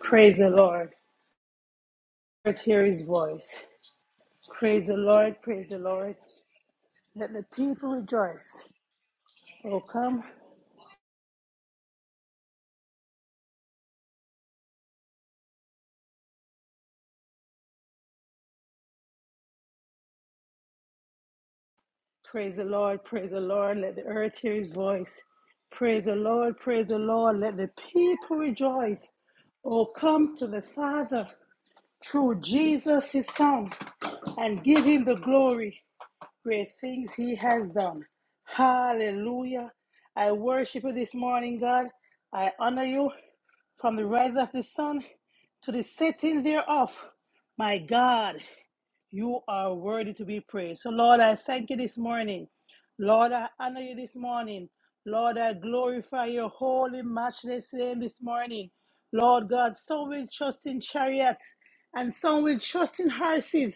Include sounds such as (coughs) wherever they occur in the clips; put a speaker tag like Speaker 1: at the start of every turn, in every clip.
Speaker 1: Praise the Lord. Let's hear his voice. Praise the Lord. Praise the Lord. Let the people rejoice. Oh, come. Praise the Lord. Praise the Lord. Let the earth hear his voice. Praise the Lord. Praise the Lord. Let the people rejoice. Oh, come to the Father through Jesus, his Son, and give him the glory. Great things he has done. Hallelujah. I worship you this morning, God. I honor you. from the rise of the sun to the setting thereof. My God, you are worthy to be praised. So, Lord, I thank you this morning. Lord, I honor you this morning. Lord, I glorify your holy, matchless name this morning. Lord God, some will trust in chariots and some will trust in horses.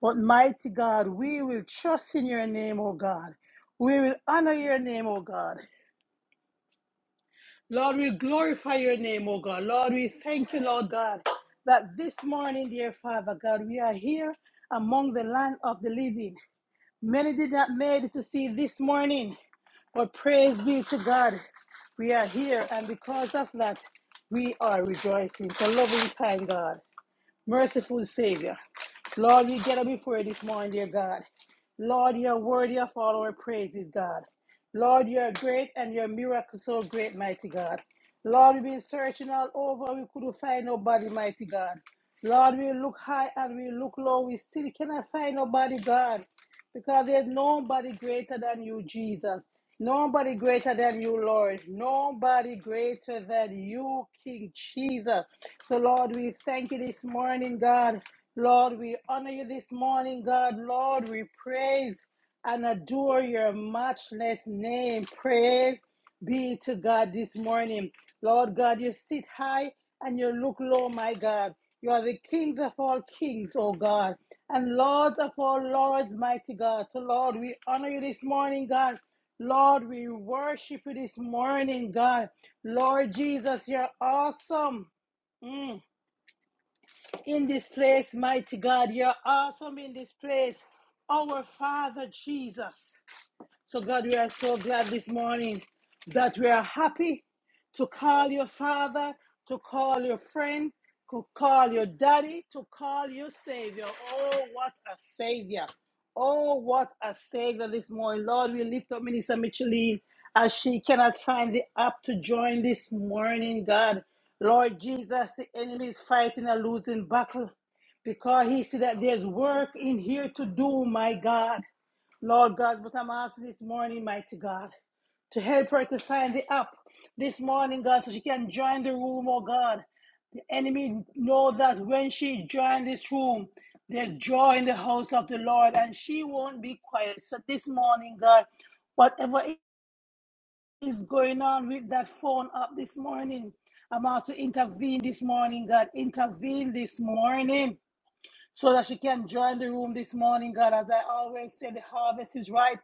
Speaker 1: But mighty God, we will trust in your name, O God. We will honor your name, O God. Lord, we glorify your name, oh God. Lord, we thank you, Lord God, that this morning, dear Father God, we are here among the land of the living. Many did not make it to see this morning, but praise be to God, we are here, and because of that, we are rejoicing. So, loving, kind God, merciful Savior, Lord, we get up before you this morning, dear God. Lord, you're worthy of all our praises, God. Lord, you're great and your miracle so great, mighty God. Lord, we've been searching all over. We couldn't find nobody, mighty God. Lord, we look high and we look low. We still cannot find nobody, God. Because there's nobody greater than you, Jesus. Nobody greater than you, Lord. Nobody greater than you, King Jesus. So, Lord, we thank you this morning, God. Lord, we honor you this morning, God. Lord, we praise and adore your matchless name. Praise be to God this morning. Lord God, you sit high and you look low, my God. You are the kings of all kings, oh God, and lords of all lords, mighty God. So, Lord, we honor you this morning, God. Lord, we worship you this morning, God. Lord Jesus, you're awesome. Mm. In this place, mighty God, you're awesome in this place. Our Father Jesus. So, God, we are so glad this morning that we are happy to call your father, to call your friend, to call your daddy, to call your savior. Oh, what a savior! Oh, what a savior this morning. Lord, we lift up Minister Micheline as she cannot find the app to join this morning, God. Lord Jesus, the enemy is fighting a losing battle because he see that there's work in here to do, my God. Lord God, but I'm asking this morning, mighty God, to help her to find the app this morning, God, so she can join the room, oh God. The enemy know that when she join this room, there's joy in the house of the Lord, and she won't be quiet. So this morning, God, whatever is going on with that phone app this morning, I'm also intervene this morning, God. Intervene this morning so that she can join the room this morning, God. As I always say, the harvest is ripe,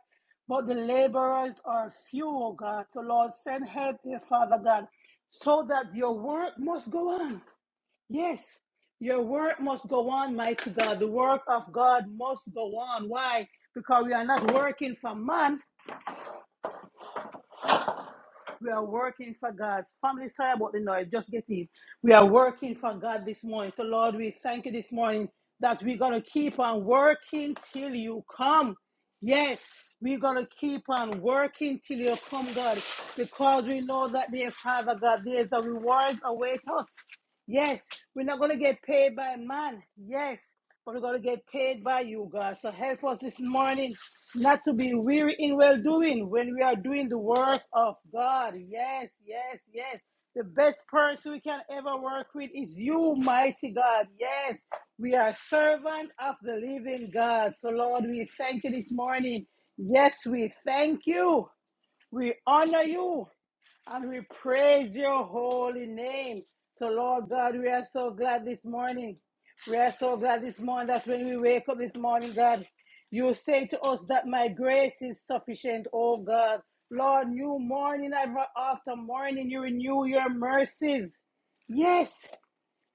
Speaker 1: but the laborers are few, oh God. So, Lord, send help, dear Father God, so that your work must go on. Yes, your work must go on, mighty God. The work of God must go on. Why? Because we are not working for man, We are working for God's family. Sorry about the noise. Just get it. We are working for God this morning. So, Lord, we thank you this morning that we're going to keep on working till you come. Yes, we're going to keep on working till you come, God, because we know that, dear Father God, there's a reward await us. Yes, we're not going to get paid by man. Yes, but we're going to get paid by you, God. So help us this morning not to be weary in well doing when we are doing the work of God. Yes, yes, yes. The best person we can ever work with is you, mighty God. Yes, we are servants of the living God. So, Lord, we thank you this morning. Yes, we thank you. We honor you and we praise your holy name. So, Lord God, we are so glad this morning. We are so glad this morning that when we wake up this morning, God, you say to us that my grace is sufficient, oh God. Lord, new morning after morning, you renew your mercies. Yes,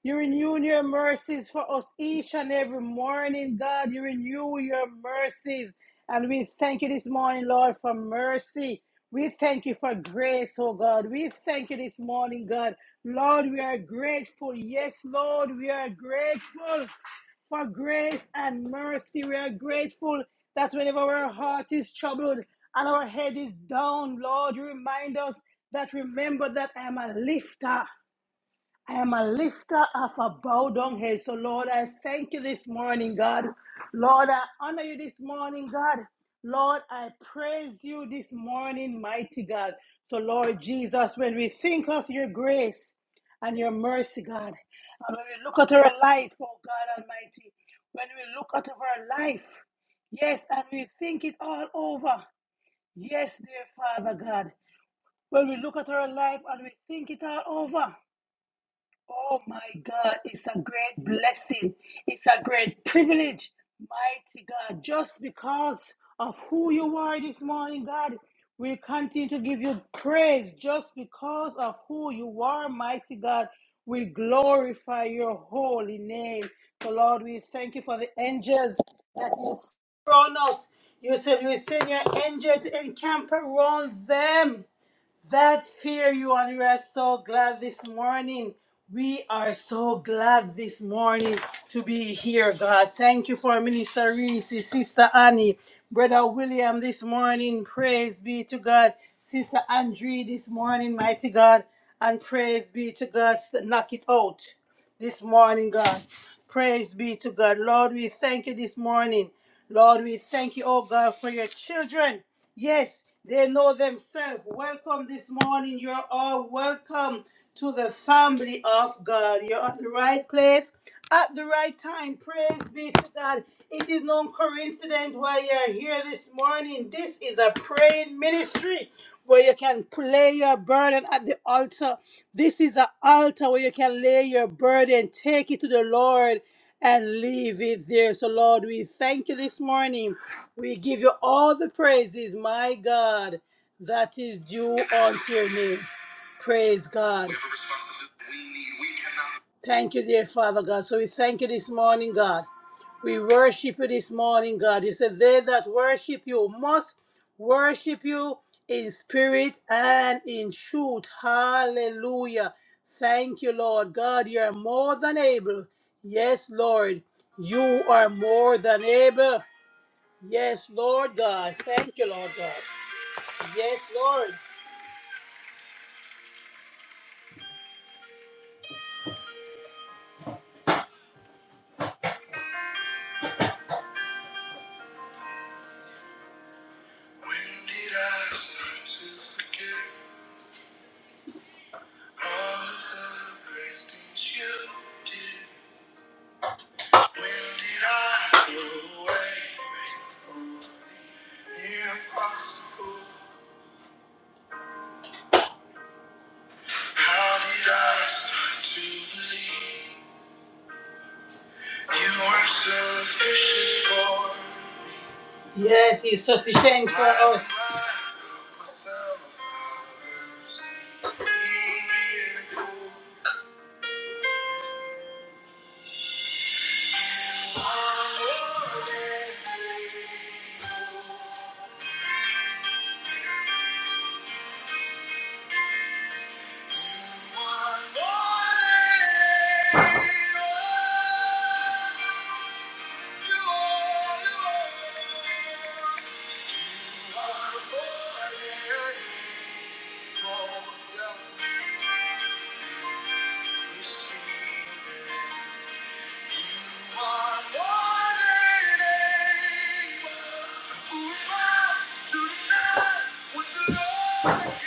Speaker 1: you renew your mercies for us each and every morning, God. You renew your mercies. And we thank you this morning, Lord, for mercy. We thank you for grace, oh God. We thank you this morning, God. Lord, we are grateful. Yes, Lord, we are grateful for grace and mercy. We are grateful that whenever our heart is troubled and our head is down, Lord, you remind us that remember that I'm a lifter. I am a lifter of a bowed down head. So, Lord, I thank you this morning, God. Lord, I honor you this morning, God. Lord, I praise you this morning, mighty God. So, Lord Jesus, when we think of your grace and your mercy, God, and when we look at our life, oh God Almighty, when we look at our life, yes, and we think it all over, yes, dear Father God, when we look at our life and we think it all over, Oh my God, it's a great blessing. It's a great privilege, mighty God. Just because of who you are this morning, God, we continue to give you praise. Just because of who you are, mighty God, we glorify your holy name. So, Lord, we thank you for the angels that you surround us. You said you will send your angels and camp around them that fear you and we are so glad this morning. We are so glad this morning to be here, God. Thank you for Minister Reese, Sister Annie, Brother William this morning. Praise be to God. Sister Andrea this morning, mighty God. And praise be to God. Knock it out this morning, God. Praise be to God. Lord, we thank you this morning. Lord, we thank you, oh God, for your children. Yes, they know themselves. Welcome this morning. You're all welcome to the family of God. You're at the right place at the right time. Praise be to God. It is no coincidence why you're here this morning. This is a praying ministry where you can lay your burden at the altar. This is an altar where you can lay your burden, take it to the Lord, and leave it there. So, Lord, we thank you this morning. We give you all the praises, my God, that is due unto your name. Praise God. We have a responsibility we need. We cannot. Thank you, dear Father God. So we thank you this morning, God. We worship you this morning, God. You said they that worship you must worship you in spirit and in truth. Hallelujah. Thank you, Lord God. You are more than able. Yes, Lord. You are more than able. Yes, Lord God. Thank you, Lord God. Yes, Lord. When did I start to forget? Yes, he's so sufficient for us. Tonight, what the Lord can do.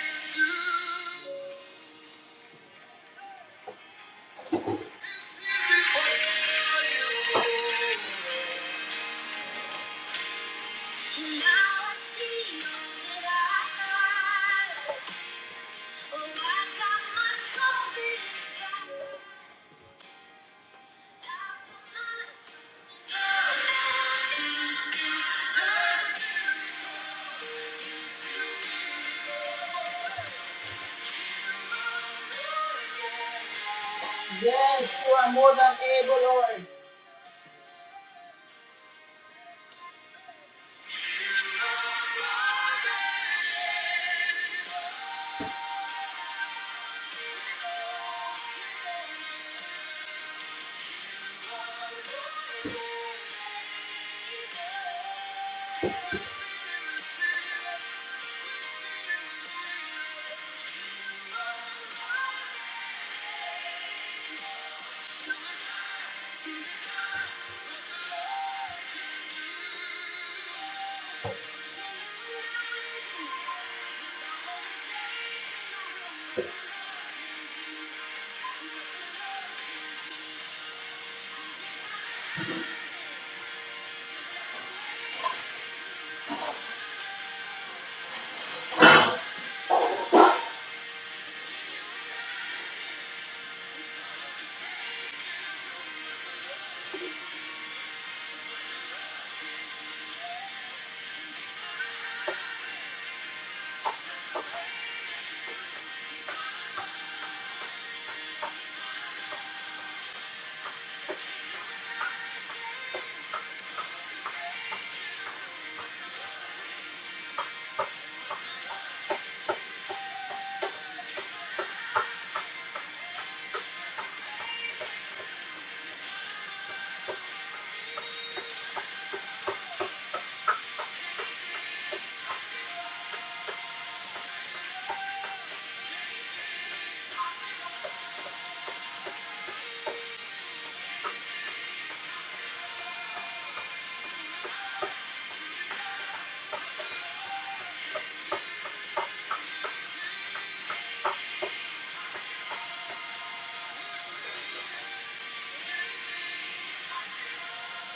Speaker 1: Hey, boy.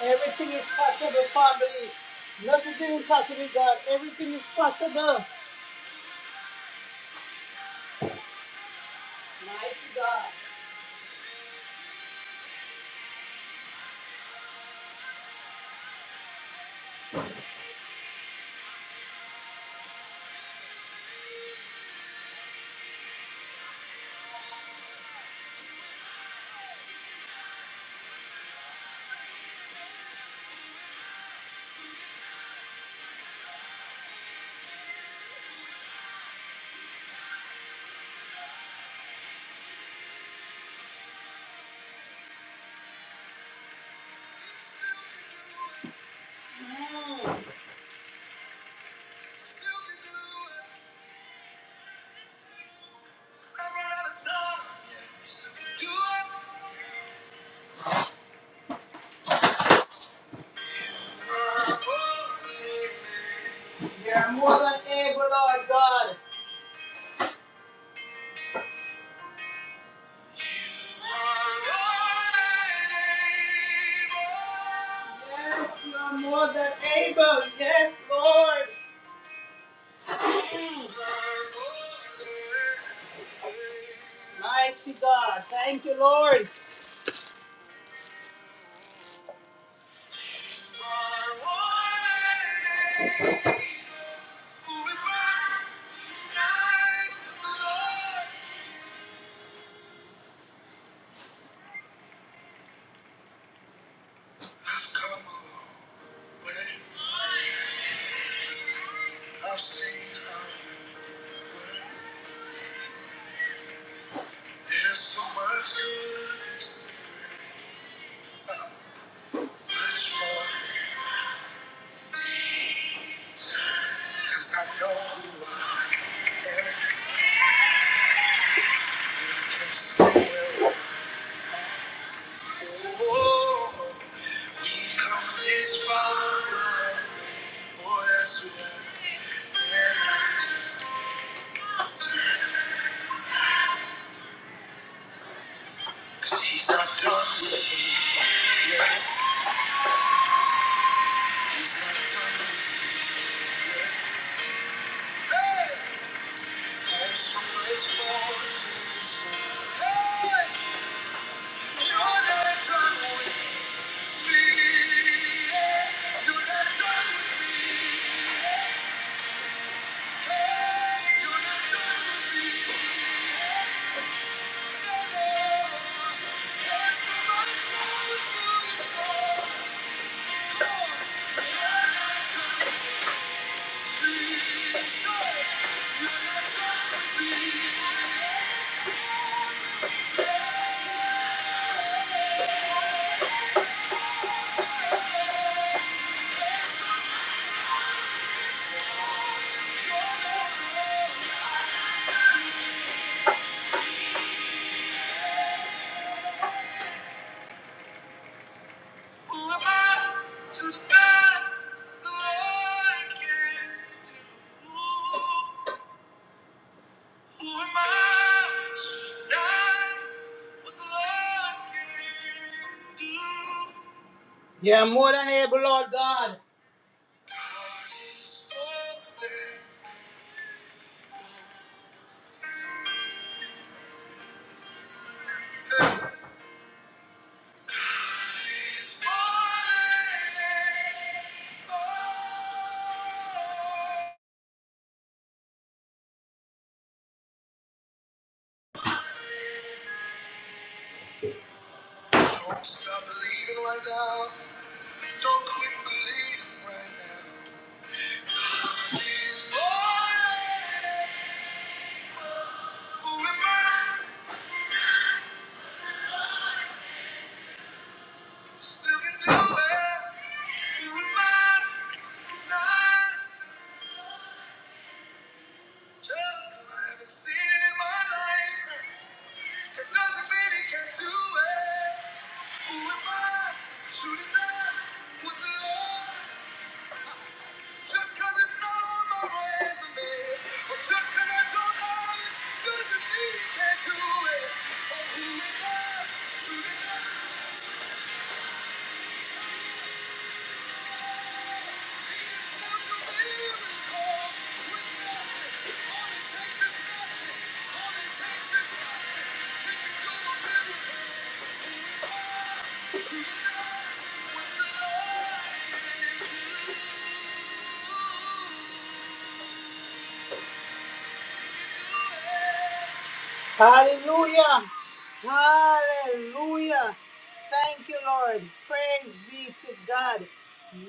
Speaker 1: Everything is possible, family. Nothing is impossible, God. Everything is possible. Mighty God. You're more than able, Lord God. Yes, you're more than able. Yes, Lord. Mighty God. Thank you, Lord. I've so Oh, come this far, but boy, that's who I and I just 'Cause he's not done with me. Yeah, he's not done with me. Yeah. Hey! Thanks for Thank you. are You're You're You're not not not not done done done done with with with with me. me. me. me. Who am I to deny the Lord can do? Who am I to deny what the can do? Yeah, more than able, Lord God. God is holy. God is Don't stop believing right now. Don't quit believing right now. God is holy. Who am I? Still can do it. Who am I? Not just 'cause I haven't seen it in my life. It doesn't mean he can't do it. Who am I to deny what the Lord? Just 'cause it's not on my resume, or just 'cause I don't have it, doesn't mean he can't do it. Oh, who am I to deny Thank you. Hallelujah. Hallelujah. Thank you, Lord. Praise be to God.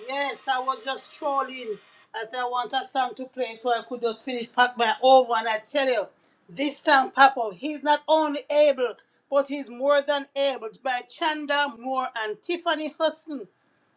Speaker 1: Yes, I was just trolling. I said I want a song to play so I could just finish pack my over. And I tell you, this song, Papa, he's not only able, but he's more than able. By Chanda Moore and Tiffany Hudson.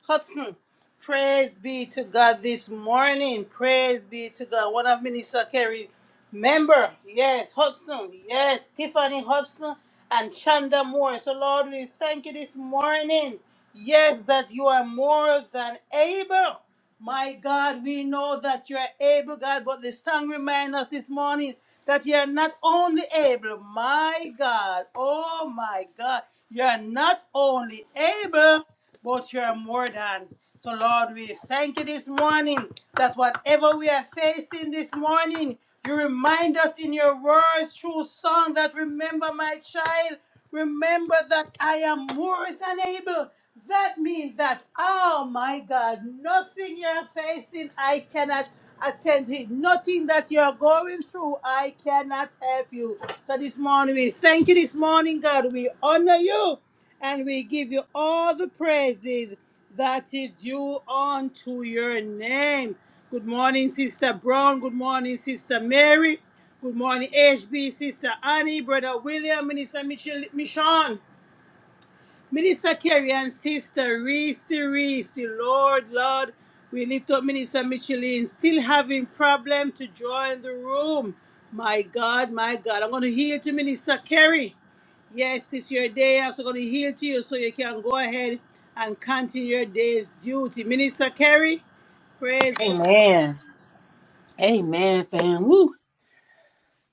Speaker 1: Hudson. Praise be to God this morning. Praise be to God. One of Minister Kerry. Member, yes, Hudson, yes, Tiffany Hudson and Chanda Moore. So, Lord, we thank you this morning. Yes, that you are more than able. My God, we know that you are able, God, but the song reminds us this morning that you are not only able, my God, oh my God, you are not only able, but you are more than. So, Lord, we thank you this morning that whatever we are facing this morning, you remind us in your words through song that remember my child, remember that I am more than able. That means that, oh my God, nothing you're facing, I cannot attend it. Nothing that you're going through, I cannot help you. So this morning, we thank you this morning, God. We honor you and we give you all the praises that is due unto your name. Good morning, Sister Brown. Good morning, Sister Mary. Good morning, HB, Sister Annie, Brother William, Minister Michel- Michon. Minister Kerry and Sister Reese, Reese, Lord, Lord, we lift up Minister Micheline, still having problem to join the room. My God, my God, I'm going to heal to Minister Kerry. Yes, it's your day. I'm also going to heal to you so you can go ahead and continue your day's duty. Minister Kerry, praise God.
Speaker 2: Amen. Amen, fam. Woo.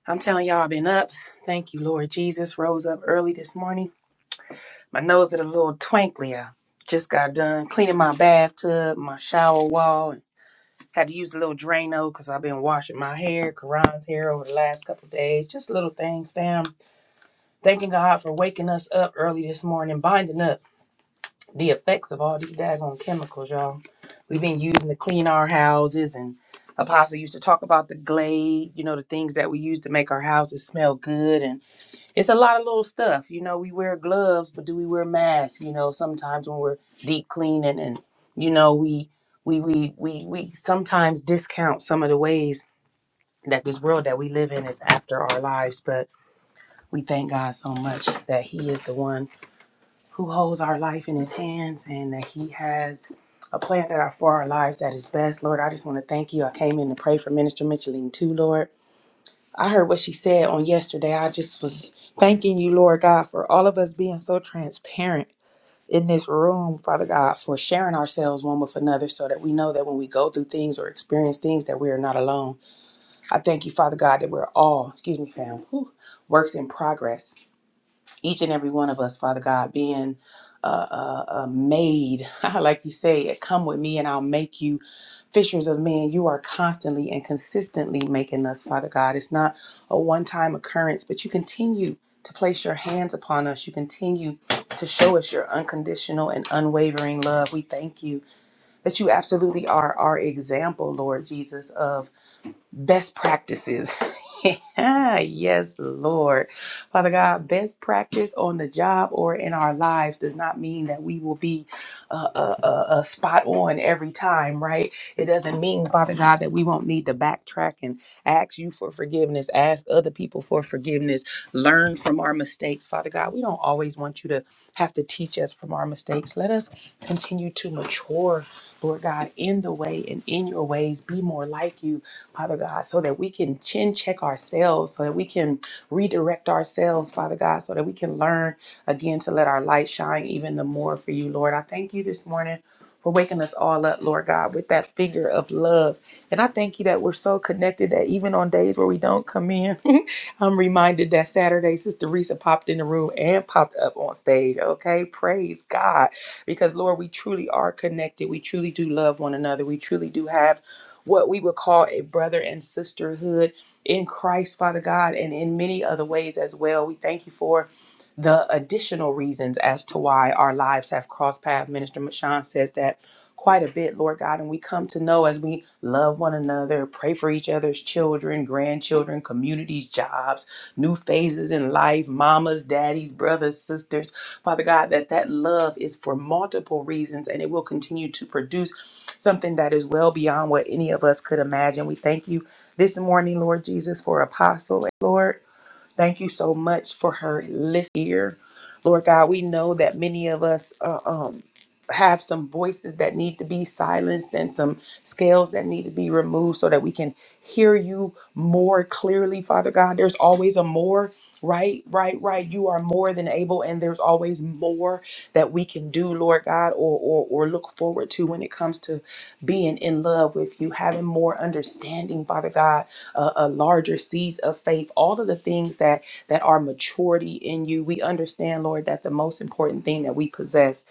Speaker 2: I'm telling y'all, I've been up. Thank you, Lord Jesus. Rose up early this morning. My nose is a little twinkly. I just got done cleaning my bathtub, my shower wall, and had to use a little Drano because I've been washing my hair, Karan's hair over the last couple of days. Just little things, fam. Thanking God for waking us up early this morning, binding up. the effects of all these daggone chemicals, y'all. We've been using to clean our houses, and Apostle used to talk about the glade, you know, the things that we use to make our houses smell good. And it's a lot of little stuff, you know. We wear gloves, but do we wear masks? You know, sometimes when we're deep cleaning, and you know, we we we we we sometimes discount some of the ways that this world that we live in is after our lives, but we thank God so much that He is the one who holds our life in his hands and that he has a plan that are for our lives that is best. Lord, I just want to thank you. I came in to pray for Minister Micheline too, Lord. I heard what she said on yesterday. I just was thanking you, Lord God, for all of us being so transparent in this room, Father God, for sharing ourselves one with another so that we know that when we go through things or experience things that we are not alone. I thank you, Father God, that we're all, excuse me, fam, whew, works in progress each and every one of us, Father God, being uh, uh, uh, made, (laughs) like you say, come with me and I'll make you fishers of men. You are constantly and consistently making us, Father God. It's not a one time occurrence, but you continue to place your hands upon us. You continue to show us your unconditional and unwavering love. We thank you that you absolutely are our example, Lord Jesus, of best practices. (laughs) yes, Lord. Father God, best practice on the job or in our lives does not mean that we will be uh, uh, uh, uh, spot on every time, right? It doesn't mean, Father God, that we won't need to backtrack and ask you for forgiveness, ask other people for forgiveness, learn from our mistakes. Father God, we don't always want you to have to teach us from our mistakes. Let us continue to mature, Lord God, in the way and in your ways, be more like you Father God, so that we can chin check ourselves, so that we can redirect ourselves, Father God, so that we can learn again to let our light shine even the more for you, Lord. I thank you this morning for waking us all up, Lord God, with that finger of love. And I thank you that we're so connected that even on days where we don't come in, I'm reminded that Saturday, Sister Risa popped in the room and popped up on stage. Okay, praise God. Because, Lord, we truly are connected. We truly do love one another. We truly do have what we would call a brother and sisterhood in Christ, Father God, and in many other ways as well. We thank you for the additional reasons as to why our lives have crossed paths. Minister Mashawn says that quite a bit, Lord God, and we come to know as we love one another, pray for each other's children, grandchildren, communities, jobs, new phases in life, mamas, daddies, brothers, sisters, Father God, that that love is for multiple reasons and it will continue to produce something that is well beyond what any of us could imagine. We thank you this morning, Lord Jesus, for Apostle, Lord. Thank you so much for her list here. Lord God, we know that many of us uh, um, have some voices that need to be silenced and some scales that need to be removed so that we can hear you more clearly, Father God. There's always a more, right? Right, right. You are more than able, and there's always more that we can do, Lord God, or, or, or look forward to when it comes to being in love with you, having more understanding, Father God a, a larger seeds of faith, all of the things that that are maturity in you. We understand, Lord, that the most important thing that we possess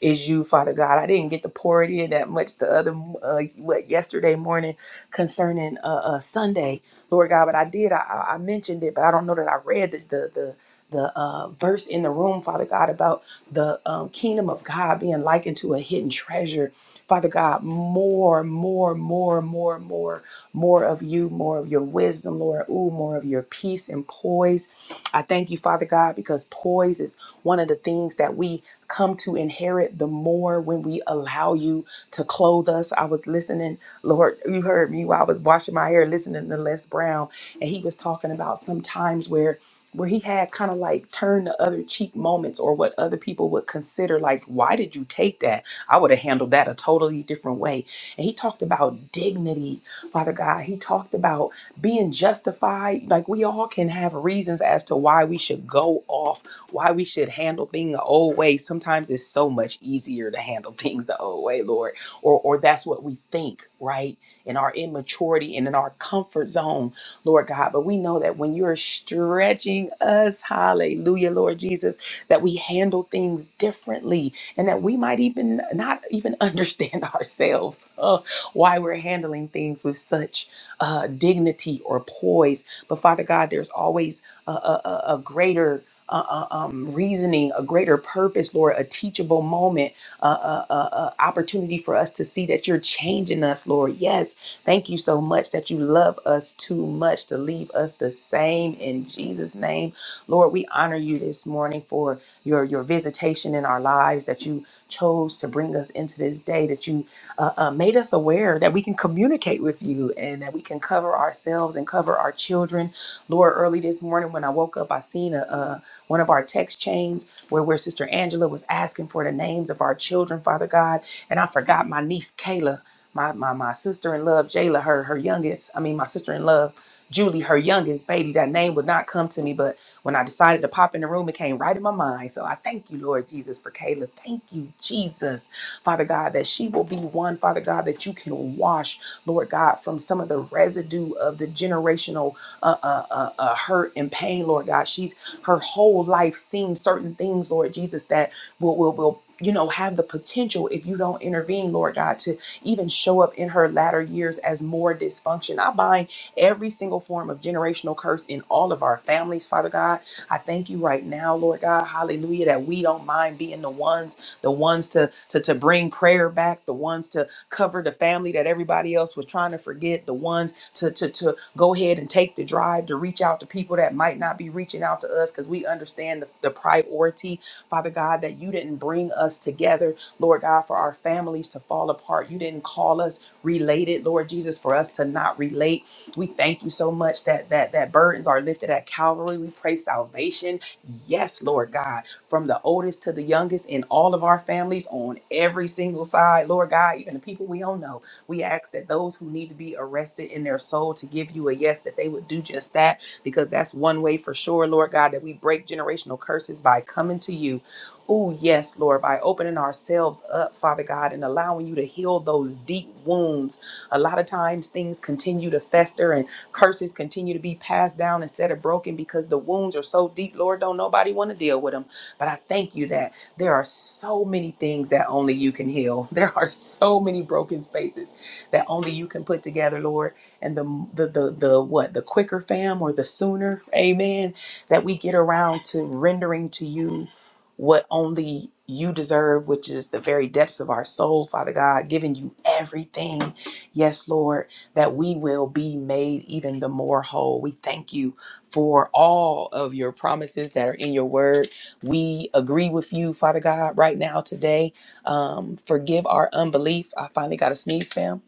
Speaker 2: is you, Father God. I didn't get to pour it in that much the other uh, what yesterday morning concerning uh, uh, Sunday, Lord God. But I did. I, I I mentioned it, but I don't know that I read the the. the the uh, verse in the room, Father God, about the um, kingdom of God being likened to a hidden treasure. Father God, more, more, more, more, more more of you, more of your wisdom, Lord. Ooh, more of your peace and poise. I thank you, Father God, because poise is one of the things that we come to inherit the more when we allow you to clothe us. I was listening, Lord, you heard me while I was washing my hair, listening to Les Brown, and he was talking about sometimes where where he had kind of like turn the other cheek moments or what other people would consider like why did you take that i would have handled that a totally different way and he talked about dignity Father God. He talked about being justified. Like we all can have reasons as to why we should go off, why we should handle things the old way. Sometimes it's so much easier to handle (laughs) things the old way, Lord, or or that's what we think, right? In our immaturity and in our comfort zone, Lord God. But we know that when you're stretching us, hallelujah, Lord Jesus, that we handle things differently and that we might even not even (laughs) understand ourselves. Oh, why we're handling things with such uh, dignity or poise. But Father God, there's always a, a, a a greater uh, uh, um, reasoning, a greater purpose, Lord, a teachable moment, uh, uh, uh, uh, opportunity for us to see that you're changing us, Lord. Yes, Thank you so much that you love us too much to leave us the same in Jesus' name. Lord, we honor you this morning for your, your visitation in our lives, that you chose to bring us into this day, that you uh, uh, made us aware that we can communicate with you and that we can cover ourselves and cover our children. Lord, early this morning when I woke up, I seen a, uh, one of our text chains where, where Sister Angela was asking for the names of our children, Father God, and I forgot my niece Kayla my my, my sister in law Jayla, her her youngest. I mean, my sister in law Julie, her youngest baby. That name would not come to me, but when I decided to pop in the room, it came right in my mind. So I thank you, Lord Jesus, for Kayla. Thank you, Jesus Father God, that she will be one, Father God, that you can wash, Lord God, from some of the residue of the generational uh, uh, uh, uh, hurt and pain, Lord God. She's her whole life seen certain things, Lord Jesus, that will will will you know have the potential if you don't intervene lord god to even show up in her latter years as more dysfunction i bind every single form of generational curse in all of our families father god i thank you right now lord god hallelujah that we don't mind being the ones the ones to, to, to bring prayer back, the ones to cover the family that everybody else was trying to forget, the ones to, to, to go ahead and take the drive to reach out to people that might not be reaching out to us because we understand the, the priority, Father God, that you didn't bring us together, Lord God, for our families to fall apart. You didn't call us related, Lord Jesus, for us to not relate. We thank you so much that that that burdens are lifted at Calvary. We pray salvation. Yes, Lord God from the oldest to the youngest in all of our families on every single side. Lord God, even the people we don't know, we ask that those who need to be arrested in their soul to give you a yes, that they would do just that, because that's one way for sure, Lord God, that we break generational curses by coming to you. Oh, yes, Lord, by opening ourselves up, Father God, and allowing you to heal those deep wounds. A lot of times things continue to fester and curses continue to be passed down instead of broken because the wounds are so deep, Lord, don't nobody want to deal with them. But I thank you that there are so many things that only you can heal. (laughs) There are so many broken spaces that only you can put together, Lord. And the the the, the what the quicker, fam, or the sooner, Amen. That we get around to rendering to you what only you deserve, which is the very depths of our soul, Father God, giving you everything. Yes, Lord, that we will be made even the more whole. We thank you for all of your promises that are in your word. We agree with you, Father God, right now today. Um, forgive our unbelief. I finally got a sneeze, fam.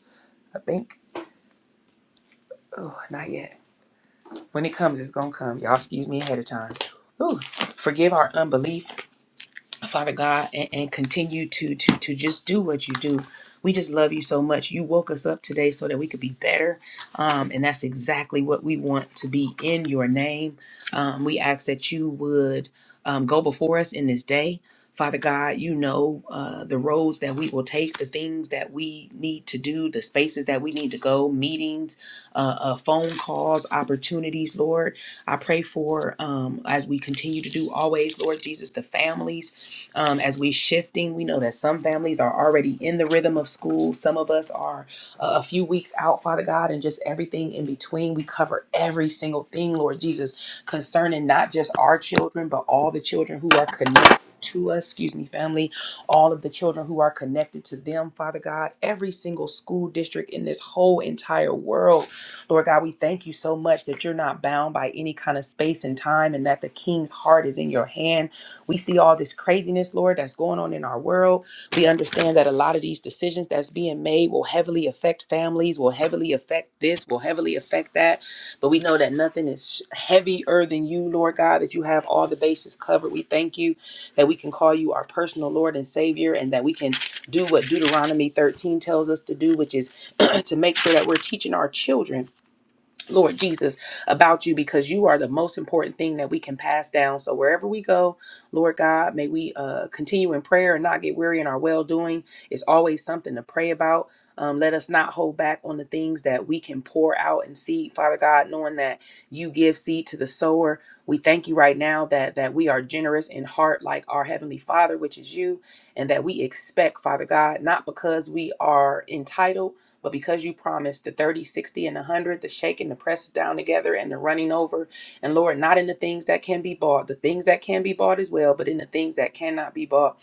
Speaker 2: I think. Oh, not yet. When it comes, it's gonna come. Y'all, excuse me ahead of time. Ooh, forgive our unbelief Father God, and, and continue to to to just do what you do. We just love you so much. You woke us up today so that we could be better, um, and that's exactly what we want to be in your name. Um, we ask that you would um, go before us in this day. Father God, you know uh, the roads that we will take, the things that we need to do, the spaces that we need to go, meetings, uh, uh, phone calls, opportunities, Lord. I pray for, um, as we continue to do always, Lord Jesus, the families um, as we shifting we know that some families are already in the rhythm of school some of us are a a few weeks out father god and just everything in between we cover every single thing lord jesus concerning not just our children but all the children who are connected to us, excuse me, family, all of the children who are connected to them, Father God, every single school district in this whole entire world. Lord God, we thank you so much that you're not bound by any kind of space and time and that the king's heart is in your hand we see all this craziness, Lord, that's going on in our world. We understand that a lot of these decisions that's being made will heavily affect families, will heavily affect this, will heavily affect that. But we know that nothing is heavier than you, Lord God, that you have all the bases covered. We thank you that we can call you our personal Lord and Savior and that we can do what Deuteronomy 13 tells us to do, which is (clears throat) to make sure that we're teaching our children Lord Jesus, about you because you are the most important thing that we can pass down. So wherever we go, Lord God, may we uh, continue in prayer and not get weary in our well doing. It's always something to pray about. Um, let us not hold back on the things that we can pour out and seed, Father God, knowing that you give seed to the sower. We thank you right now that that we are generous in heart, like our heavenly Father, which is you, and that we expect, Father God, not because we are entitled but because you promised the thirty, sixty, 60, and 100, the shaking, the pressing down together, and the running over, and Lord, not in the things that can be bought, the things that can be bought as well, but in the things that cannot be bought,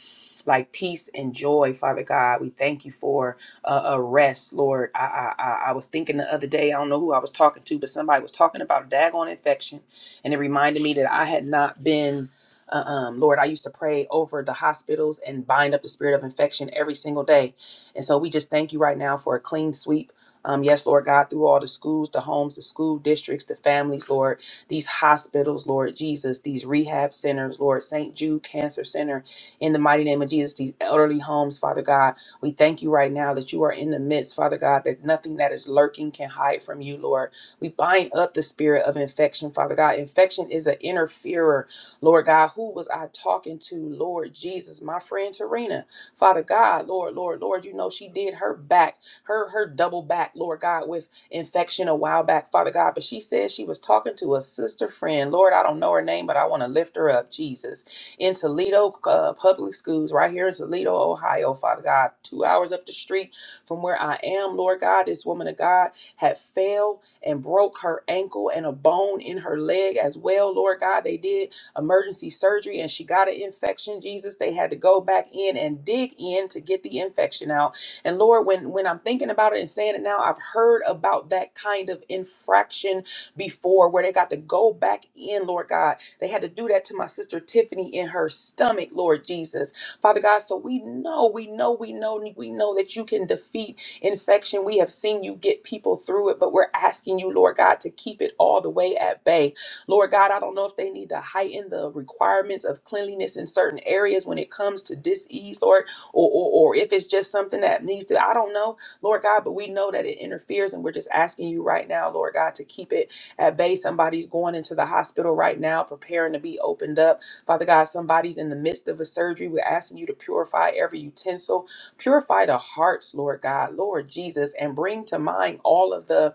Speaker 2: like peace and joy, Father God. We thank you for uh, a rest, Lord. I, I, I I was thinking the other day, I don't know who I was talking to, but somebody was talking about a daggone infection, and it reminded me that I had not been. uh, Um, Lord, I used to pray over the hospitals and bind up the spirit of infection every single day and so we just thank you right now for a clean sweep. Um, yes, Lord God, through all the schools, the homes, the school districts, the families, Lord, these hospitals, Lord Jesus, these rehab centers, Lord, St. Jude Cancer Center, in the mighty name of Jesus, these elderly homes, Father God, we thank you right now that you are in the midst, Father God, that nothing that is lurking can hide from you, Lord. We bind up the spirit of infection, Father God. Infection is an interferer, Lord God. Who was I talking to, Lord Jesus? My friend Tarina. Father God, Lord, Lord, Lord, you know she did her back, her her double back, Lord God, with infection a while back, Father God. But she said she was talking to a sister friend. Lord, I don't know her name, but I want to lift her up, Jesus. In Toledo uh, Public Schools, right here in Toledo, Ohio, Father God, two hours up the street from where I am, Lord God, this woman of God had fell and broke her ankle and a bone in her leg as well, Lord God. They did emergency surgery and she got an infection, Jesus. They had to go back in and dig in to get the infection out. And Lord, when, when I'm thinking about it and saying it now, I've heard about that kind of infraction before where they got to go back in, Lord God. They had to do that to my sister Tiffany in her stomach, Lord Jesus. Father God, so we know, we know, we know, we know that you can defeat infection. We have seen you get people through it, but we're asking you, Lord God, to keep it all the way at bay. Lord God, I don't know if they need to heighten the requirements of cleanliness in certain areas when it comes to disease, Lord, or, or, or if it's just something that needs to, I don't know, Lord God, but we know that it interferes and we're just asking you right now, Lord God, to keep it at bay. Somebody's going into the hospital right now, preparing to be opened up. Father God, somebody's in the midst of a surgery. We're asking you to purify every utensil, purify the hearts, Lord God, Lord Jesus, and bring to mind all of the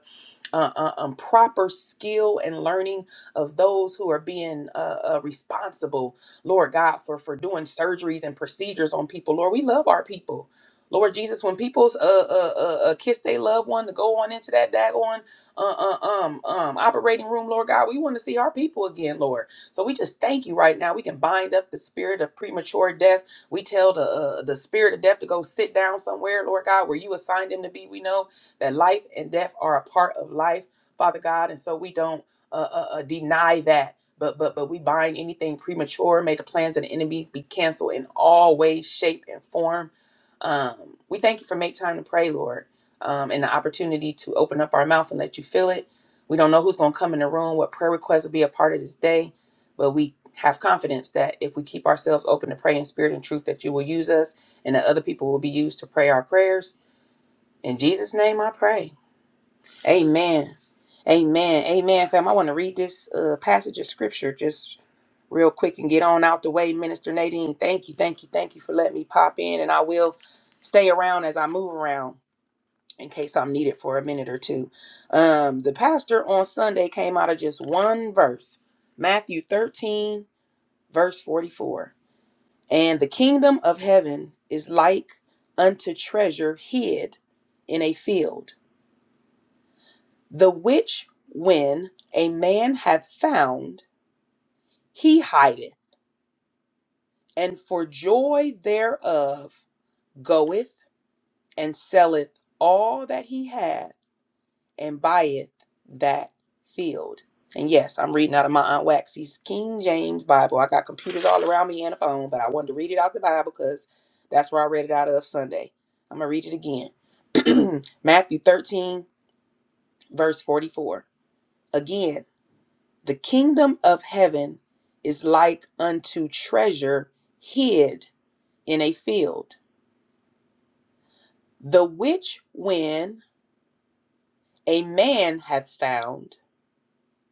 Speaker 2: uh, uh, um, proper skill and learning of those who are being uh, uh, responsible, Lord God, for for doing surgeries and procedures on people. Lord, we love our people. Lord Jesus, when people's uh, uh, uh, uh, kiss they loved one to go on into that daggone uh, uh, um, um, operating room, Lord God, we want to see our people again, Lord. So we just thank you right now. We can bind up the spirit of premature death. We tell the uh, the spirit of death to go sit down somewhere, Lord God, where you assigned him to be. We know that life and death are a part of life, Father God, and so we don't uh, uh, uh, deny that. But but but we bind anything premature. May the plans of the enemies be canceled in all ways, shape, and form. Um, we thank you for make time to pray, Lord, um, and the opportunity to open up our mouth and let you fill it. We don't know who's going to come in the room, what prayer requests will be a part of this day, but we have confidence that if we keep ourselves open to pray in spirit and truth, that you will use us and that other people will be used to pray our prayers. In Jesus' name, I pray. Amen. Amen. Amen, fam. I want to read this uh, passage of scripture just real quick and get on out the way. Minister Nadine, thank you, thank you, thank you for letting me pop in, and I will stay around as I move around in case I'm needed for a minute or two. Um, the pastor on Sunday came out of just one verse Matthew 13, verse 44. And the kingdom of heaven is like unto treasure hid in a field The which when a man hath found, he hideth, and for joy thereof goeth and selleth all that he hath and buyeth that field. And yes, I'm reading out of my Aunt Waxy's King James Bible. I got computers all around me and a phone, but I wanted to read it out the Bible because that's where I read it out of Sunday. I'm going to read it again. (clears throat) Matthew 13, verse 44. Again. The kingdom of heaven is like unto treasure hid in a field, the which when a man hath found,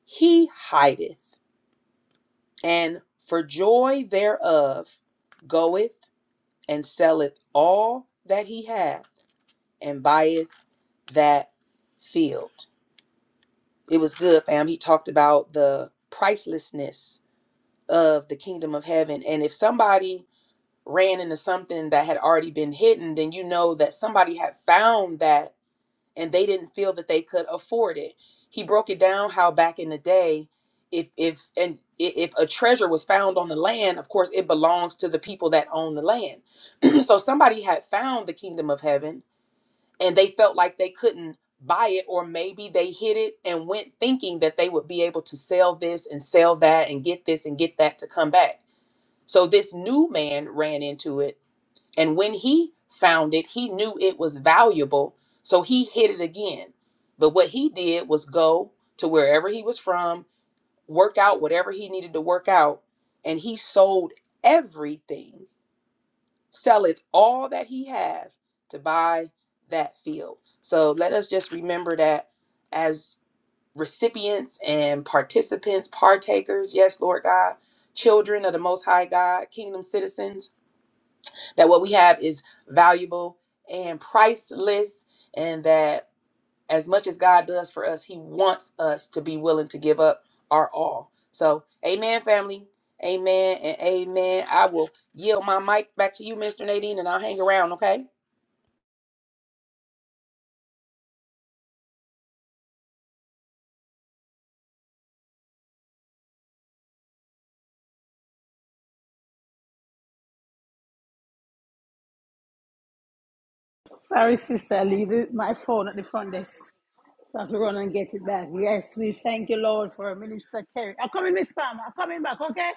Speaker 2: he hideth, and for joy thereof goeth and selleth all that he hath and buyeth that field. It was good, fam. He talked about the pricelessness of the kingdom of heaven. And if somebody ran into something that had already been hidden, then you know that somebody had found that and they didn't feel that they could afford it. He broke it down how back in the day, if if and i- if a treasure was found on the land, of course it belongs to the people that own the land. (clears throat) so somebody had found the kingdom of heaven and they felt like they couldn't buy it or maybe they hid it and went thinking that they would be able to sell this and sell that and get this and get that to come back. So this new man ran into it and when he found it, he knew it was valuable, so he hid it again. But what he did was go to wherever he was from, work out whatever he needed to work out, and he sold everything, selleth all that he had to buy that field. So let us just remember that as recipients and participants, partakers, yes, Lord God, children of the Most High God, kingdom citizens that what we have is valuable and priceless, and that as much as God does for us, He wants us to be willing to give up our all. So, amen, family. Amen and amen. I will yield my mic back to you, Mr. Nadine, and I'll hang around, okay?
Speaker 1: Sorry, sister, I leave it- my phone at the front desk. So I have to run and get it back. Yes, we thank you, Lord, for Minister Kerry. I'm coming, Miss Pam. I'm coming back, okay?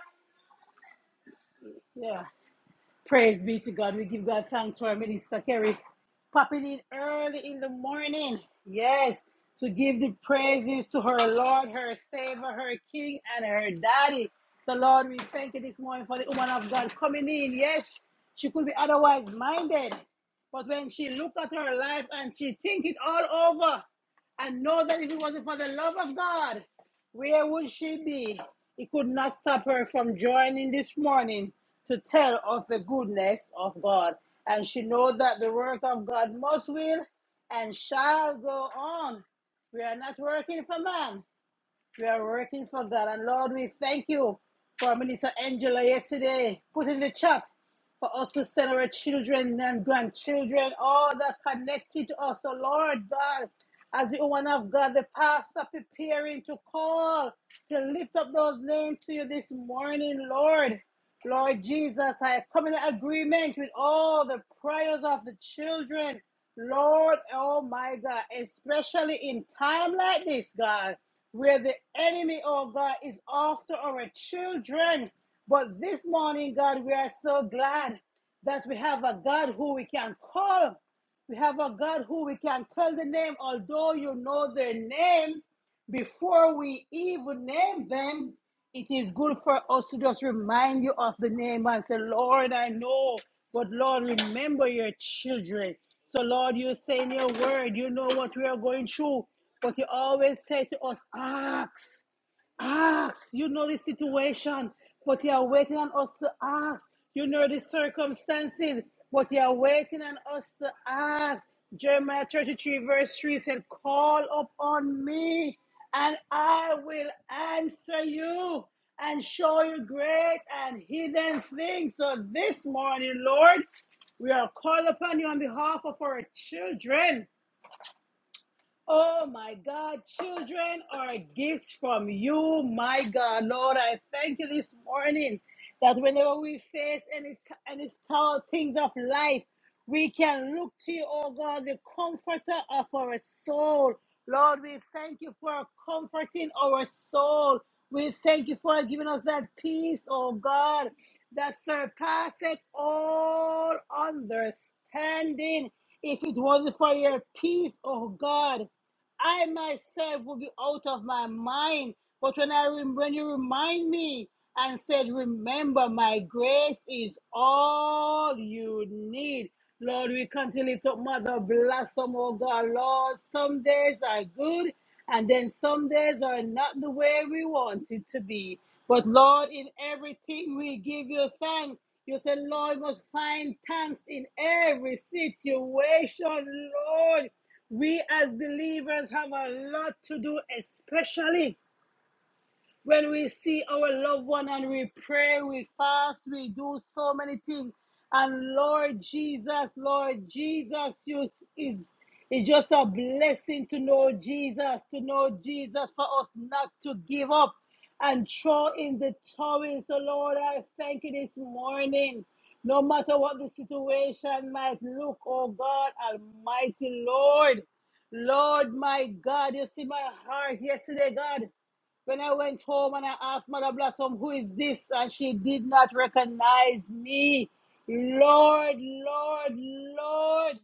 Speaker 1: Yeah. Praise be to God. We give God thanks for our minister Kerry popping in early in the morning. Yes, to give the praises to her Lord, her Savior, her King, and her Daddy. The Lord, we thank you this morning for the woman of God coming in. Yes, she could be otherwise minded, but when she looked at her life and she think it all over, and know that if it wasn't for the love of God. Where would she be? It could not stop her from joining this morning to tell of the goodness of God. And she knows that the work of God must will and shall go on. We are not working for man. We are working for that. And Lord, we thank you for Minister Angela yesterday. Put in the chat for us to send our children and grandchildren, all that connected to us. So, Lord God, as the woman of God, the pastor preparing to call to lift up those names to you this morning, Lord. Lord Jesus, I come in agreement with all the prayers of the children. Lord, oh my God, especially in time like this, God, where the enemy, oh God, is after our children. But this morning, God, we are so glad that we have a God who we can call. We have a God who we can tell the name, although you know their names. Before we even name them, it is good for us to just remind you of the name and say, Lord, I know, but Lord, remember your children. So, Lord, you say in your word, you know what we are going through, but you always say to us, ask ask. You know the situation, but you are waiting on us to ask. You know the circumstances, but you are waiting on us to ask. Jeremiah 33, verse 3 said, Call upon me, and I will answer you and show you great and hidden things. So this morning, Lord, we are called upon you on behalf of our children Oh my God, children are gifts from you. My God, Lord, I thank you this morning that whenever we face any any tough things of life, we can look to you, oh God, the comforter of our soul. Lord, we thank you for comforting our soul. We thank you for giving us that peace, oh God, that surpasses all understanding. If it wasn't for your peace, oh God, I myself will be out of my mind. But when I rem- when you remind me, and said, Remember, my grace is all you need. Lord, we can't lift up Mother Blossom, oh God. Lord, some days are good, and then some days are not the way we want it to be. But Lord, in everything we give you thanks. You said, Lord, must find thanks in every situation, Lord. We as believers have a lot to do, especially when we see our loved one and we pray, we fast, we do so many things. And Lord Jesus, Lord Jesus, you s- is it's just a blessing to know Jesus, to know Jesus for us not to give up and throw in the towel. So, Lord, I thank you this morning. No matter what the situation might look, oh God, Almighty Lord, Lord, my God, you see my heart yesterday, God. When I went home and I asked Mother Blossom, who is this? And she did not recognize me. Lord, Lord, Lord.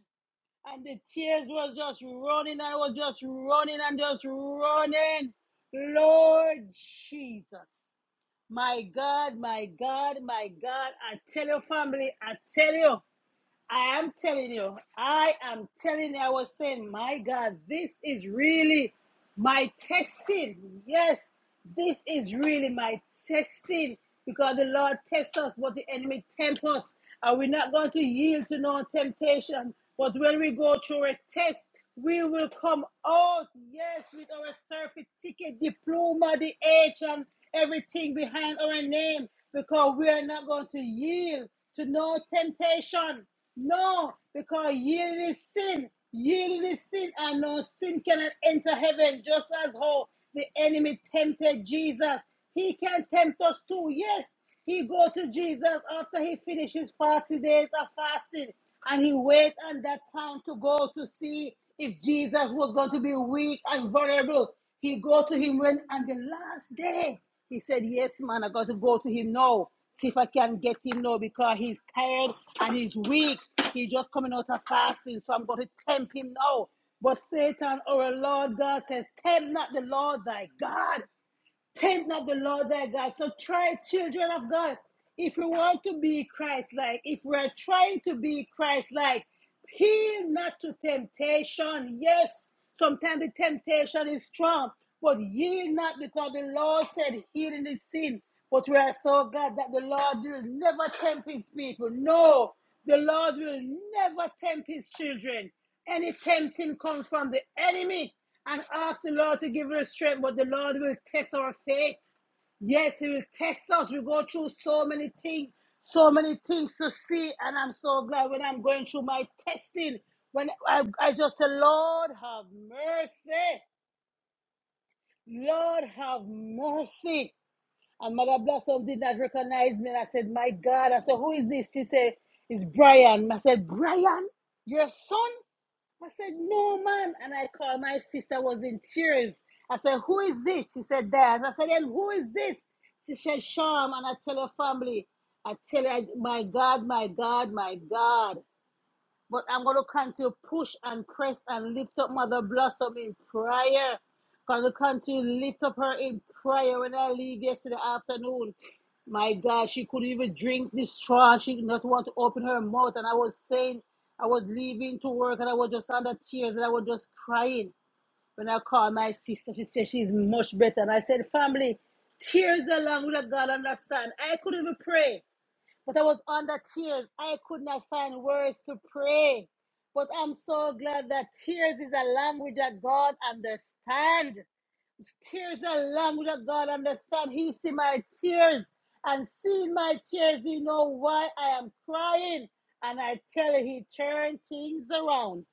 Speaker 1: And the tears was just running I was just running and just running. Lord Jesus. My God, my God, my God. I tell you, family, I tell you. I am telling you, I am telling you, I was saying, my God, this is really my testing. Yes, this is really my testing because the Lord tests us, but the enemy tempts us. Are we not going to yield to no temptation? But when we go through a test, we will come out, yes, with our surface ticket, diploma, the age, and everything behind our name because we are not going to yield to no temptation. No, because yield is sin. Yield is sin, and no sin cannot enter heaven, just as how the enemy tempted Jesus. He can tempt us too. Yes, he go to Jesus after he finishes 40 days of fasting, and he wait on that time to go to see if Jesus was going to be weak and vulnerable. He go to him when on the last day. He said, Yes, man, I got to go to him now. See if I can get him now because he's tired and he's weak. He's just coming out of fasting, so I'm going to tempt him now. But Satan, our Lord God says, tempt not the Lord thy God. Tempt not the Lord thy God. So try, children of God, if we want to be Christ like, if we are trying to be Christ like, heal not to temptation. Yes, sometimes the temptation is strong, but yield not because the Lord said, healing is sin. But we are so glad that the Lord will never tempt his people. No, the Lord will never tempt his children. Any tempting comes from the enemy and ask the Lord to give us strength, but the Lord will test our faith. Yes, He will test us. We go through so many things, so many things to see, and I'm so glad when I'm going through my testing. When I, I just say, Lord, have mercy. Lord, have mercy. And Mother Blossom did not recognize me. And I said, My God. I said, Who is this? She said, It's Brian. I said, Brian, your son? I said, No, man. And I called my sister, was in tears. I said, Who is this? She said, Dad. I said, And who is this? She said, Sham. And I tell her family, I tell her, my God, my God, my God. But I'm going to continue to push and press and lift up Mother Blossom in prayer. Going to continue to lift up her in prayer when I leave yesterday afternoon. My God, she couldn't even drink this straw. She did not want to open her mouth. And I was saying, I was leaving to work and I was just under tears and I was just crying. When I called my sister, she said she's much better. And I said, family, tears along with a God understand. I couldn't even pray but I was under tears. I could not find words to pray. But I'm so glad that tears is a language that God understands tears are language that God understand. He see my tears and seeing my tears, he know why I am crying. And I tell you, he turned things around.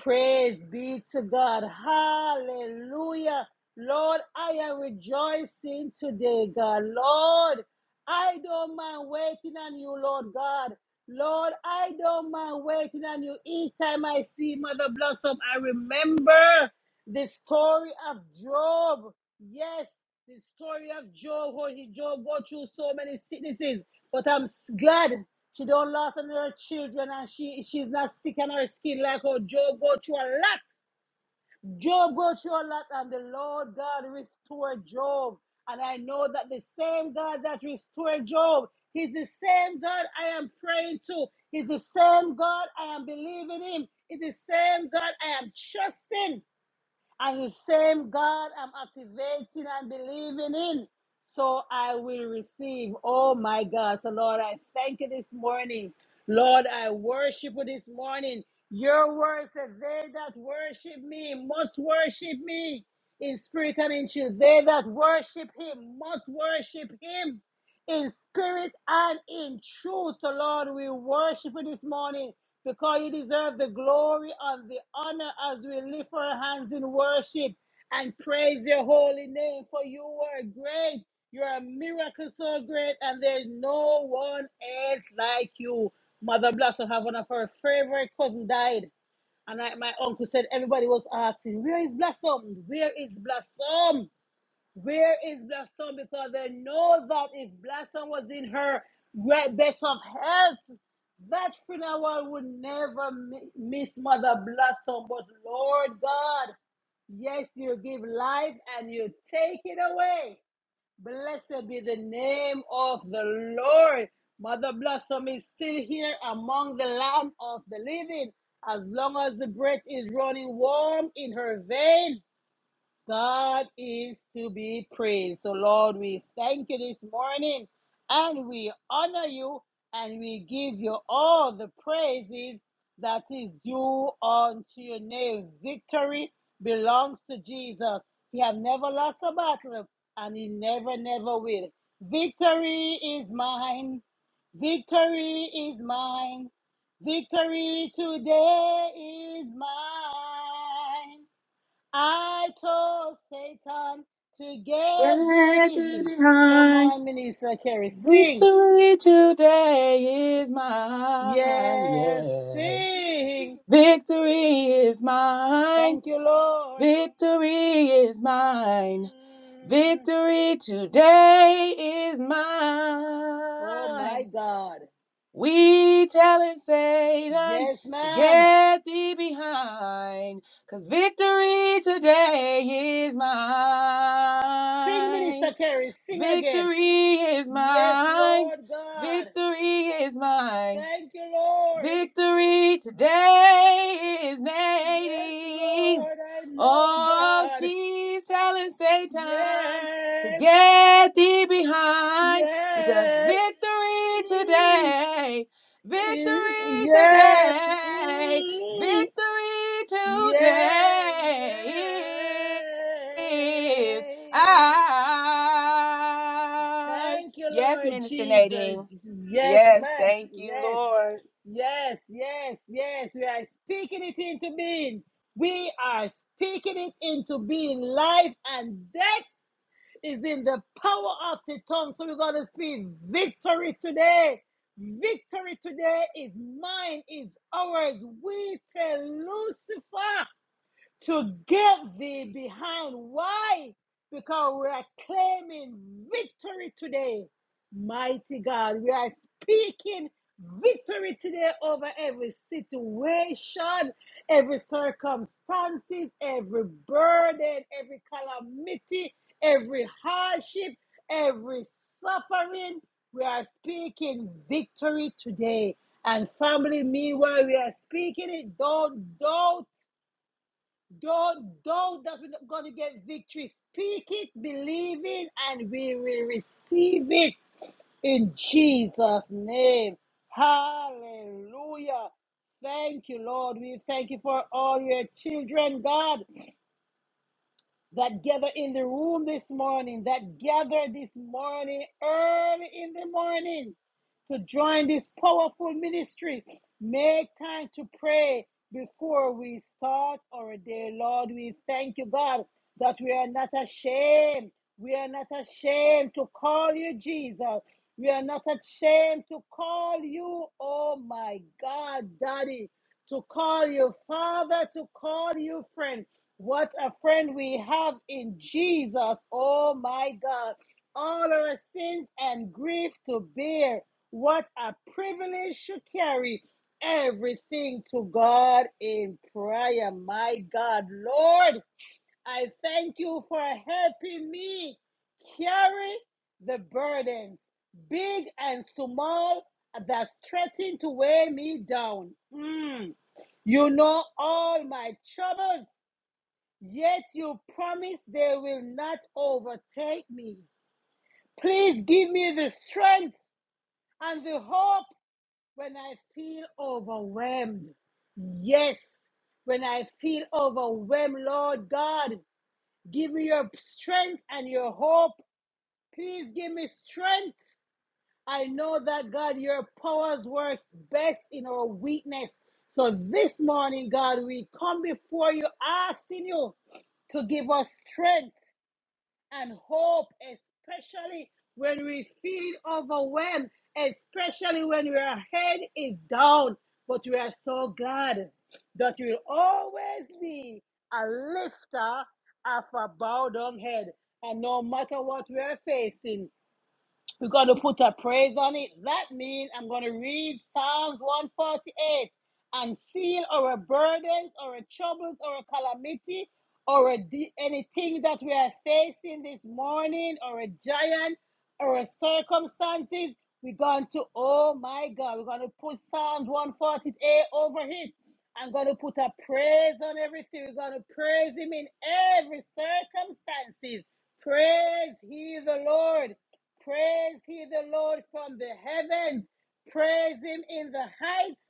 Speaker 1: Praise be to God. Hallelujah. Lord, I am rejoicing today, God. Lord, I don't mind waiting on you, Lord God. Lord, I don't mind waiting on you. Each time I see Mother Blossom, I remember the story of Job. Yes, the story of Job, how he Job go through so many sicknesses. But I'm s- glad she don't lost on her children and she she's not sick on her skin like how Job go through a lot. Job go through a lot and the Lord God restored Job. And I know that the same God that restored Job, He's the same God I am praying to. He's the same God I am believing in. He's the same God I am trusting. And the same God I'm activating and believing in. So I will receive. Oh my God. So Lord, I thank you this morning. Lord, I worship you this morning. Your word says, They that worship me must worship me in spirit and in truth. They that worship him must worship him in spirit and in truth. So, Lord, we worship you this morning because you deserve the glory and the honor as we lift our hands in worship and praise your holy name. For you are great. You're a miracle so great, and there's no one else like you. Mother Blossom have one of her favorite cousin died. And I, my uncle said everybody was asking, Where is Blossom? Where is Blossom? Where is Blossom? Because they know that if Blossom was in her great best of health, that funeral would never mi- miss Mother Blossom. But Lord God, yes, you give life and you take it away. Blessed be the name of the Lord. Mother Blossom is still here among the land of the living. As long as the breath is running warm in her veins, God is to be praised. So, Lord, we thank you this morning and we honor you and we give you all the praises that is due unto your name. Victory belongs to Jesus. He has never lost a battle and he never, never will. Victory is mine. Victory is mine. Victory today is mine. I told Satan to get thee
Speaker 2: Daddy
Speaker 1: behind. Come
Speaker 2: behind.
Speaker 1: on, Minister Kerry, sing.
Speaker 2: Victory today is mine,
Speaker 1: Yes,
Speaker 2: yes.
Speaker 1: sing.
Speaker 2: Victory is mine.
Speaker 1: Thank you, Lord.
Speaker 2: Victory is mine.
Speaker 1: Mm.
Speaker 2: Victory today is
Speaker 1: Oh my
Speaker 2: mine.
Speaker 1: God.
Speaker 2: We telling Satan
Speaker 1: Yes,
Speaker 2: to
Speaker 1: ma'am.
Speaker 2: get thee behind, 'cause victory today is
Speaker 1: Sing, Minister
Speaker 2: mine.
Speaker 1: Kerry, sing again.
Speaker 2: Victory is
Speaker 1: Yes,
Speaker 2: mine.
Speaker 1: Lord God.
Speaker 2: Victory is mine.
Speaker 1: Thank you, Lord.
Speaker 2: Victory today is
Speaker 1: Yes,
Speaker 2: Nadine's.
Speaker 1: Lord, I know
Speaker 2: Oh,
Speaker 1: God.
Speaker 2: she's telling Satan to
Speaker 1: Yes,
Speaker 2: get thee behind because
Speaker 1: yes.
Speaker 2: victory
Speaker 1: Mm.
Speaker 2: today,
Speaker 1: Is-
Speaker 2: victory
Speaker 1: Yeah.
Speaker 2: today,
Speaker 1: Mm.
Speaker 2: victory
Speaker 1: Yeah.
Speaker 2: today is
Speaker 1: Yeah.
Speaker 2: ours.
Speaker 1: Thank you,
Speaker 2: Yes,
Speaker 1: Lord
Speaker 2: Minister
Speaker 1: Jesus.
Speaker 2: Nadine.
Speaker 1: Yes,
Speaker 2: Yes,
Speaker 1: ma'am.
Speaker 2: thank you,
Speaker 1: Yes.
Speaker 2: Lord.
Speaker 1: Yes. Yes. Yes. We are speaking it into being. We are speaking it into being life and death. is in the power of the tongue. So we're going to speak victory today. Victory today is mine, is ours. We tell Lucifer to get thee behind. Why? Because we are claiming victory today, mighty God. We are speaking victory today over every situation, every circumstances, every burden, every calamity, every hardship, every suffering. We are speaking victory today. And family, meanwhile, we are speaking it. Don't doubt Though, though that we're going to get victory, speak it, believe it, and we will receive it in Jesus' name. Hallelujah. Thank you, Lord. We thank you for all your children, God that gather in the room this morning, that gather this morning, early in the morning, to join this powerful ministry. Make time to pray before we start our day. Lord, we thank you, God, that we are not ashamed. We are not ashamed to call you Jesus. We are not ashamed to call you, oh my God, Daddy, to call you Father, to call you friend. What a friend we have in Jesus. Oh my God. All our sins and grief to bear. What a privilege to carry everything to God in prayer. My God, Lord, I thank you for helping me carry the burdens, big and small, that threaten to weigh me down. Mm. You know all my troubles Yet you promise they will not overtake me. Please give me the strength and the hope when I feel overwhelmed. Yes, when I feel overwhelmed, Lord God, give me your strength and your hope. Please give me strength. I know that God, your powers work best in our weakness. So this morning, God, we come before you asking you to give us strength and hope, especially when we feel overwhelmed, especially when our head is down. But we are so glad that we'll always be a lifter of a bowed down head. And no matter what we are facing, we're going to put a praise on it. That means I'm going to read Psalms 148 and seal our burdens, our troubles, our calamity, or de- anything that we are facing this morning, or a giant, or a circumstances. We're going to, oh my God, we're going to put Psalms 148 over it. I'm going to put a praise on everything. We're going to praise him in every circumstances. Praise he the Lord. Praise he the Lord from the heavens. Praise him in the heights.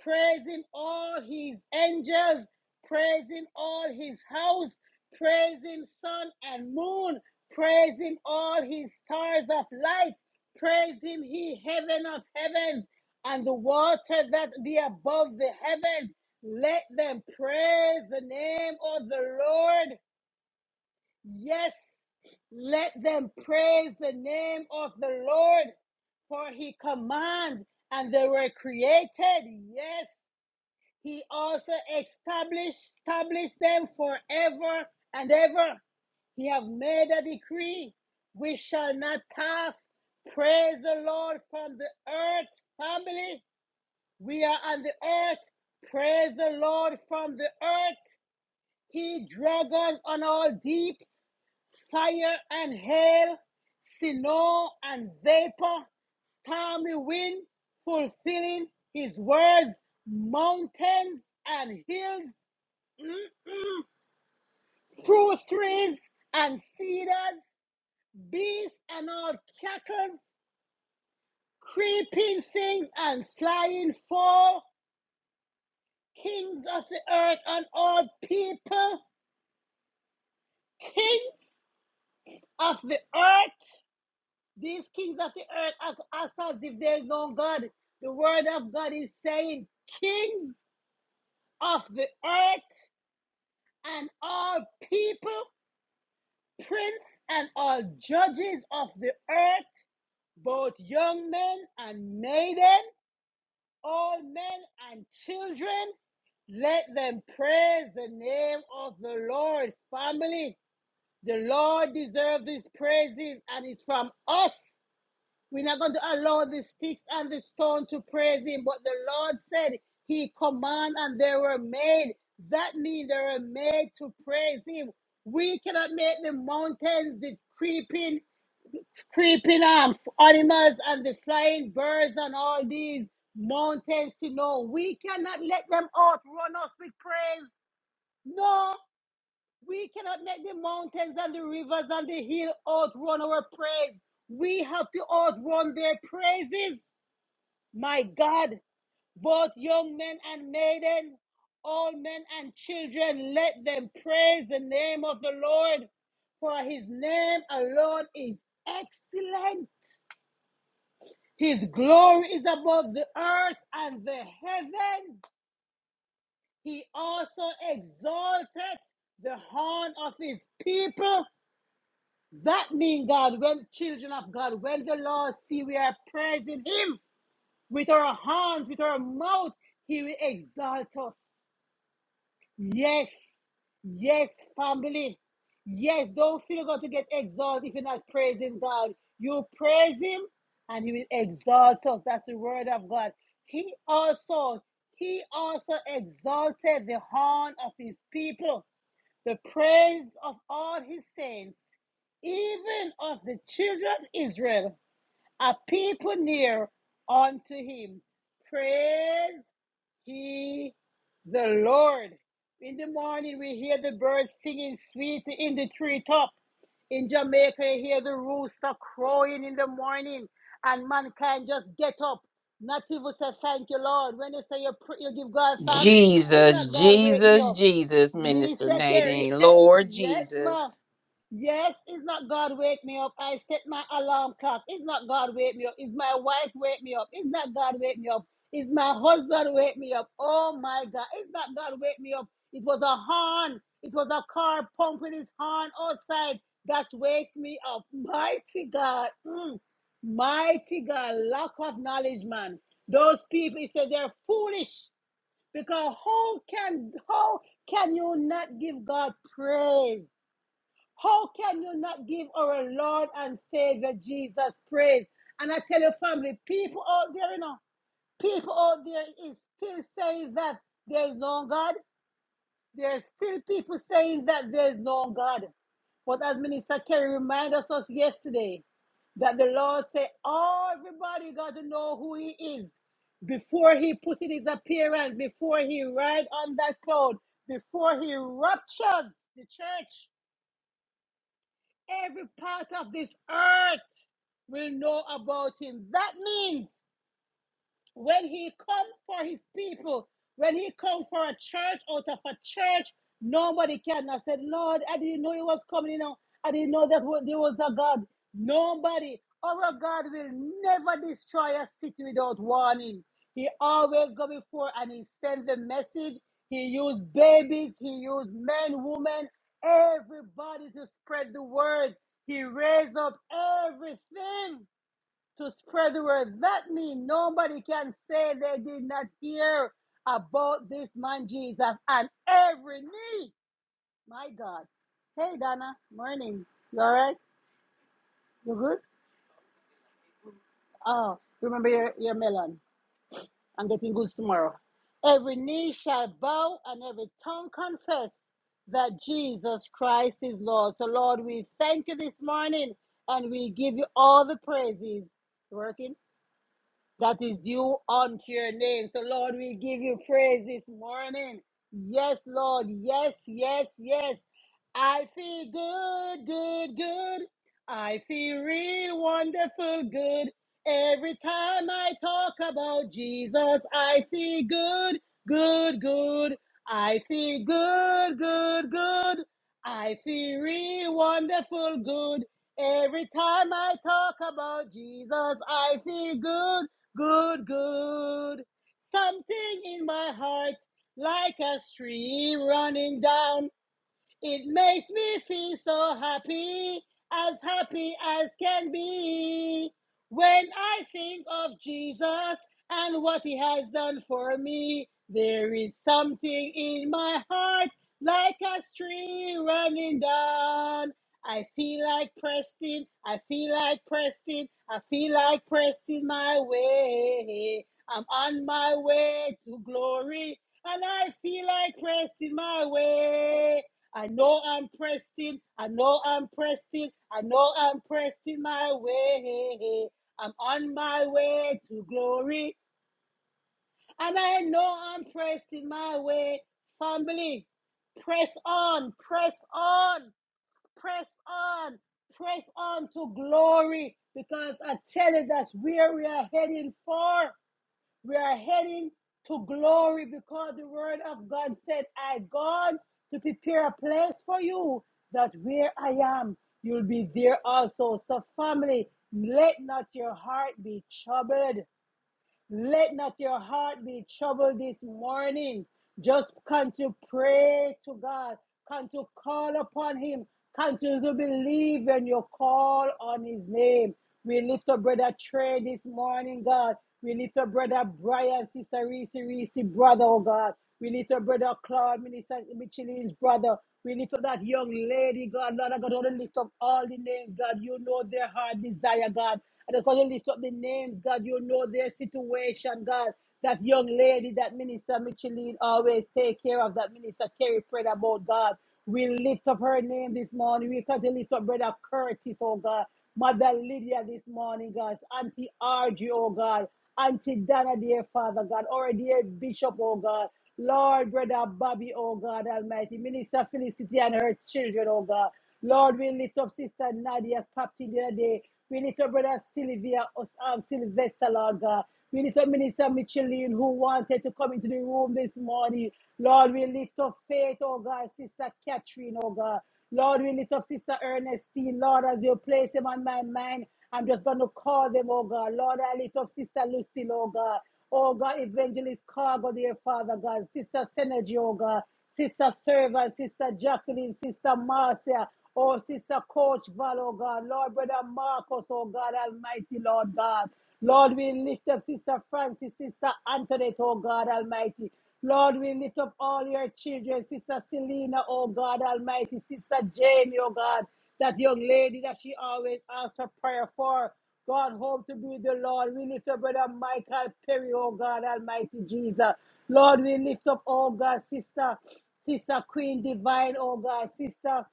Speaker 1: Praise him all his angels. Praise him all his house. Praise him sun and moon. Praise him all his stars of light. Praise him he heaven of heavens and the water that be above the heavens. Let them praise the name of the Lord. Yes, let them praise the name of the Lord, for he commands and they were created. Yes, he also established, established them forever and ever. He have made a decree. We shall not pass. Praise the Lord from the earth, family. We are on the earth. Praise the Lord from the earth. He drags us on all deeps fire and hail, snow and vapor, stormy wind, fulfilling his words, mountains and hills, mm, fruit trees and cedars, beasts and all cattle, creeping things and flying fall, kings of the earth and all people, kings of the earth These kings of the earth act as if there is no God. The word of God is saying, Kings of the earth and all people, prince and all judges of the earth, both young men and maiden, all men and children, let them praise the name of the Lord. Family, the Lord deserves these praises, and it's from us We're not going to allow the sticks and the stone to praise him. But the Lord said he command and they were made. That means they were made to praise him. We cannot make the mountains, the creeping, creeping um, animals and the flying birds and all these mountains to know. We cannot let them outrun us with praise. No, we cannot let the mountains and the rivers and the hill outrun our praise. We have to outrun their praises. My God, both young men and maiden, all men and children, let them praise the name of the Lord, for his name alone is excellent. His glory is above the earth and the heaven. He also exalted the horn of his people. That means, God, when children of God, when the Lord see we are praising him with our hands, with our mouth, he will exalt us. Yes, yes, family. Yes, don't feel you going to get exalted if you're not praising God. You praise Him and He will exalt us. That's the word of God. He also, He also exalted the horn of His people, the praise of all His saints, even of the children of Israel a people near unto him. Praise he the Lord. In the morning, we hear the birds singing sweet in the treetop. In Jamaica, you hear the rooster crowing in the morning, and mankind just get up. Not even say thank you, Lord. When you say you, you give God thanks, it's
Speaker 2: Jesus,
Speaker 1: not God waking you
Speaker 2: Jesus,
Speaker 1: up.
Speaker 2: Jesus, Minister
Speaker 1: Minister Kerry,
Speaker 2: Nadine.
Speaker 1: (laughs)
Speaker 2: Lord
Speaker 1: yes, ma.
Speaker 2: Jesus.
Speaker 1: Yes, it's not God wake me up. I set my alarm clock. It's not God wake me up. It's my wife wake me up. It's not God wake me up. It's my husband wake me up. Oh my God. It's not God wake me up. It was a horn. It was a car pumping his horn outside. That wakes me up. Mighty God. Mm. Mighty God. Lack of knowledge, man. Those people, he said they're foolish. Because how can how can you not give God praise? How can you not give our Lord and Savior Jesus praise? And I tell you, family, people out there, you know, people out there is still saying that there is no God. There are still people saying that there is no God. But as Minister Kerry reminded us yesterday, that the Lord said, oh, everybody got to know who he is before he put in his appearance, before he ride on that cloud, before he raptures the church. Every part of this earth will know about him. That means when he come for his people, when he come for a church out of a church, nobody can. I said, Lord, I didn't know he was coming. You know, I didn't know that wa- there was a God. Nobody. Our God will never destroy a city without warning. He always go before and he sends a message. He used babies. He used men, women, everybody to spread the word. He raised up everything to spread the word. That means nobody can say they did not hear about this man Jesus and every knee. My God. Hey Donna, morning. You all right? You good? Oh, remember your, your melon. I'm getting goods tomorrow. Every knee shall bow and every tongue confess that Jesus Christ is Lord. So Lord, we thank you this morning and we give you all the praises. Working? that is due unto your name. So, Lord, we give you praise this morning. Yes, Lord. Yes, yes, yes. I feel good, good, good. I feel real wonderful good. Every time I talk about Jesus, I feel good, good, good. I feel good, good, good. I feel real wonderful good. Every time I talk about Jesus, I feel good, good, good. Something in my heart, like a stream running down it makes me feel so happy, as happy as can be. When I think of Jesus and what he has done for me, there is something in my heart like a stream running down. I feel like Preston, I feel like Preston, I feel like Preston my way. I'm on my way to glory, and I feel like Preston my way. I know I'm pressed in. I know I'm pressed in. I know I'm pressed in my way. I'm on my way to glory. And I know I'm pressed in my way. Family, press on, press on, press on, press on to glory. Because I tell you, that's where we are heading for. We are heading to glory because the word of God said, I gone to prepare a place for you that where I am, you'll be there also. So, family, let not your heart be troubled. Let not your heart be troubled this morning. Just come to pray to God, come to call upon Him, come to believe when you call on His name. We lift up Brother Trey this morning, God. We lift up Brother Brian, Sister Reese, Reese, brother, oh God. We lift up Brother Claude, Minister Michelin's brother. We lift up that young lady, God. Lord, I got to lift up all the names, God. You know their heart desire, God. I just want to lift up the names, God. You know their situation, God. That young lady, that minister Micheline always take care of, that minister Kerry prayed about, God. We lift up her name this morning. We come to lift up Brother Curtis, oh God. Mother Lydia this morning, God. Auntie Argy, oh God. Auntie Dana, dear Father God. Or dear Bishop, oh God. Lord, Brother Bobby, oh God Almighty, Minister Felicity and her children, oh God. Lord, we lift up Sister Nadia Captain the other day. We lift up Brother Sylvia, us- um, Sylvester, Lord God. We lift up Minister Micheline, who wanted to come into the room this morning. Lord, we lift up Faith, oh God, Sister Catherine, oh God. Lord, we lift up Sister Ernestine. Lord, as you place them on my mind, I'm just going to call them, oh God. Lord, I lift up Sister Lucille, oh God. Oh God, Evangelist Cargo, dear Father God, Sister Synergy, oh God, Sister Servant, Sister Jacqueline, Sister Marcia, oh Sister Coach Val, oh God, Lord Brother Marcus, oh God, Almighty Lord God. Lord, we lift up Sister Francis, Sister Antoinette, oh God Almighty. Lord, we lift up all your children, Sister Selena, oh God Almighty, Sister Jamie, oh God, that young lady that she always asks for prayer for. God, hope to be the Lord. We lift up Brother Michael Perry, oh God, Almighty Jesus. Lord, we lift up, oh God, Sister, Sister Queen Divine, oh God, Sister.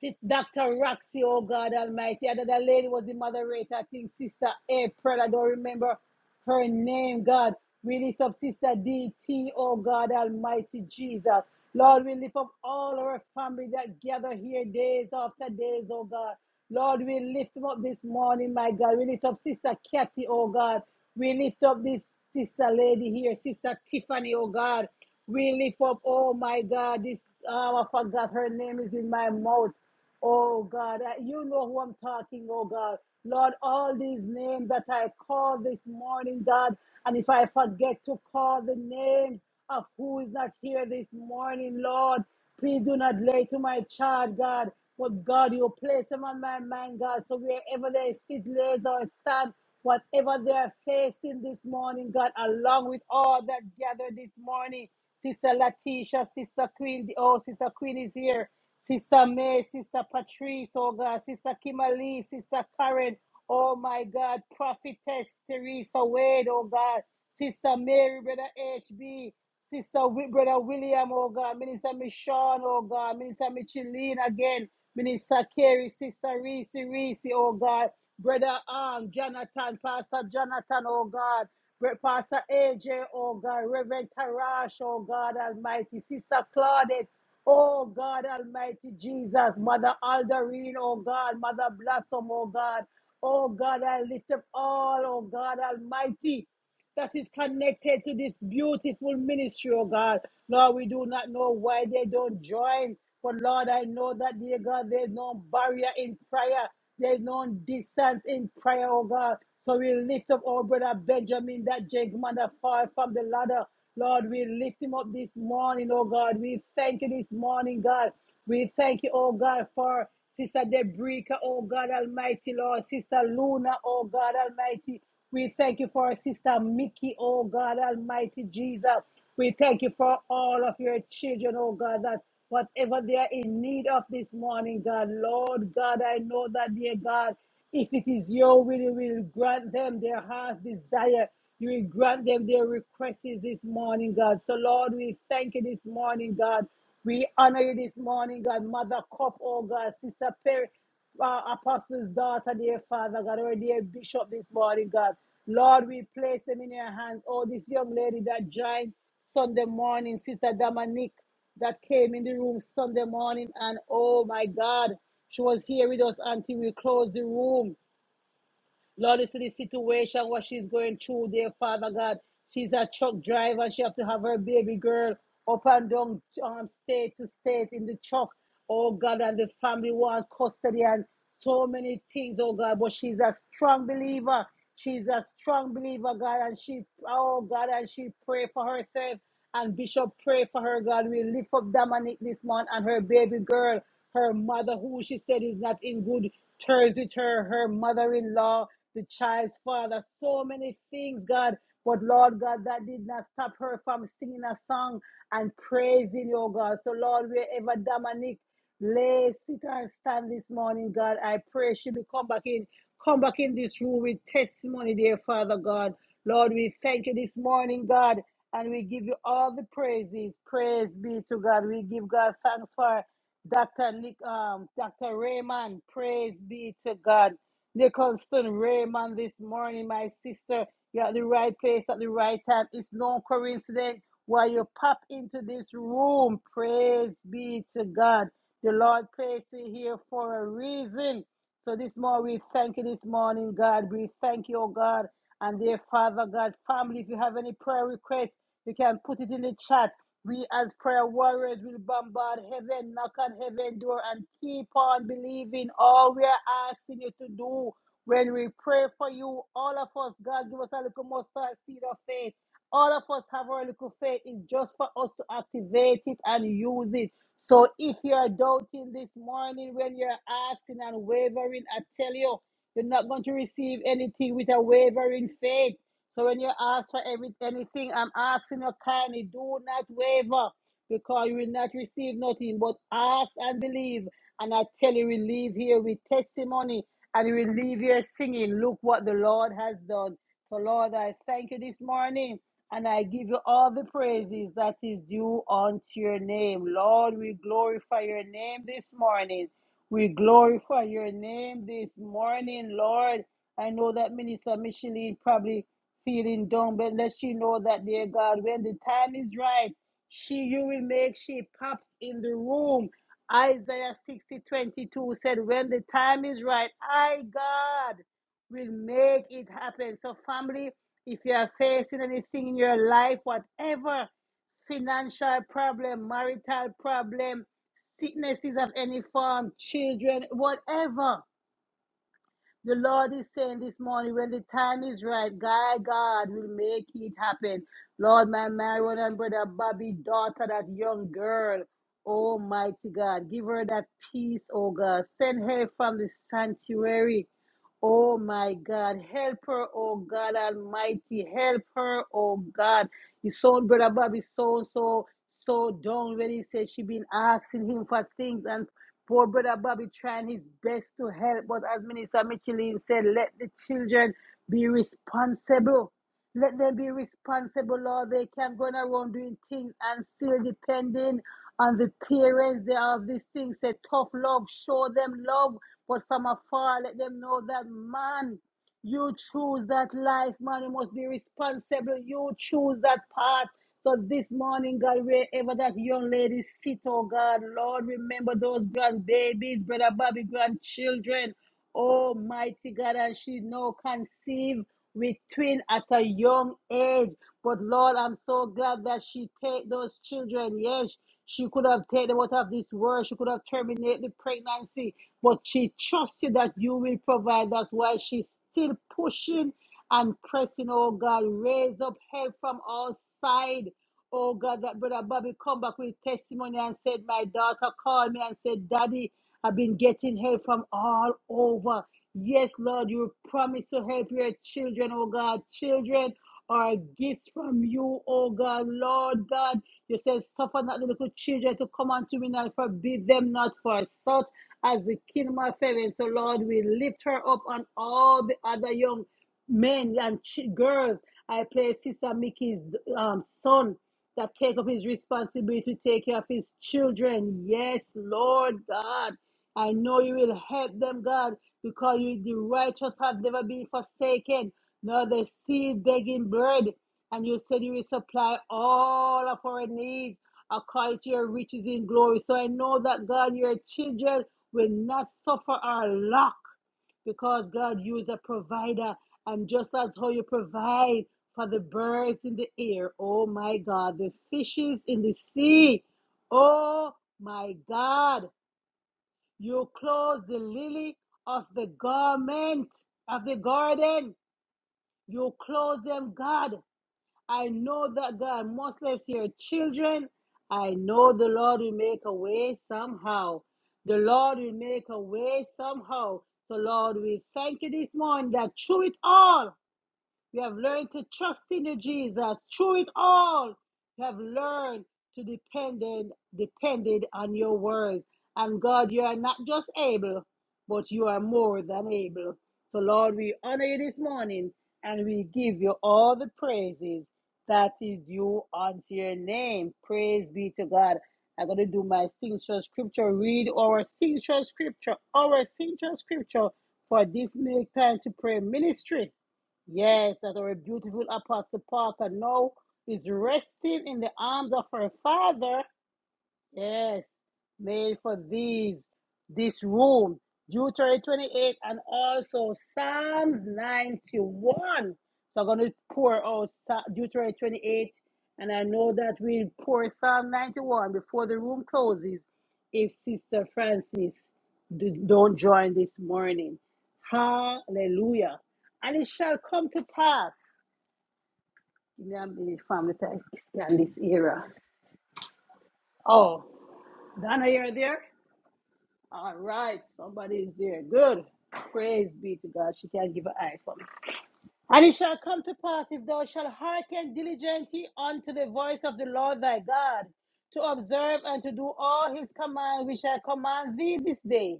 Speaker 1: Sit Dr. Roxy, oh God Almighty. Another lady was the moderator, I think Sister April, I don't remember her name, God. We lift up Sister DT, oh God Almighty Jesus. Lord, we lift up all our family that gather here days after days, oh God. Lord, we lift them up this morning, my God. We lift up Sister Kathy, oh God. We lift up this sister lady here, Sister Tiffany, oh God. We lift up, oh my God, this, oh, I forgot her name is in my mouth. Oh God, uh, you know who I'm talking, oh God. Lord, all these names that I call this morning, God, and if I forget to call the names of who is not here this morning, Lord, Please do not lay to my charge, God. But God, you place them on my mind, God. So wherever they sit, lays or stand, whatever they are facing this morning, God, along with all that gathered this morning, Sister Latisha, Sister Queen, oh, Sister Queen is here. Sister May, Sister Patrice, oh God, Sister Kimali, Sister Karen, Oh my God, prophetess Teresa Wade, oh God, Sister Mary, Brother HB, Sister Wi- Brother William, oh God, Minister Michonne, oh God, Minister Micheline again, Minister Carey, Sister Reese, Reese, oh God, Brother um, Jonathan, Pastor Jonathan, oh God, Br- Pastor AJ, oh God, Reverend Tarash, oh God Almighty, Sister Claudette, Oh God Almighty Jesus, Mother Alderine, oh God, Mother Blossom, oh God, oh God, I lift up all, oh God Almighty that is connected to this beautiful ministry, oh God. Lord, we do not know why they don't join, but Lord, I know that, dear God, there's no barrier in prayer, there's no distance in prayer, oh God. So we lift up our brother Benjamin, that gentleman that fall from the ladder. Lord, we lift him up this morning, oh God. We thank you this morning, God. We thank you, oh God, for Sister Debrica, oh God Almighty, Lord, Sister Luna, oh God Almighty. We thank you for Sister Mickey, oh God Almighty Jesus. We thank you for all of your children, oh God, that whatever they are in need of this morning, God, Lord God, I know that, dear God, if it is your will, you will grant them their heart's desire. You will grant them their requests this morning, God. So, Lord, we thank you this morning, God. We honor you this morning, God. Mother Cup, oh God. Sister Perry, uh, Apostle's daughter, dear Father, God. Our dear Bishop this morning, God. Lord, we place them in your hands. Oh, this young lady that joined Sunday morning, Sister Dominique, that came in the room Sunday morning. And oh, my God, she was here with us until we closed the room. Lord, you see the situation what she's going through there, Father God. She's a truck driver. and She have to have her baby girl up and down um, state to state in the truck. Oh God, and the family want custody and so many things, oh God. But she's a strong believer. She's a strong believer, God, and she, oh God, and she pray for herself. And Bishop, pray for her, God. We lift up Dominic this month and her baby girl, her mother, who she said is not in good terms with her, her mother in law, the child's father, so many things, God. But Lord God, that did not stop her from singing a song and praising your God. So, Lord, wherever Dominic Lay, sit and stand this morning, God. I pray she will come back in. Come back in this room with testimony, dear Father God. Lord, we thank you this morning, God, and we give you all the praises. Praise be to God. We give God thanks for Dr. Nick, um, Dr. Raymond. Praise be to God. Nicholson Raymond this morning, my sister. You're at the right place at the right time. It's no coincidence why you pop into this room. Praise be to God. The Lord placed you here for a reason. So this morning, we thank you this morning, God. We thank you, oh God. And dear Father God, family, if you have any prayer requests, you can put it in the chat. We as prayer warriors will bombard heaven, knock on heaven door, and keep on believing all we are asking you to do. When we pray for you, all of us, God, give us a little mustard seed of faith. All of us have our little faith. It's just for us to activate it and use it. So if you're doubting this morning when you're asking and wavering, I tell you, you're not going to receive anything with a wavering faith. So when you ask for every, anything, I'm asking you kindly, do not waver because you will not receive nothing but ask and believe. And I tell you, we leave here with testimony and we leave here singing, look what the Lord has done. So Lord, I thank you this morning and I give you all the praises that is due unto your name. Lord, we glorify your name this morning. We glorify your name this morning, Lord. I know that Minister Micheline probably feeling down, but let she know that, dear God, when the time is right, she you will make she pops in the room. Isaiah 60 22 said, When the time is right, I God will make it happen. So, family, if you are facing anything in your life, whatever financial problem, marital problem, sicknesses of any form, children, whatever, the Lord is saying this morning, when the time is right, God, God will make it happen. Lord, my Marion and brother Bobby, daughter, that young girl, Almighty God, give her that peace, oh God. Send her from the sanctuary. Oh my God, help her, oh God Almighty, help her, oh God. His son, brother Bobby, so so so down when he says she been asking him for things and Poor brother Bobby trying his best to help, but as Minister Michelin said, let the children be responsible. Let them be responsible, Lord. They can not go around doing things and still depending on the parents They have these things. Say tough love, show them love, but from afar, let them know that man. You choose that life, man. You must be responsible. You choose that path. So this morning, God, wherever that young lady sit, oh God, Lord, remember those grandbabies, brother Bobby, grandchildren. Almighty God, and she now conceived with twin at a young age. But Lord, I'm so glad that she take those children. Yes, she could have taken them out of this world. She could have terminated the pregnancy, but she trusted that you will provide. That's why she's still pushing and pressing. Oh God, raise up help from all sides. Oh God, that brother Bobby come back with testimony and said, My daughter called me and said, Daddy, I've been getting help from all over. Yes, Lord, you promise to help your children, oh God. Children are gifts from you, oh God, Lord God. You said, suffer not the little children to come unto me and forbid them not for such as the kingdom of heaven. So, Lord, we lift her up and all the other young men and ch- girls. I pray, Sister Mickey's um, son that take up his responsibility to take care of his children. Yes, Lord God. I know you will help them, God, because you, the righteous have never been forsaken. Now they see begging bread, and you said you will supply all of our needs according to your riches in glory. So I know that God, your children will not suffer or lack because God, you is a provider, and just as how you provide for the birds in the air, oh my God, the fishes in the sea, oh my God, you clothe the lily of the garment of the garden. You close them, God. I know that God, Muslims, here, children, I know the Lord will make a way somehow. The Lord will make a way somehow. So, Lord, we thank you this morning that through it all, you have learned to trust in you, Jesus. Through it all, you have learned to depend depended on your word. And God, you are not just able, but you are more than able. So, Lord, we honor you this morning and we give you all the praises that is due unto your name. Praise be to God. I'm going to do my signature scripture, read our signature scripture, our signature scripture for this make time to pray ministry. Yes, that our beautiful Apostle Parker now is resting in the arms of her father Yes, made for these, this room. Deuteronomy 28 and also Psalms 91. So I'm going to pour out Sa- Deuteronomy 28, and I know that we'll pour Psalm 91 before the room closes if Sister Francis d- don't join this morning. Hallelujah. And it shall come to pass. Give me a minute, family, to- yeah, in this era. Oh, Donna, you're there? All right, somebody is there. Good. Praise be to God. She can not give her eye for me. And it shall come to pass if thou shalt hearken diligently unto the voice of the Lord thy God, to observe and to do all his command which I command thee this day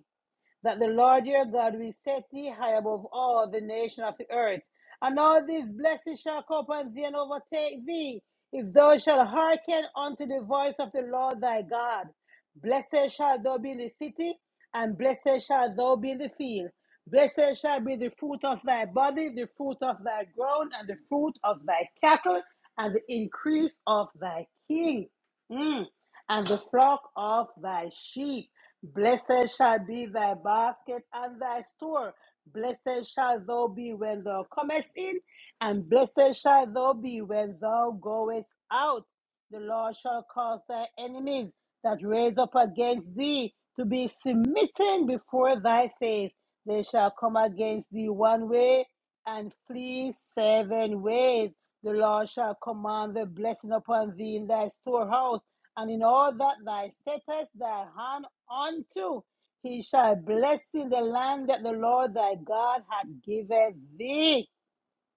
Speaker 1: that the Lord your God will set thee high above all the nation of the earth. And all these blessings shall come upon thee and overtake thee, if thou shalt hearken unto the voice of the Lord thy God. Blessed shall thou be in the city, and blessed shall thou be in the field. Blessed shall be the fruit of thy body, the fruit of thy ground, and the fruit of thy cattle, and the increase of thy king. Mm. And the flock of thy sheep. Blessed shall be thy basket and thy store. Blessed shall thou be when thou comest in, and blessed shall thou be when thou goest out. The Lord shall cause thy enemies that raise up against thee to be smitten before thy face. They shall come against thee one way, and flee seven ways. The Lord shall command the blessing upon thee in thy storehouse, and in all that thou settest thy hand unto. He shall bless in the land that the Lord thy God hath given thee.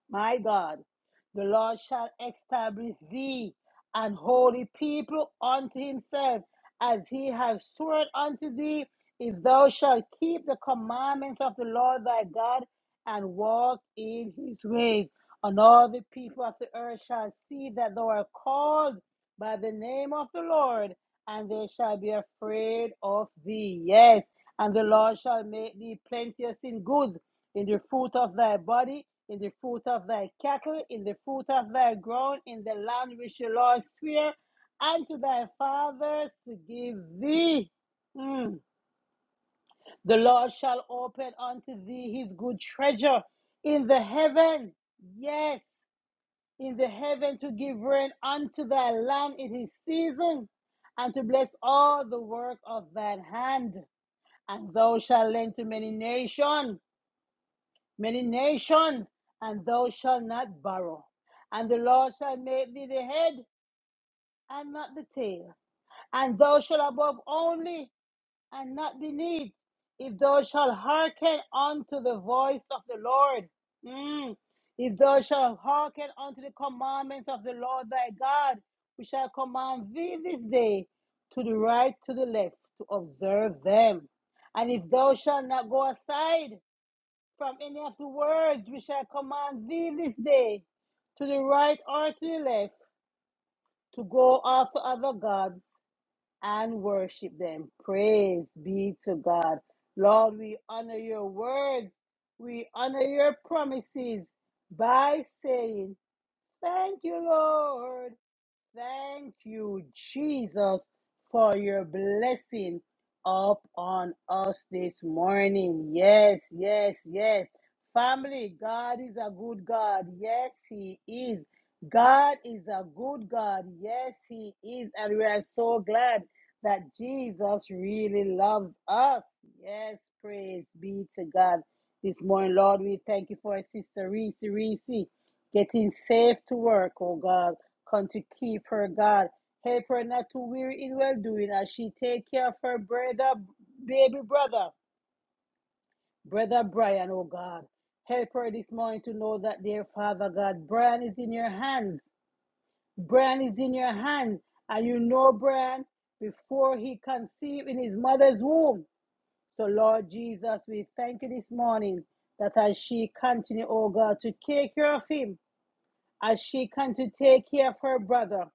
Speaker 1: My God, the Lord shall establish thee an holy people unto himself, as he has sworn unto thee, if thou shalt keep the commandments of the Lord thy God and walk in his ways. And all the people of the earth shall see that thou art called by the name of the Lord, and they shall be afraid of thee. Yes, and the Lord shall make thee plenteous in goods, in the fruit of thy body, in the fruit of thy cattle, in the fruit of thy ground, in the land which the Lord sware unto thy fathers to give thee. Mm. The Lord shall open unto thee his good treasure in the heaven, yes, in the heaven to give rain unto thy land in his season, and to bless all the work of thine hand and thou shalt lend to many nations, many nations, and thou shalt not borrow. And the Lord shall make thee the head and not the tail, and thou shalt above only, and not be moved. If thou shalt hearken unto the voice of the Lord, mm, if thou shalt hearken unto the commandments of the Lord thy God, we shall command thee this day to the right, to the left, to observe them. And if thou shalt not go aside from any of the words, we shall command thee this day to the right or to the left, to go after other gods and worship them. Praise be to God. Lord, we honor your words. We honor your promises by saying, Thank you, Lord. Thank you, Jesus, for your blessing up on us this morning. Yes, yes, yes. Family, God is a good God. Yes, He is. God is a good God. Yes, He is. And we are so glad that Jesus really loves us. Yes, praise be to God. This morning, Lord, we thank you for Sister Reese Reese getting safe to work, oh God. Come to keep her, God. Help her not to weary in well doing as she take care of her brother, baby brother, brother Brian, oh God. Help her this morning to know that, dear Father God, Brian is in your hands. Brian is in your hands, And you know Brian before he conceived in his mother's womb. So, Lord Jesus, we thank you this morning that as she continue, oh God, to take care of him, as she continued to take care of her brother,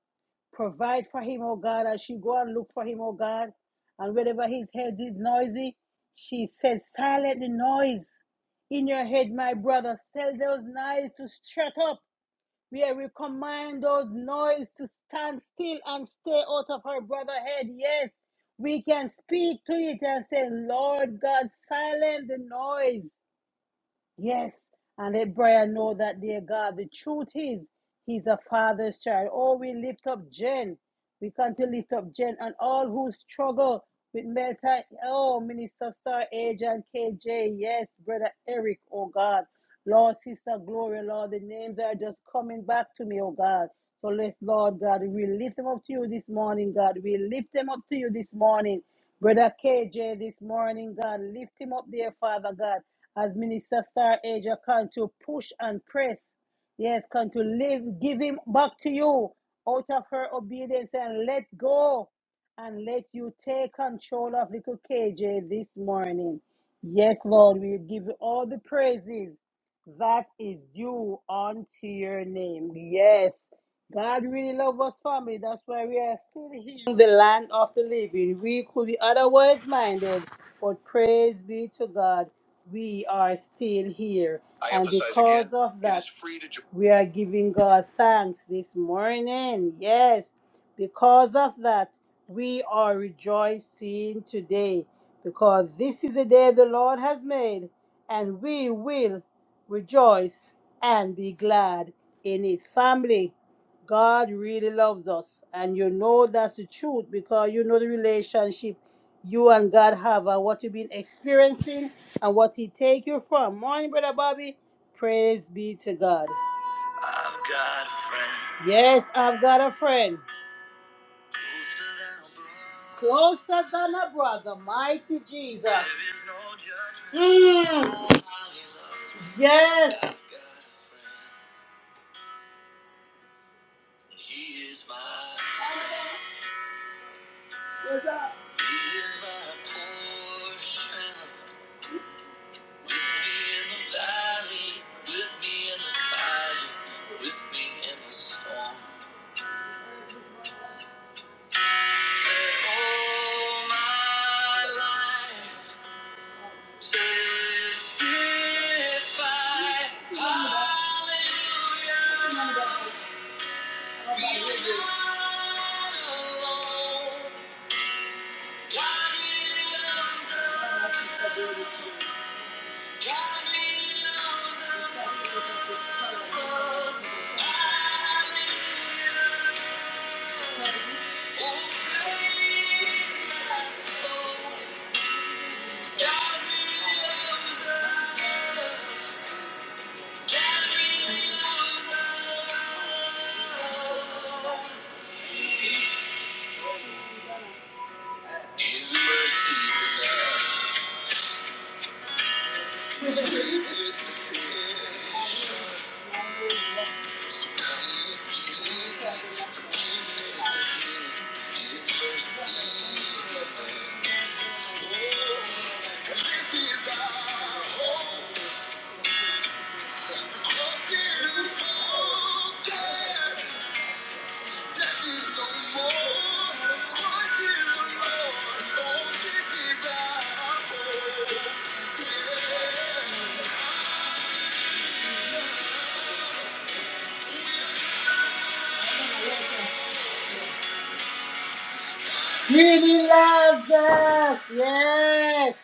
Speaker 1: provide for him, oh God, as she go and look for him, oh God. And wherever his head is noisy, she said, silent the noise in your head, my brother. Tell those noise to shut up. We are- command those noise to stand still and stay out of her brother's head. Yes, we can speak to it and say, Lord God, silent the noise. Yes, and let Brian know that, dear God, the truth is he's a father's child. Oh, we lift up Jen. We come to lift up Jen and all who struggle with mental. Oh, Minister Star Agent KJ. Yes, Brother Eric. Oh, God. Lord, Sister Gloria, Lord, the names are just coming back to me, oh God. So let's, Lord God, we lift them up to you this morning, God. We lift them up to you this morning. Brother KJ, this morning, God, lift him up there, Father God, as Minister Star Asia can to push and press. Yes, come to live, give him back to you out of her obedience and let go and let you take control of little KJ this morning. Yes, Lord, we give you all the praises that is due unto your name. Yes, God really loves us, family. That's why we are still here in the land of the living. We could be otherwise minded, but praise be to God, we are still here. I And emphasize again, because again, of it is that, free to join. we are giving God thanks this morning. Yes, because of that, we are rejoicing today because this is the day the Lord has made, and we will rejoice and be glad in it. Family, God really loves us. And you know that's the truth because you know the relationship you and God have and what you've been experiencing and what He take you from. Morning, Brother Bobby. Praise be to God. I've got a friend. Yes, I've got a friend. Closer than a brother, mighty Jesus. There is no judgment. Mm. Nobody loves me. Yes. I've got a friend. He is my He my portion. With me in the valley, with me in the fire, with me in the storm. And all my life testify. Hallelujah. Be not alone. God loves us. God loves us. His mercy's enough. His mercy's enough. Oh, and this is our hope. The cross is broken. Death is no more. Christ is the Lord. Oh, this is our hope. He delivers us. Yes.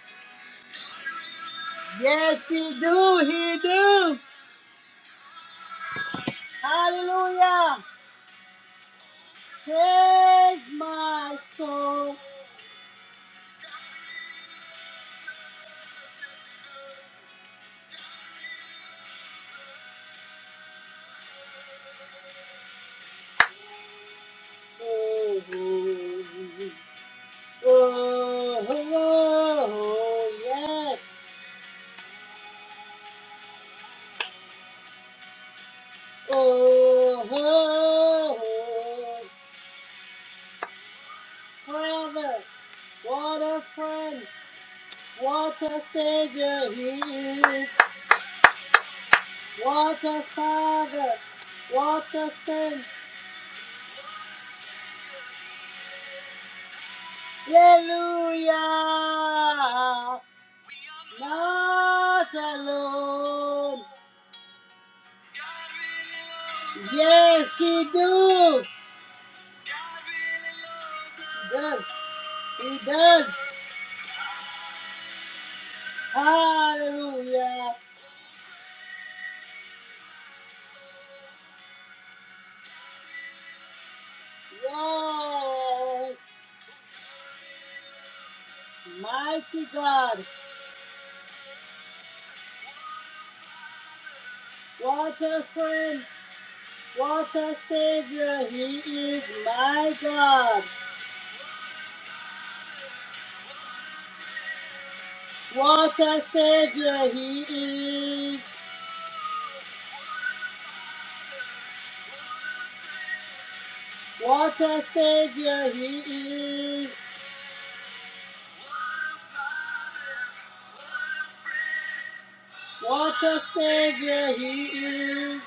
Speaker 1: Yes, he do. He do. Hallelujah. Praise my soul. Oh, oh, oh, oh, yes. Oh, oh, oh, Father, what a friend. What a Savior He is. What a Father. What a Saint. Hallelujah. Not alone. Yes, He do. Yes, He does. Hallelujah. Yes. Mighty God. What a friend. What a Savior He is. My God. What a savior he is! What a savior he is! What a savior he is!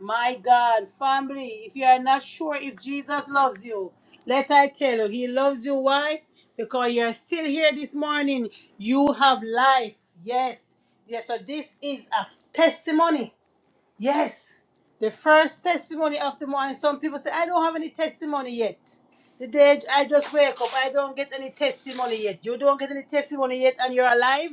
Speaker 1: My God, family, if you are not sure if Jesus loves you, let I tell you, he loves you. Why? Because you're still here this morning. You have life. Yes. Yes, so this is a testimony. Yes, the first testimony of the morning. Some people say, I don't have any testimony yet. The day I just wake up, I don't get any testimony yet. You don't get any testimony yet, and you're alive.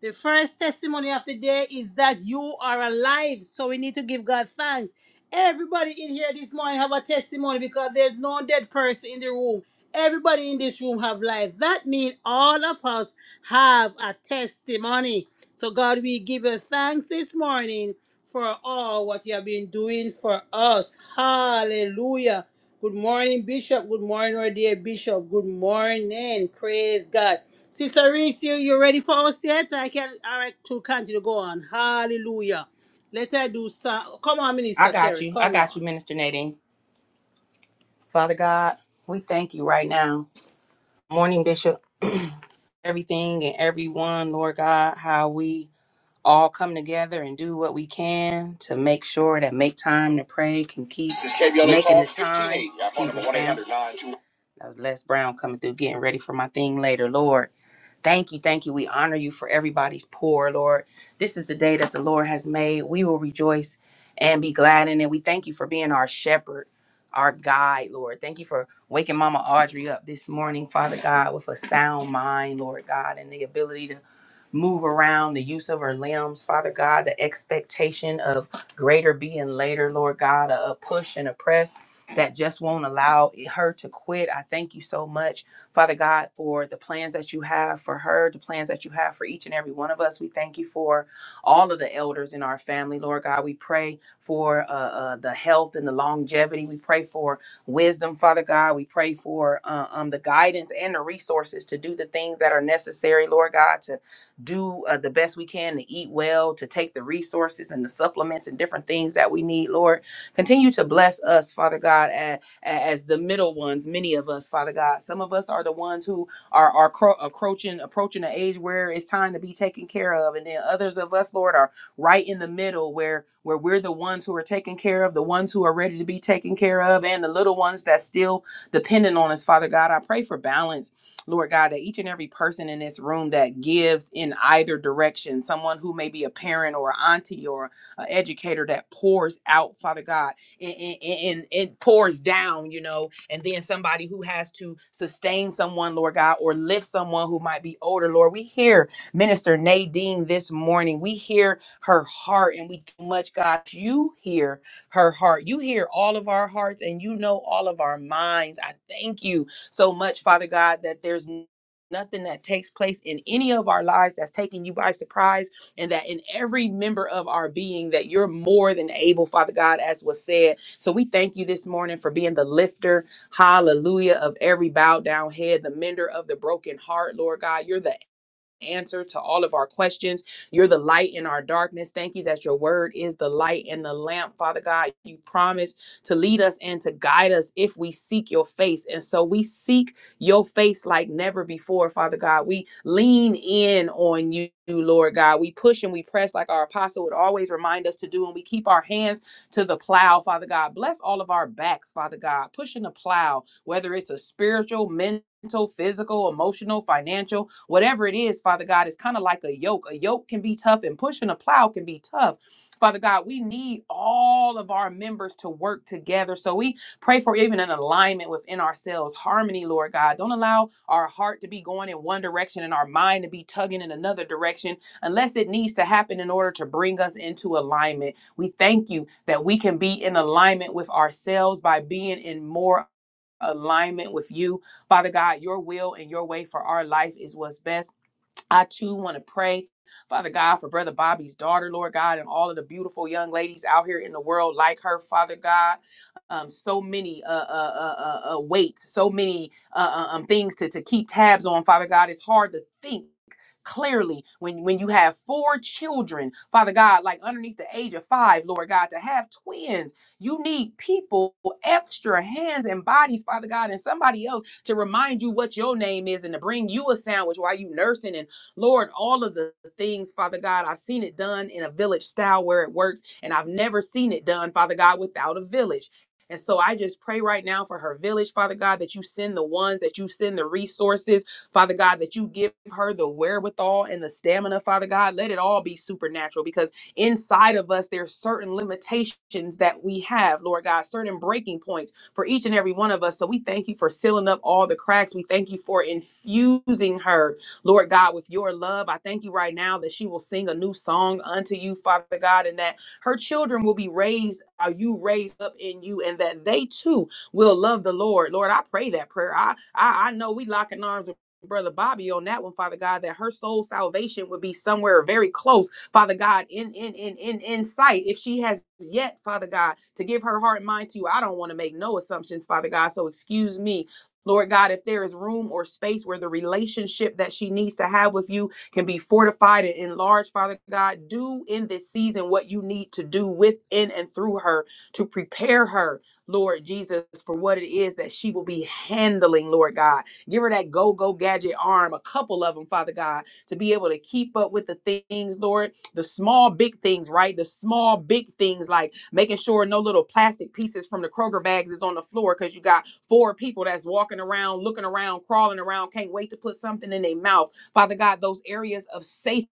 Speaker 1: The first testimony of the day is that you are alive. So we need to give God thanks. Everybody in here this morning have a testimony because there's no dead person in the room. Everybody in this room have life. That means all of us have a testimony. So God, we give you thanks this morning for all what you have been doing for us. Hallelujah. Good morning, Bishop. Good morning, our dear Bishop. Good morning. Praise God. Sister Reese, you, you ready for us yet? I can all right to continue to go on. Hallelujah. Let her do some. Come on,
Speaker 2: I
Speaker 1: Minister
Speaker 2: got
Speaker 1: Kerry.
Speaker 2: you. I
Speaker 1: Come
Speaker 2: got
Speaker 1: on.
Speaker 2: you, Minister Nadine. Father God, we thank you right now. Morning, Bishop. (clears throat) Everything and everyone, Lord God, how we all come together and do what we can to make sure that make time to pray can keep this is KBLA making the 12, 15, time. yeah, phone Excuse number me, fam. 1-800-921. That was Les Brown coming through, getting ready for my thing later, Lord. Thank you, thank you. We honor you for everybody's poor, Lord. This is the day that the Lord has made. We will rejoice and be glad in it. We thank you for being our shepherd, our guide, Lord. Thank you for waking Mama Audrey up this morning, Father God, with a sound mind, Lord God, and the ability to move around, the use of her limbs, Father God, the expectation of greater being later, Lord God, a a push and a press that just won't allow her to quit. I thank you so much Father God, for the plans that you have for her, the plans that you have for each and every one of us. We thank you for all of the elders in our family, Lord God. We pray for uh, uh, the health and the longevity. We pray for wisdom, Father God. We pray for uh, um, the guidance and the resources to do the things that are necessary, Lord God, to do uh, the best we can to eat well, to take the resources and the supplements and different things that we need, Lord. Continue to bless us, Father God, as the middle ones, many of us, Father God. Some of us are the ones who are, are cro- approaching approaching an age where it's time to be taken care of. And then others of us, Lord, are right in the middle where where we're the ones who are taken care of, the ones who are ready to be taken care of, and the little ones that still dependent on us, Father God. I pray for balance. Lord God, that each and every person in this room that gives in either direction, someone who may be a parent or auntie or an educator that pours out, Father God and, and, and it pours down, you know, and then somebody who has to sustain someone, Lord God, or lift someone who might be older, Lord. We hear Minister Nadine this morning. We hear her heart, and we much, God, you hear her heart. You hear all of our hearts, and you know all of our minds. I thank you so much, Father God, that there's nothing that takes place in any of our lives that's taking you by surprise and that in every member of our being that you're more than able, Father God, as was said. So we thank you this morning for being the lifter, hallelujah, of every bowed down head, the mender of the broken heart, Lord God. You're the answer to all of our questions. You're the light in our darkness. Thank you that your word is the light and the lamp, Father God. You promise to lead us and to guide us if we seek your face. And so we seek your face like never before, Father God. We lean in on you, Lord God. We push and we press like our apostle would always remind us to do, and we keep our hands to the plow, Father God. Bless all of our backs, Father God. Pushing the plow, whether it's a spiritual, mental, mental, physical, emotional, financial, whatever it is, Father God, is kind of like a yoke. A yoke can be tough and pushing a plow can be tough. Father God, we need all of our members to work together. So we pray for even an alignment within ourselves, harmony, Lord God. Don't allow our heart to be going in one direction and our mind to be tugging in another direction unless it needs to happen in order to bring us into alignment. We thank you that we can be in alignment with ourselves by being in more alignment with you. Father God, your will and your way for our life is what's best. I too want to pray, Father God, for Brother Bobby's daughter, Lord God, and all of the beautiful young ladies out here in the world like her, Father God. Um, so many uh, uh, uh, uh, uh, weights, so many uh, uh, um, things to, to keep tabs on, Father God. It's hard to think clearly when when you have four children father god like underneath the age of five lord god to have twins you need people extra hands and bodies father god and somebody else to remind you what your name is and to bring you a sandwich while you nursing and Lord, all of the things, Father God, I've seen it done in a village style where it works, and I've never seen it done, Father God, without a village. And so I just pray right now for her village, Father God, that you send the ones, that you send the resources, Father God, that you give her the wherewithal and the stamina, Father God. Let it all be supernatural because inside of us, there's certain limitations that we have, Lord God, certain breaking points for each and every one of us. So we thank you for sealing up all the cracks. We thank you for infusing her Lord God, with your love, I thank you right now that she will sing a new song unto you, Father God, and that her children will be raised, are you raised up in you, and that they too will love the Lord. Lord, I pray that prayer. I I, I know we locking arms with Brother Bobby on that one, Father God, that her soul salvation would be somewhere very close, Father God, in in in in in sight. If she has yet, Father God, to give her heart and mind to you, I don't want to make no assumptions, Father God. So excuse me Lord God, if there is room or space where the relationship that she needs to have with you can be fortified and enlarged, Father God, do in this season what you need to do within and through her to prepare her, Lord Jesus, for what it is that she will be handling, Lord God. Give her that go go gadget arm, a couple of them, Father God, to be able to keep up with the things, Lord the small big things right the small big things like making sure no little plastic pieces from the kroger bags is on the floor because you got four people that's walking around looking around crawling around can't wait to put something in their mouth father god those areas of safety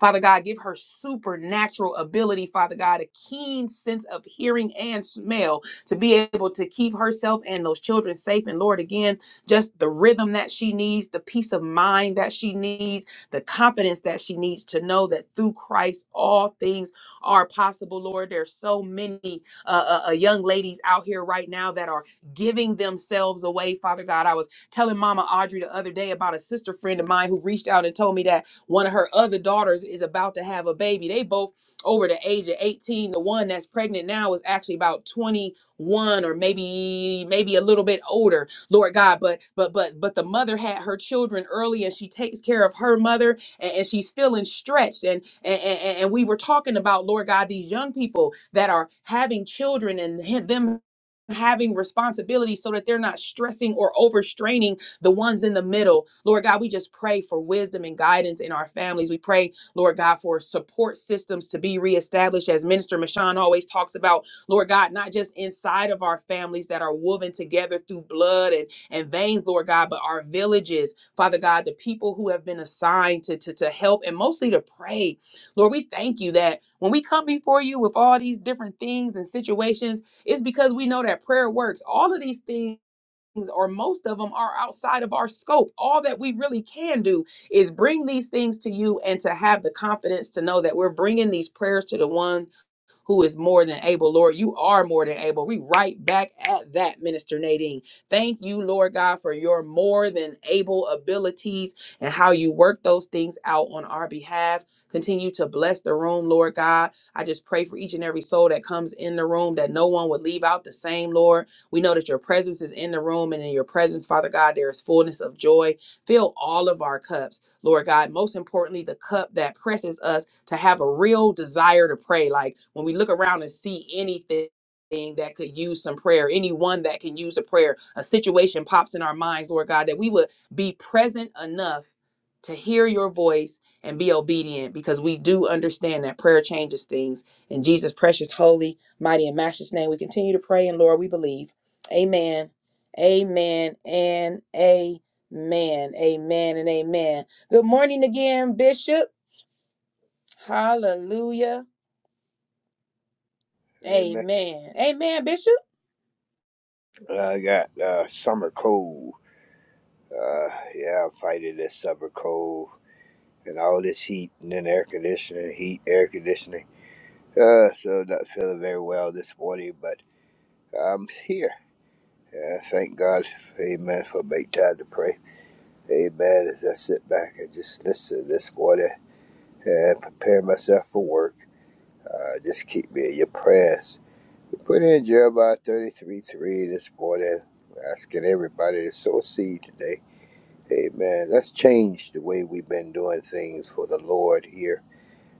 Speaker 2: Father God, give her supernatural ability, Father God, a keen sense of hearing and smell to be able to keep herself and those children safe. And Lord, again, just the rhythm that she needs, the peace of mind that she needs, the confidence that she needs to know that through Christ all things are possible, Lord. There's so many uh, uh, uh, young ladies out here right now that are giving themselves away, Father God. I was telling Mama Audrey the other day about a sister friend of mine who reached out and told me that one of her other daughters is about to have a baby. They both over the age of 18. The one that's pregnant now is actually about 21 or maybe maybe a little bit older. Lord God. But but but but the mother had her children early, and she takes care of her mother, and, and she's feeling stretched. And and, and and we were talking about Lord God, these young people that are having children and ha- them having responsibility so that they're not stressing or overstraining the ones in the middle. Lord God, we just pray for wisdom and guidance in our families. We pray, Lord God, for support systems to be reestablished as Minister Mashawn always talks about Lord God, not just inside of our families that are woven together through blood and, and veins, Lord God, but our villages, Father God, the people who have been assigned to, to, to help and mostly to pray. Lord, we thank you that when we come before you with all these different things and situations, it's because we know that prayer works. All of these things. Or most of them are outside of our scope. All that we really can do is bring these things to you and to have the confidence to know that we're bringing these prayers to the one who is more than able. Lord, you are more than able. We right back at that, Minister Nadine. Thank you, Lord God, for your more than able abilities and how you work those things out on our behalf. Continue to bless the room, Lord God. I just pray for each and every soul that comes in the room that no one would leave out the same, Lord. We know that your presence is in the room, and in your presence, Father God, there is fullness of joy. Fill all of our cups. Lord God. Most importantly, the cup that presses us to have a real desire to pray. Like when we look around and see anything. That could use some prayer, anyone that can use a prayer, a situation pops in our minds, Lord God, that we would be present enough to hear your voice and be obedient because we do understand that prayer changes things. In Jesus' precious, holy, mighty, and matchless name, we continue to pray, and Lord, we believe. Amen. Amen and amen. Amen and amen. Good morning again, Bishop. Hallelujah.
Speaker 3: Amen.
Speaker 2: Amen. Amen, Bishop.
Speaker 3: I got uh, summer cold. Uh, yeah, I'm fighting this summer cold and all this heat and then air conditioning, heat, air conditioning. Uh, so not feeling very well this morning, but I'm here. Yeah, thank God, Amen, for make time to pray. Amen. As I sit back and just listen this morning and prepare myself for work, uh, just keep me in your prayers. We Put in Jeremiah 33 3 this morning, asking everybody to sow seed today Amen. Let's change the way we've been doing things for the Lord here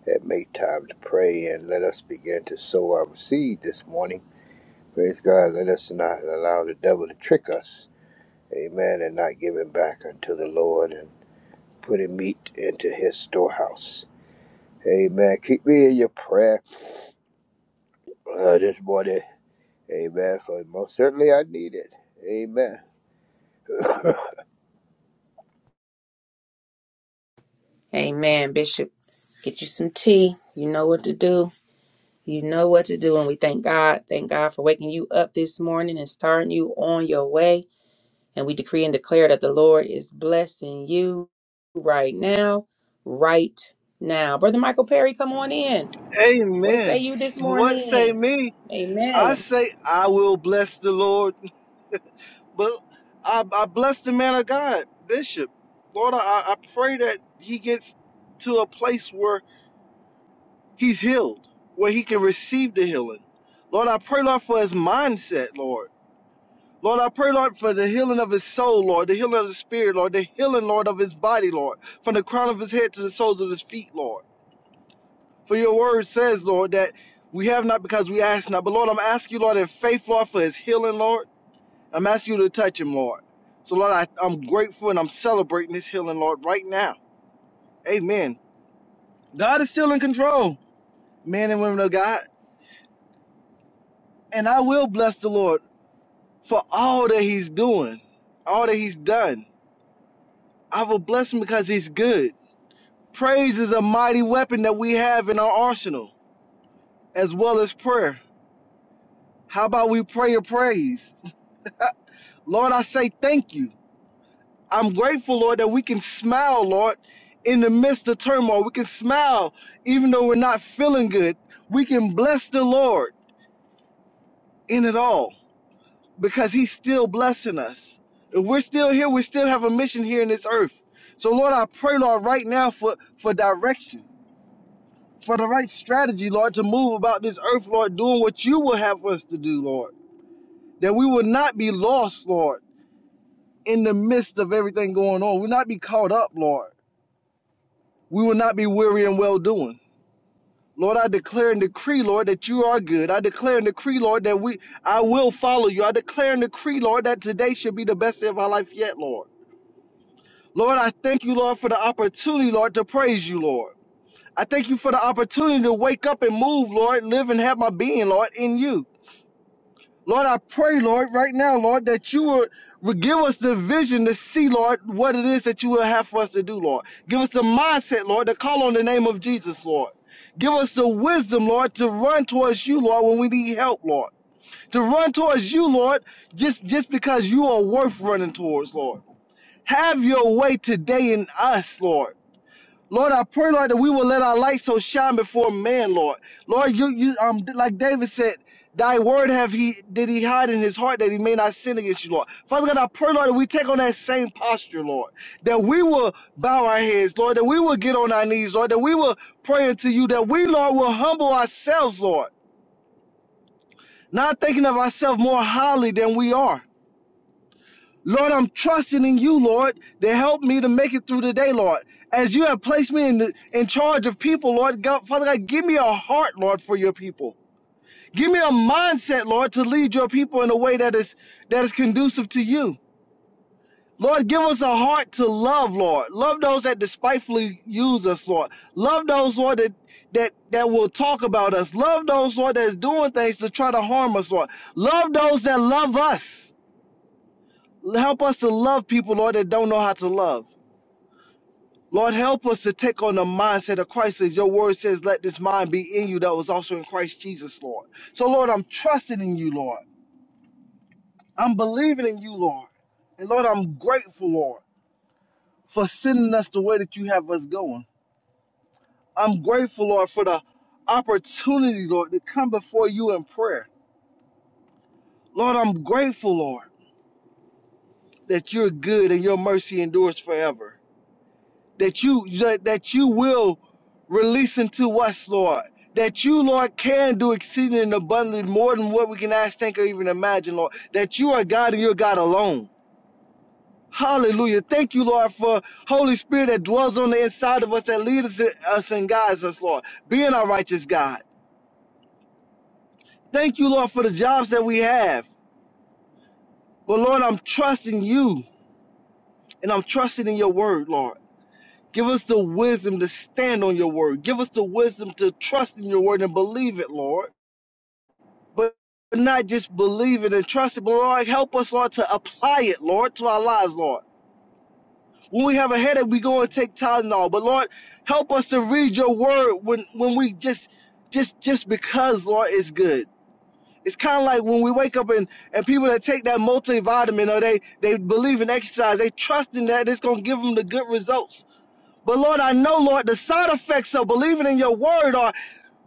Speaker 3: and make time to pray and let us begin to sow our seed this morning. Praise God. Let us not allow the devil to trick us. Amen. And not give him back unto the Lord and putting meat into his storehouse. Amen. Keep me in your prayer uh, this morning. Amen. For most certainly I need it. Amen. (laughs)
Speaker 2: Amen, Bishop. Get you some tea. You know what to do. You know what to do. And we thank God. Thank God for waking you up this morning and starting you on your way. And we decree and declare that the Lord is blessing you right now. Right now. Brother Michael Perry, come on in. What say
Speaker 4: Amen.
Speaker 2: you this
Speaker 4: What say
Speaker 2: morning?
Speaker 4: me? I
Speaker 2: Amen.
Speaker 4: say I will bless the Lord, but I, I bless the man of God, Bishop. Lord, I, I pray that he gets to a place where he's healed, where he can receive the healing. Lord, I pray, Lord, for his mindset, Lord. Lord, I pray, Lord, for the healing of his soul, Lord, the healing of his spirit, Lord, the healing, Lord, of his body, Lord, from the crown of his head to the soles of his feet, Lord. For your word says, Lord, that we have not because we ask not. But Lord, I'm asking you, Lord, in faith, Lord, for his healing, Lord. I'm asking you to touch him, Lord. So, Lord, I, I'm grateful and I'm celebrating this healing, Lord, right now. Amen. God is still in control, men and women of God. And I will bless the Lord for all that he's doing, all that he's done. I will bless him because he's good. Praise is a mighty weapon that we have in our arsenal, as well as prayer. How about we pray your praise? (laughs) Lord, I say thank you. I'm grateful, Lord, that we can smile, Lord, in the midst of turmoil. We can smile even though we're not feeling good. We can bless the Lord in it all because He's still blessing us. If we're still here, we still have a mission here in this earth. So, Lord, I pray, Lord, right now for, for direction, for the right strategy, Lord, to move about this earth, Lord, doing what you will have us to do, Lord. That we will not be lost, Lord, in the midst of everything going on. We'll not be caught up, Lord We will not be weary in well doing. Lord, I declare and decree, Lord, that you are good. I declare and decree, Lord, that we I will follow you. I declare and decree, Lord, that today should be the best day of our life yet, Lord. Lord, I thank you, Lord, for the opportunity, Lord, to praise you, Lord. I thank you for the opportunity to wake up and move, Lord, live and have my being, Lord, in you. Lord, I pray, Lord, right now, Lord, that you would would give us the vision to see, Lord, what it is that you will have for us to do, Lord. Give us the mindset, Lord, to call on the name of Jesus, Lord. Give us the wisdom, Lord, to run towards you, Lord, when we need help, Lord. To run towards you, Lord, just, just because you are worth running towards, Lord. Have your way today in us, Lord. Lord, I pray, Lord, that we will let our light so shine before man, Lord. Lord, you, you, um, like David said, Thy word have he did he hide in his heart that he may not sin against you, Lord. Father God, I pray, Lord, that we take on that same posture, Lord. That we will bow our heads, Lord. That we will get on our knees, Lord. That we will pray unto you. That we, Lord, will humble ourselves, Lord. Not thinking of ourselves more highly than we are. Lord, I'm trusting in you, Lord, to help me to make it through the day, Lord. As you have placed me in, the, in charge of people, Lord, God, Father God, give me a heart, Lord, for your people. Give me a mindset, Lord, to lead your people in a way that is that is conducive to you. Lord, give us a heart to love, Lord. Love those that despitefully use us, Lord. Love those, Lord, that that that will talk about us. Love those, Lord, that's doing things to try to harm us, Lord. Love those that love us. Help us to love people, Lord, that don't know how to love. Lord, help us to take on the mindset of Christ as your word says, let this mind be in you that was also in Christ Jesus, Lord. So, Lord, I'm trusting in you, Lord. I'm believing in you, Lord. And, Lord, I'm grateful, Lord, for sending us the way that you have us going. I'm grateful, Lord, for the opportunity, Lord, to come before you in prayer. Lord, I'm grateful, Lord, that you're good and your mercy endures forever. that you that that you will release into us, Lord. That you, Lord, can do exceeding and abundantly more than what we can ask, think, or even imagine, Lord. That you are God and you're God alone. Hallelujah. Thank you, Lord, for Holy Spirit that dwells on the inside of us, that leads us us and guides us, Lord, being our righteous God. Thank you, Lord, for the jobs that we have. But Lord, I'm trusting you and I'm trusting in your word, Lord. Give us the wisdom to stand on your word. Give us the wisdom to trust in your word and believe it, Lord. But not just believe it and trust it, but Lord, help us, Lord, to apply it, Lord, to our lives, Lord. When we have a headache, we go and take Tylenol. But Lord, help us to read your word when when we just just just because, Lord, it's good. It's kind of like when we wake up and, and people that take that multivitamin or they, they believe in exercise, they trust in that it's going to give them the good results. But Lord, I know, Lord, the side effects of believing in your word are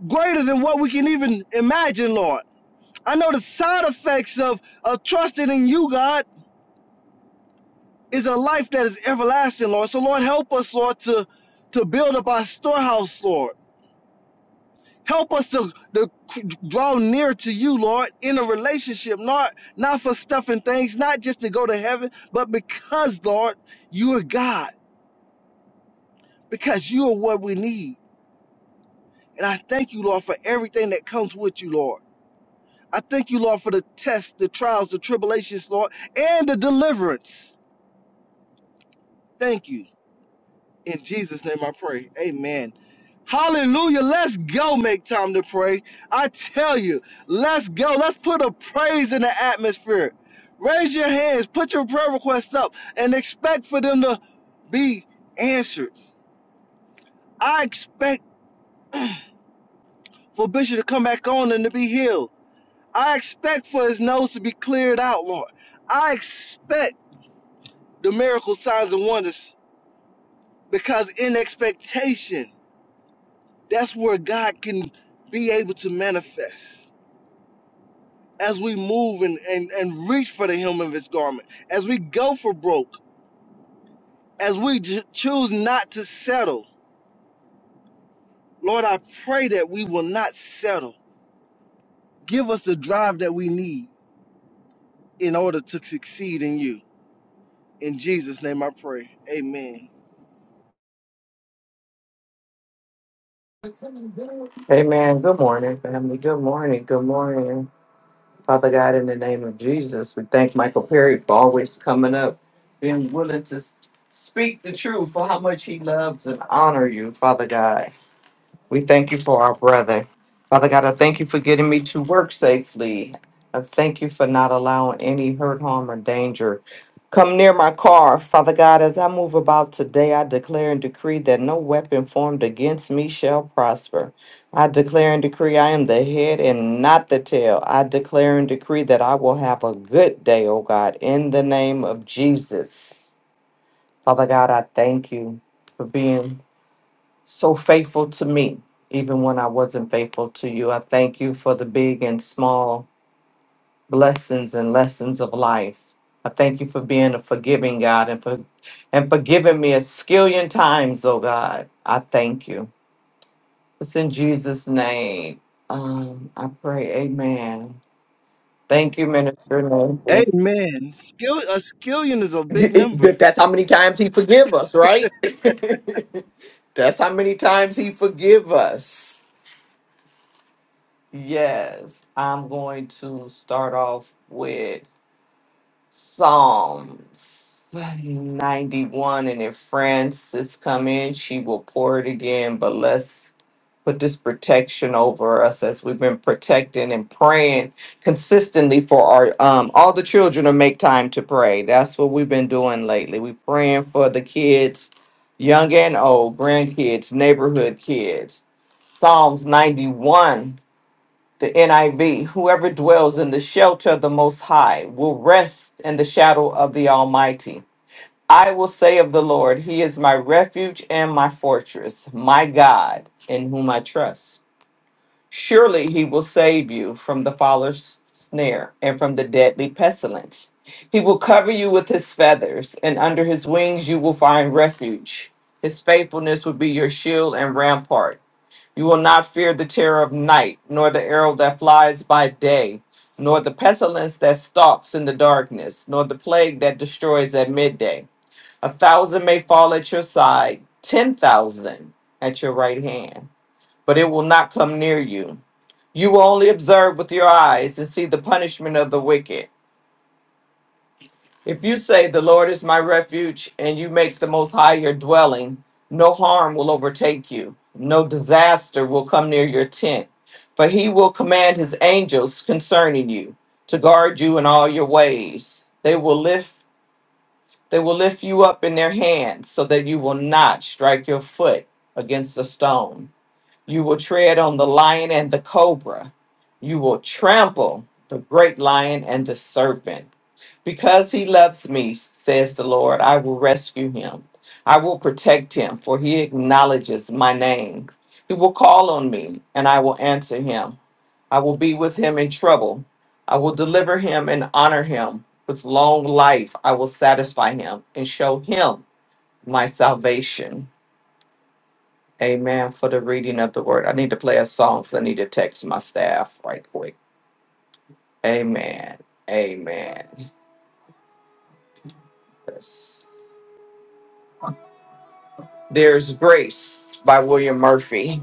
Speaker 4: greater than what we can even imagine, Lord. I know the side effects of, of trusting in you, God, is a life that is everlasting, Lord. So, Lord, help us, Lord, to, to build up our storehouse, Lord. Help us to, to draw near to you, Lord, in a relationship, not, not for stuff and things, not just to go to heaven, but because, Lord, you are God, because you are what we need. And I thank you, Lord, for everything that comes with you, Lord. I thank you, Lord, for the tests, the trials, the tribulations, Lord, and the deliverance. Thank you. In Jesus' name I pray. Amen. Hallelujah. Let's go make time to pray. I tell you, let's go. Let's put a praise in the atmosphere. Raise your hands, put your prayer requests up, and expect for them to be answered. I expect for Bishop to come back on and to be healed. I expect for his nose to be cleared out, Lord. I expect the miracle signs and wonders because in expectation, that's where God can be able to manifest. As we move and, and, and reach for the hem of his garment, as we go for broke, as we j- choose not to settle, Lord, I pray that we will not settle. Give us the drive that we need in order to succeed in you. In Jesus' name I pray. Amen.
Speaker 5: Amen. Good morning, family. Good morning. Good morning. Father God, in the name of Jesus, we thank Michael Perry for always coming up, being willing to s- speak the truth for how much he loves and honor you, Father God. We thank you for our brother. Father God, I thank you for getting me to work safely. I thank you for not allowing any hurt, harm, or danger come near my car. Father God, as I move about today, I declare and decree that no weapon formed against me shall prosper. I declare and decree I am the head and not the tail. I declare and decree that I will have a good day, oh God, in the name of Jesus. Father God, I thank you for being so faithful to me, even when I wasn't faithful to you. I thank you for the big and small blessings and lessons of life. I thank you for being a forgiving God and for and forgiving me a skillion times, oh God. I thank you. It's in Jesus' name. Um, I pray, Amen. Thank you, Minister Nathan.
Speaker 4: Amen. Skill a skillion is a
Speaker 5: You-
Speaker 4: big
Speaker 5: it-
Speaker 4: number.
Speaker 5: but That's how many times he forgive us, right? (laughs) That's how many times he forgive us. Yes, I'm going to start off with Psalms 91. And if Francis come in, she will pour it again. But let's put this protection over us as we've been protecting and praying consistently for our um all the children to make time to pray. That's what we've been doing lately. we praying for the kids, young and old, grandkids, neighborhood kids. Psalms 91 the NIV, whoever dwells in the shelter of the Most High will rest in the shadow of the Almighty. I will say of the Lord, He is my refuge and my fortress, my God, in whom I trust. Surely He will save you from the fowler's snare and from the deadly pestilence. He will cover you with His feathers, and under His wings you will find refuge. His faithfulness will be your shield and rampart. You will not fear the terror of night, nor the arrow that flies by day, nor the pestilence that stalks in the darkness, nor the plague that destroys at midday. A thousand may fall at your side, ten thousand at your right hand, but it will not come near you. You will only observe with your eyes and see the punishment of the wicked. If you say, The Lord is my refuge, and you make the Most High your dwelling, no harm will overtake you, no disaster will come near your tent. For he will command his angels concerning you to guard you in all your ways. They will lift they will lift you up in their hands so that you will not strike your foot against a stone. You will tread on the lion and the cobra. You will trample the great lion and the serpent because he loves me, says the Lord, I will rescue him. I will protect him, for he acknowledges my name. He will call on me, and I will answer him. I will be with him in trouble. I will deliver him and honor him. With long life, I will satisfy him and show him my salvation. Amen. For the reading of the word, I need to play a song because I need to text my staff right quick. Amen. Amen. Yes. There's Grace by William Murphy.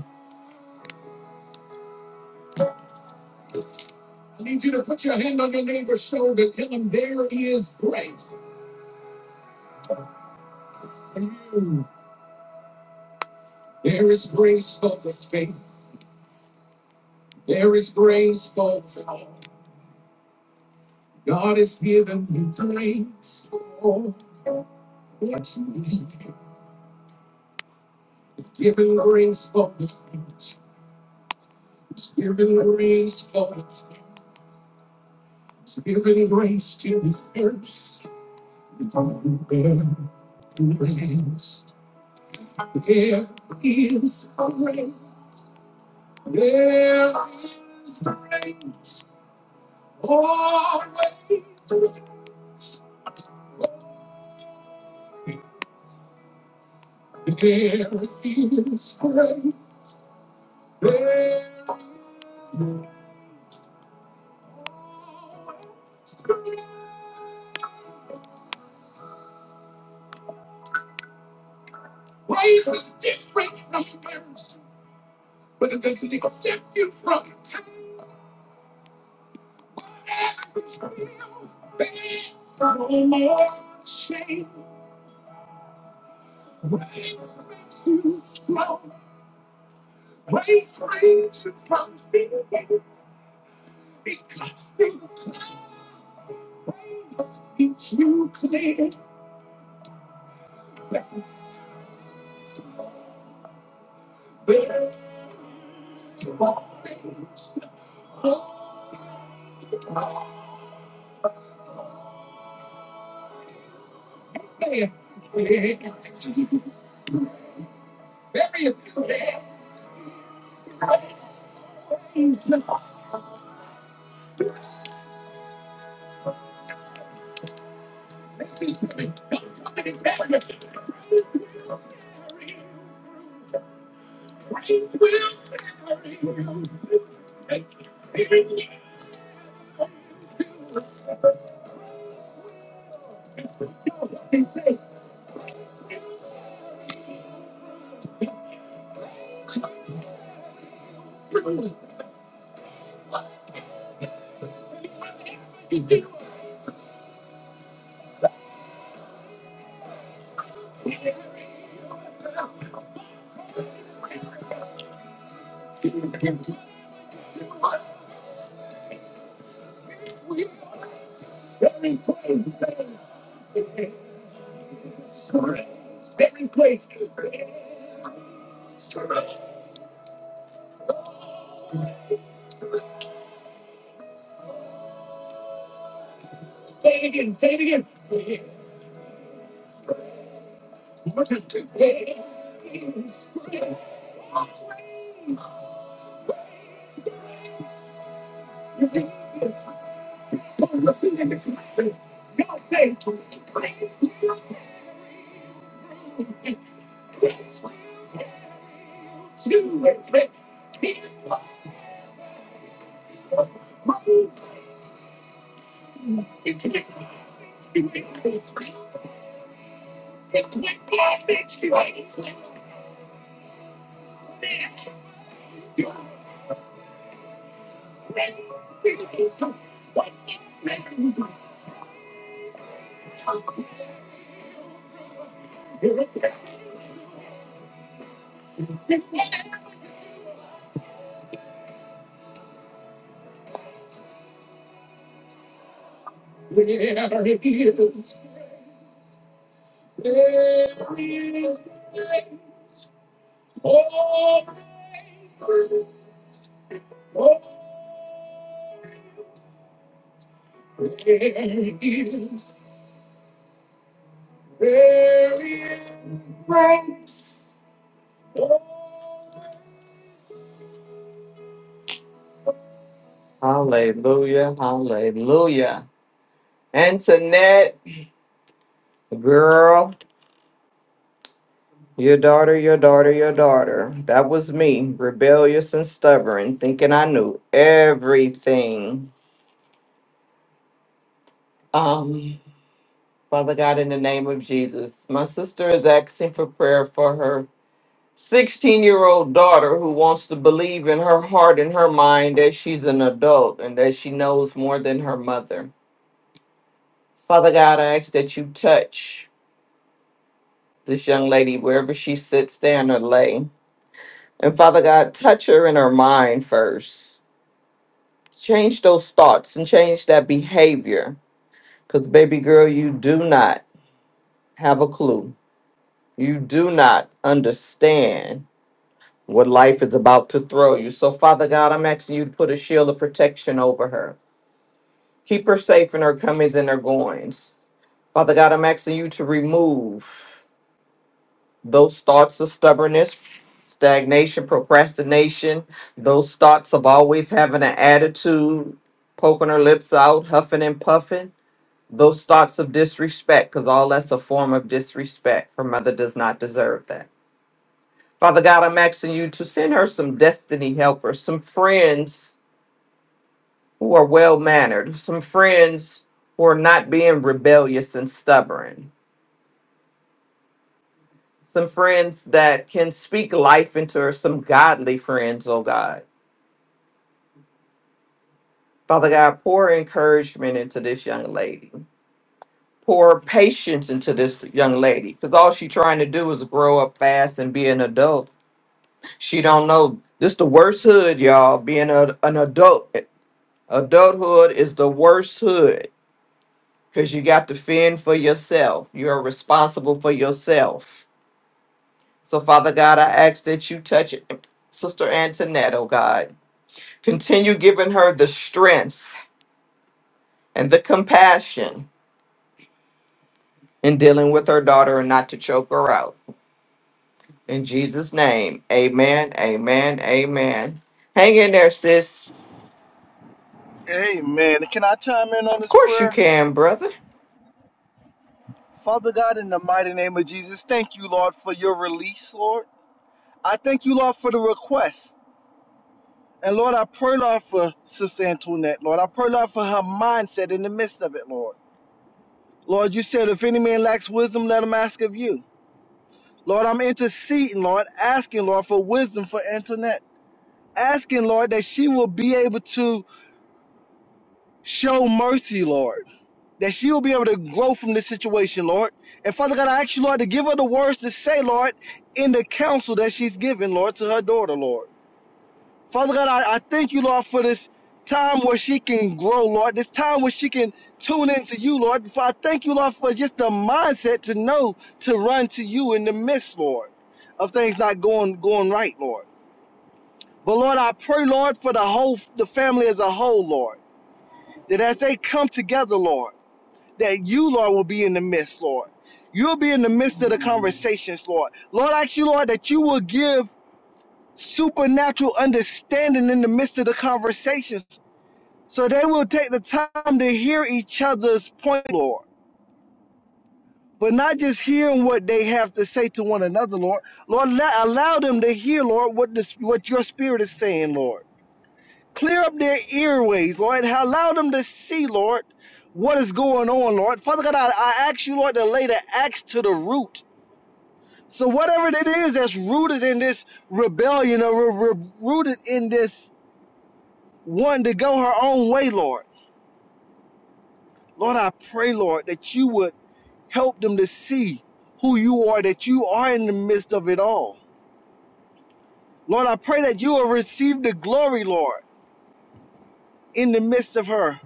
Speaker 5: Hallelujah. Hallelujah. Antoinette, girl, your daughter, your daughter, your daughter. That was me, rebellious and stubborn, thinking I knew everything. Um, Father God, in the name of Jesus, my sister is asking for prayer for her 16 year old daughter who wants to believe in her heart and her mind that she's an adult and that she knows more than her mother. Father God, I ask that you touch this young lady wherever she sits, stand, or lay. And Father God, touch her in her mind first. Change those thoughts and change that behavior. Because, baby girl, you do not have a clue. You do not understand what life is about to throw you. So, Father God, I'm asking you to put a shield of protection over her. Keep her safe in her comings and her goings. Father God, I'm asking you to remove those thoughts of stubbornness, stagnation, procrastination, those thoughts of always having an attitude, poking her lips out, huffing and puffing, those thoughts of disrespect, because all that's a form of disrespect. Her mother does not deserve that. Father God, I'm asking you to send her some destiny helpers, some friends who are well mannered, some friends who are not being rebellious and stubborn, some friends that can speak life into her, some godly friends, oh God Father God, pour encouragement into this young lady. Pour patience into this young lady. Because all she trying to do is grow up fast and be an adult. She don't know. This the worst hood, y'all, being a, an adult. Adulthood is the worst hood. Because you got to fend for yourself. You're responsible for yourself. So, Father God, I ask that you touch Sister Antoinette, oh God. Continue giving her the strength and the compassion in dealing with her daughter and not to choke her out. In Jesus' name, amen, amen, amen. Hang in there, sis.
Speaker 4: Amen. Can I chime in on
Speaker 5: Of
Speaker 4: this
Speaker 5: course you
Speaker 4: prayer?
Speaker 5: can, brother.
Speaker 4: Father God, in the mighty name of Jesus, thank you, Lord, for your release, Lord. I thank you, Lord, for the request. And Lord, I pray, Lord, for Sister Antoinette, Lord. I pray, Lord, for her mindset in the midst of it, Lord. Lord, you said, if any man lacks wisdom, let him ask of you. Lord, I'm interceding, Lord, asking, Lord, for wisdom for Antoinette. Asking, Lord, that she will be able to show mercy, Lord. that she will be able to grow from this situation, Lord. And Father God, I ask you, Lord, to give her the words to say, Lord, in the counsel that she's given, Lord, to her daughter, Lord. Father God, I, I thank you, Lord, for this time where she can grow, Lord, this time where she can tune into you, Lord. I thank you, Lord, for just the mindset to know to run to you in the midst, Lord, of things not going going right, Lord. But Lord, I pray, Lord, for the whole the family as a whole, Lord, that as they come together, Lord that you, Lord, will be in the midst, Lord. You'll be in the midst of the conversations, Lord. Lord, I ask you, Lord, that you will give supernatural understanding in the midst of the conversations so they will take the time to hear each other's point, Lord. But not just hearing what they have to say to one another, Lord. Lord, la- allow them to hear, Lord, what, this, what your spirit is saying, Lord. Clear up their earways, Lord. Allow them to see, Lord, what is going on, Lord. Father God, I, I ask you, Lord, to lay the axe to the root. So whatever it is that's rooted in this rebellion or ru- ru- rooted in this wanting to go her own way, Lord. Lord, I pray, Lord, that you would help them to see who you are, that you are in the midst of it all. Lord, I pray that you will receive the glory, Lord, in the midst of her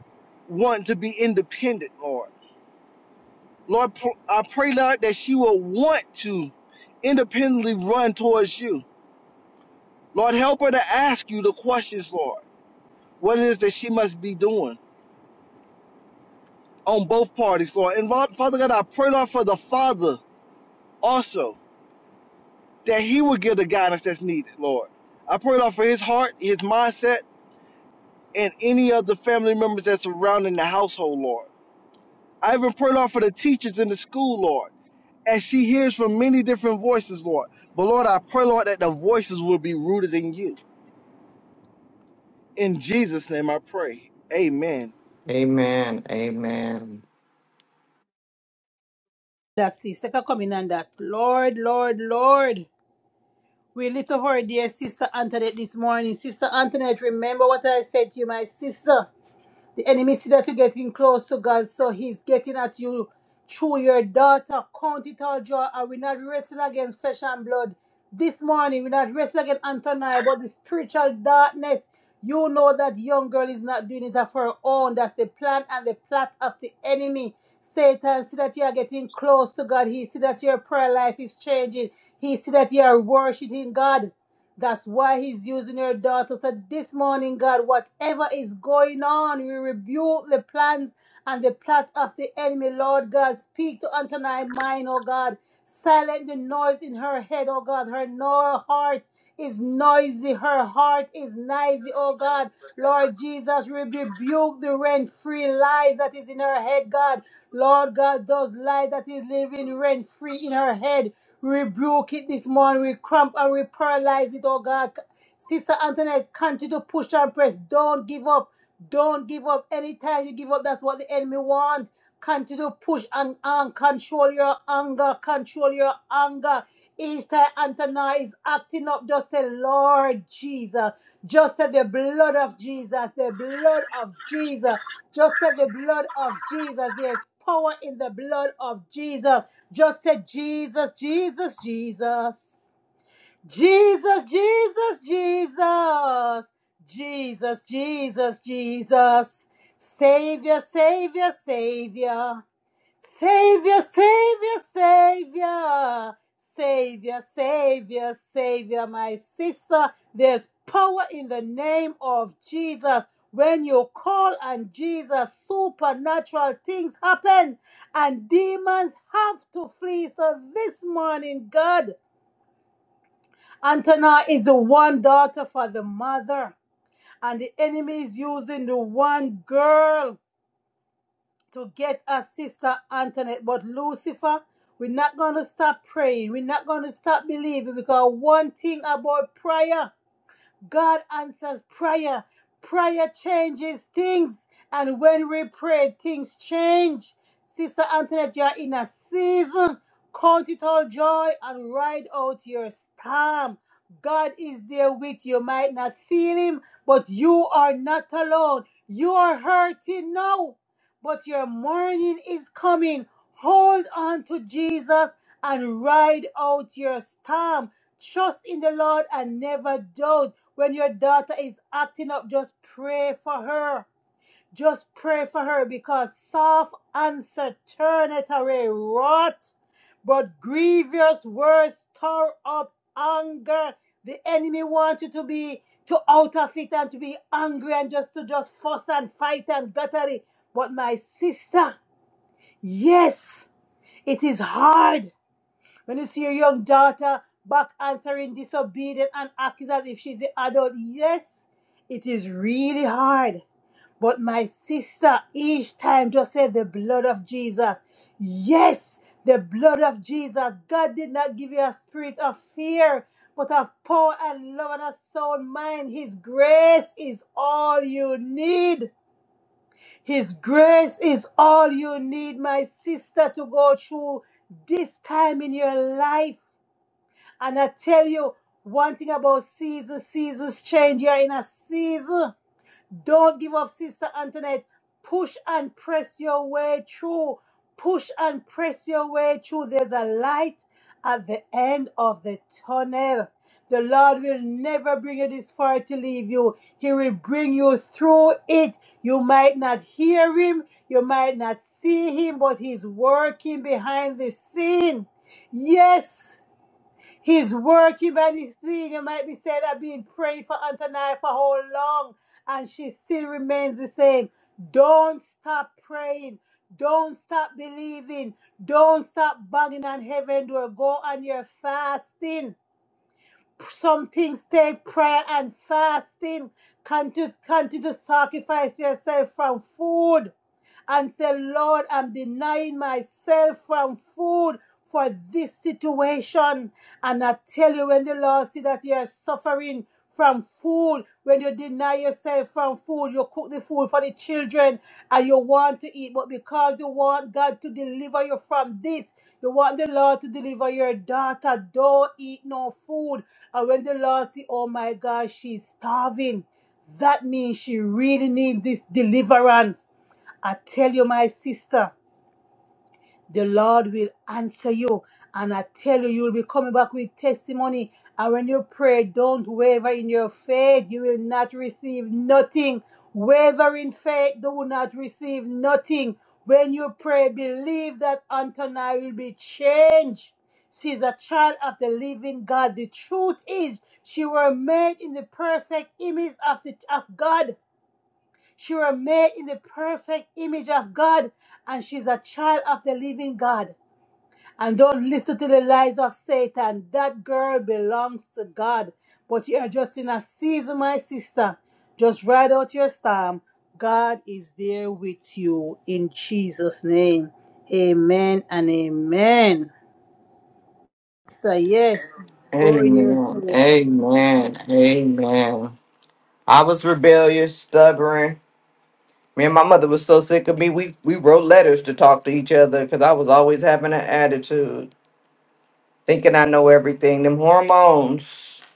Speaker 4: wanting to be independent, Lord. Lord, I pray, Lord, that she will want to independently run towards you. Lord, help her to ask you the questions, Lord, what it is that she must be doing on both parties, Lord. And Lord, Father God, I pray, Lord, for the Father also, that he will give the guidance that's needed, Lord. I pray, Lord, for his heart, his mindset, and any other family members that's surrounding the household, Lord. I even pray, Lord, for the teachers in the school, Lord. as she hears from many different voices, Lord. But Lord, I pray, Lord, that the voices will be rooted in you. In Jesus' name I pray. Amen.
Speaker 5: Amen, amen,
Speaker 1: That sister can come in on that. Lord, Lord, Lord. We little her dear sister Antoinette this morning. Sister Antoinette, remember what I said to you, my sister. The enemy see that you're getting close to God, so he's getting at you through your daughter. Count it all joy. And we're not wrestling against flesh and blood. This morning, we're not wrestling against Antonia, but the spiritual darkness. You know that young girl is not doing it for her own. That's the plan and the plot of the enemy. Satan see that you are getting close to God. He see that your prayer life is changing. He see that you are worshiping God. That's why he's using your daughter. So this morning, God, whatever is going on, we rebuke the plans and the plot of the enemy, Lord God. Speak to Antonia mind, oh God. silence the noise in her head, oh God. Her no heart is noisy. Her heart is noisy, oh God. Lord Jesus, we rebuke the rent-free lies that is in her head, God. Lord God, those lies that is living rent-free in her head. Rebuke it this morning. We cramp and we paralyze it, oh God. Sister Antoinette, continue to push and press. Don't give up. Don't give up. Anytime you give up, that's what the enemy wants. Continue to push and, and control your anger. Control your anger. Each time Antonia is acting up, just say, Lord Jesus. Just say the blood of Jesus. The blood of Jesus. Just say the blood of Jesus. There's power in the blood of Jesus. Just say Jesus, Jesus, Jesus. Jesus, Jesus, Jesus. Jesus, Jesus, Jesus. Savior, Savior, Savior. Savior, Savior, Savior, Savior, Savior, Savior, my sister. There's power in the name of Jesus. When you call on Jesus, supernatural things happen and demons have to flee. So this morning, God, Antonia is the one daughter for the mother, and the enemy is using the one girl to get us, Sister Antoinette. But Lucifer, we're not going to stop praying. We're not going to stop believing because one thing about prayer. God answers prayer. Prayer changes things. And when we pray, things change. Sister Antoinette, you're in a season. Count it all joy and ride out your storm. God is there with you. Might not feel him, but you are not alone. You are hurting now, but your morning is coming. Hold on to Jesus and ride out your storm. Trust in the Lord and never doubt. When your daughter is acting up, just pray for her. Just pray for her because soft answer turneth away wrath, but grievous words stir up anger. The enemy wants you to be to out of it and to be angry and just to just fuss and fight and guttery. But my sister, yes, it is hard when you see your young daughter back answering disobedient and acting as if she's the adult, yes, it is really hard. But my sister, each time just said the blood of Jesus. Yes, the blood of Jesus. God did not give you a spirit of fear, but of power and love and a sound mind. His grace is all you need. His grace is all you need, my sister, to go through this time in your life. And I tell you one thing about seasons, seasons change. You're in a season. Don't give up, Sister Antoinette. Push and press your way through. Push and press your way through. There's a light at the end of the tunnel. The Lord will never bring you this far to leave you. He will bring you through it. You might not hear him, you might not see him, but he's working behind the scene. Yes, his work humanity seen, you might be said, I've been praying for Antonia for how long, and she still remains the same. Don't stop praying. Don't stop believing. Don't stop banging on heaven door. Go on your fasting. Some things take prayer and fasting. Can't just can't you sacrifice yourself from food and say, Lord, I'm denying myself from food for this situation. And I tell you, when the Lord see that you're suffering from food, when you deny yourself from food, you cook the food for the children and you want to eat, but because you want God to deliver you from this, you want the Lord to deliver your daughter, don't eat no food. And when the Lord see, oh my God, she's starving, that means she really needs this deliverance. I tell you, my sister, the Lord will answer you. And I tell you, you'll be coming back with testimony. And when you pray, don't waver in your faith. You will not receive nothing. Wavering faith, do not receive nothing. When you pray, believe that Antonia will be changed. She's a child of the living God. The truth is, she was made in the perfect image of, the, of God. She was made in the perfect image of God, and she's a child of the living God. And don't listen to the lies of Satan. That girl belongs to God. But you are just in a season, my sister. Just ride out your storm. God is there with you in Jesus' name. Amen and amen. So, yes, go in your
Speaker 5: amen,
Speaker 1: faith.
Speaker 5: amen, amen. I was rebellious, stubborn. Me and my mother was so sick of me, we, we wrote letters to talk to each other because I was always having an attitude, thinking I know everything. Them hormones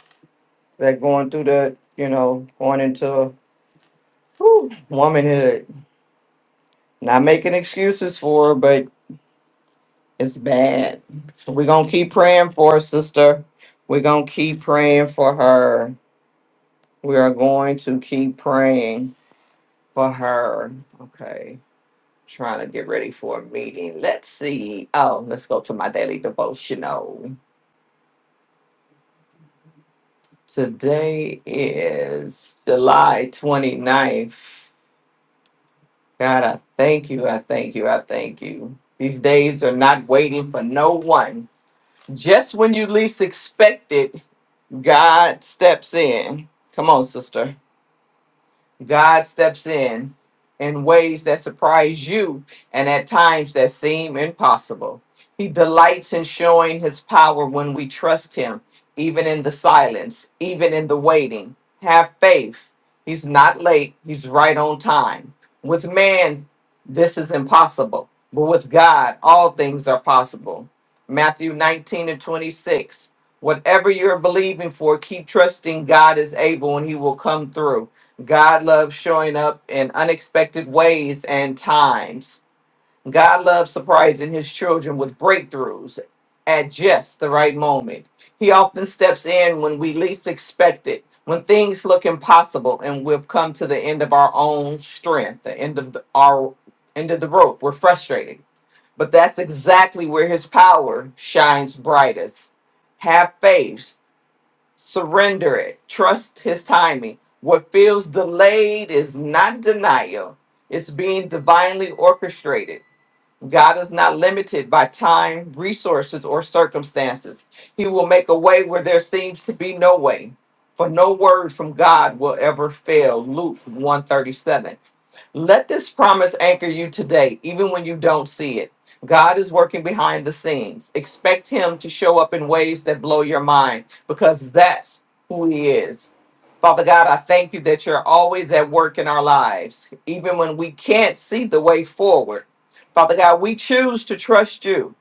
Speaker 5: that going through the, you know, going into whew, womanhood Not making excuses for her, but it's bad. We're going to keep praying for her, sister. We're going to keep praying for her. We are going to keep praying for her. Okay. Trying to get ready for a meeting. Let's see. Oh, let's go to my daily devotional. Today is July 29th. God, I thank you. I thank you. I thank you. These days are not waiting for no one. Just when you least expect it, God steps in. Come on, sister. God steps in in ways that surprise you and at times that seem impossible. He delights in showing his power when we trust him, even in the silence, even in the waiting. Have faith. He's not late, he's right on time. With man, this is impossible, but with God, all things are possible. Matthew 19 and 26. Whatever you're believing for, keep trusting God is able and he will come through. God loves showing up in unexpected ways and times. God loves surprising his children with breakthroughs at just the right moment. He often steps in when we least expect it, when things look impossible and we've come to the end of our own strength, the end of the, our end of the rope. We're frustrated. But that's exactly where his power shines brightest. Have faith Surrender it. Trust his timing. What feels delayed is not denial, it's being divinely orchestrated. God is not limited by time, resources, or circumstances. He will make a way where there seems to be no way, for no word from God will ever fail. Luke 137. Let this promise anchor you today, even when you don't see it. God is working behind the scenes. Expect Him to show up in ways that blow your mind because that's who He is. Father God, I thank you that you're always at work in our lives, even when we can't see the way forward. Father God, we choose to trust you.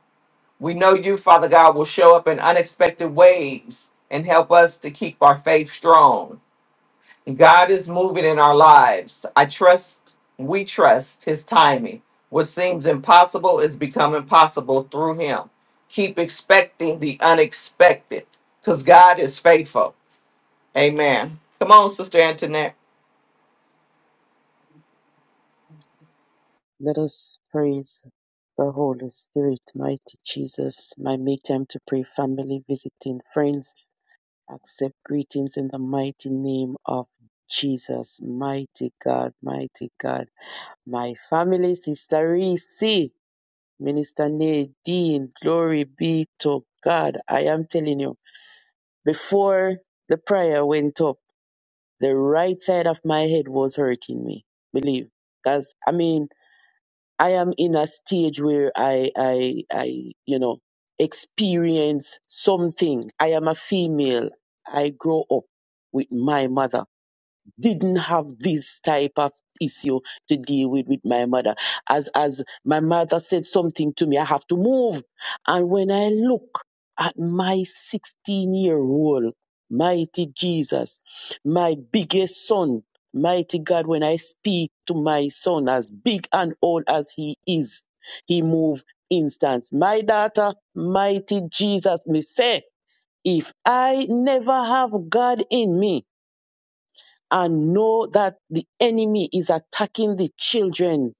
Speaker 5: We know you, Father God, will show up in unexpected ways and help us to keep our faith strong. God is moving in our lives. I trust, we trust his timing. What seems impossible is becoming possible through him. Keep expecting the unexpected because God is faithful. Amen. Come on, Sister Antoinette.
Speaker 6: Let us praise the Holy Spirit, mighty Jesus, my make time to pray, family, visiting friends. Accept greetings in the mighty name of Jesus, mighty God, mighty God. My family, Sister Reese, Minister Nadine, glory be to God. I am telling you, before the prayer went up, the right side of my head was hurting me. Believe. Because, I mean, I am in a stage where I, I, I, you know, experience something. I am a female. I grow up with my mother didn't have this type of issue to deal with with my mother. As as my mother said something to me, I have to move. And when I look at my 16 year old, mighty Jesus, my biggest son, mighty God, when I speak to my son, as big and old as he is, he move instance. My daughter, mighty Jesus, me say, if I never have God in me, and know that the enemy is attacking the children.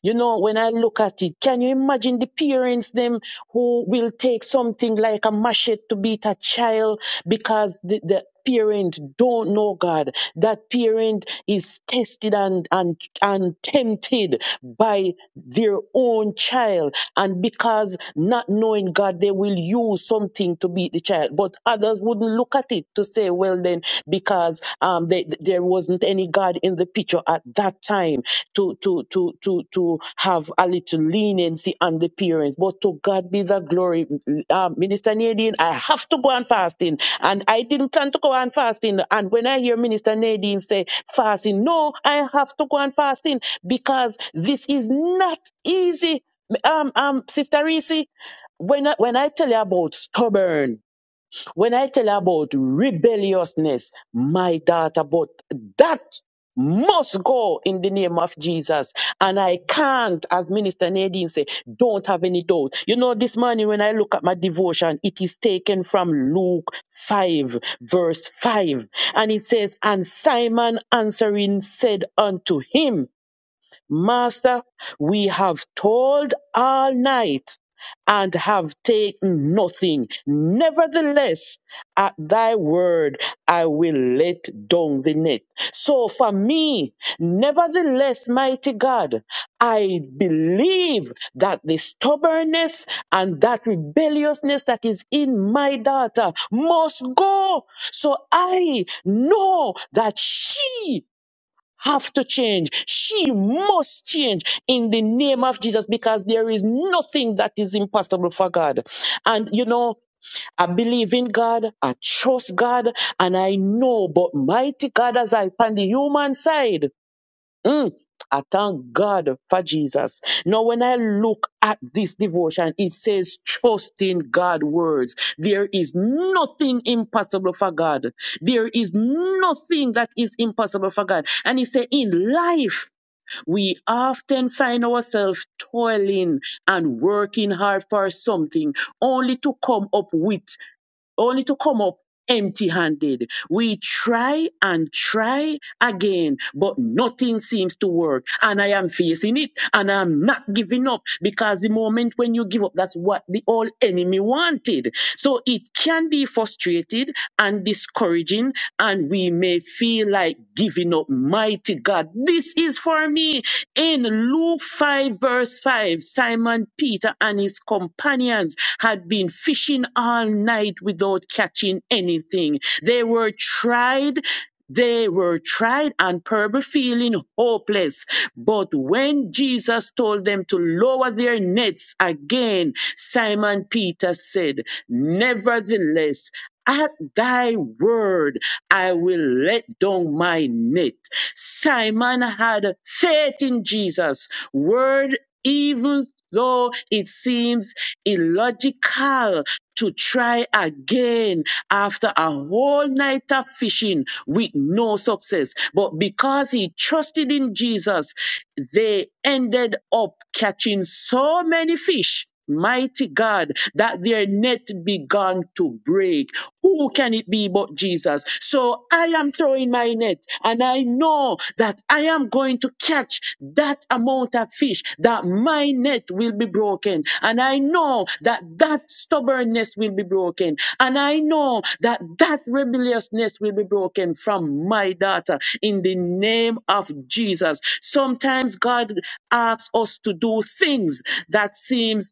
Speaker 6: You know, when I look at it, can you imagine the parents them who will take something like a machete to beat a child because the, the parent don't know God. That parent is tested and, and, and tempted by their own child and because not knowing God, they will use something to beat the child. But others wouldn't look at it to say, well, then, because um, they, there wasn't any God in the picture at that time to, to, to, to, to have a little leniency on the parents. But to God be the glory. Um, Minister Nadine, I have to go on fasting. And I didn't plan to go on fasting. And when I hear Minister Nadine say fasting, no, I have to go on fasting because this is not easy um, um, Sister Reese, when I, when I tell you about stubborn, when I tell you about rebelliousness, my daughter, but that must go in the name of Jesus. And I can't, as Minister Nadine say, don't have any doubt. You know, this morning when I look at my devotion, it is taken from Luke 5, verse 5. And it says, And Simon answering said unto him, Master, we have toiled all night and have taken nothing. Nevertheless, at thy word, I will let down the net. So for me, nevertheless, mighty God, I believe that the stubbornness and that rebelliousness that is in my daughter must go. So I know that she have to change. She must change in the name of Jesus because there is nothing that is impossible for God. And you know, I believe in God, I trust God, and I know, but mighty God, as I on the human side, Mm, I thank God for Jesus. Now, when I look at this devotion, it says, trust in God's words. There is nothing impossible for God. There is nothing that is impossible for God. And he said, in life, we often find ourselves toiling and working hard for something only to come up with only to come up empty handed. We try and try again, but nothing seems to work. And I am facing it and I'm not giving up because the moment when you give up, that's what the old enemy wanted. So it can be frustrated and discouraging and we may feel like giving up. Mighty God, this is for me. In Luke 5, verse 5, Simon Peter and his companions had been fishing all night without catching anything. They were tried. They were tried and probably feeling hopeless. But when Jesus told them to lower their nets again, Simon Peter said, Nevertheless, at thy word, I will let down my net. Simon had faith in Jesus. Word, even though it seems illogical to try again after a whole night of fishing with no success. But because he trusted in Jesus, they ended up catching so many fish. Mighty God, that their net began to break. Who can it be but Jesus? So I am throwing my net and I I know that I am going to catch that amount of fish, that my net will be broken. And I know that that stubbornness will be broken. And I know that that rebelliousness will be broken from my daughter in the name of Jesus. Sometimes God asks us to do things that seems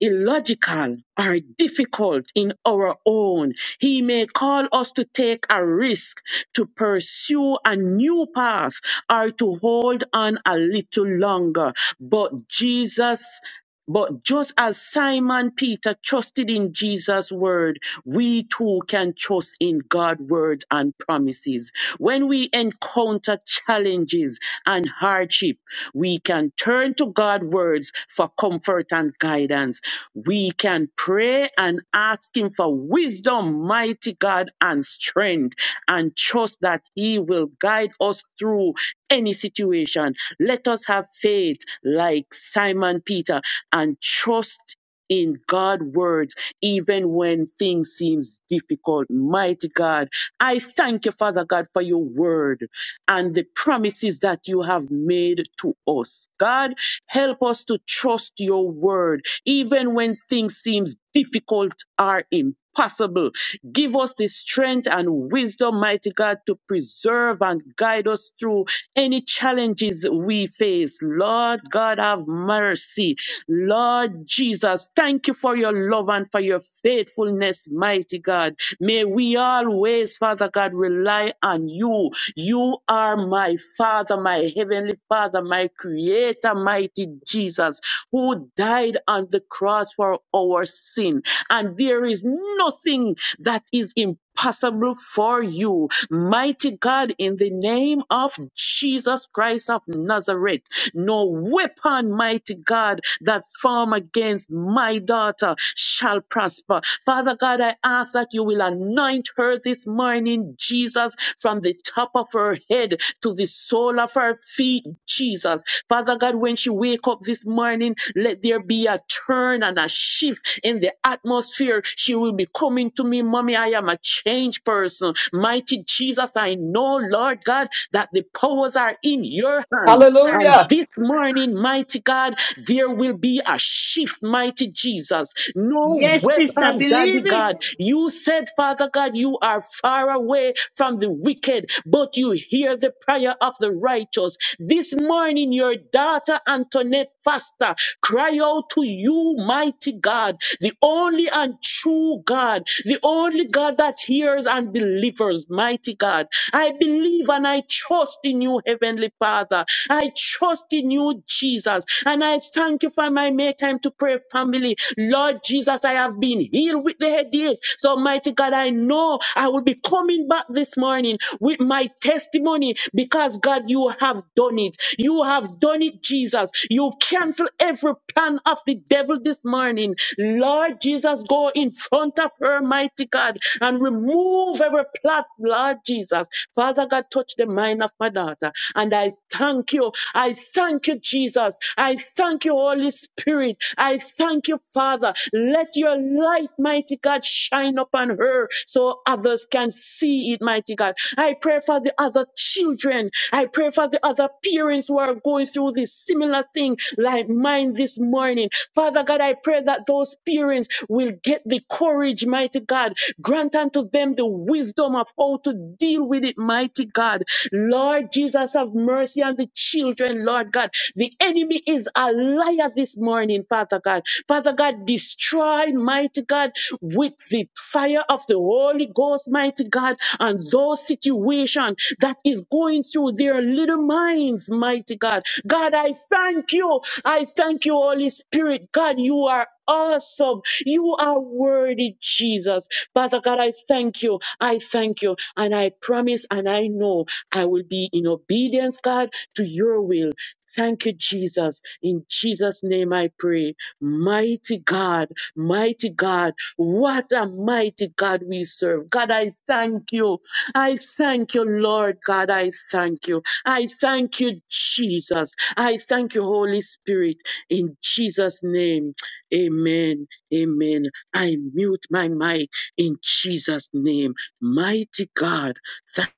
Speaker 6: illogical or difficult in our own. He may call us to take a risk, to pursue a new path, or to hold on a little longer. But Jesus but just as Simon Peter trusted in Jesus' word, we too can trust in God's word and promises. When we encounter challenges and hardship, we can turn to God's words for comfort and guidance. We can pray and ask Him for wisdom, mighty God, and strength, and trust that He will guide us through any situation. Let us have faith like Simon Peter and trust in God's words, even when things seems difficult. Mighty God, I thank you, Father God, for your word and the promises that you have made to us. God, help us to trust your word, even when things seems difficult or impossible. Give us the strength and wisdom, mighty God, to preserve and guide us through any challenges we face. Lord God, have mercy. Lord Jesus, thank you for your love and for your faithfulness, mighty God. May we always, Father God, rely on you. You are my Father, my Heavenly Father, my Creator, mighty Jesus, who died on the cross for our sin and there is nothing that is impossible for you. Mighty God, in the name of Jesus Christ of Nazareth, no weapon, mighty God, that form against my daughter shall prosper. Father God, I ask that you will anoint her this morning, Jesus, from the top of her head to the sole of her feet, Jesus. Father God, when she wake up this morning, let there be a turn and a shift in the atmosphere. She will be coming to me, mommy, I am a changed person. Mighty Jesus, I know, Lord God, that the powers are in your hands. And
Speaker 5: Hallelujah.
Speaker 6: this morning, mighty God, there will be a shift, mighty Jesus. No
Speaker 1: Yes, sister,
Speaker 6: weapon, daddy
Speaker 1: believe it.
Speaker 6: God. You said, Father God, you are far away from the wicked, but you hear the prayer of the righteous. This morning, your daughter Antoinette Foster cry out to you, mighty God, the only and true God, the only God that hears hears and delivers, mighty God. I believe and I trust in you, Heavenly Father. I trust in you, Jesus. And I thank you for my May time to pray family. Lord Jesus, I have been healed with the headache. So, mighty God, I know I will be coming back this morning with my testimony because, God, you have done it. You have done it, Jesus. You cancel every tongue of the devil this morning. Lord Jesus, go in front of her, mighty God, and remove every plot, Lord Jesus. Father God, touch the mind of my daughter. And I thank you. I thank you, Jesus. I thank you, Holy Spirit. I thank you, Father. Let your light, mighty God, shine upon her so others can see it, mighty God. I pray for the others other children. I pray for the other parents who are going through this similar thing like mine this morning. Father God, I pray that those parents will get the courage, mighty God. Grant unto them the wisdom of how to deal with it, mighty God. Lord Jesus, have mercy on the children, Lord God. The enemy is a liar this morning, Father God. Father God, destroy, mighty mighty God, with the fire of the Holy Ghost, mighty God, on those situations that is going through their little minds, mighty God. God, I thank you. I thank you, Holy Spirit. God, you are awesome. You are worthy, Jesus. Father God, I thank you. I thank you. And I promise and I know I will be in obedience, God, to your will. Thank you, Jesus. In Jesus' name I pray. Mighty God, mighty God, what a mighty God we serve. God, I thank you. I thank you, Lord God. I thank you. I thank you, Jesus. I thank you, Holy Spirit. In Jesus' name, amen. Amen. I mute my mic in Jesus' name. Mighty God. Thank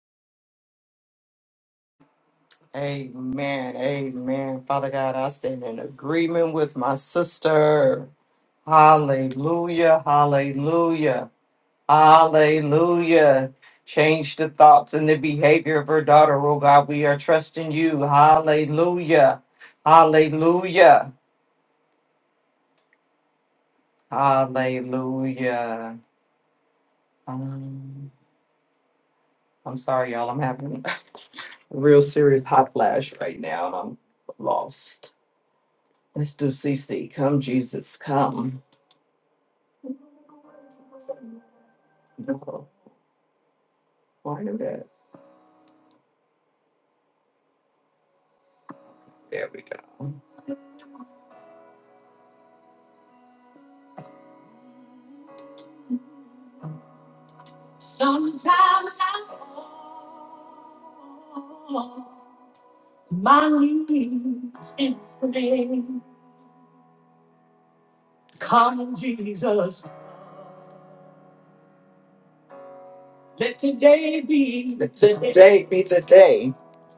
Speaker 5: Amen. Amen. Father God, I stand in agreement with my sister. Hallelujah. Hallelujah. Hallelujah. Change the thoughts and the behavior of her daughter, oh God. We are trusting you. Hallelujah. Hallelujah. Hallelujah. Um, I'm sorry, y'all. I'm having (laughs) a real serious hot flash right now and I'm lost. Let's do CC. Come, Jesus, come. I knew that. There we go. Let today be the day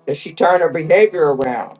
Speaker 5: that she turned her behavior around.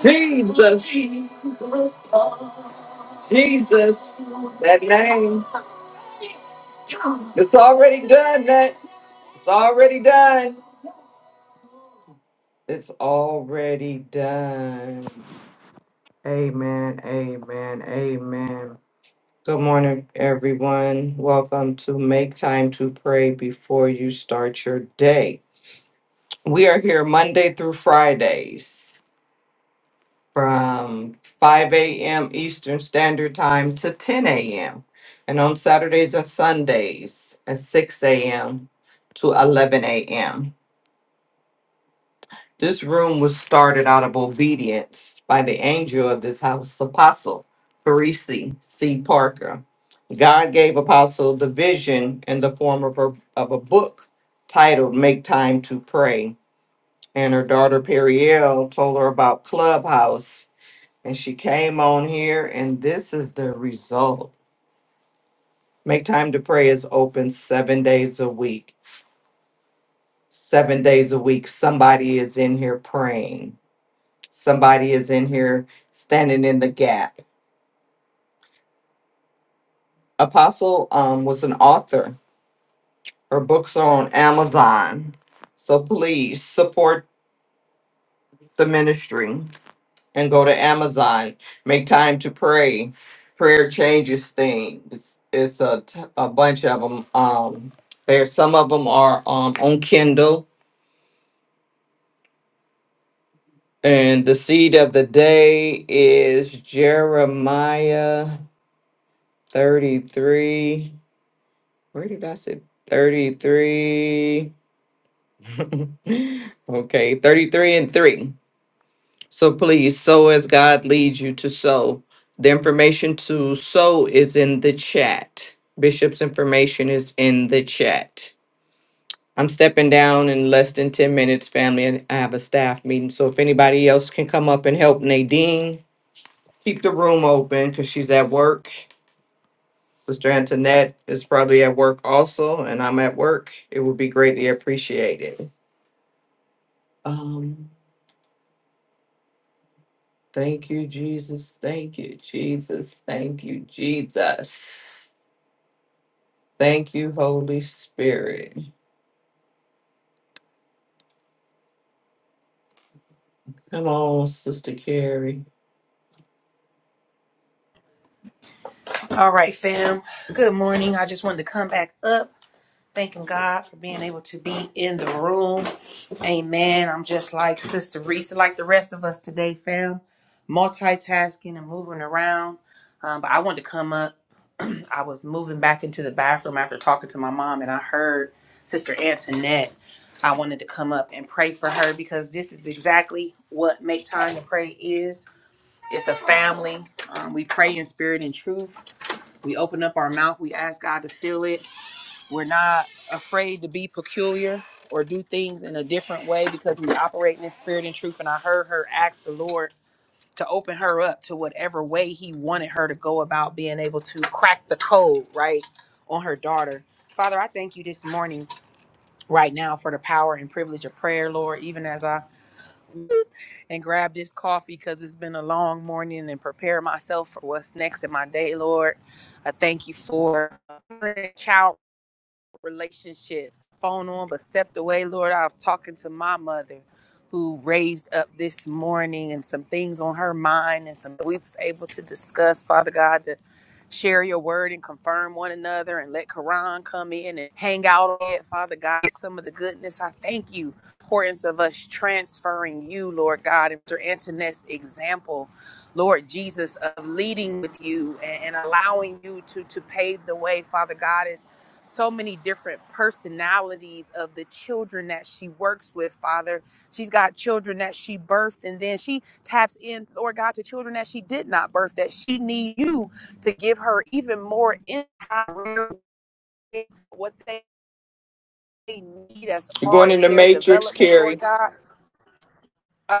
Speaker 5: Jesus, Jesus, that name. It's already done, that. It's already done. It's already done. Amen, amen, amen. Good morning, everyone. Welcome to Make Time to Pray Before You Start Your Day. We are here Monday through Fridays from 5 a.m. Eastern Standard Time to 10 a.m. And on Saturdays and Sundays at 6 a.m. to 11 a.m. This room was started out of obedience by the angel of this house, Apostle Parisi C. Parker. God gave Apostle the vision in the form of a, of a book titled Make Time to Pray. And her daughter Periel told her about Clubhouse. And she came on here, and this is the result. Make Time to Pray is open seven days a week. Seven days a week, somebody is in here praying somebody is in here standing in the gap. Apostle um, was an author. Her books are on Amazon. So please support the ministry and go to Amazon. Make time to pray. Prayer changes things. It's a, t- a bunch of them. Um, there, some of them are um, on Kindle. And the seed of the day is Jeremiah 33. Where did I say 33? (laughs) okay, 33 and 3. So please sow as God leads you to sow. The information to sow is in the chat. Bishop's information is in the chat. I'm stepping down in less than 10 minutes, family, and I have a staff meeting. So if anybody else can come up and help Nadine, keep the room open because she's at work. Sister Antoinette is probably at work also, and I'm at work. It would be greatly appreciated. Um, thank you, Jesus. Thank you, Jesus. Thank you, Jesus. Thank you, Holy Spirit. Come on, Sister Carrie.
Speaker 2: All right, fam. Good morning. I just wanted to come back up, thanking God for being able to be in the room. Amen. I'm just like Sister Reese, like the rest of us today, fam, multitasking and moving around. Um, but I wanted to come up. I was moving back into the bathroom after talking to my mom, and I heard Sister Antoinette. I wanted to come up and pray for her because this is exactly what make time to pray is. It's a family. Um, we pray in spirit and truth. We open up our mouth. We ask God to fill it. We're not afraid to be peculiar or do things in a different way because we operate in spirit and truth. And I heard her ask the Lord to open her up to whatever way He wanted her to go about being able to crack the code, right, on her daughter. Father, I thank you this morning, right now, for the power and privilege of prayer, Lord, even as I and grab this coffee because it's been a long morning and prepare myself for what's next in my day, Lord. I thank you for relationships, phone on, but stepped away. Lord, I was talking to my mother who raised up this morning and some things on her mind and some we was able to discuss, Father God, to share your word and confirm one another and let Quran come in and hang out on it, Father God, some of the goodness. I thank you. Importance of us transferring you, Lord God, and Mr. Antoinette's example, Lord Jesus, of leading with you and, and allowing you to to pave the way, Father God, as so many different personalities of the children that she works with, Father. She's got children that she birthed, and then she taps in, Lord God, to children that she did not birth, that she need you to give her even more in what they need as
Speaker 5: You're
Speaker 2: far
Speaker 5: going in
Speaker 2: as
Speaker 5: the
Speaker 2: their
Speaker 5: matrix,
Speaker 2: development, Lord
Speaker 5: Carrie.
Speaker 2: God. Uh,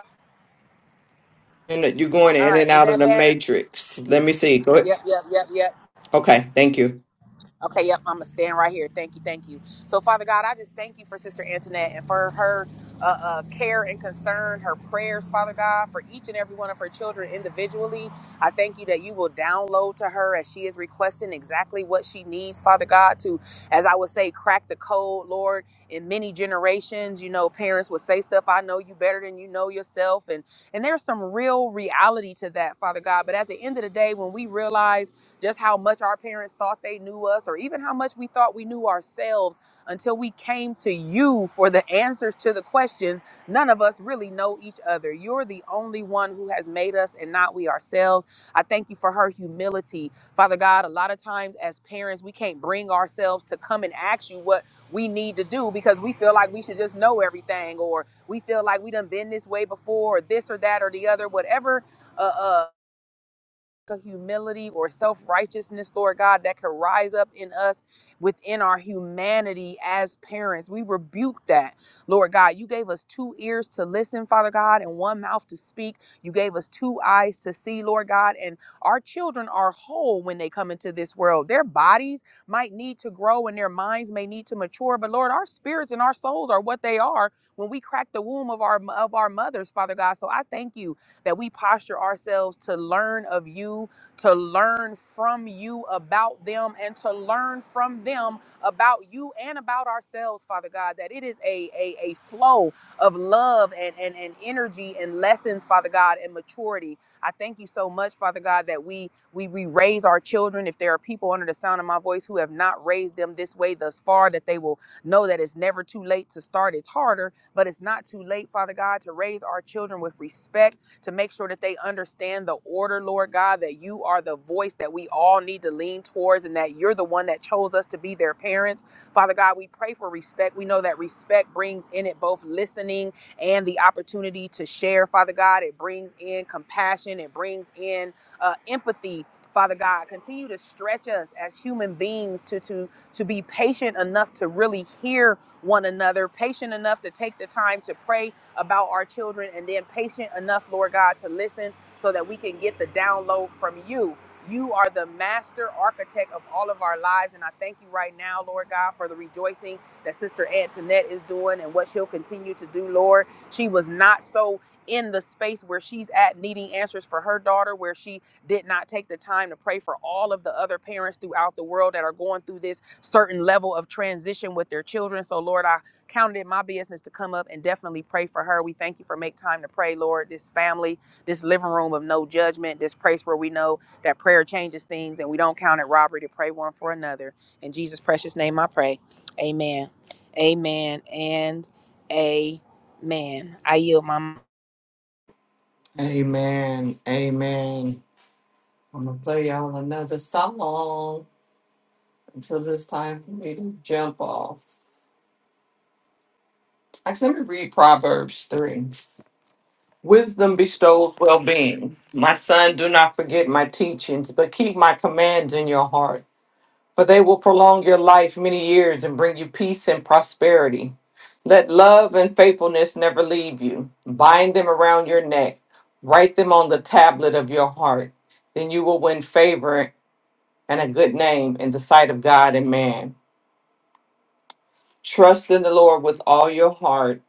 Speaker 5: And you're going
Speaker 2: all
Speaker 5: in
Speaker 2: right,
Speaker 5: and
Speaker 2: is
Speaker 5: out of
Speaker 2: that
Speaker 5: the
Speaker 2: better?
Speaker 5: matrix. Let me see. Go ahead.
Speaker 2: Yep, yep, yep, yep,
Speaker 5: Okay, thank you.
Speaker 2: Okay, yep, I'm gonna stand right here. Thank you, thank you. So, Father God, I just thank you for Sister Antoinette and for her uh, uh, care and concern, her prayers, Father God, for each and every one of her children individually. I thank you that you will download to her as she is requesting exactly what she needs, Father God, to, as I would say, crack the code, Lord. In many generations, you know, parents would say stuff, I know you better than you know yourself. And, and there's some real reality to that, Father God. But at the end of the day, when we realize, just how much our parents thought they knew us, or even how much we thought we knew ourselves until we came to you for the answers to the questions. None of us really know each other. You're the only one who has made us and not we ourselves. I thank you for her humility. Father God, a lot of times as parents, we can't bring ourselves to come and ask you what we need to do because we feel like we should just know everything or we feel like we done been this way before or this or that or the other, whatever uh, uh, a humility or self righteousness, Lord God, that could rise up in us within our humanity as parents. We rebuke that, Lord God. You gave us two ears to listen, Father God, and one mouth to speak. You gave us two eyes to see, Lord God. And our children are whole when they come into this world. Their bodies might need to grow and their minds may need to mature, but Lord, our spirits and our souls are what they are when we crack the womb of our of our mothers, Father God. So I thank you that we posture ourselves to learn of you, to learn from you about them, and to learn from them about you and about ourselves, Father God, that it is a, a, a flow of love and, and, and energy and lessons, Father God, and maturity. I thank you so much, Father God, that we we we raise our children. If there are people under the sound of my voice who have not raised them this way thus far, that they will know that it's never too late to start. It's harder, but it's not too late, Father God, to raise our children with respect to make sure that they understand the order, Lord God, that you are the voice that we all need to lean towards and that you're the one that chose us to be their parents. Father God, we pray for respect. We know that respect brings in it both listening and the opportunity to share, Father God. It brings in compassion, it brings in uh, empathy. Father God, continue to stretch us as human beings to, to, to be patient enough to really hear one another, patient enough to take the time to pray about our children and then patient enough, Lord God, to listen so that we can get the download from you. You are the master architect of all of our lives. And I thank you right now, Lord God, for the rejoicing that Sister Antoinette is doing and what she'll continue to do, Lord. She was not so in the space where she's at needing answers for her daughter, where she did not take the time to pray for all of the other parents throughout the world that are going through this certain level of transition with their children. So, Lord, I counted it my business to come up and definitely pray for her. We thank you for make time to pray, Lord. This family, this living room of no judgment, this place where we know that prayer changes things and we don't count it robbery to pray one for another. In Jesus' precious name I pray. Amen. Amen and amen. I yield my
Speaker 5: Amen. Amen. I'm gonna play y'all another song until it's time for me to jump off. Actually, let me read Proverbs three. Wisdom bestows well being. My son, do not forget my teachings, but keep my commands in your heart, for they will prolong your life many years and bring you peace and prosperity. Let love and faithfulness never leave you. Bind them around your neck, write them on the tablet of your heart. Then you will win favor and a good name in the sight of God and man. Trust in the Lord with all your heart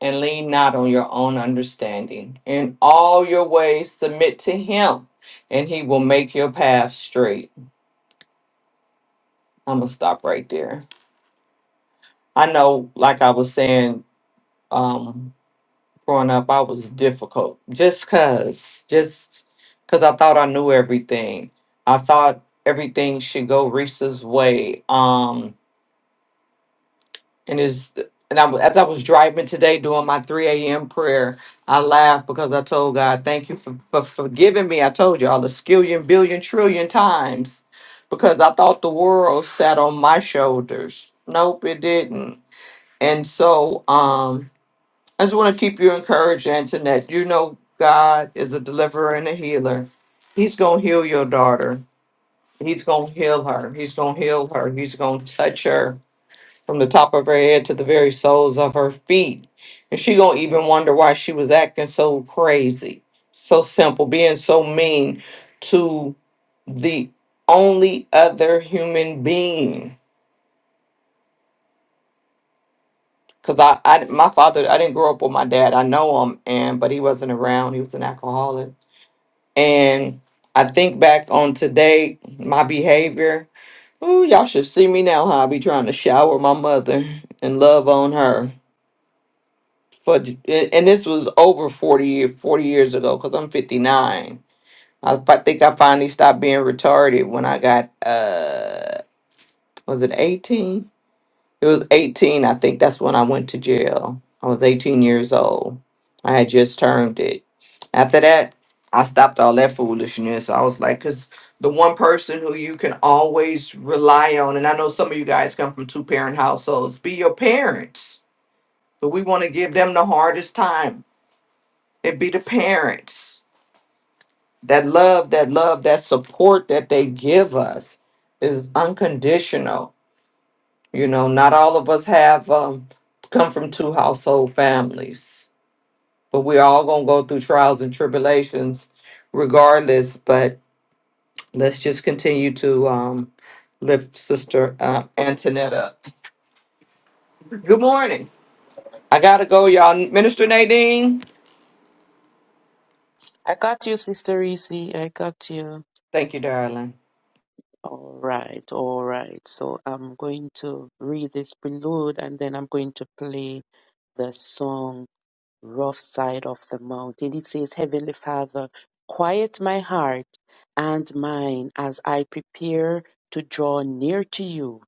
Speaker 5: and lean not on your own understanding. In all your ways, submit to Him, and He will make your path straight. I'm gonna stop right there. I know, like I was saying, um, growing up, I was difficult just cause, just cause I thought I knew everything. I thought everything should go Reese's way. Um, and is and I was- as I was driving today doing my 3 a.m. prayer, I laughed because I told God, "Thank you for, for forgiving me." I told you all the skillion, billion, trillion times because I thought the world sat on my shoulders. Nope, it didn't. And so, um, I just want to keep you encouraged, Antoinette. You know, God is a deliverer and a healer. He's gonna heal your daughter. He's gonna heal her. He's gonna heal her. He's gonna touch her from the top of her head to the very soles of her feet. And she gonna even wonder why she was acting so crazy, so simple, being so mean to the only other human being. Cause I, I, my father, I didn't grow up with my dad. I know him, and but he wasn't around. He was an alcoholic. And I think back on today, my behavior. Ooh, y'all should see me now. How I be trying to shower my mother and love on her for and this was over 40 years 40 years ago because i'm 59 I, fi- think i finally stopped being retarded when i got uh was it 18 it was 18 i think that's when i went to jail i was 18 years old i had just turned it after that i stopped all that foolishness i was like because the one person who you can always rely on and i know some of you guys come from two parent households be your parents but we want to give them the hardest time it be the parents. That love, that love, that support that they give us is unconditional. You know, not all of us have um, come from two household families, but we're all going to go through trials and tribulations regardless. But let's just continue to um, lift Sister uh, Antoinette up. Good morning. I got to go, y'all. Minister Nadine.
Speaker 6: I got you, Sister Reese. I got you.
Speaker 5: Thank you, darling.
Speaker 6: All right, all right. So I'm going to read this prelude and then I'm going to play the song rough side of the mountain. It says, Heavenly Father, quiet my heart and mine as I prepare to draw near to you.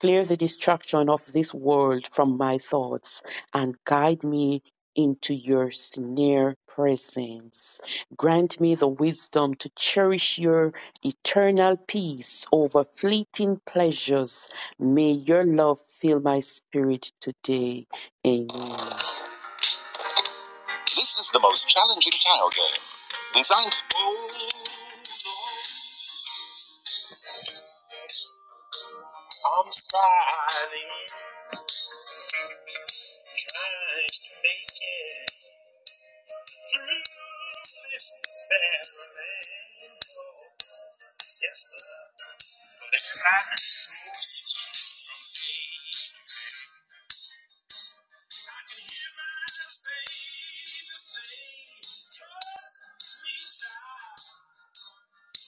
Speaker 6: Clear the distraction of this world from my thoughts and guide me into your near presence. Grant me the wisdom to cherish your eternal peace over fleeting pleasures. May your love fill my spirit today. Amen. This is the most challenging tile game designed. Oh, I'm starting, trying to make it through this barren Yes, sir. But if I, I can hear myself say the same. Trust me, child.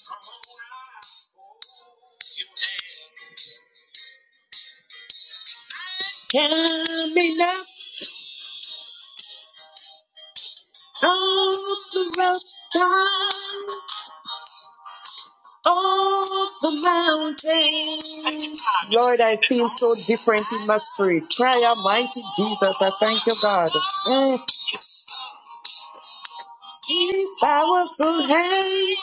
Speaker 6: Come on out. Can we let go the rust Oh, the mountains. Lord, I feel so different in my spirit. Cry out, mighty Jesus. I thank you, God. Mm. His powerful hand,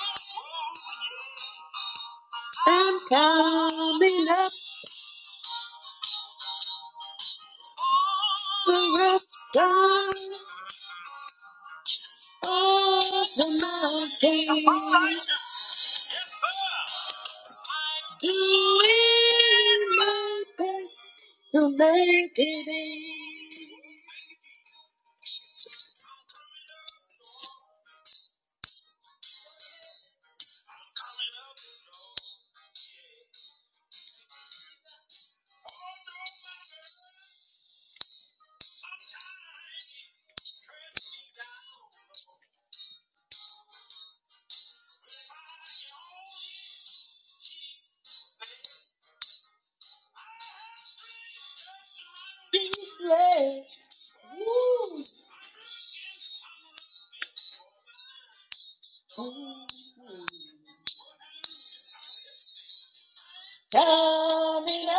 Speaker 6: I'm coming up the rough side of the mountain. Doing my best to make it in. Yes. Woo. Coming up.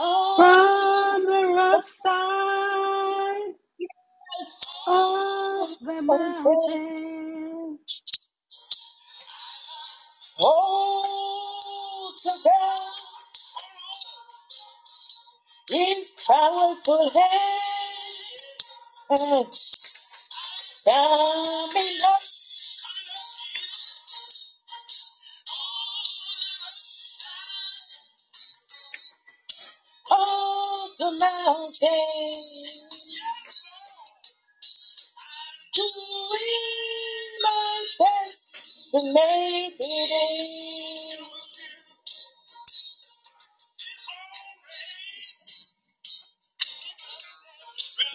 Speaker 6: Awesome.
Speaker 1: From the rough side.
Speaker 6: Yes.
Speaker 1: off the
Speaker 6: Okay.
Speaker 1: mountain.
Speaker 6: Oh, to God is powerful hand. Coming up. Off the mountain, doing my best to make it in.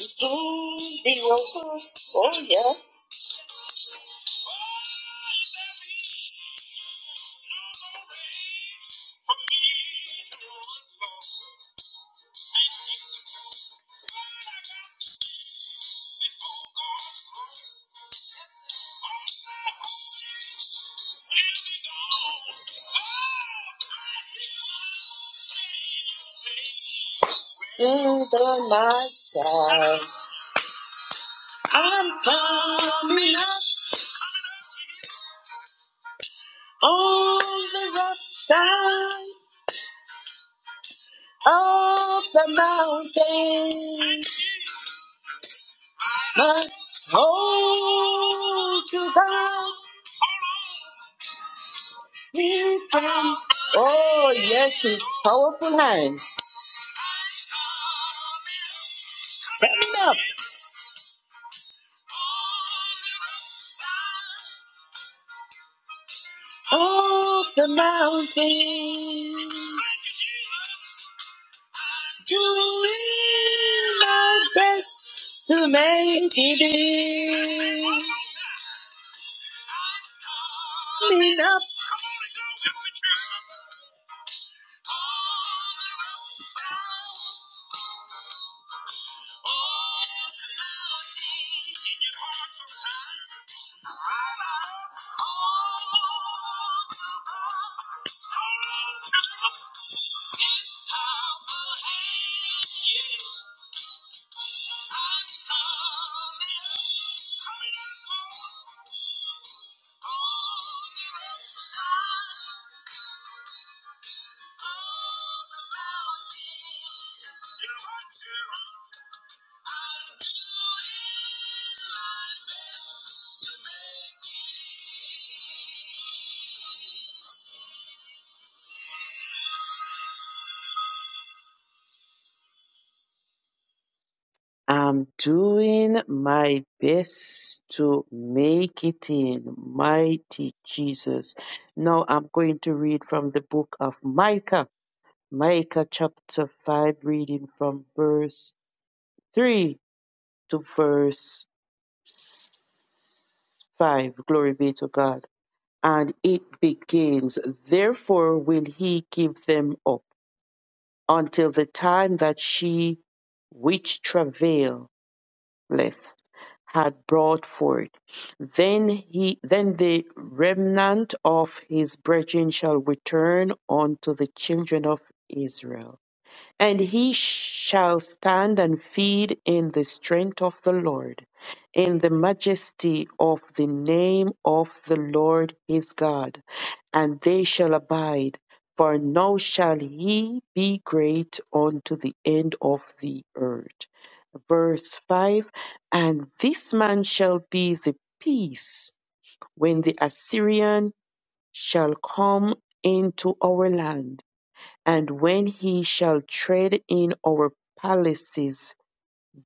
Speaker 6: Soon be over. Oh yeah. You the my side. I'm coming up on the rough side. Of the mountains must hold to God Oh, yes, his powerful hand. Stand up. Of the mountains doing my best to make it in. Lean up. His powerful hand. I'm doing my best to make it in, mighty Jesus. Now I'm going to read from the book of Micah, Micah chapter 5, reading from verse 3 to verse s- 5. Glory be to God. And it begins, Therefore will he give them up until the time that she which travail Leth had brought forth. Then he then the remnant of his brethren shall return unto the children of Israel. And he shall stand and feed in the strength of the Lord, in the majesty of the name of the Lord his God. And they shall abide, for now shall he be great unto the end of the earth. Verse 5 And this man shall be the peace when the Assyrian shall come into our land and when he shall tread in our palaces,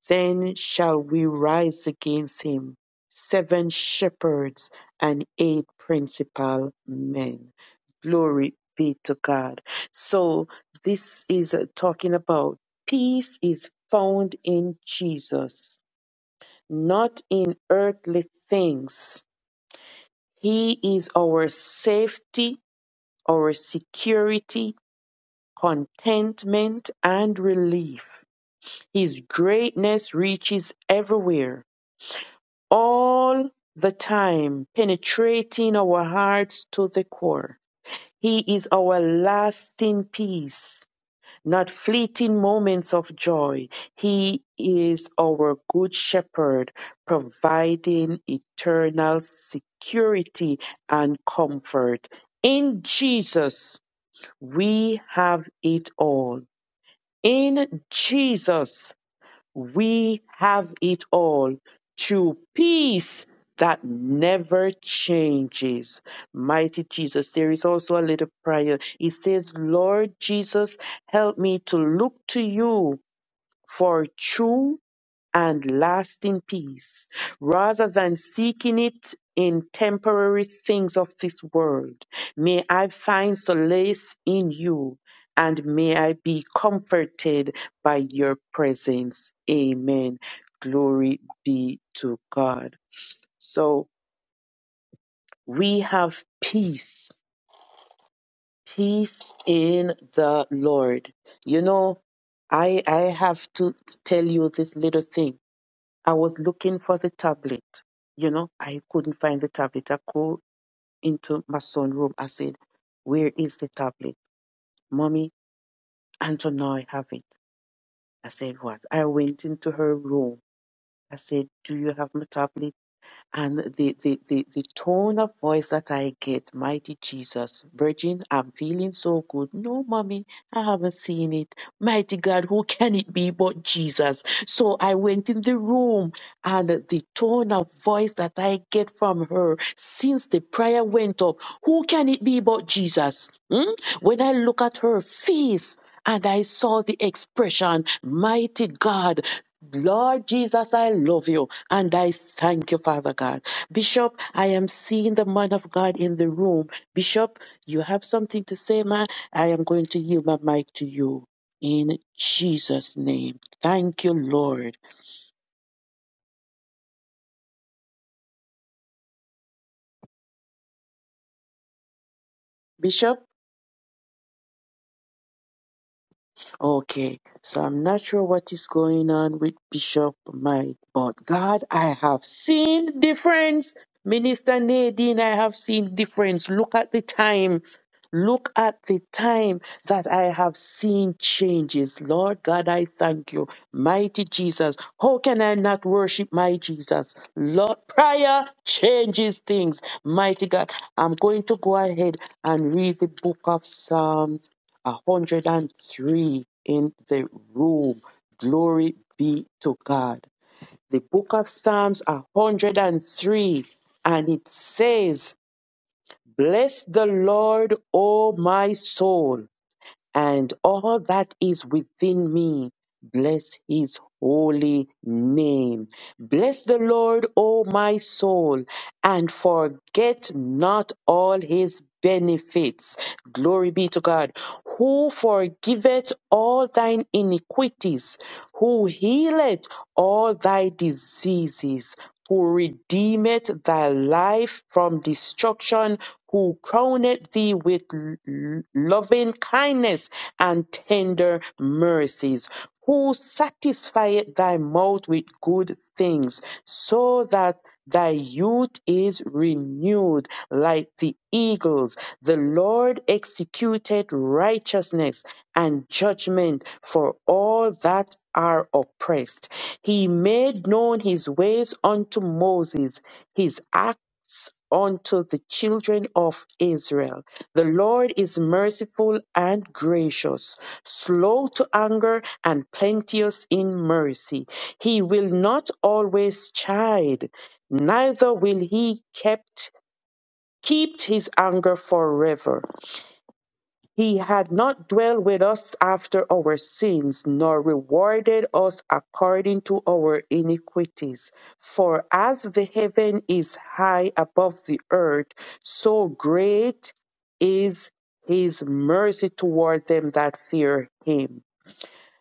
Speaker 6: then shall we rise against him. Seven shepherds and eight principal men. Glory be to God. So this is uh, talking about peace is found in Jesus, not in earthly things. He is our safety, our security, contentment and relief. His greatness reaches everywhere, all the time, penetrating our hearts to the core. He is our lasting peace, not fleeting moments of joy. He is our good shepherd, providing eternal security and comfort. In Jesus, we have it all. In Jesus, we have it all through peace that never changes. Mighty Jesus, there is also a little prayer. It says, Lord Jesus, help me to look to you for true and lasting peace rather than seeking it in temporary things of this world. May I find solace in you and may I be comforted by your presence. Amen. Glory be to God. So we have peace, peace in the Lord. You know, I, I have to tell you this little thing I was looking for the tablet. You know, I couldn't find the tablet. I go into my son's room. I said, Where is the tablet? Mommy, Anton, now I have it. I said, What? I went into her room. I said, Do you have my tablet? And the, the, the, the tone of voice that I get, mighty Jesus, Virgin, I'm feeling so good. No, mommy, I haven't seen it. Mighty God, who can it be but Jesus? So I went in the room and the tone of voice that I get from her since the prayer went up, who can it be but Jesus? Hmm? When I look at her face, and I saw the expression, Mighty God, Lord Jesus, I love you and I thank you, Father God. Bishop, I am seeing the man of God in the room. Bishop, you have something to say, man. I am going to yield my mic to you in Jesus' name. Thank you, Lord. Bishop? Okay, so I'm not sure what is going on with Bishop Mike, but God, I have seen difference. Minister Nadine, I have seen difference. Look at the time. Look at the time that I have seen changes. Lord God, I thank you. Mighty Jesus. How can I not worship my Jesus? Lord, prayer changes things. Mighty God, I'm going to go ahead and read the book of Psalms. 103 in the room. Glory be to God. The book of Psalms 103 and it says, Bless the Lord, O my soul and all that is within me. Bless his holy name. Bless the Lord, O my soul, and forget not all his benefits. Glory be to God, who forgiveth all thine iniquities, who healeth all thy diseases, who redeemeth thy life from destruction who crowned thee with loving kindness and tender mercies, who satisfieth thy mouth with good things, so that thy youth is renewed like the eagles. The Lord executed righteousness and judgment for all that are oppressed. He made known his ways unto Moses, his acts unto the children of Israel. The Lord is merciful and gracious, slow to anger and plenteous in mercy. He will not always chide, neither will he kept, keep his anger forever. He had not dwelt with us after our sins, nor rewarded us according to our iniquities. For as the heaven is high above the earth, so great is his mercy toward them that fear him.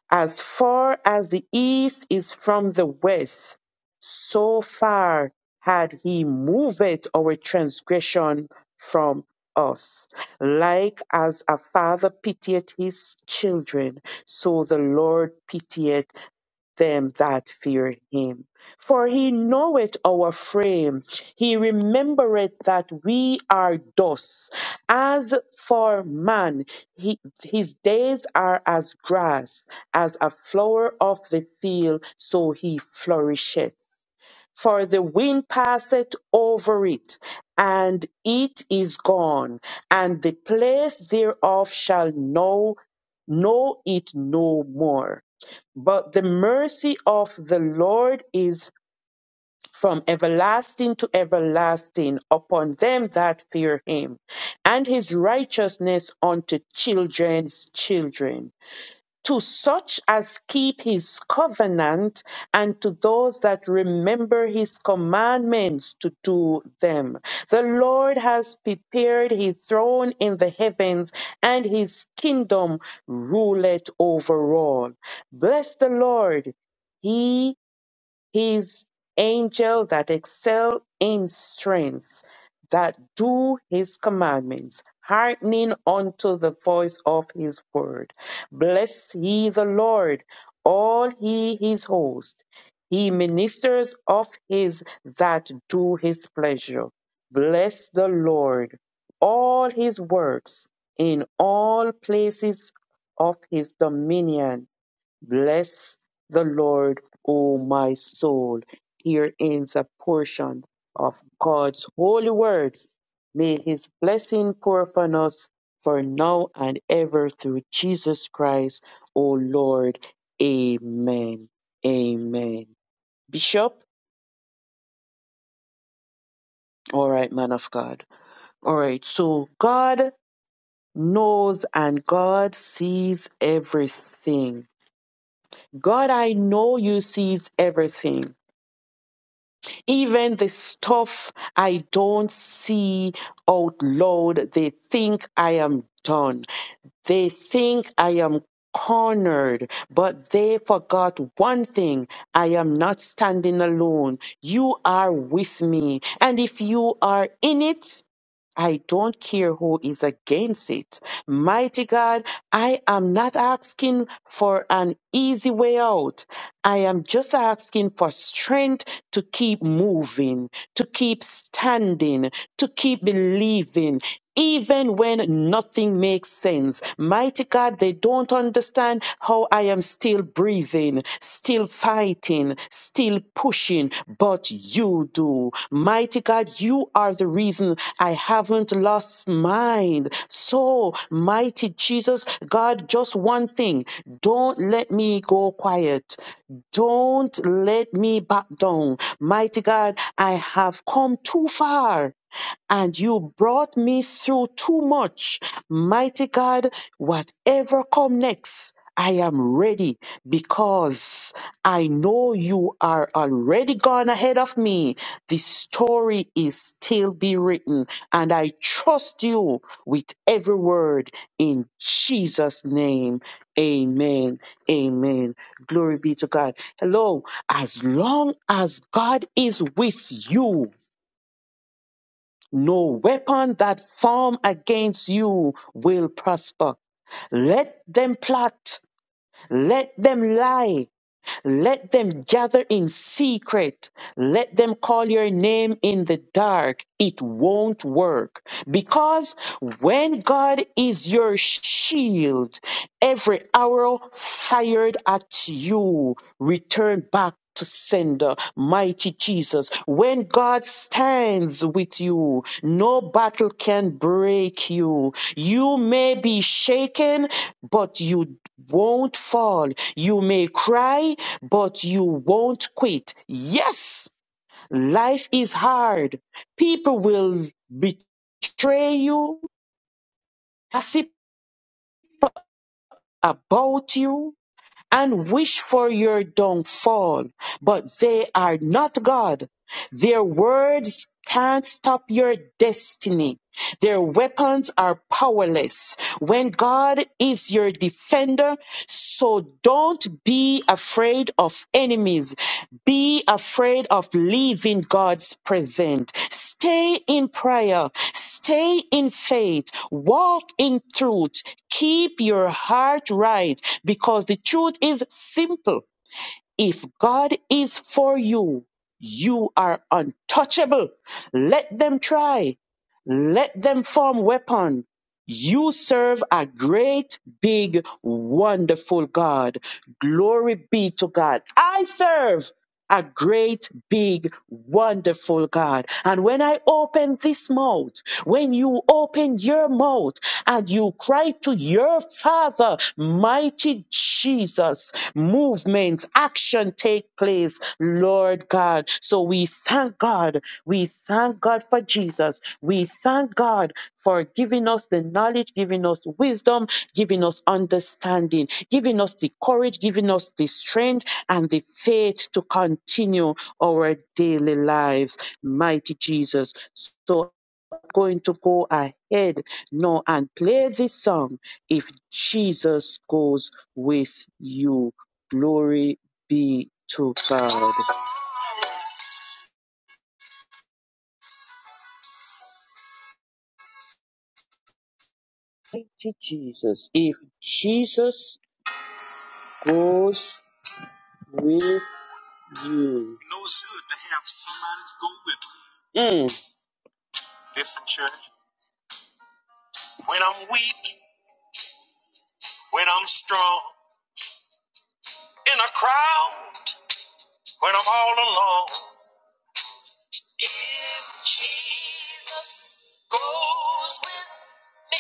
Speaker 6: As far as the east is from the west, so far had he moved our transgression from us. Like as a father pitieth his children, so the Lord pitieth them that fear him. For he knoweth our frame. He remembereth that we are dust. As for man, he, his days are as grass, as a flower of the field, so he flourisheth. For the wind passeth over it, and it is gone, and the place thereof shall know, know it no more but the mercy of the Lord is from everlasting to everlasting upon them that fear him, and his righteousness unto children's children to such as keep his covenant and to those that remember his commandments to do them. The Lord has prepared his throne in the heavens and his kingdom ruleth over all. Bless the Lord, he his angel that excel in strength, that do his commandments, hearkening unto the voice of his word. Bless ye the Lord, all he his host, he ministers of his that do his pleasure. Bless the Lord, all his works in all places of his dominion Bless the Lord, O my soul. Here ends a portion of God's holy words. May his blessing pour upon us for now and ever through Jesus Christ, O Lord. Amen. Amen. Bishop, all right, man of God. All right, so God knows and God sees everything. God, I know you sees everything. Even the stuff I don't see, oh Lord, they think I am done. They think I am cornered, but they forgot one thing. I am not standing alone. You are with me. And if you are in it, I don't care who is against it. Mighty God, I am not asking for an easy way out. I am just asking for strength to keep moving, to keep standing, to keep believing, even when nothing makes sense. Mighty God, they don't understand how I am still breathing, still fighting, still pushing, but you do. Mighty God, you are the reason I haven't lost mind. So, mighty Jesus, God, just one thing. Don't let me go quiet. Don't let me back down. Mighty God, I have come too far and you brought me through too much. Mighty God, whatever come next, I am ready because I know you are already gone ahead of me. The story is still be written and I trust you with every word in Jesus name. Amen. Amen. Glory be to God. Hello. As long as God is with you, no weapon that form against you will prosper. Let them plot. Let them lie. Let them gather in secret. Let them call your name in the dark. It won't work. Because when God is your shield, every arrow fired at you return back to sender, mighty Jesus. When God stands with you, no battle can break you. You may be shaken, but you won't fall. You may cry, but you won't quit. Yes, life is hard. People will betray you, gossip about you, and wish for your downfall, but they are not God. Their words can't stop your destiny. Their weapons are powerless. When God is your defender, so don't be afraid of enemies. Be afraid of leaving God's presence. Stay in prayer. Stay in faith. Walk in truth. Keep your heart right because the truth is simple. If God is for you, you are untouchable. Let them try. Let them form weapon. You serve a great, big, wonderful God. Glory be to God. I serve a great, big, wonderful God. And when I open this mouth, when you open your mouth and you cry to your Father, mighty Jesus, movements, action take place, Lord God. So we thank God. We thank God for Jesus. We thank God for giving us the knowledge, giving us wisdom, giving us understanding, giving us the courage, giving us the strength and the faith to continue our daily lives. Mighty Jesus. So going to go ahead now and play this song if Jesus goes with you. Glory be to God. Thank you, Jesus. If Jesus goes with you. No good to have somebody to go with. Mm. Listen, church. When I'm weak, when I'm strong, in a crowd, when I'm all alone. He goes with me.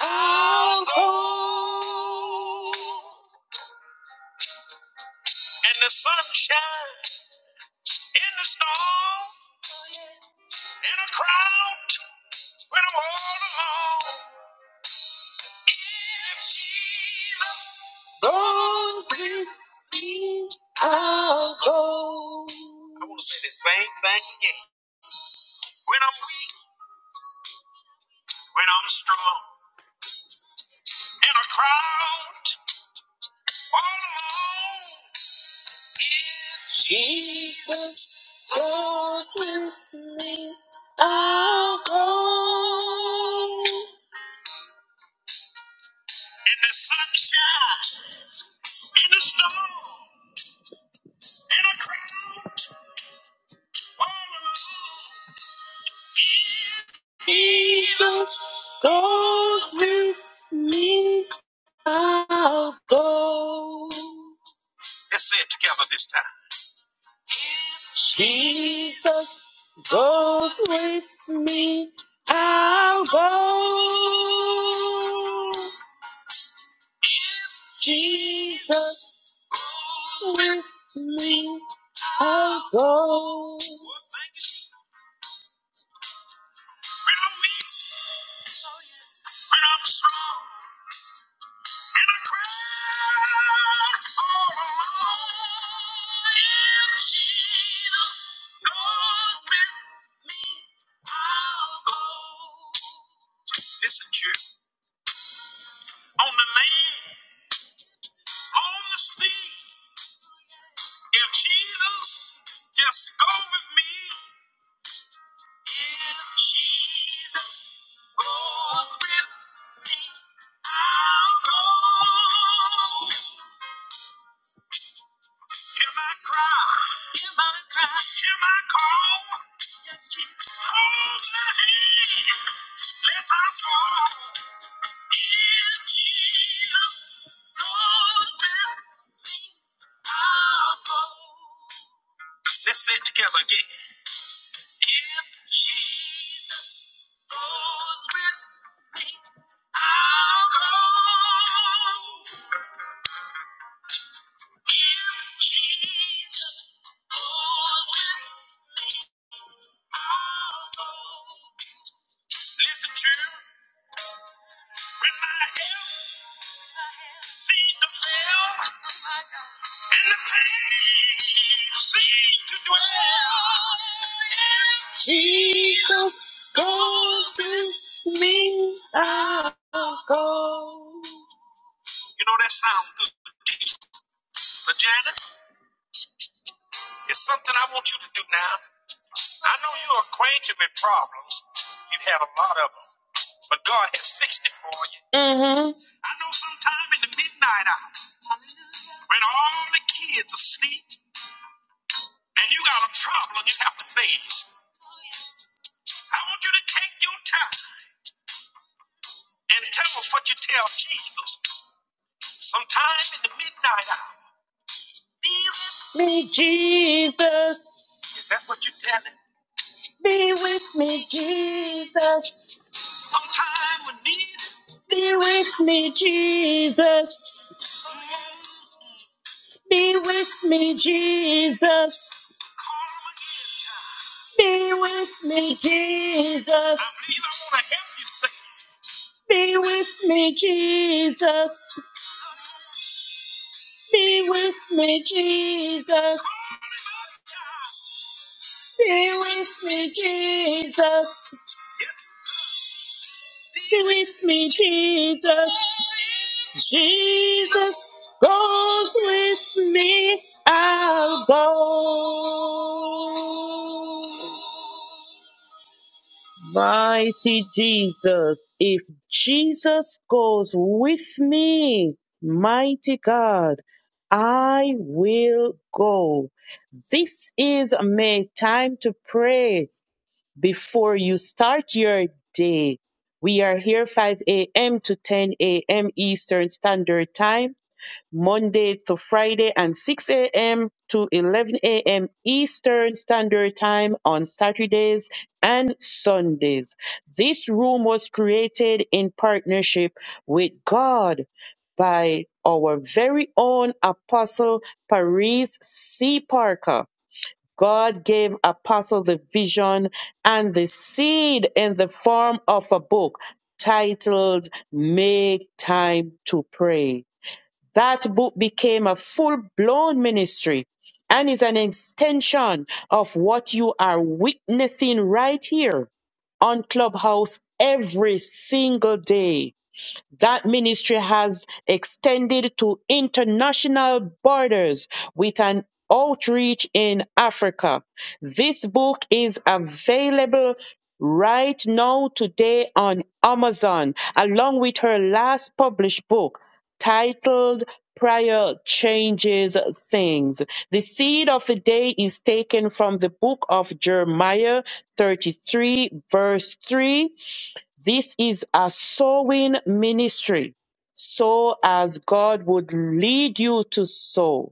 Speaker 6: I'll go. In the sunshine in the storm, in a crowd when I'm all alone. If Jesus goes with me, I'll go. I want to say the same thing again. When I'm weak, when I'm strong, in a crowd. Jesus goes with me. I'll go. In the sunshine, in the storm, in a crowd. Jesus goes with me. I'll go. Let's say it together this time. Jesus goes with me. I'll go. Jesus goes with me. I'll go. When I'm weak, oh, yeah. when I'm strong. Listen, church, on the land, on the sea, if Jesus just go with me, if Jesus goes with, I'll go. Hear my cry. Hear my call. Yes, Jesus. Hold my hand. Let's our call. If Jesus goes with me, I'll go. Let's say it together again. If Jesus goes with me, I'll go. If Jesus goes with me, I'll go. Listen, children, when my health seems to fail and the pain seems to dwell, you know that sounds good, but Janet. It's something I want you to do now. I know you're acquainted with problems. You've had a lot of them, but God has fixed it for you. hmm I know sometime in the midnight hour, when all the kids are asleep and you got a problem you have to face, I want you to take your time and tell us what you tell Jesus sometime in the midnight hour. Be with me, Jesus. Is that what you're telling? Be with me, Jesus. Be with me, Jesus. Be with me, Jesus. Be with me, Jesus. I believe I want to help you sing. Be with me, Jesus. Be with me, Jesus. Be with me, Jesus. Be with me, Jesus. Jesus goes with me. I'll go. Mighty Jesus, if Jesus goes with me, mighty God, I will go. This is my time to pray before you start your day. We are here 5 a.m. to 10 a.m. Eastern Standard Time Monday to Friday and 6 a.m. to 11 a.m. Eastern Standard Time on Saturdays and Sundays. This room was created in partnership with God by our very own Apostle Paris C. Parker. God gave Apostle the vision and the seed in the form of a book titled Make Time to Pray that book became a full blown ministry and is an extension of what you are witnessing right here on Clubhouse every single day. That ministry has extended to international borders with an outreach in Africa. This book is available right now today on Amazon, along with her last published book titled Prayer Changes Things. The seed of the day is taken from the book of Jeremiah 33, verse 3 this is a sowing ministry. Sow as God would lead you to sow.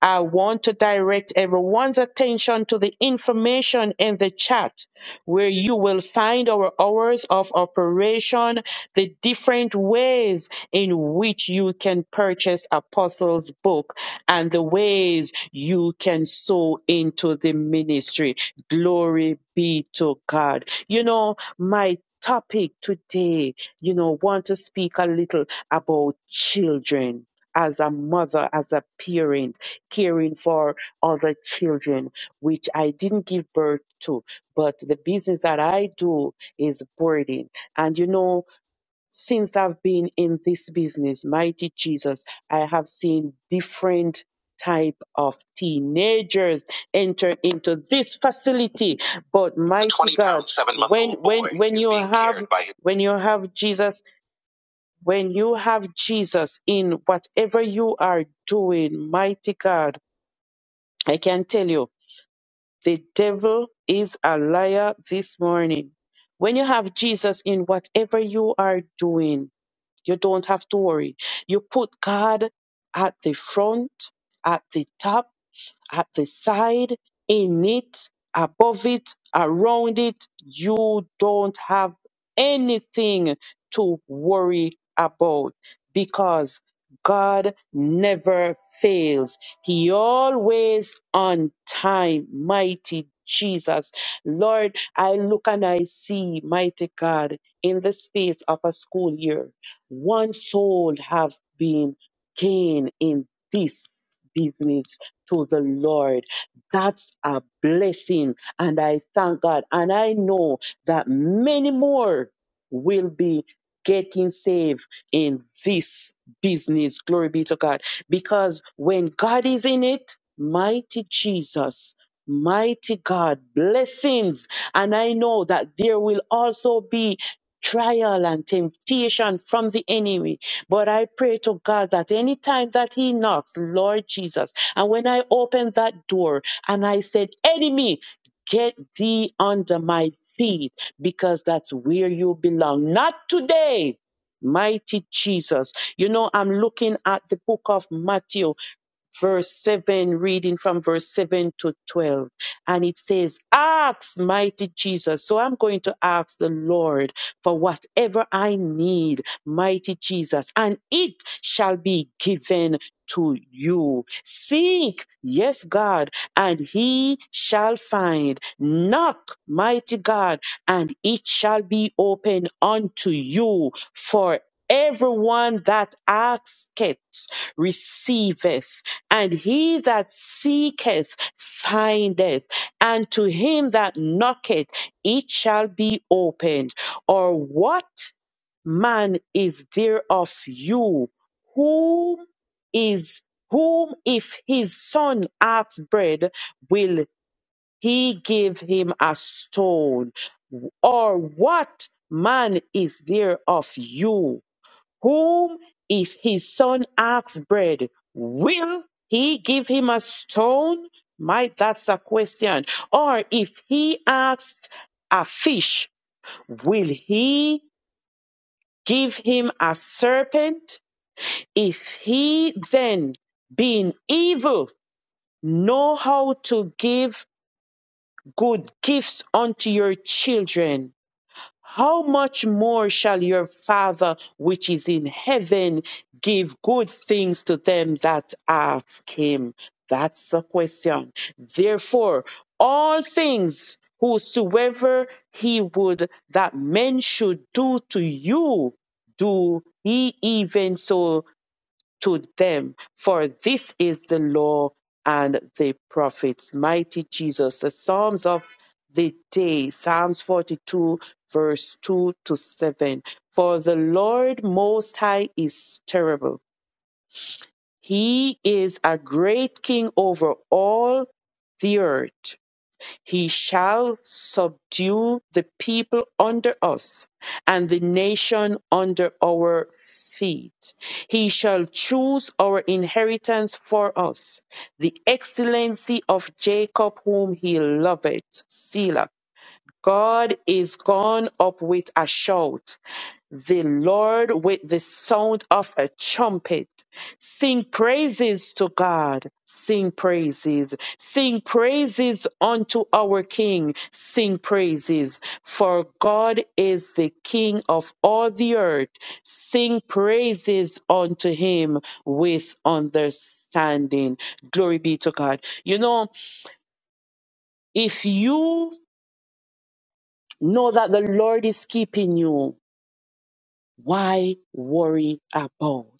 Speaker 6: I want to direct everyone's attention to the information in the chat where you will find our hours of operation, the different ways in which you can purchase Apostles' book, and the ways you can sow into the ministry. Glory be to God. You know, my topic today, you know, want to speak a little about children as a mother, as a parent caring for other children, which I didn't give birth to. But the business that I do is birthing. And you know, since I've been in this business, mighty Jesus, I have seen different type of teenagers enter into this facility. But mighty 20 God, pound seven-month-old when when boy when is you being have cared by his- when you have Jesus when you have Jesus in whatever you are doing, mighty God, I can tell you, the devil is a liar this morning. When you have Jesus in whatever you are doing, you don't have to worry. You put God at the front, at the top at the side, in it, above it, around it. You don't have anything to worry about because God never fails. He always on time, mighty Jesus. Lord, I look and I see, mighty God, in the space of a school year, one soul have been gained in this business to the Lord. That's a blessing. And I thank God. And I know that many more will be getting saved in this business. Glory be to God. Because when God is in it, mighty Jesus, mighty God, blessings. And I know that there will also be trial and temptation from the enemy. But I pray to God that anytime that he knocks, Lord Jesus, and when I opened that door and I said, Enemy, get thee under my feet because that's where you belong. Not today. Mighty Jesus. You know, I'm looking at the book of Matthew verse 7, reading from verse 7 to 12. And it says, Ask, mighty Jesus. So I'm going to ask the Lord for whatever I need, mighty Jesus, and it shall be given to you. Seek, yes, God, and he shall find. Knock, mighty God, and it shall be open unto you for Everyone that asketh receiveth, and he that seeketh findeth, and to him that knocketh it shall be opened. Or what man is there of you whom is whom if his son asks bread will he give him a stone? Or what man is there of you? whom if his son asks bread, will he give him a stone? My, that's a question. Or if he asks a fish, will he give him a serpent? If he then, being evil, know how to give good gifts unto your children, How much more shall your Father which is in heaven give good things to them that ask him? That's the question. Therefore, all things whosoever he would that men should do to you, do he even so to them, for this is the law and the prophets. Mighty Jesus, the Psalms of the day, Psalms 42, verse 2 to 7. For the Lord Most High is terrible. He is a great king over all the earth. He shall subdue the people under us and the nation under our feet. He shall choose our inheritance for us, the excellency of Jacob, whom he loveth. Selah. God is gone up with a shout the Lord with the sound of a trumpet. Sing praises to God. Sing praises. Sing praises unto our King. Sing praises. For God is the King of all the earth. Sing praises unto him with understanding. Glory be to God. You know, if you know that the Lord is keeping you, why worry about?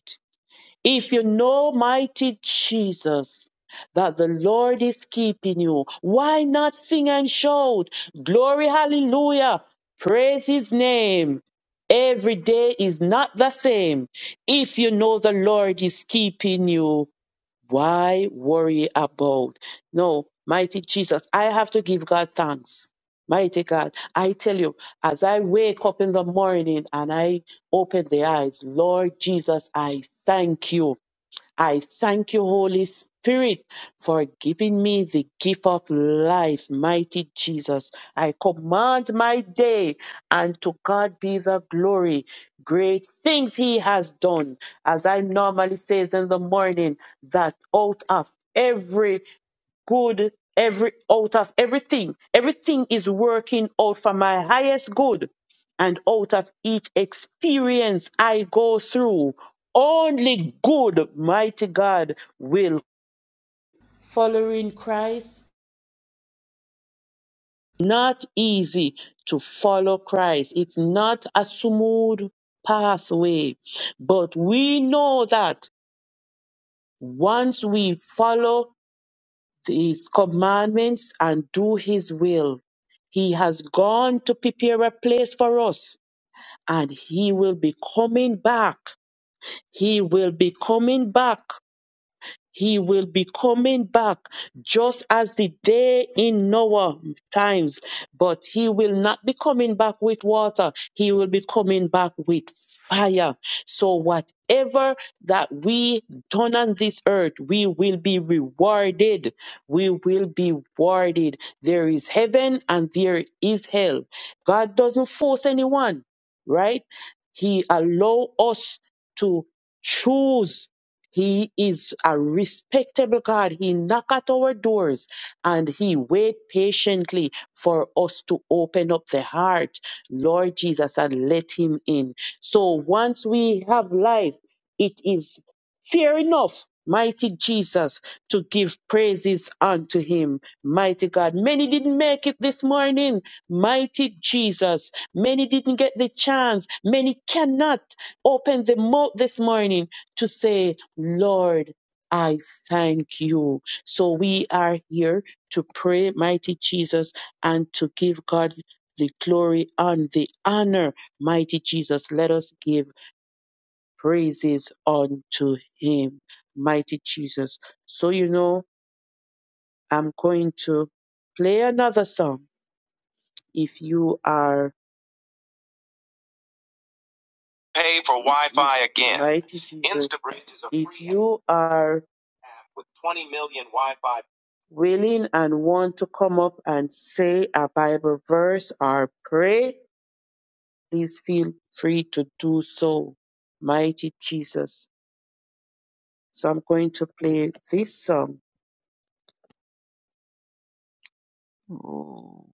Speaker 6: If you know, mighty Jesus, that the Lord is keeping you, why not sing and shout? Glory, hallelujah. Praise his name. Every day is not the same. If you know the Lord is keeping you, why worry about? No, mighty Jesus, I have to give God thanks. Mighty God, I tell you, as I wake up in the morning and I open the eyes, Lord Jesus, I thank you. I thank you, Holy Spirit, for giving me the gift of life, mighty Jesus. I command my day, and to God be the glory. Great things He has done. As I normally says in the morning, that out of every good every out of everything everything is working out for my highest good and out of each experience i go through only good mighty god will Following Christ, not easy to follow Christ. It's not a smooth pathway. But we know that once we follow his commandments and do his will. He has gone to prepare a place for us and he will be coming back. He will be coming back he will be coming back just as the day in Noah times, but he will not be coming back with water. He will be coming back with fire. So whatever that we done on this earth, we will be rewarded. We will be rewarded. There is heaven and there is hell. God doesn't force anyone, right? He allow us to choose he is a respectable God. He knock at our doors and he wait patiently for us to open up the heart, Lord Jesus, and let him in. So once we have life, it is fair enough, mighty Jesus, to give praises unto him, mighty God. Many didn't make it this morning, mighty Jesus. Many didn't get the chance. Many cannot open the mouth this morning to say, Lord, I thank you. So we are here to pray, mighty Jesus, and to give God the glory and the honor, mighty Jesus. Let us give praises unto him, mighty Jesus. So, you know, I'm going to play another song if you are Pay for Wi Fi again. mighty Jesus. Instabridge is a If free you are with 20 million Wi-Fi. willing and want to come up and say a Bible verse or pray, please feel free to do so. Mighty Jesus. So I'm going to play this song Oh.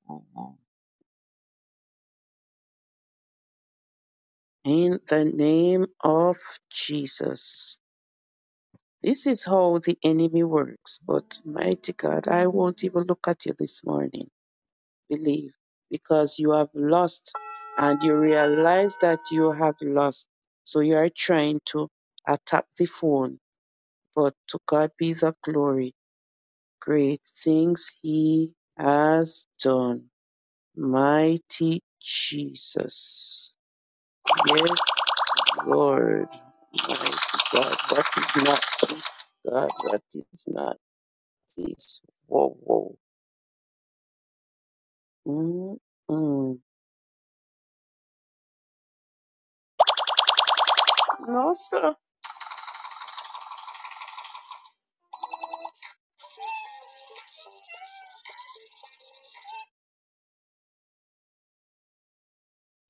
Speaker 6: in the name of Jesus. This is how the enemy works, but mighty God, I won't even look at you this morning. believe because you have lost and you realize that you have lost. So you are trying to attack the phone. But to God be the glory. Great things He has done. Mighty Jesus. Yes, Lord. Mighty God. that is not this God? that is not this? Whoa, whoa. Mm-mm. No, sir.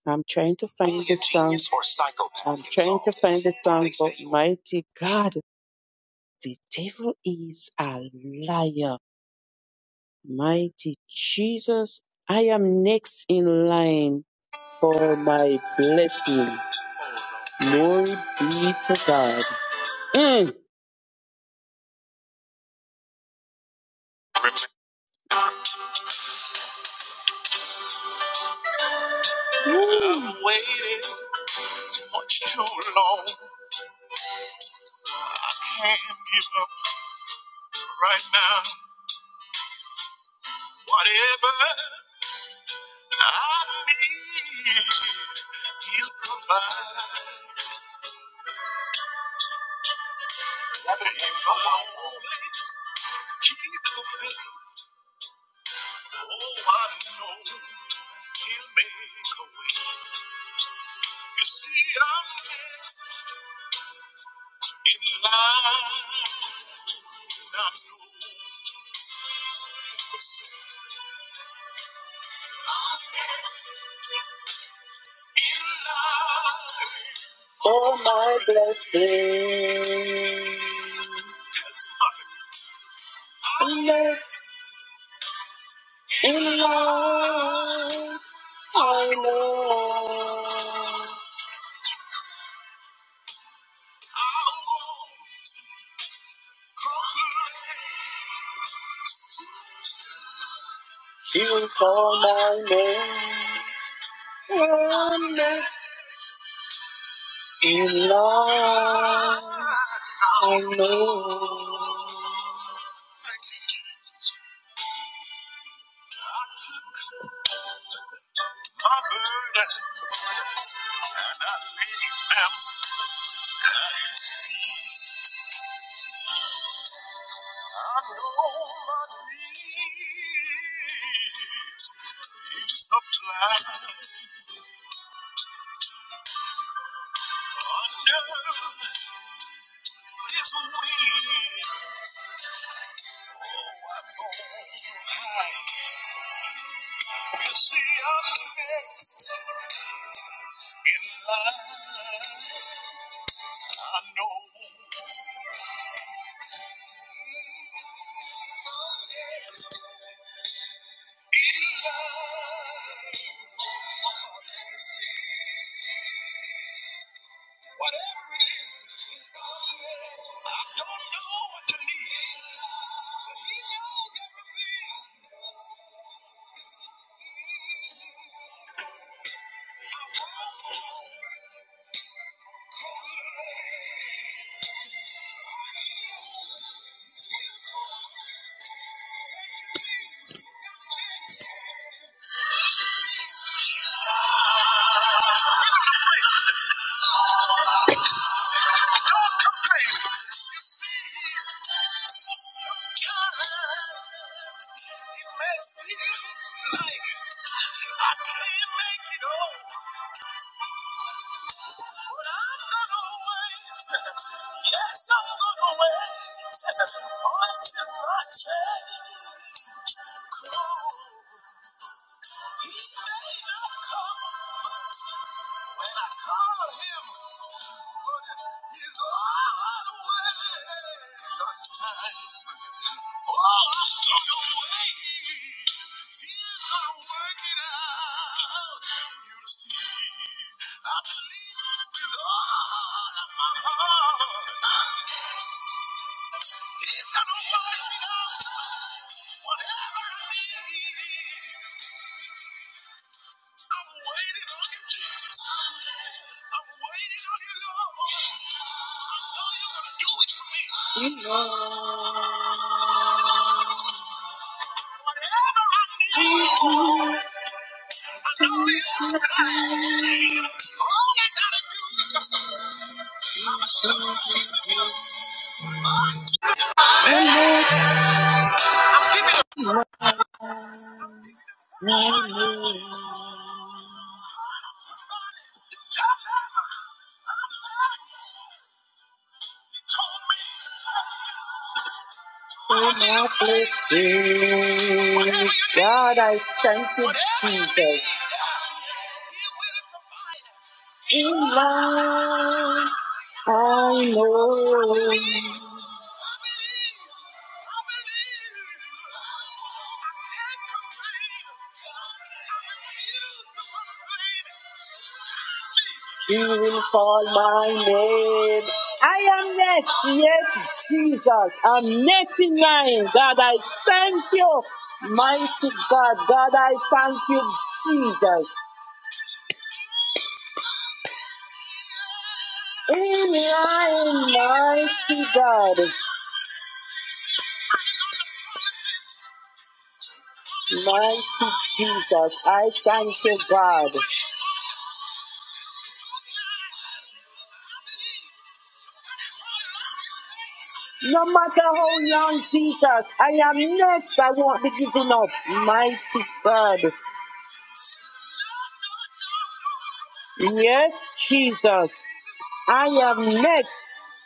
Speaker 6: I'm trying to find the song. I'm trying to find the song, but mighty God, the devil is a liar. Mighty Jesus, I am next in line for my blessing. Glory be to God. Mm. I've waited much too long. I can't give up right now. Whatever I need, you provide. For my blessing, let in love I know you call my name. wonder in love I know. my burdens, and I laid them I know my needs He supplies under His wings. Oh, I'm on high. You see, I'm next in line. For my blessings, God, I thank you, Jesus. In life, I know you will call my name. I am next, yes, Jesus. I'm next in line. God, I thank you, mighty God. God, I thank you, Jesus. In line, mighty God. Mighty Jesus, I thank you, God. No matter how young Jesus, I am next. I won't be giving up. Mighty God. Yes, Jesus, I am next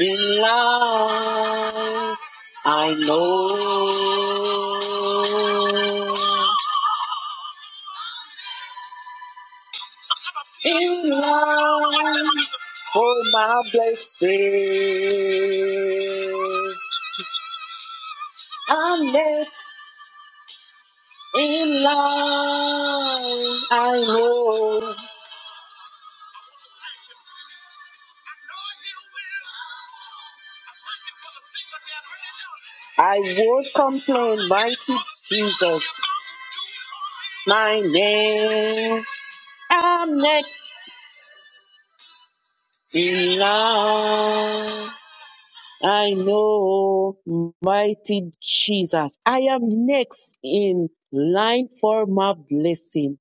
Speaker 6: in line. I know in line. Say, I'm next in line. I know, mighty Jesus. My name, I'm next in line. I know, mighty Jesus. I am next in line for my blessing.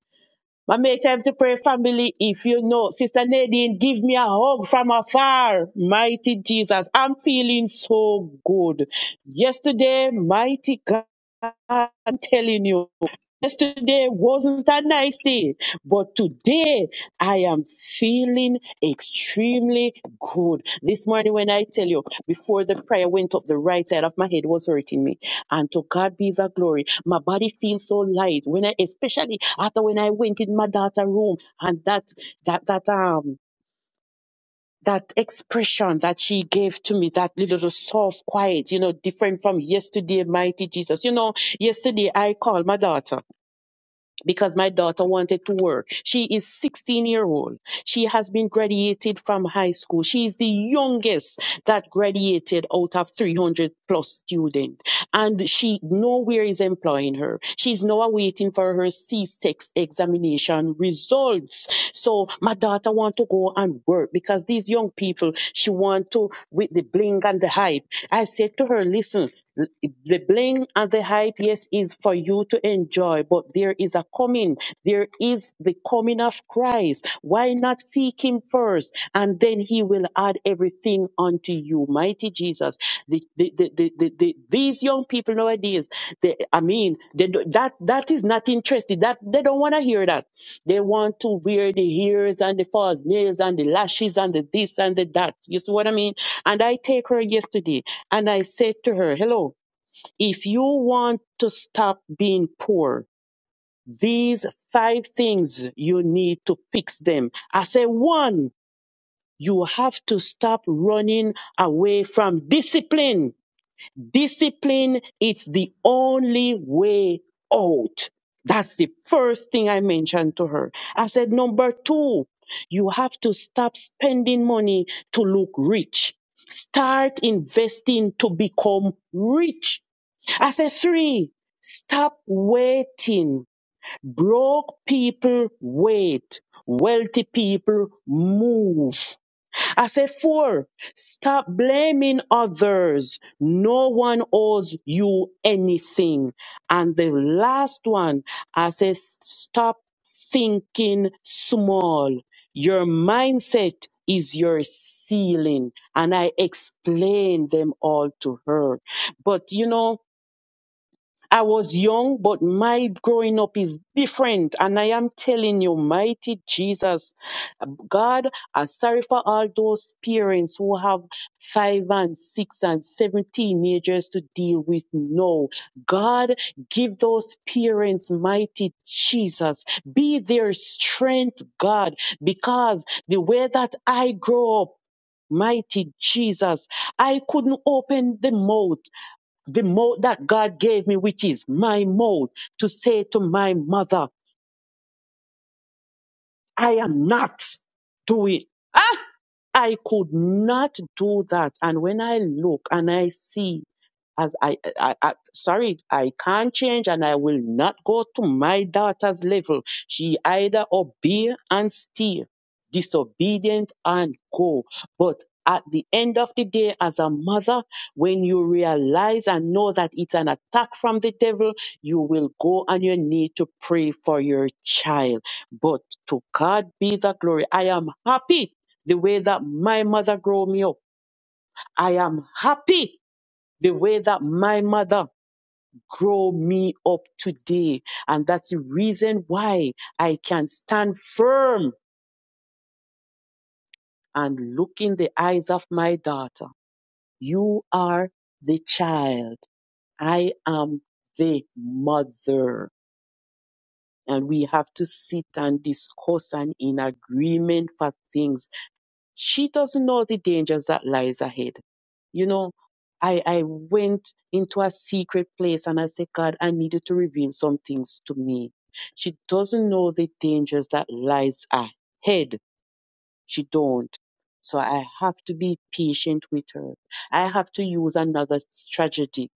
Speaker 6: I make time to pray, family. If you know, Sister Nadine, give me a hug from afar. Mighty Jesus, I'm feeling so good. Yesterday, mighty God, I'm telling you. Yesterday wasn't a nice day, but today I am feeling extremely good. This morning, when I tell you, before the prayer went up, the right side of my head was hurting me. And to God be the glory. My body feels so light. When I, especially after when I went in my daughter's room and that, that, that, um, that expression that she gave to me, that little soft, quiet, you know, different from yesterday, mighty Jesus. You know, yesterday I called my daughter because my daughter wanted to work. She is 16 year old. She has been graduated from high school. She is the youngest that graduated out of 300 plus students. And she nowhere is employing her. She's now waiting for her C6 examination results. So my daughter want to go and work because these young people, she want to with the bling and the hype. I said to her, listen, the bling and the hype, yes, is for you to enjoy, but there is a coming. There is the coming of Christ. Why not seek him first? And then he will add everything unto you. Mighty Jesus. The, the, the, the, the, the- these young people nowadays, they, I mean, they, do- that, that is not interested. That, they don't want to hear that. They want to wear the ears and the false nails and the lashes and the this and the that. You see what I mean? And I take her yesterday and I said to her, hello, if you want to stop being poor, these five things you need to fix them. I say one, you have to stop running away from discipline. Discipline, it's the only way out. That's the first thing I mentioned to her. I said, number two, you have to stop spending money to look rich. Start investing to become rich I said, three, stop waiting. Broke people wait. Wealthy people move. I said, four, stop blaming others. No one owes you anything. And the last one, I said, stop thinking small. Your mindset is your ceiling. And I explained them all to her. But you know, I was young, but my growing up is different. And I am telling you, mighty Jesus, God, I'm sorry for all those parents who have five and six and seven teenagers to deal with now. God, give those parents, mighty Jesus, be their strength, God, because the way that I grow up, Mighty Jesus, I couldn't open the mouth the mouth that God gave me, which is my mouth, to say to my mother, I am not doing. Ah, I could not do that. And when I look and I see as I, I, I sorry, I can't change and I will not go to my daughter's level. She either obey and steer, disobedient and go. But at the end of the day, as a mother, when you realize and know that it's an attack from the devil, you will go on your knee to pray for your child. But to God be the glory. I am happy the way that my mother grew me up. I am happy the way that my mother grow me up today. And that's the reason why I can stand firm and look in the eyes of my daughter. You are the child. I am the mother. And we have to sit and discuss and in agreement for things she doesn't know the dangers that lies ahead. You know, I I went into a secret place and I said, God, I needed to reveal some things to me. She doesn't know the dangers that lies ahead. She don't. So I have to be patient with her. I have to use another strategy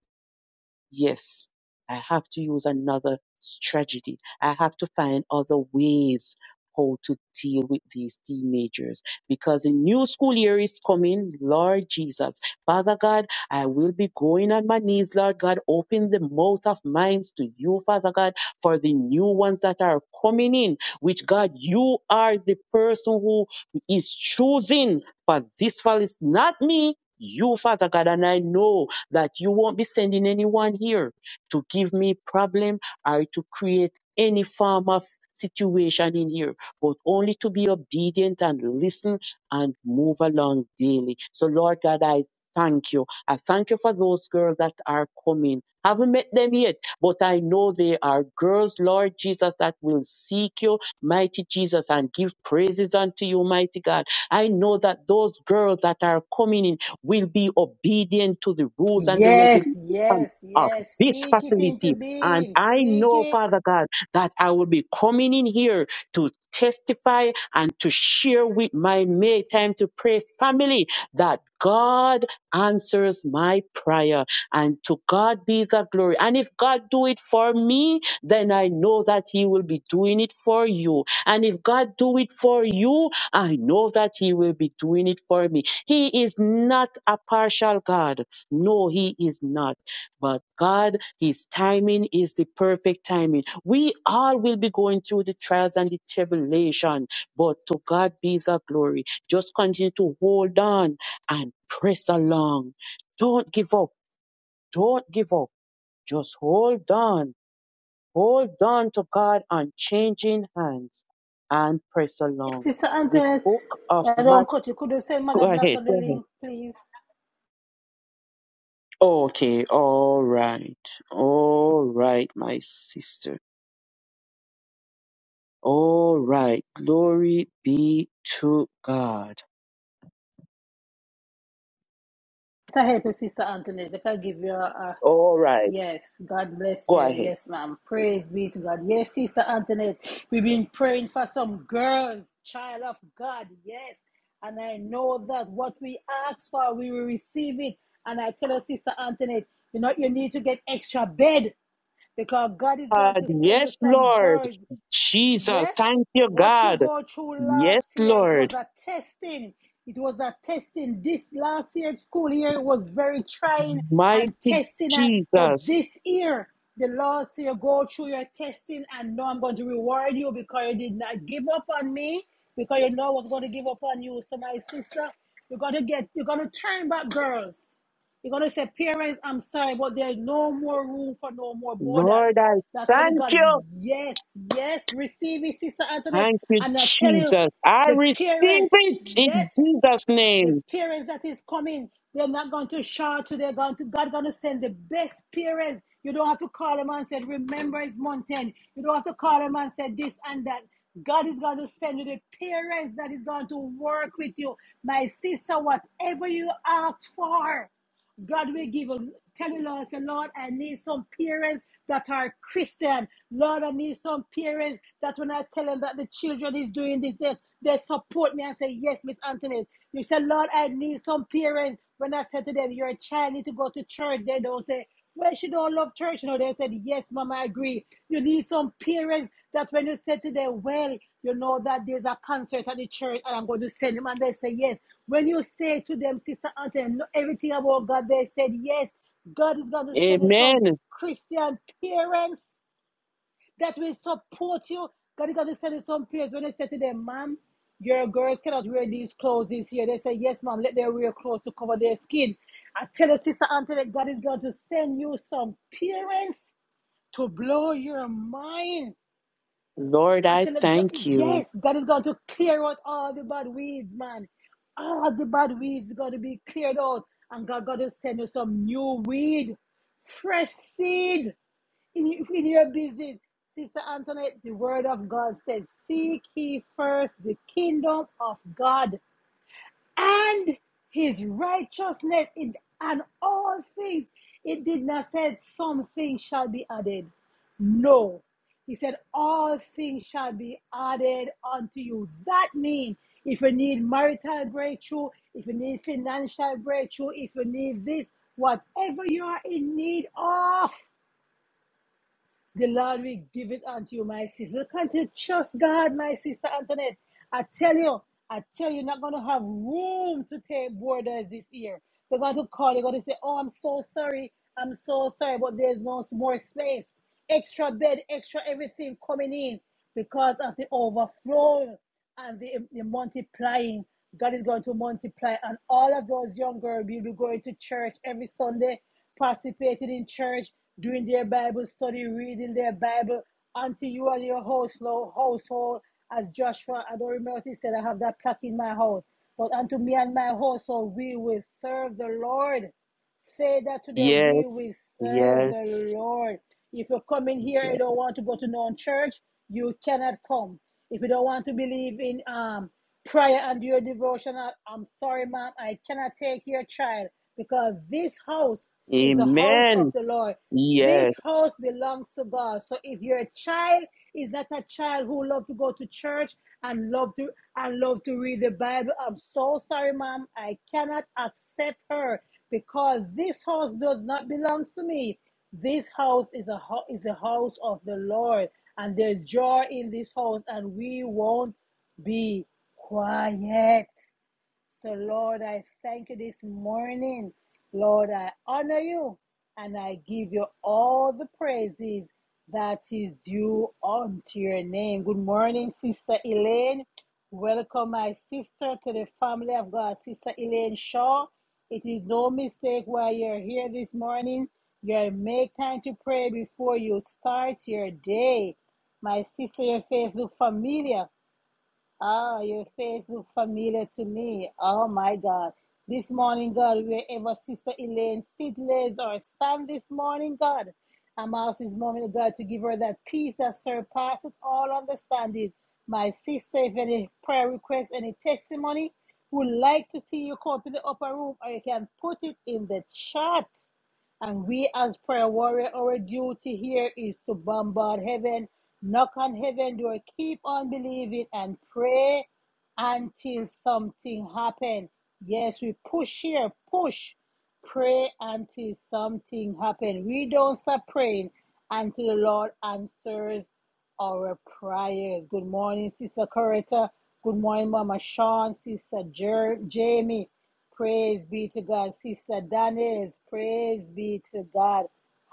Speaker 6: yes, I have to use another strategy. I have to find other ways how to deal with these teenagers because the new school year is coming. Lord Jesus, Father God, I will be going on my knees. Lord God, open the mouth of minds to you, Father God, for the new ones that are coming in, which God, you are the person who is choosing for this fall. It's not me. You, Father God, and I know that you won't be sending anyone here to give me problem or to create any form of situation in here, but only to be obedient and listen and move along daily. So Lord God, I thank you. I thank you for those girls that are coming. Haven't met them yet, but I know they are girls, Lord Jesus, that will seek you, mighty Jesus, and give praises unto you, mighty God. I know that those girls that are coming in will be obedient to the rules and the
Speaker 1: Yes,
Speaker 6: regulations
Speaker 1: yes,
Speaker 6: of
Speaker 1: yes.
Speaker 6: this
Speaker 1: Speak it into
Speaker 6: facility. And
Speaker 1: being.
Speaker 6: I
Speaker 1: Speak
Speaker 6: know,
Speaker 1: it.
Speaker 6: Father God, that I will be coming in here to testify and to share with my May Time to Pray family that God answers my prayer and to God be the glory. And if God do it for me, then I know that he will be doing it for you. And if God do it for you, I know that he will be doing it for me. He is not a partial God. No, he is not. But God, his timing is the perfect timing. We all will be going through the trials and the tribulation, but to God be the glory. Just continue to hold on and press along. Don't give up. Don't give up. Just hold on. Hold on to God on changing hands and press along.
Speaker 1: Sister
Speaker 6: The
Speaker 1: Antoinette,
Speaker 6: book of
Speaker 1: I
Speaker 6: Matthew.
Speaker 1: don't cut you. Could you send
Speaker 6: (laughs) Go
Speaker 1: Mother Blast
Speaker 6: ahead.
Speaker 1: on the
Speaker 6: Go ahead.
Speaker 1: link, please?
Speaker 6: Okay, all right, all right, my sister. All right, glory be to God.
Speaker 1: To help you, Sister Antoinette. They can give you a, a
Speaker 6: All right,
Speaker 1: Yes, God bless
Speaker 6: go
Speaker 1: you.
Speaker 6: ahead.
Speaker 1: Yes, ma'am. Praise be to God. Yes, Sister Antoinette, we've been praying for some girls, child of God. Yes, and I know that what we ask for, we will receive it. And I tell her, Sister Antoinette, you know, you need to get extra bed because God is going
Speaker 6: God,
Speaker 1: to send you
Speaker 6: yes,
Speaker 1: some
Speaker 6: Lord.
Speaker 1: girls
Speaker 6: Jesus,
Speaker 1: Yes,
Speaker 6: thank you,
Speaker 1: what you
Speaker 6: God.
Speaker 1: go through
Speaker 6: Yes,
Speaker 1: last year, it
Speaker 6: Lord.
Speaker 1: was a testing. It was a testing. This last year, school year was very trying and
Speaker 6: Mighty
Speaker 1: testing. And but
Speaker 6: Jesus.
Speaker 1: this year, the Lord say, go through your testing, and know I'm going to reward you because you did not give up on me. Because you know I was going to give up on you. So my sister, you're gonna get, you're gonna turn back, girls. You're gonna say, parents, I'm sorry, but there's no more room for no more borders.
Speaker 6: Lord, I
Speaker 1: That's how they
Speaker 6: thank
Speaker 1: got.
Speaker 6: you.
Speaker 1: Yes, yes, receive it, Sister Antoinette.
Speaker 6: Thank you,
Speaker 1: And I tell you,
Speaker 6: Jesus. I
Speaker 1: the
Speaker 6: receive
Speaker 1: parents,
Speaker 6: it
Speaker 1: yes,
Speaker 6: in Jesus'
Speaker 1: the
Speaker 6: name.
Speaker 1: parents that is coming, they're not going to shout to, they're going to, God gonna send the best parents. You don't have to call them and say, remember it's mountain. You don't have to call them and say this and that. God is going to send you the parents that is going to work with you. My sister, whatever you ask for. God will give us, telling us, say, Lord, I need some parents that are Christian. Lord, I need some parents that when I tell them that the children is doing this, they, they support me and say, yes, Miss Anthony. You say, Lord, I need some parents. When I say to them, your child need to go to church, they don't say, well, she don't love church. You know, they said, yes, Mama, I agree. You need some parents that when you say to them, well, you know that there's a concert at the church and I'm going to send them, and they say yes. When you say to them, Sister Auntie, know everything about God, they said yes. God is going to send you some
Speaker 6: Amen.
Speaker 1: Christian parents that will support you. God is going to send you some peers when they say to them, "Ma'am, your girls cannot wear these clothes this year. They say, Yes, ma'am, let them wear clothes to cover their skin. I tell you, Sister Auntie, that God is going to send you some parents to blow your mind.
Speaker 6: Lord,
Speaker 1: I
Speaker 6: I
Speaker 1: tell you, God,
Speaker 6: thank you.
Speaker 1: yes, God is going to clear out all the bad weeds, man. All the bad weeds are going to be cleared out. And God is going to send you some new weed, fresh seed in, in your business. Sister Antoinette, the word of God said, Seek ye first the kingdom of God and his righteousness in, and all things. It did not say some things shall be added. No. He said, All things shall be added unto you. That means if you need marital breakthrough, if you need financial breakthrough, if you need this, whatever you are in need of, the Lord will give it unto you, my sister. Look unto you. Trust God, my sister Antoinette. I tell you, I tell you, you're not going to have room to take borders this year. They're going to call, they're going to say, Oh, I'm so sorry. I'm so sorry, but there's no more space. Extra bed, extra everything coming in because of the overflow and the, the multiplying. God is going to multiply, and all of those young girls will be going to church every Sunday participated in church, doing their Bible study, reading their Bible, until you and your household, household, as Joshua, I don't remember what he said, I have that plaque in my house. But unto me and my household, we will serve the Lord. Say that today we
Speaker 6: Yes,
Speaker 1: will serve the
Speaker 6: yes,
Speaker 1: Lord. If you come in here and
Speaker 6: yes.
Speaker 1: don't want to go to known church, you cannot come. If you don't want to believe in um prayer and your devotional, I'm sorry, man, I cannot take your child because this house is the house of
Speaker 6: Amen.
Speaker 1: the Lord. This
Speaker 6: Yes.
Speaker 1: house belongs to God. So if your child is not a child who love to go to church and love to and love to read the Bible, I'm so sorry, ma'am. I cannot accept her because this house does not belong to me. This house is a is a house of the Lord, and there's joy in this house, and we won't be quiet. So, Lord, I thank you this morning. Lord, I honor you and I give you all the praises that is due unto your name. Good morning, Sister Elaine. Welcome, my sister, to the family of God. Sister Elaine Shaw, it is no mistake why you're here this morning. You make time to pray before you start your day. My sister, your face looks familiar. Oh, your face look familiar to me. Oh my God. This morning, God, wherever Sister Elaine sit, lays, or stand this morning, God, I'm asking this morning, oh God, to give her that peace that surpasses all understanding. My sister, if any prayer request, any testimony, would like to see you come to the upper room, or you can put it in the chat. And we, as prayer warrior, our duty here is to bombard heaven, knock on heaven door, keep on believing and pray until something happen. Yes, we push here, push, pray until something happen. We don't stop praying until the Lord answers our prayers. Good morning, Sister Coretta. Good morning, Mama Sean, Sister Jer- Jamie. Praise be to God. Sister Danis, praise be to God.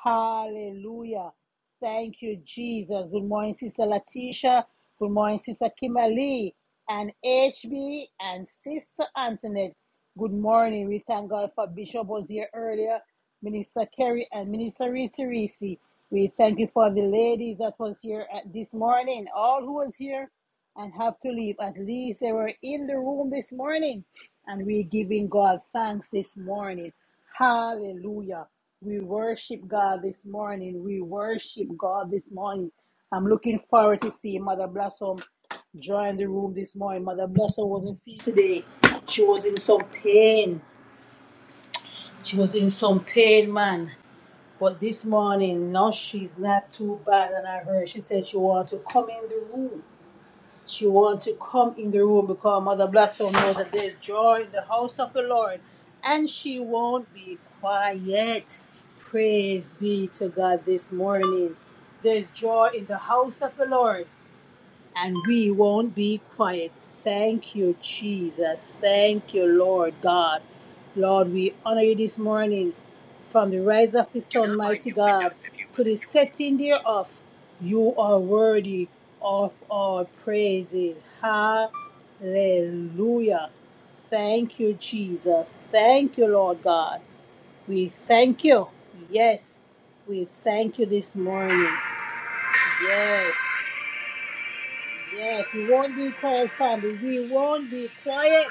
Speaker 1: Hallelujah. Thank you, Jesus. Good morning, Sister Latisha. Good morning, Sister Kimberly and HB and Sister Antoinette. Good morning. We thank God for Bishop was here earlier, Minister Kerry and Minister Risa Risi. We thank you for the ladies that was here at this morning, all who was here and have to leave. At least they were in the room this morning, and we're giving God thanks this morning. Hallelujah. We worship God this morning. We worship God this morning. I'm looking forward to see Mother Blossom join the room this morning. Mother Blossom wasn't feeling today. She was in some pain. She was in some pain, man. But this morning, no, she's not too bad. And I heard she said she wanted to come in the room. She wants to come in the room because Mother Blasso knows that there's joy in the house of the Lord and she won't be quiet. Praise be to God this morning. There's joy in the house of the Lord and we won't be quiet. Thank you, Jesus. Thank you, Lord God. Lord, we honor you this morning from the rise of the sun, mighty God, to the setting thereof. You are worthy of our praises. Hallelujah. Thank you, Jesus. Thank you, Lord God. We thank you. Yes, we thank you this morning. Yes. Yes, we won't be quiet, family. We won't be quiet.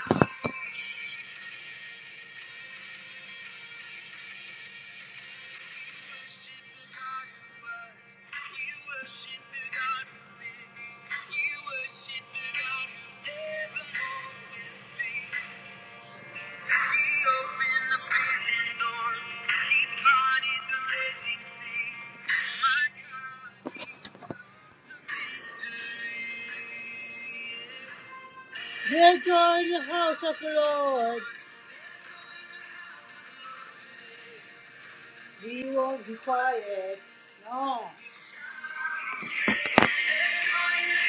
Speaker 1: We're going to the house of the Lord. We won't be quiet. No. We sing to the God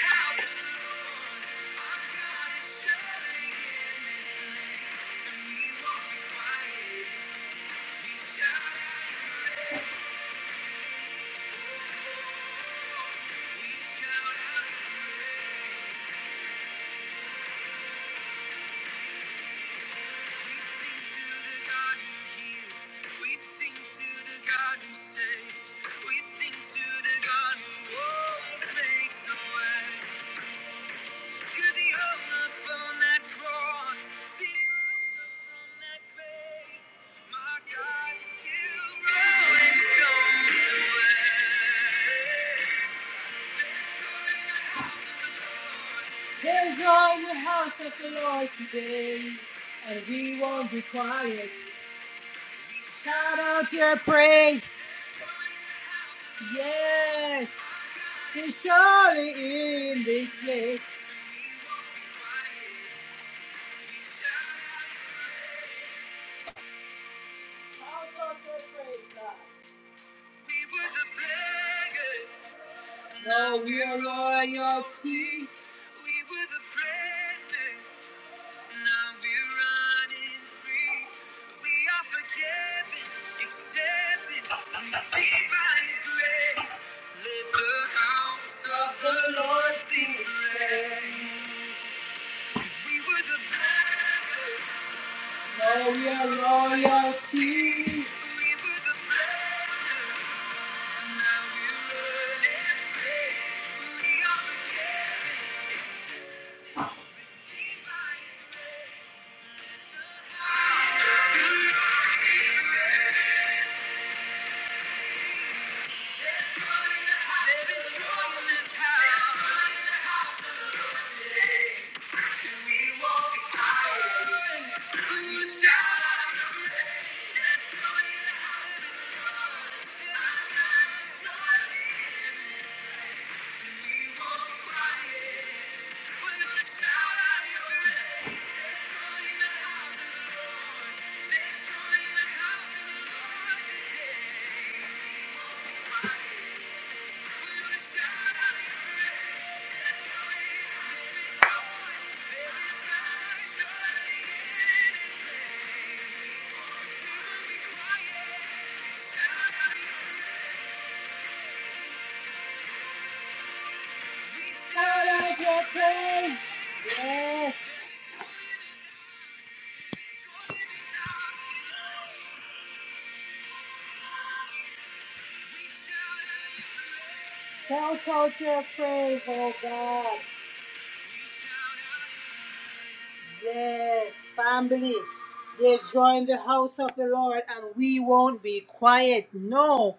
Speaker 1: who always makes a way. Cause he hung your house of the Lord today, and we won't be quiet. Shout out your praise. Yes, He's surely in this place. We won't be quiet. We shout out your praise. We were the beggars. Now we are royalty. We were the present. Now we're running free. We are forgiven, accepted, redeemed by His grace. Let the house of the Lord sing praise. We were the beggars. Now we are royalty. We were the beggars. Thank you. Yes, tell culture of praise, oh God. Yes, family. They join the house of the Lord and we won't be quiet. No,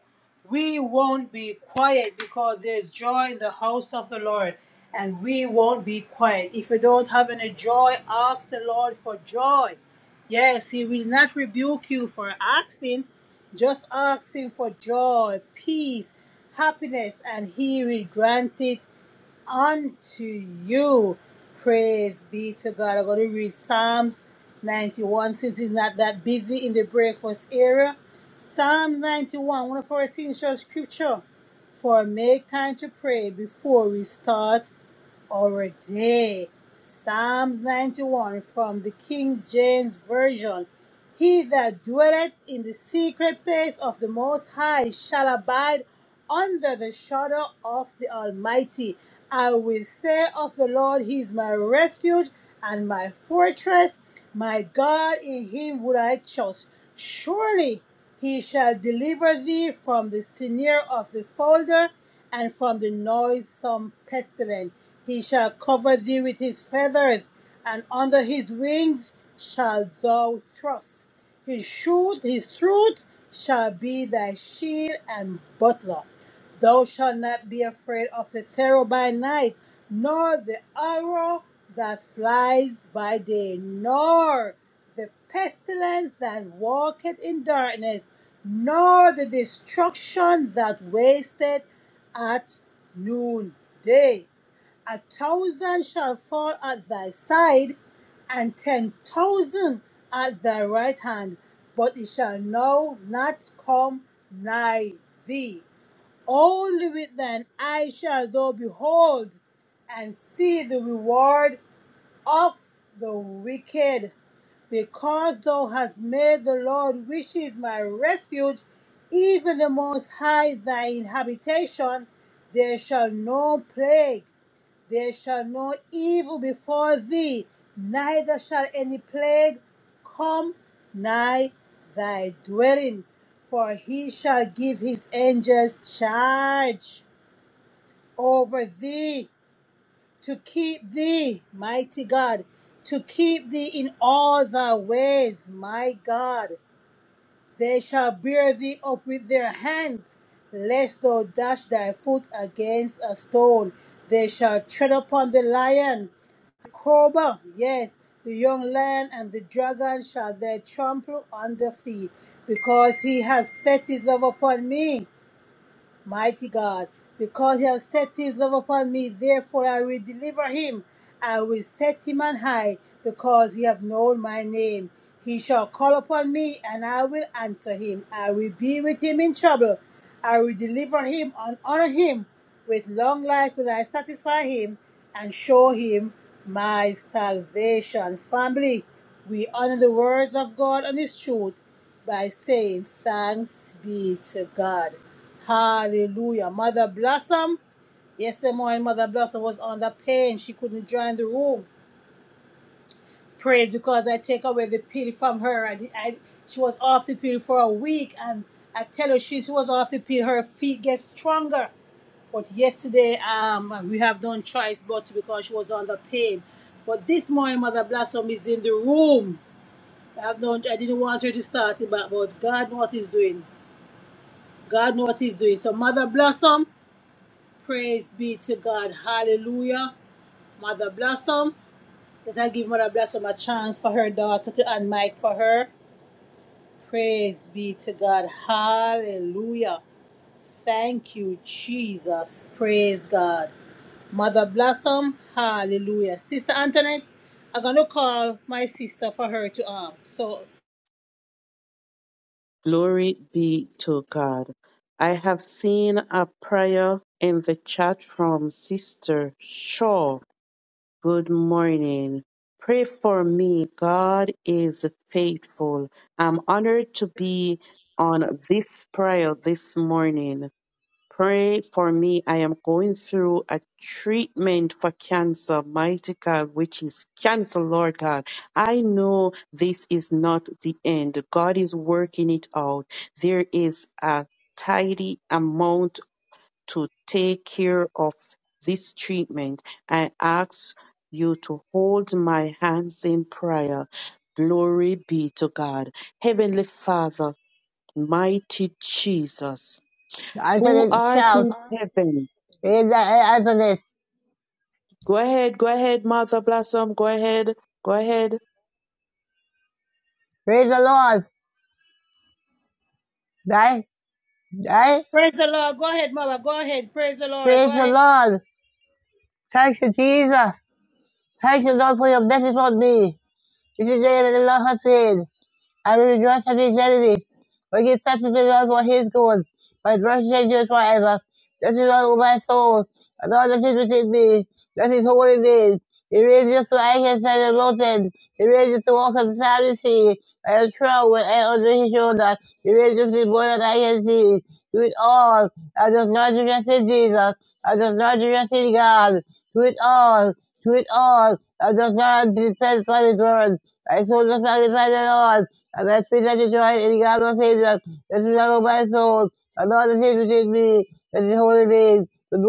Speaker 1: we won't be quiet because they join the house of the Lord and we won't be quiet. If you don't have any joy, ask the Lord for joy. Yes, He will not rebuke you for asking. Just ask Him for joy, peace, happiness, and He will grant it unto you. Praise be to God. I'm going to read Psalms 91 since it's not that busy in the breakfast area. Psalm 91, one of our essential scripture. For make time to pray before we start our day. Psalms 91 from the King James Version. He that dwelleth in the secret place of the Most High shall abide under the shadow of the Almighty. I will say of the Lord, He is my refuge and my fortress. My God, in Him would I trust. Surely He shall deliver thee from the snare of the fowler, and from the noisome pestilence. He shall cover thee with His feathers, and under His wings shall thou trust. His truth, His truth shall be thy shield and buckler. Thou shalt not be afraid of a terror by night, nor the arrow that flies by day, nor the pestilence that walketh in darkness, nor the destruction that wasteth at noonday. A thousand shall fall at thy side, and ten thousand at thy right hand, but it shall now not come nigh thee. Only with thine eyes shall thou behold and see the reward of the wicked, because thou hast made the Lord, which is my refuge, even the Most High thine habitation. There shall no plague, there shall no evil befall thee, neither shall any plague come nigh thy dwelling, for he shall give his angels charge over thee, to keep thee, mighty God, to keep thee in all thy ways, my God. They shall bear thee up with their hands, lest thou dash thy foot against a stone. They shall tread upon the lion, the cobra, yes, the young lion and the dragon shall they trample under feet, because he has set his love upon me. Mighty God, because he has set his love upon me, therefore I will deliver him. I will set him on high, because he hath known my name. He shall call upon me, and I will answer him. I will be with him in trouble. I will deliver him and honor him. With long life will I satisfy him and show him my salvation. Family, we honor the words of God and his truth by saying, Thanks be to God. Hallelujah. Mother Blossom. Yesterday morning, Mother Blossom was on the pain. She couldn't join the room. Praise because I take away the pity from her. I, I, she was off the pill for a week, and I tell her she, she was off the pill. Her feet get stronger. But yesterday, um, we have no choice but because she was on the pain. But this morning, Mother Blossom is in the room. I have no, I didn't want her to start it, but, but God knows what He's doing. God knows what He's doing. So, Mother Blossom. Praise be to God. Hallelujah. Mother Blossom. Let I give Mother Blossom a chance for her daughter to unmic for her. Praise be to God. Hallelujah. Thank you, Jesus. Praise God. Mother Blossom. Hallelujah. Sister Antoinette, I'm going to call my sister for her to um. So
Speaker 6: Glory be to God. I have seen a prayer in the chat from Sister Shaw. Good morning. Pray for me. God is faithful. I'm honored to be on this prayer this morning. Pray for me. I am going through a treatment for cancer, mighty God, which is cancer, Lord God. I know this is not the end. God is working it out. There is a tidy amount to take care of this treatment. I ask you to hold my hands in prayer. Glory be to God. Heavenly Father, mighty Jesus
Speaker 7: I said
Speaker 6: who
Speaker 7: it
Speaker 6: art
Speaker 7: shout.
Speaker 6: in heaven.
Speaker 7: Praise the, I I said it.
Speaker 6: Go ahead, go ahead, Mother Blossom. Go ahead, go ahead. Good
Speaker 7: Praise the Lord. Right? Right?
Speaker 1: praise the Lord. Go ahead, Mother. Go ahead. Praise the Lord. Go
Speaker 7: Praise the
Speaker 1: ahead.
Speaker 7: Lord. Thank you, Jesus. Thank you, Lord, for your blessings on me. This is the day that the Lord has made. I will rejoice at his enemies. For give thanks to the Lord for his good. For his mercy endures forever. This is all my soul. And all that is within me. That is holy name. He raises to anchors and the mountain. He raises to walk on the sand sea. And a throne with air under his shoulder. He raises to more than I can see. Do it all. I just not trust in Jesus. I just not trust in God. Do it all. Do it all. I just not depend on his word. I told the sacrifice of the Lord. I speak that you try in God's Savior. This is out of my soul. I know the Savior is me. This holy name. Good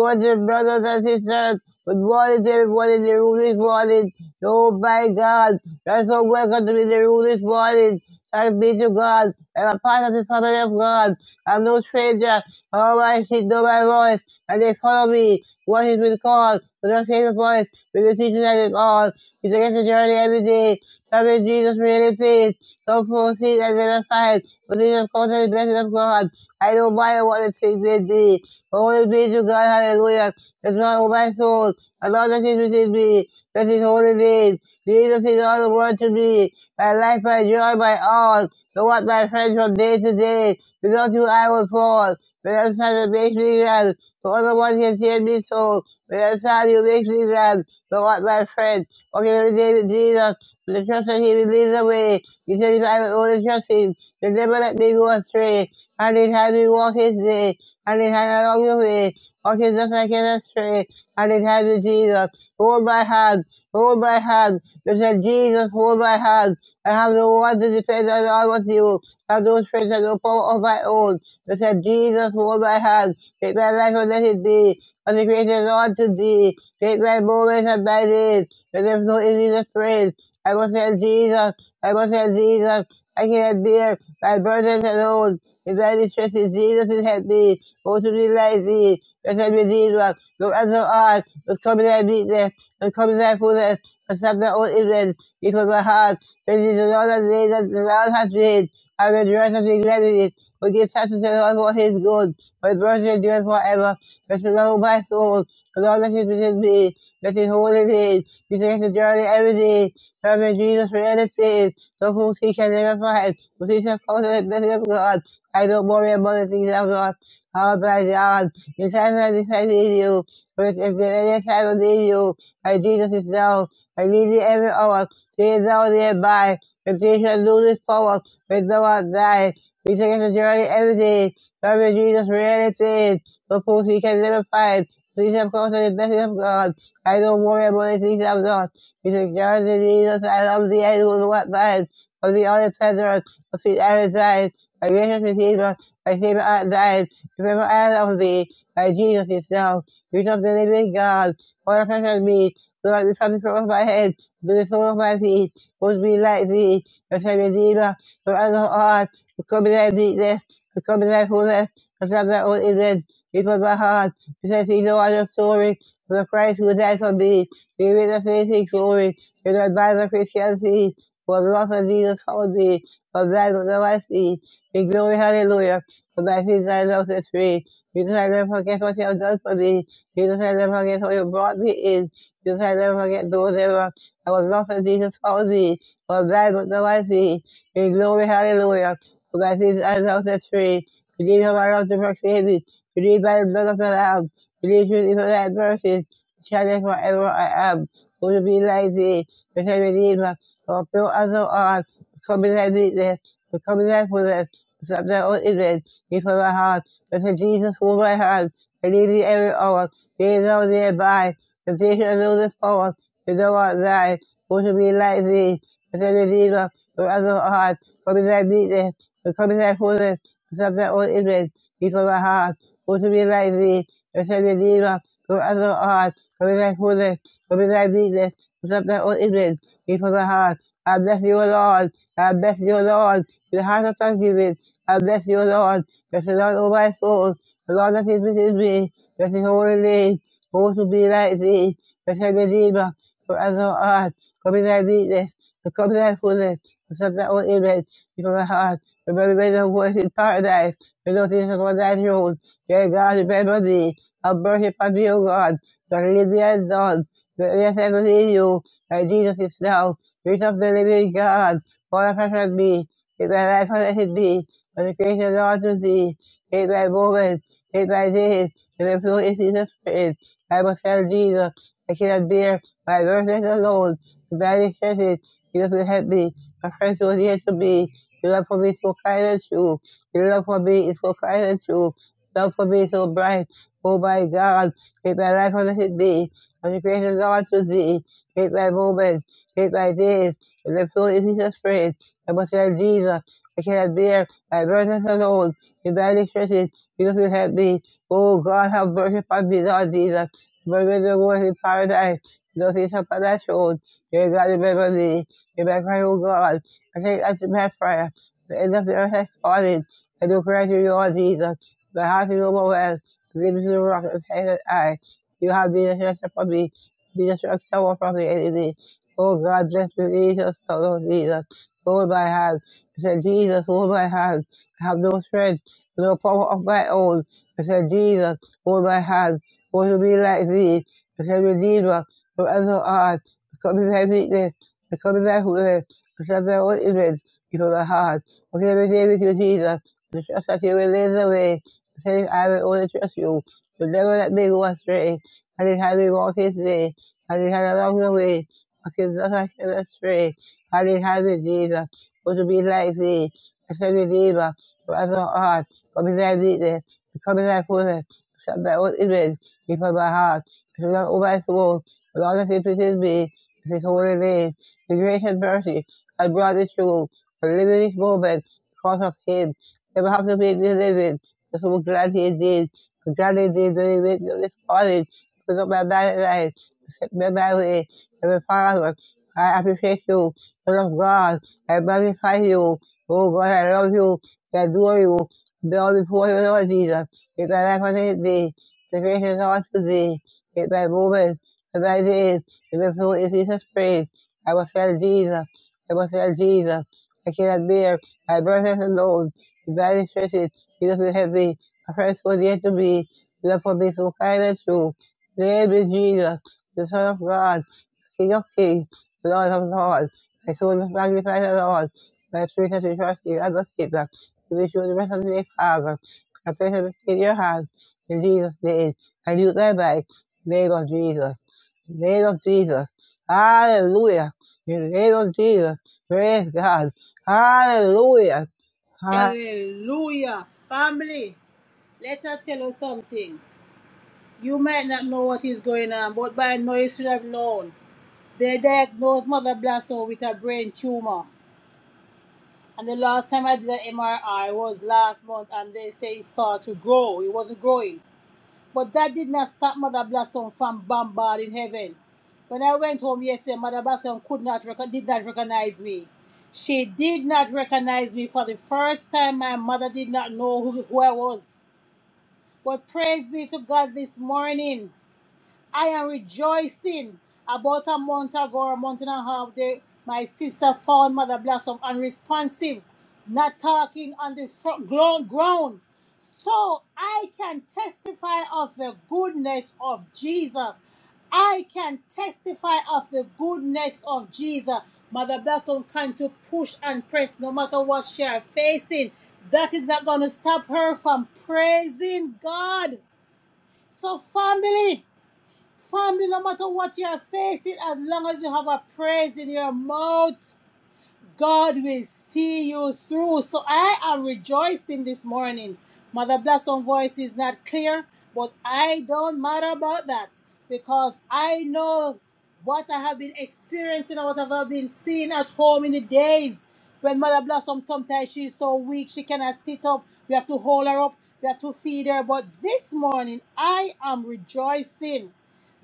Speaker 7: brothers and sisters. With morning to everyone in the room this morning. Oh my God. You're so welcome to be in the room this morning. Thanks be to God. I'm a part of the family of God. I'm no stranger. All my sheep know my voice, and they follow me. What is with God? but not save voice, with the teaching that is all. It's against the journey every day. Come in Jesus' really please. So proceed as in and Renaissance, within the culture and blessing of God. I don't mind what to take with thee. Holy be to God, hallelujah. The God all my soul, and all that is within me, that is holy name. Jesus is all the world to me, my life, my joy, my all. So what my friends from day to day, without you I will fall. When I'm sad, it makes me glad. So other one can hear me so. When I'm sad, you make me glad. So what my friend, walking every day with Jesus, the trust that he will lead the way. He said, if I will only trust him, the devil let me go astray. And it had me walk his way. And it had along the way. Walking just like an astray. And it had me Jesus. Hold my hand. Hold my hand. They said, Jesus, hold my hand. I have no one to defend and all with you. I Have no strength and no power of my own. But said Jesus hold my hand. Take my life and let it be. Consecrated on to thee. Take my moments and my days. And if no in Jesus praise. I must tell Jesus. I must tell Jesus. I cannot bear my burdens alone. In thy distresses, Jesus is help me. Go to thee like thee. Blessed Redeemer, look as thou art, but come in thy meekness, and come in thy fullness, and stop thy own ignorance. It was my heart. This is another day that the Lord has made. I will rejoice and be glad in it. We give thanks to the Lord for his good, for his mercy endures forever. Bless the Lord, my soul. The Lord that is within me, that is holy name. You takes the journey every day. Serve Jesus for anything. So who he can never find. Who he shall call the blessing of God. I don't worry about the things of God. Oh by God, the time I depend in you. But if there any time I need you, my Jesus is now. I need you every hour. She is known nearby for teaching Lucy's poems, which no one died. Lisa the journey. Everything garbage Jesus realities, but whom he can never find. Please have course is the blessing of God. I don't worry about the things I'm not. Lisa journey to Jesus, I love the end will not mine. Of the only pleasure of sweet Arizine, my gracious Redeemer, my Savior art thine. Remember I love thee, by Jesus yourself. Reach up the living God, all the pressure on me, so I be from the top of my head be full of peace, would be like thee, as a redeemer from other heart, to come in thy meekness, to come in thy fullness, and have thy own image, before my heart, to set thee no other story, for the Christ who died for me, to give me the saving glory, to the advice of Christianity, for the love of Jesus followed me, from that was the I see, in glory, hallelujah, for thy sins I love set free, Jesus, I never forget what you have done for me, Jesus, I never forget how you brought me in, Jesus, I never forget those ever I was lost for Jesus follow thee. I was thy good love I see. In glory, hallelujah. For thy sins I now set free. Redeemed from my love to proclaim thee. Redeemed by the blood of the Lamb. Redeemed truly for thy mercies. Shining forever I am. Who to be like thee? The same Redeemer. For pure as thou art. Become in thy weakness. Become in thy fullness. Accept thy own image. Give for my heart. Blessed Jesus, hold my hand. I need thee every hour. Gaze thou thereby. Temptation and illness power to go outside, want to be like thee, but then the deed of the other heart, for me thy meekness, and come thy fullness, and some thy own image, before my heart, want to be like thee, but then the deed of the other heart, for me thy fullness, for me thy meekness, and some thy own image, before my heart. I bless you, O Lord, I bless you, O Lord, with the heart of thanksgiving, I bless you, O Lord, bless the Lord, O my soul, the Lord that is within me, bless his holy name, who to be like thee, bless the Redeemer, forever on. Kobe that beat this, the Kobe that fool this, the stuff that will eat this, from the heart, Remember the very way of voice in paradise, the Lord Jesus of that rule, dear God, remember thee, I'll worship unto you, God, the Lydian dawn, the end on. yes, I believe you, that Jesus is now, reach of the living God, all of us shall be, take thy life and let it be, when the creation of all to thee, take thy moment, take thy days, and the flow is Jesus' spirit, I must tell Jesus, I cannot bear my verses alone, the very sentence, you will help me. My friends will here to me. Your love for me is so kind and true. Your love for me is so kind and true. Your Love for me is so bright. Oh my God, take my life on the me. I'm the gracious God to thee. Take my moments, take my days, and the flow in Jesus' praise. I must have Jesus. I cannot bear my burdens alone. In thy stretches, Jesus will help me. Oh God, have mercy upon me, Lord Jesus. Murder the Lord in paradise those is Guilty of financial, dear God, remember me. Remember I will God. I take as your best prayer. The end of the earth has fallen. I do grant you, Lord Jesus. My heart is overwhelmed. Give me the rock and say that I. You have been a shelter for me. Be a shelter from the enemy. Oh God, bless me, Jesus, oh Jesus. Hold my hand. I said, Jesus, hold my hand. I have no strength, no power of my own. I said, Jesus, hold my hand. Want to be like thee? I said, Redeemer whoever art, becoming thy weakness, becoming thy weakness, become thy own image, you know the heart. Okay, every day with you, Jesus. The trust that you will lead the way. Saying, I will only trust you. You'll never let me go astray. I did have me walk in today. I did have along the way. Okay, thus I shall not stray. I did have me, Jesus. For to be like thee, I said, Redeemer, whoever art, becoming thy weakness, becoming thy fullness, become thy own image, before my heart. It's not all my soul. Lord, if it pleases me, in his holy name, his grace and mercy, I brought this to a limited moment because of him. Never have to be delivered, because I'm glad he did. I'm glad he did the living of this morning, because of my bad life memory of the Father. I appreciate you, Son of God. I magnify you. Oh God, I love you. I adore you. Be all before you, Lord Jesus. If my life unto thee, the grace is all to thee. If my movement, if my days, if the fruit is Jesus' praise. I will tell Jesus. I will tell Jesus. I cannot bear my burdens alone. The body stretches, Jesus is heavy. My friends was yet to be. Love for me so kind and true. Name is Jesus the Son of God, King of Kings, the Lord of Lords. My soul is magnified the Lord. My spirit has rejoiced in you and the Savior. To be sure the rest of the day, Father. I place it in your hands. In Jesus' name. I do thy life. In the name of Jesus. In the name of Jesus. Hallelujah. In the name of Jesus. Praise God. Hallelujah.
Speaker 1: Hallelujah. Family, let her tell us something. You might not know what is going on, but by now you should have known. They diagnosed Mother Blasso with a brain tumor. And the last time I did an MRI was last month, and they say it started to grow. It wasn't growing. But that did not stop Mother Blasso from bombarding heaven. When I went home yesterday, Mother Blasso could not rec- did not recognize me. She did not recognize me for the first time. My mother did not know who, who I was. But praise be to God this morning. I am rejoicing. About a month ago, or a month and a half, they, my sister found Mother Blossom unresponsive, not talking on the fro- gro- ground. So I can testify of the goodness of Jesus. I can testify of the goodness of Jesus. Mother Blossom can to push and press no matter what she are facing. That is not going to stop her from praising God. So family, Family, no matter what you're facing, as long as you have a praise in your mouth, God will see you through. So I am rejoicing this morning. Mother Blossom voice is not clear, but I don't matter about that because I know what I have been experiencing or what I have been seeing at home in the days when Mother Blossom sometimes she's so weak she cannot sit up. We have to hold her up. We have to feed her. But this morning I am rejoicing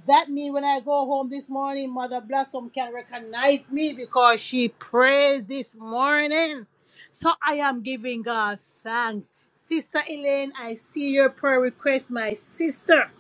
Speaker 1: that means when I go home this morning, Mother Blossom can recognize me because she prayed this morning. So I am giving God thanks. Sister Elaine, I see your prayer request, my sister.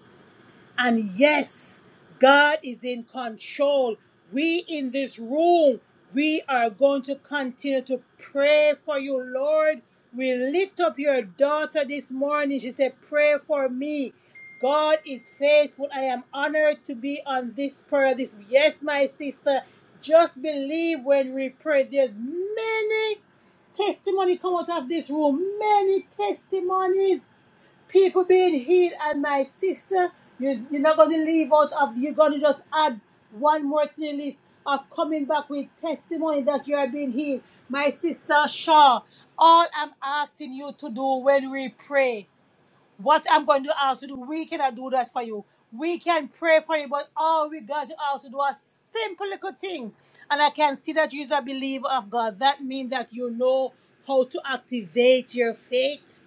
Speaker 1: And yes, God is in control. We in this room, we are going to continue to pray for you, Lord. We lift up your daughter this morning. She said, Pray for me. God is faithful. I am honored to be on this prayer. This yes, my sister. Just believe when we pray. There's many testimony come out of this room. Many testimonies people being healed and my sister you, you're not going to leave out of you're going to just add one more to the list of coming back with testimony that you are being healed my sister shaw all i'm asking you to do when we pray what i'm going to ask you to do we cannot do that for you we can pray for you but all we got to ask you to do a simple little thing and i can see that you're a believer of god that means that you know how to activate your faith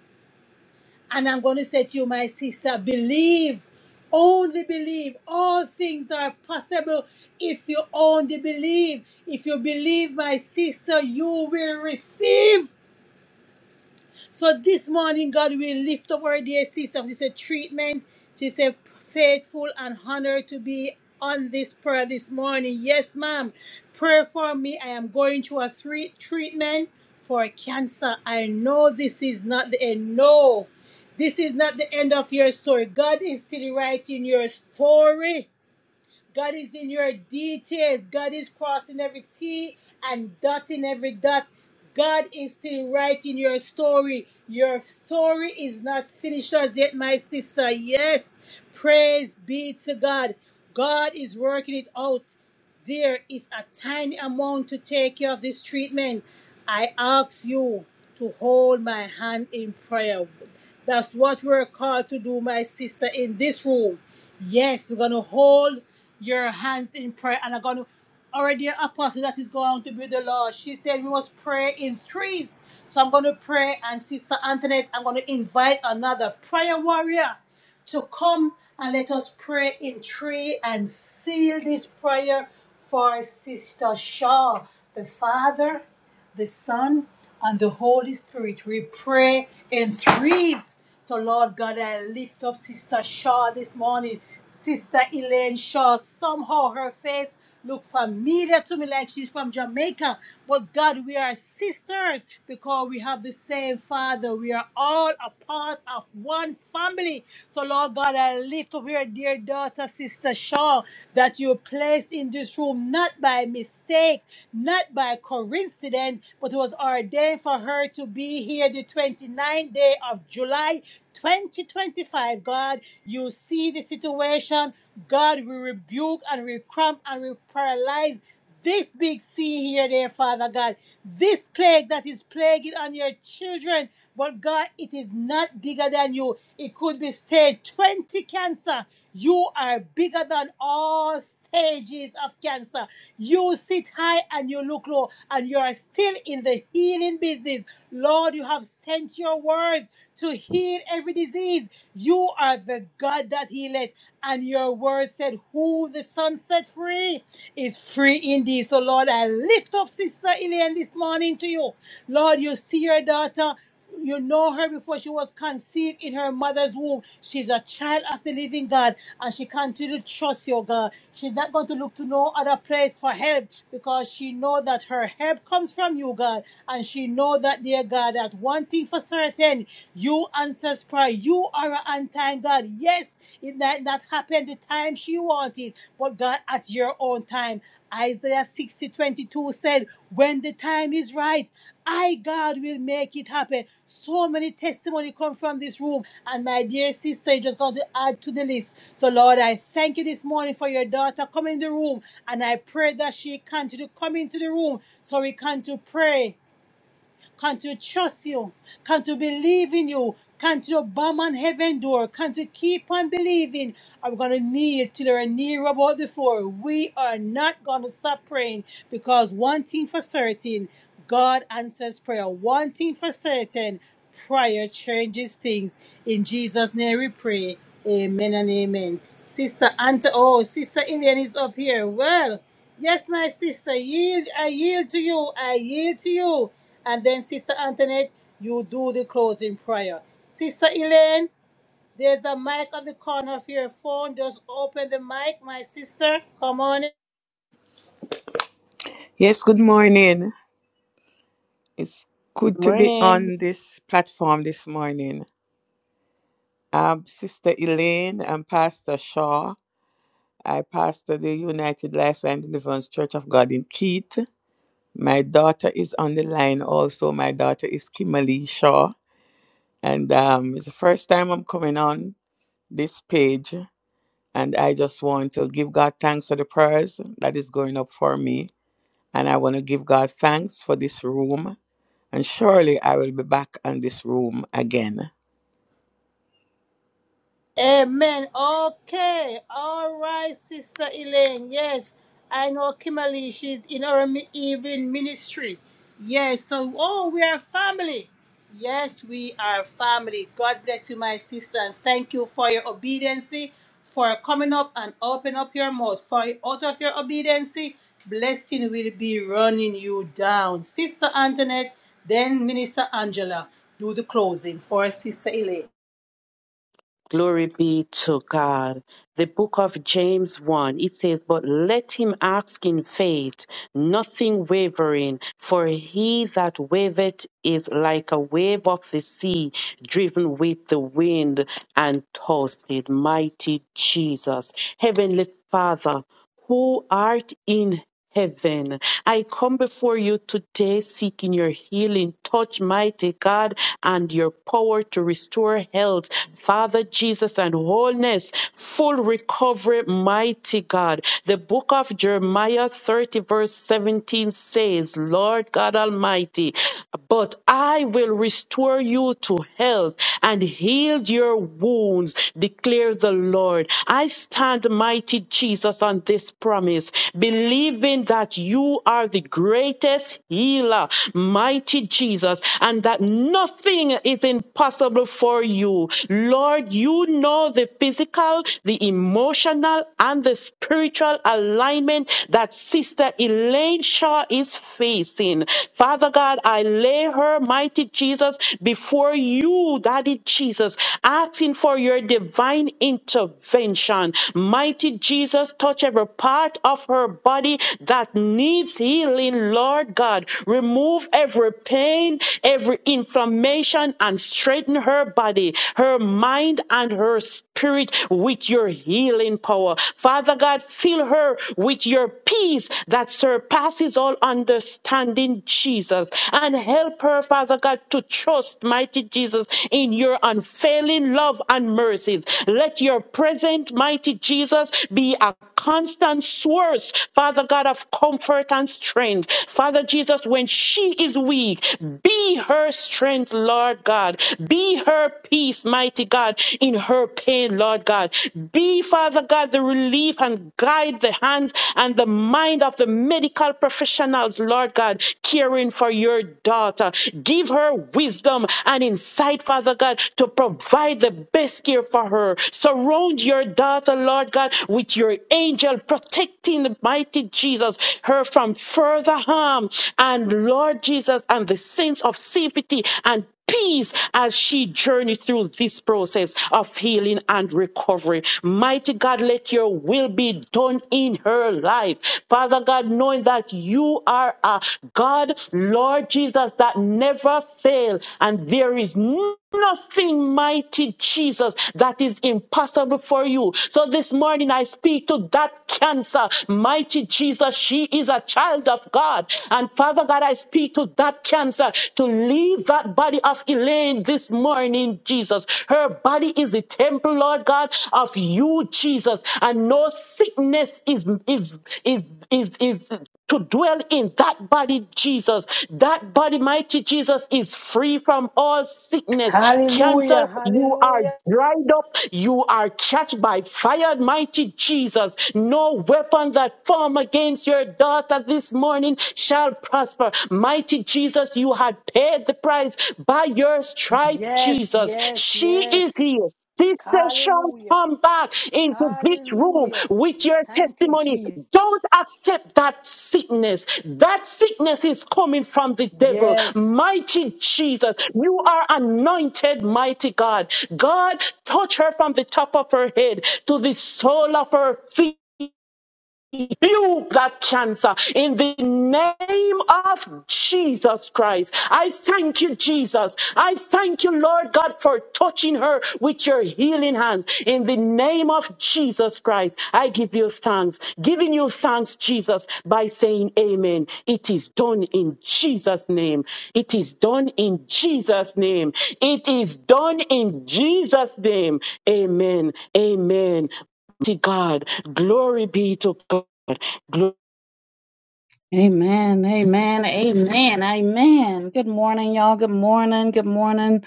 Speaker 1: and I'm going to say to you, my sister, believe. Only believe. All things are possible if you only believe. If you believe, my sister, you will receive. So this morning, God, we lift up our dear sister. This is a treatment. She said, faithful and honored to be on this prayer this morning. Yes, ma'am. Pray for me. I am going through a three treatment for cancer. I know this is not the end. No, this is not the end of your story. God is still writing your story. God is in your details. God is crossing every T and dotting every dot. God is still writing your story. Your story is not finished as yet, my sister. Yes. Praise be to God. God is working it out. There is a tiny amount to take care of this treatment. I ask you to hold my hand in prayer. That's what we're called to do, my sister, in this room. Yes, we're going to hold your hands in prayer and are going to already an apostle that is going to be the Lord. She said we must pray in threes. So I'm going to pray and Sister Antoinette, I'm going to invite another prayer warrior to come and let us pray in three and seal this prayer for Sister Shaw, the Father, the Son, and the Holy Spirit. We pray in threes. So, Lord God, I lift up Sister Shaw this morning, Sister Elaine Shaw. Somehow her face look familiar to me like she's from Jamaica. But God, we are sisters because we have the same father. We are all a part of one family. So, Lord God, I lift up your dear daughter, Sister Shaw, that you placed in this room not by mistake, not by coincidence, but was ordained for her to be here the twenty ninth day of July 2025, God, you see the situation. God, we rebuke and we cramp and we paralyze this big sea here, there, Father God. This plague that is plaguing on your children. But God, it is not bigger than you. It could be stage 20 cancer. You are bigger than all stages of cancer. You sit high and you look low, and you are still in the healing business. Lord, you have sent your words to heal every disease. You are the God that healeth, and your word said, Who the Son set free is free indeed. So, Lord, I lift up Sister Elaine this morning to you. Lord, you see your daughter. You know her before she was conceived in her mother's womb. She's a child of the living God, and she continues to trust your God. She's not going to look to no other place for help because she know that her help comes from you, God, and she know that, dear God, that one thing for certain, you answers prayer. You are an on-time God. Yes, it might not happen the time she wanted, but God, at your own time. Isaiah 60 22 said, When the time is right, I, God, will make it happen. So many testimony come from this room. And my dear sister, you just got to add to the list. So, Lord, I thank you this morning for your daughter coming in the room. And I pray that she continue to come into the room so we can to pray can't you trust you? Can't you believe in you? Can't you bomb on heaven door? Can't you keep on believing? I'm gonna kneel till you're near about the floor. We are not gonna stop praying because one thing for certain, God answers prayer. One thing for certain, prayer changes things. In Jesus' name we pray. Amen and amen. Sister Anta, oh, Sister Ilian is up here. Well. Yes, my sister, yield, I yield to you, I yield to you. And then, Sister Antoinette, you do the closing prayer. Sister Elaine, there's a mic on the corner of your phone. Just open the mic, my sister. Come on. in.
Speaker 8: Yes, good morning. It's good to be
Speaker 6: morning.
Speaker 8: on this platform this morning. I'm Sister Elaine and Pastor Shaw. I pastor the United Life and Deliverance Church of God in Keith. My daughter is on the line also. My daughter is Kimberly Shaw. And um, it's the first time I'm coming on this page. And I just want to give God thanks for the prayers that is going up for me. And I want to give God thanks for this room and surely I will be back on this room again.
Speaker 1: Amen. Okay. All right, Sister Elaine. Yes. I know Kimberly, she's in our mi- evening ministry. Yes. So, oh, we are family. Yes, we are family. God bless you, my sister, and thank you for your obedience, for coming up and open up your mouth. For out of your obedience, blessing will be running you down. Sister Antoinette, then Minister Angela, do the closing for Sister Elaine.
Speaker 6: Glory be to God. The book of James 1, it says, But let him ask in faith, nothing wavering, for he that wavereth is like a wave of the sea, driven with the wind and tossed. Mighty Jesus. Heavenly Father, who art in heaven. I come before you today seeking your healing touch, mighty God, and your power to restore health, Father Jesus, and wholeness, full recovery, mighty God. The book of Jeremiah 30, verse 17 says, Lord God Almighty, but I will restore you to health and heal your wounds, declare the Lord. I stand, mighty Jesus, on this promise, believing that you are the greatest healer, mighty Jesus, and that nothing is impossible for you. Lord, you know the physical, the emotional, and the spiritual alignment that Sister Elaine Shaw is facing. Father God, I lay her, mighty Jesus, before you, Daddy Jesus, asking for your your divine intervention. Mighty Jesus, touch every part of her body that needs healing, Lord God. Remove every pain, every inflammation, and straighten her body, her mind, and her spirit with your healing power. Father God, fill her with your peace that surpasses all understanding, Jesus. And help her, Father God, to trust, mighty Jesus, in your unfailing love and mercies. Let your present, mighty Jesus, be a constant source, Father God, of comfort and strength. Father Jesus, when she is weak, be her strength, Lord God. Be her peace, mighty God, in her pain, Lord God. Be, Father God, the relief and guide the hands and the mind of the medical professionals, Lord God, caring for your daughter. Give Give her wisdom and insight, Father God, to provide the best care for her. Surround your daughter, Lord God, with your angel protecting the mighty Jesus, her from further harm. And Lord Jesus, and the sense of safety and peace as she journeys through this process of healing and recovery. Mighty God, let your will be done in her life. Father God, knowing that you are a God, Lord Jesus, that never fail and there is nothing mighty Jesus that is impossible for for you. So this morning I speak to that cancer. Mighty Jesus, she is a child of God. And Father God, I speak to that cancer to leave that body of Elaine this morning, Jesus. Her body is a temple, Lord God, of you, Jesus. And no sickness is is is is is, to dwell in that body, Jesus. That body, mighty Jesus, is free from all sickness. Cancer,
Speaker 1: Hallelujah,
Speaker 6: you are
Speaker 1: hallelujah.
Speaker 6: dried up. You are catched by fire, mighty Jesus. No weapon that form against your daughter this morning shall prosper. Mighty Jesus, you had paid the price by your stripe,
Speaker 1: Yes,
Speaker 6: Jesus.
Speaker 1: yes,
Speaker 6: She
Speaker 1: yes.
Speaker 6: is healed. Decision
Speaker 1: Hallelujah,
Speaker 6: come back into this room
Speaker 1: hallelujah.
Speaker 6: with your
Speaker 1: Thank you,
Speaker 6: testimony.
Speaker 1: Jesus.
Speaker 6: Don't accept that sickness. That sickness is coming from the devil.
Speaker 1: Yes,
Speaker 6: Mighty Jesus, you are anointed, mighty God. God, touch her from the top of her head to the sole of her feet rebuke that cancer in the name of Jesus Christ. I thank you, Jesus. I thank you, Lord God, for touching her with your healing hands. In the name of Jesus Christ, I give you thanks, giving you thanks, Jesus, by saying amen. It is done in Jesus' name. It is done in Jesus' name. It is done in Jesus' name. Amen. Amen. To God, glory be to God.
Speaker 9: Amen, amen, amen, amen. Good morning, y'all. Good morning, good morning.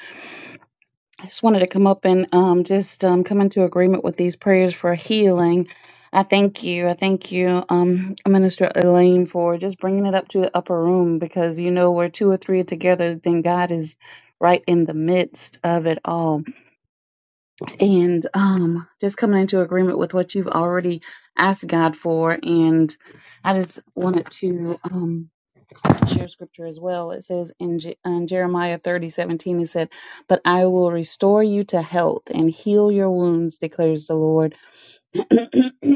Speaker 9: I just wanted to come up and um, just um, come into agreement with these prayers for healing. I thank you. I thank you, um, Minister Elaine, for just bringing it up to the upper room because you know where two or three are together, then God is right in the midst of it all. And um, just coming into agreement with what you've already asked God for. And I just wanted to. Um, share scripture as well. It says in Je- um, Jeremiah thirty seventeen, it said, But I will restore you to health and heal your wounds, declares the Lord. (clears throat) and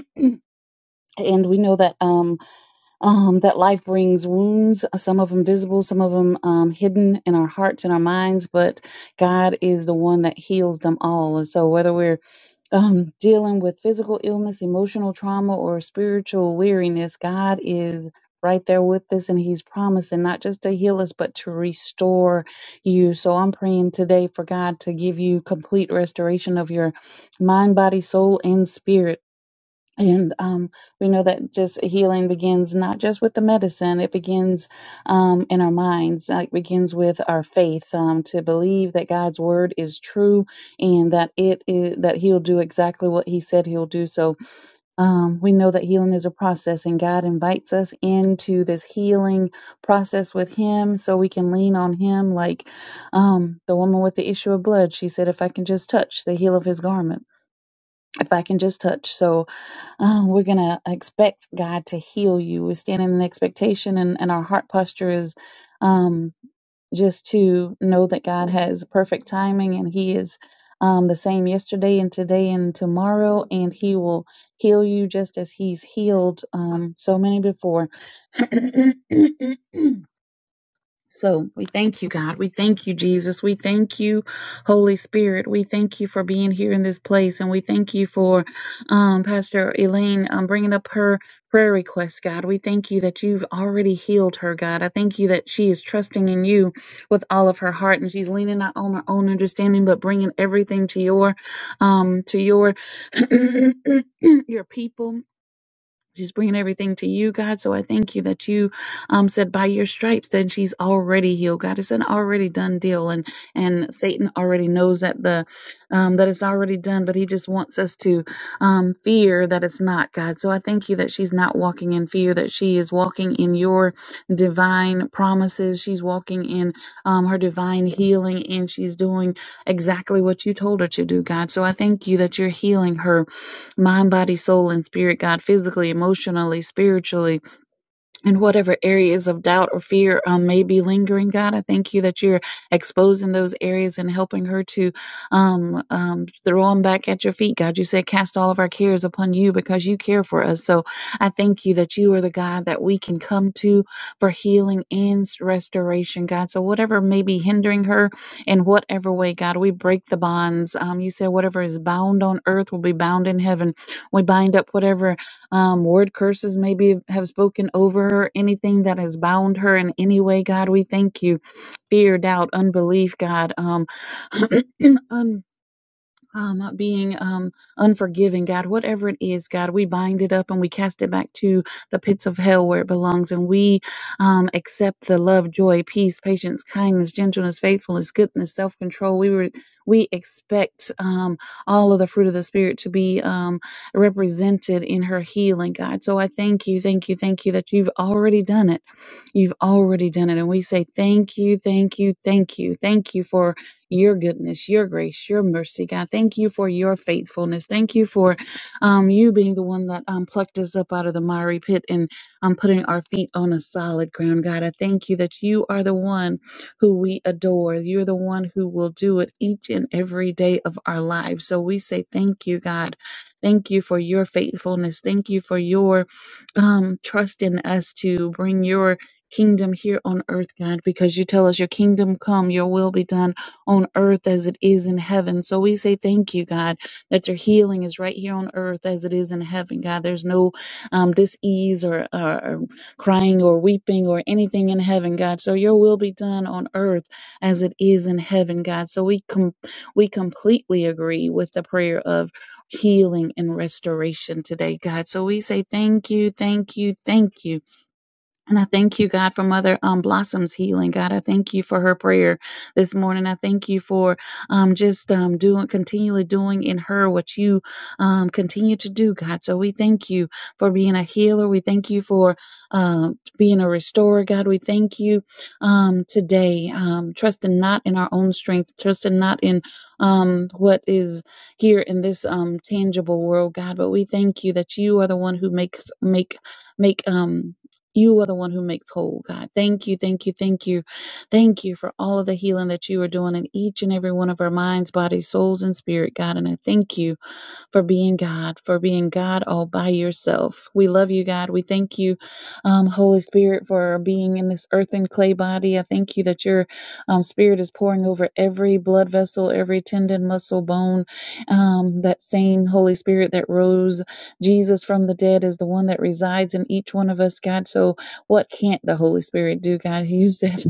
Speaker 9: we know that um, um, that life brings wounds, some of them visible, some of them um, hidden in our hearts and our minds, but God is the one that heals them all. And so whether we're um, dealing with physical illness, emotional trauma, or spiritual weariness, God is right there with us and He's promising not just to heal us, but to restore you. So I'm praying today for God to give you complete restoration of your mind, body, soul, and spirit and um, we know that just healing begins not just with the medicine, it begins um, in our minds. Uh, It begins with our faith um, to believe that God's word is true and that it is, that He'll do exactly what He said He'll do. So um, we know that healing is a process, and God invites us into this healing process with Him so we can lean on Him. Like um, the woman with the issue of blood, she said, If I can just touch the heel of His garment, if I can just touch. So uh, we're going to expect God to heal you. We're standing in expectation, and, and our heart posture is um, just to know that God has perfect timing and He is um, the same yesterday and today and tomorrow, and He will heal you just as He's healed um, so many before. (clears throat) So we thank you, God. We thank you, Jesus. We thank you, Holy Spirit. We thank you for being here in this place. And we thank you for um, Pastor Elaine um, bringing up her prayer request, God. We thank you that you've already healed her, God. I thank you that she is trusting in you with all of her heart and she's leaning not on her own understanding, but bringing everything to your, um, to your, (clears throat) your people She's bringing everything to you, God. So I thank you that you um, said by your stripes that she's already healed, God. It's an already done deal, and and Satan already knows that the um, that it's already done, but he just wants us to um, fear that it's not, God. So I thank you that she's not walking in fear, that she is walking in your divine promises. She's walking in um, her divine healing, and she's doing exactly what you told her to do, God. So I thank you that you're healing her mind, body, soul, and spirit, God, physically, emotionally, spiritually, and whatever areas of doubt or fear um, may be lingering, God, I thank you that you're exposing those areas and helping her to um, um, throw them back at your feet. God, you said, cast all of our cares upon you because you care for us. So I thank you that you are the God that we can come to for healing and s- restoration, God. So whatever may be hindering her in whatever way, God, we break the bonds. Um, you said, whatever is bound on earth will be bound in heaven. We bind up whatever um, word curses maybe have spoken over her, anything that has bound her in any way, God, we thank you. Fear, doubt, unbelief, God, um, (clears throat) un- um, not being um, unforgiving, God, whatever it is, God, we bind it up and we cast it back to the pits of hell where it belongs. And we um, accept the love, joy, peace, patience, kindness, gentleness, faithfulness, goodness, self control. We were. We expect um, all of the fruit of the Spirit to be um, represented in her healing, God. So I thank you, thank you, thank you that you've already done it. You've already done it. And we say thank you, thank you, thank you. Thank you for your goodness, your grace, your mercy, God. Thank you for your faithfulness. Thank you for um, you being the one that um, plucked us up out of the miry pit and um, putting our feet on a solid ground, God. I thank you that you are the one who we adore. You're the one who will do it each and every day of our lives. So we say thank you, God. Thank you for your faithfulness. Thank you for your um, trust in us to bring your kingdom here on earth, God, because you tell us your kingdom come, your will be done on earth as it is in heaven. So we say thank you, God, that your healing is right here on earth as it is in heaven, God. There's no um, dis-ease or, or, or crying or weeping or anything in heaven, God. So your will be done on earth as it is in heaven, God. So we com- we completely agree with the prayer of healing and restoration today, God. So we say thank you, thank you, thank you and I thank you, God, for Mother um, Blossom's healing. God, I thank you for her prayer this morning. I thank you for um, just um, doing, continually doing in her what you um, continue to do, God. So we thank you for being a healer. We thank you for um being a restorer, God. We thank you um, today, um, trusting not in our own strength, trusting not in um, what is here in this um, tangible world, God. But we thank you that you are the one who makes make make. Um, you are the one who makes whole, God. Thank you, thank you, thank you. Thank you for all of the healing that you are doing in each and every one of our minds, bodies, souls, and spirit, God. And I thank you for being God, for being God all by yourself. We love you, God. We thank you, um, Holy Spirit, for being in this earthen clay body. I thank you that your um, spirit is pouring over every blood vessel, every tendon, muscle, bone. Um, that same Holy Spirit that rose Jesus from the dead is the one that resides in each one of us, God. So, what can't the Holy Spirit do, God? You said,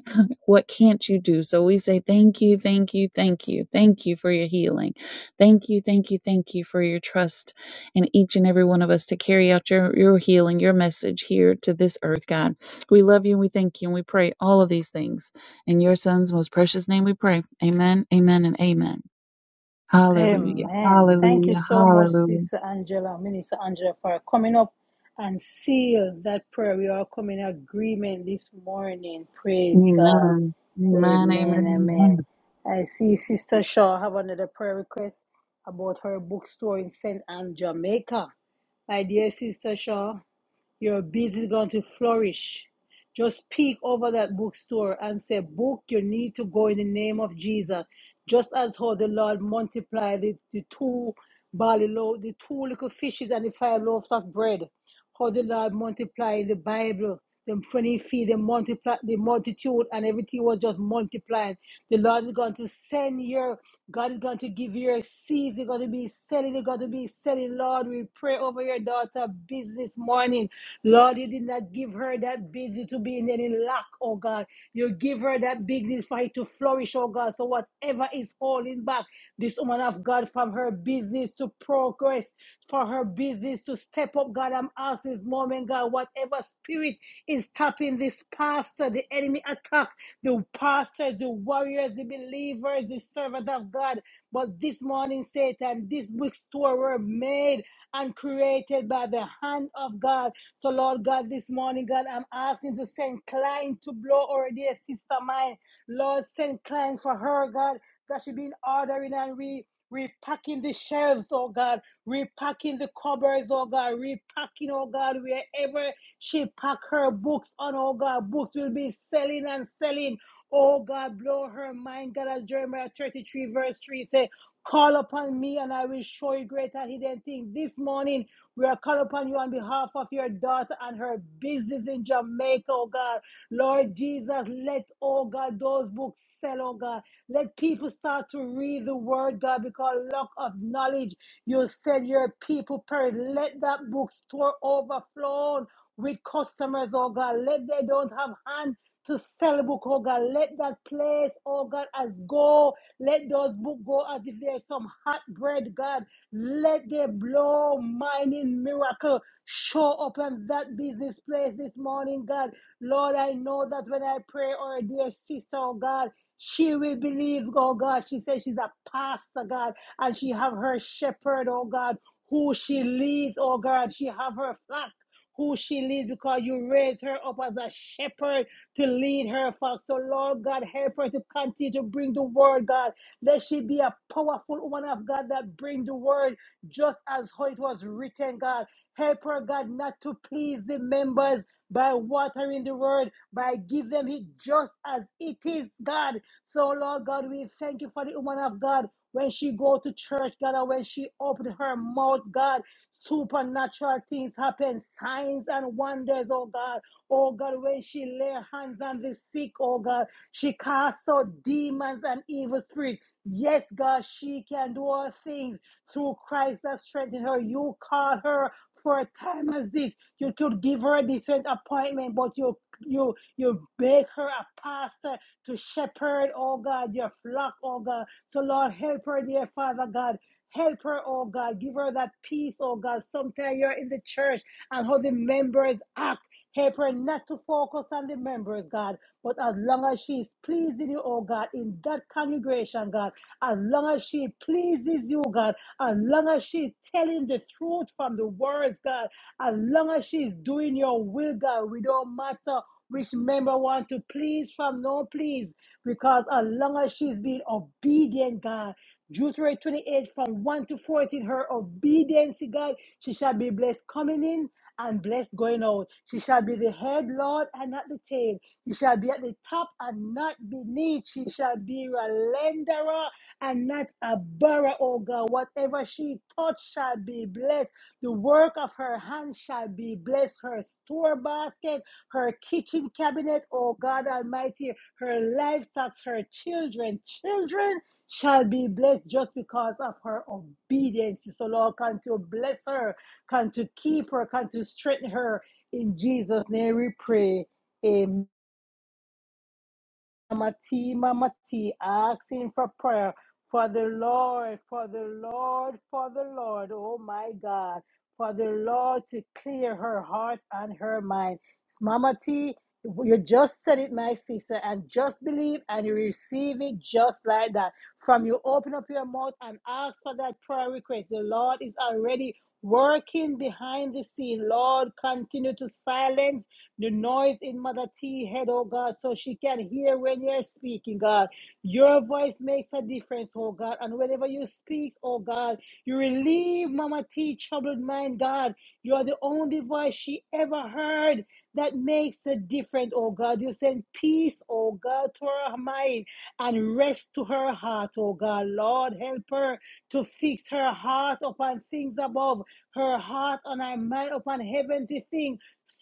Speaker 9: (laughs) What can't you do? So, we say, Thank you, thank you, thank you, thank you for your healing. Thank you, thank you, thank you for your trust in each and every one of us to carry out your, your healing, your message here to this earth, God. We love you and we thank you and we pray all of these things. In your son's most precious name we pray. Amen, amen, and amen. Hallelujah,
Speaker 1: amen. Thank you
Speaker 9: hallelujah,
Speaker 1: so much,
Speaker 9: hallelujah.
Speaker 1: Sister Angela, Minister Angela, for coming up and seal that prayer. We are coming in agreement this morning. Praise God.
Speaker 9: Amen, amen,
Speaker 1: Amen,
Speaker 9: amen,
Speaker 1: amen. I see Sister Shaw have another prayer request about her bookstore in St. Anne, Jamaica. My dear Sister Shaw, your business is going to flourish. Just peek over that bookstore and say, Book, you need to go in the name of Jesus. Just as how the Lord multiplied the, the two barley loaves, the two little fishes, and the five loaves of bread how the Lord multiplied the Bible. The funny feed, the multiply, the multitude, and everything was just multiplying. The Lord is going to send your, God is going to give you your seeds. You're going to be selling. You're going to be selling. Lord, we pray over your daughter business morning. Lord, you did not give her that busy to be in any lack, oh God. You give her that business for it to flourish, oh God. So whatever is holding back this woman of God from her business to progress, for her business to step up, God, I'm asking this moment, God, whatever spirit is tapping this pastor, the enemy attack, the pastors, the warriors, the believers, the servant of God. But this morning, Satan, this bookstore were made and created by the hand of God. So, Lord God, this morning, God, I'm asking to send client to blow already a sister mine. Lord, send client for her, God, that she been ordering and re repacking the shelves, oh God, repacking the cupboards, oh God, repacking, oh God, wherever she pack her books on, oh God, books will be selling and selling. Oh God, blow her mind, God, as Jeremiah 33 verse 3 say, Call upon me and I will show you great and hidden things. This morning, we are calling upon you on behalf of your daughter and her business in Jamaica, oh God. Lord Jesus, let, oh God, those books sell, oh God. Let people start to read the word, God, because lack of knowledge, you said your people perish. Let that bookstore overflow with customers, oh God. Let they don't have hand to sell a book, oh God. Let that place, oh God, as go. Let those book go as if there's some hot bread, God. Let they blow mining miracle. Show up in that business place this morning, God. Lord, I know that when I pray or a dear sister, oh God. She will believe, oh God. She says she's a pastor, God, and she have her shepherd, oh God, who she leads, oh God. She have her flock who she leads because you raised her up as a shepherd to lead her flock. So, Lord God, help her to continue to bring the word, God. Let she be a powerful woman of God that bring the word just as how it was written, God. Help her, God, not to please the members by watering the word, by give them it just as it is, God. So, Lord God, we thank you for the woman of God. When she go to church, God, and when she opened her mouth, God, supernatural things happen, signs and wonders, oh God. Oh God, when she lay hands on the sick, oh God, she casts out demons and evil spirits. Yes, God, she can do all things through Christ that strengthens her. You call her for a time as this. You could give her a different appointment, but you you you make her a pastor to shepherd, oh God, your flock, oh God. So, Lord, help her, dear Father God. Help her, oh God. Give her that peace, oh God. Sometimes you're in the church and how the members act. Help her not to focus on the members, God, but as long as she is pleasing you, oh God, in that congregation, God, as long as she pleases you, God, as long as she's telling the truth from the words, God, as long as she's doing your will, God, we don't matter which member want to please from no please because as long as she's been obedient, God. Deuteronomy 28 from 1 to 14, her obedience, God, she shall be blessed coming in and blessed going out. She shall be the head, Lord, and not the tail. She shall be at the top and not beneath. She shall be a lenderer and not a borrower, oh God. Whatever she touch shall be blessed. The work of her hands shall be blessed. Her store basket her kitchen cabinet, oh God Almighty, her livestock, her children, children shall be blessed just because of her obedience. So Lord, come to bless her, come to keep her, come to strengthen her. In Jesus' name we pray. Amen. Mama T, Mama T, asking for prayer for the Lord, for the Lord, for the Lord, oh my God, for the Lord to clear her heart and her mind. Mama T, you just said it, my sister, and just believe and you receive it just like that. From you open up your mouth and ask for that prayer request. The Lord is already working behind the scene. Lord, continue to silence the noise in Mother T head, oh God, so she can hear when you're speaking, God. Your voice makes a difference, oh God. And whenever you speak, oh God, you relieve Mama T troubled mind, God. You are the only voice she ever heard that makes a difference, oh God. You send peace, oh God, to her mind and rest to her heart, oh God. Lord, help her to fix her heart upon things above, her heart and her mind upon heavenly things.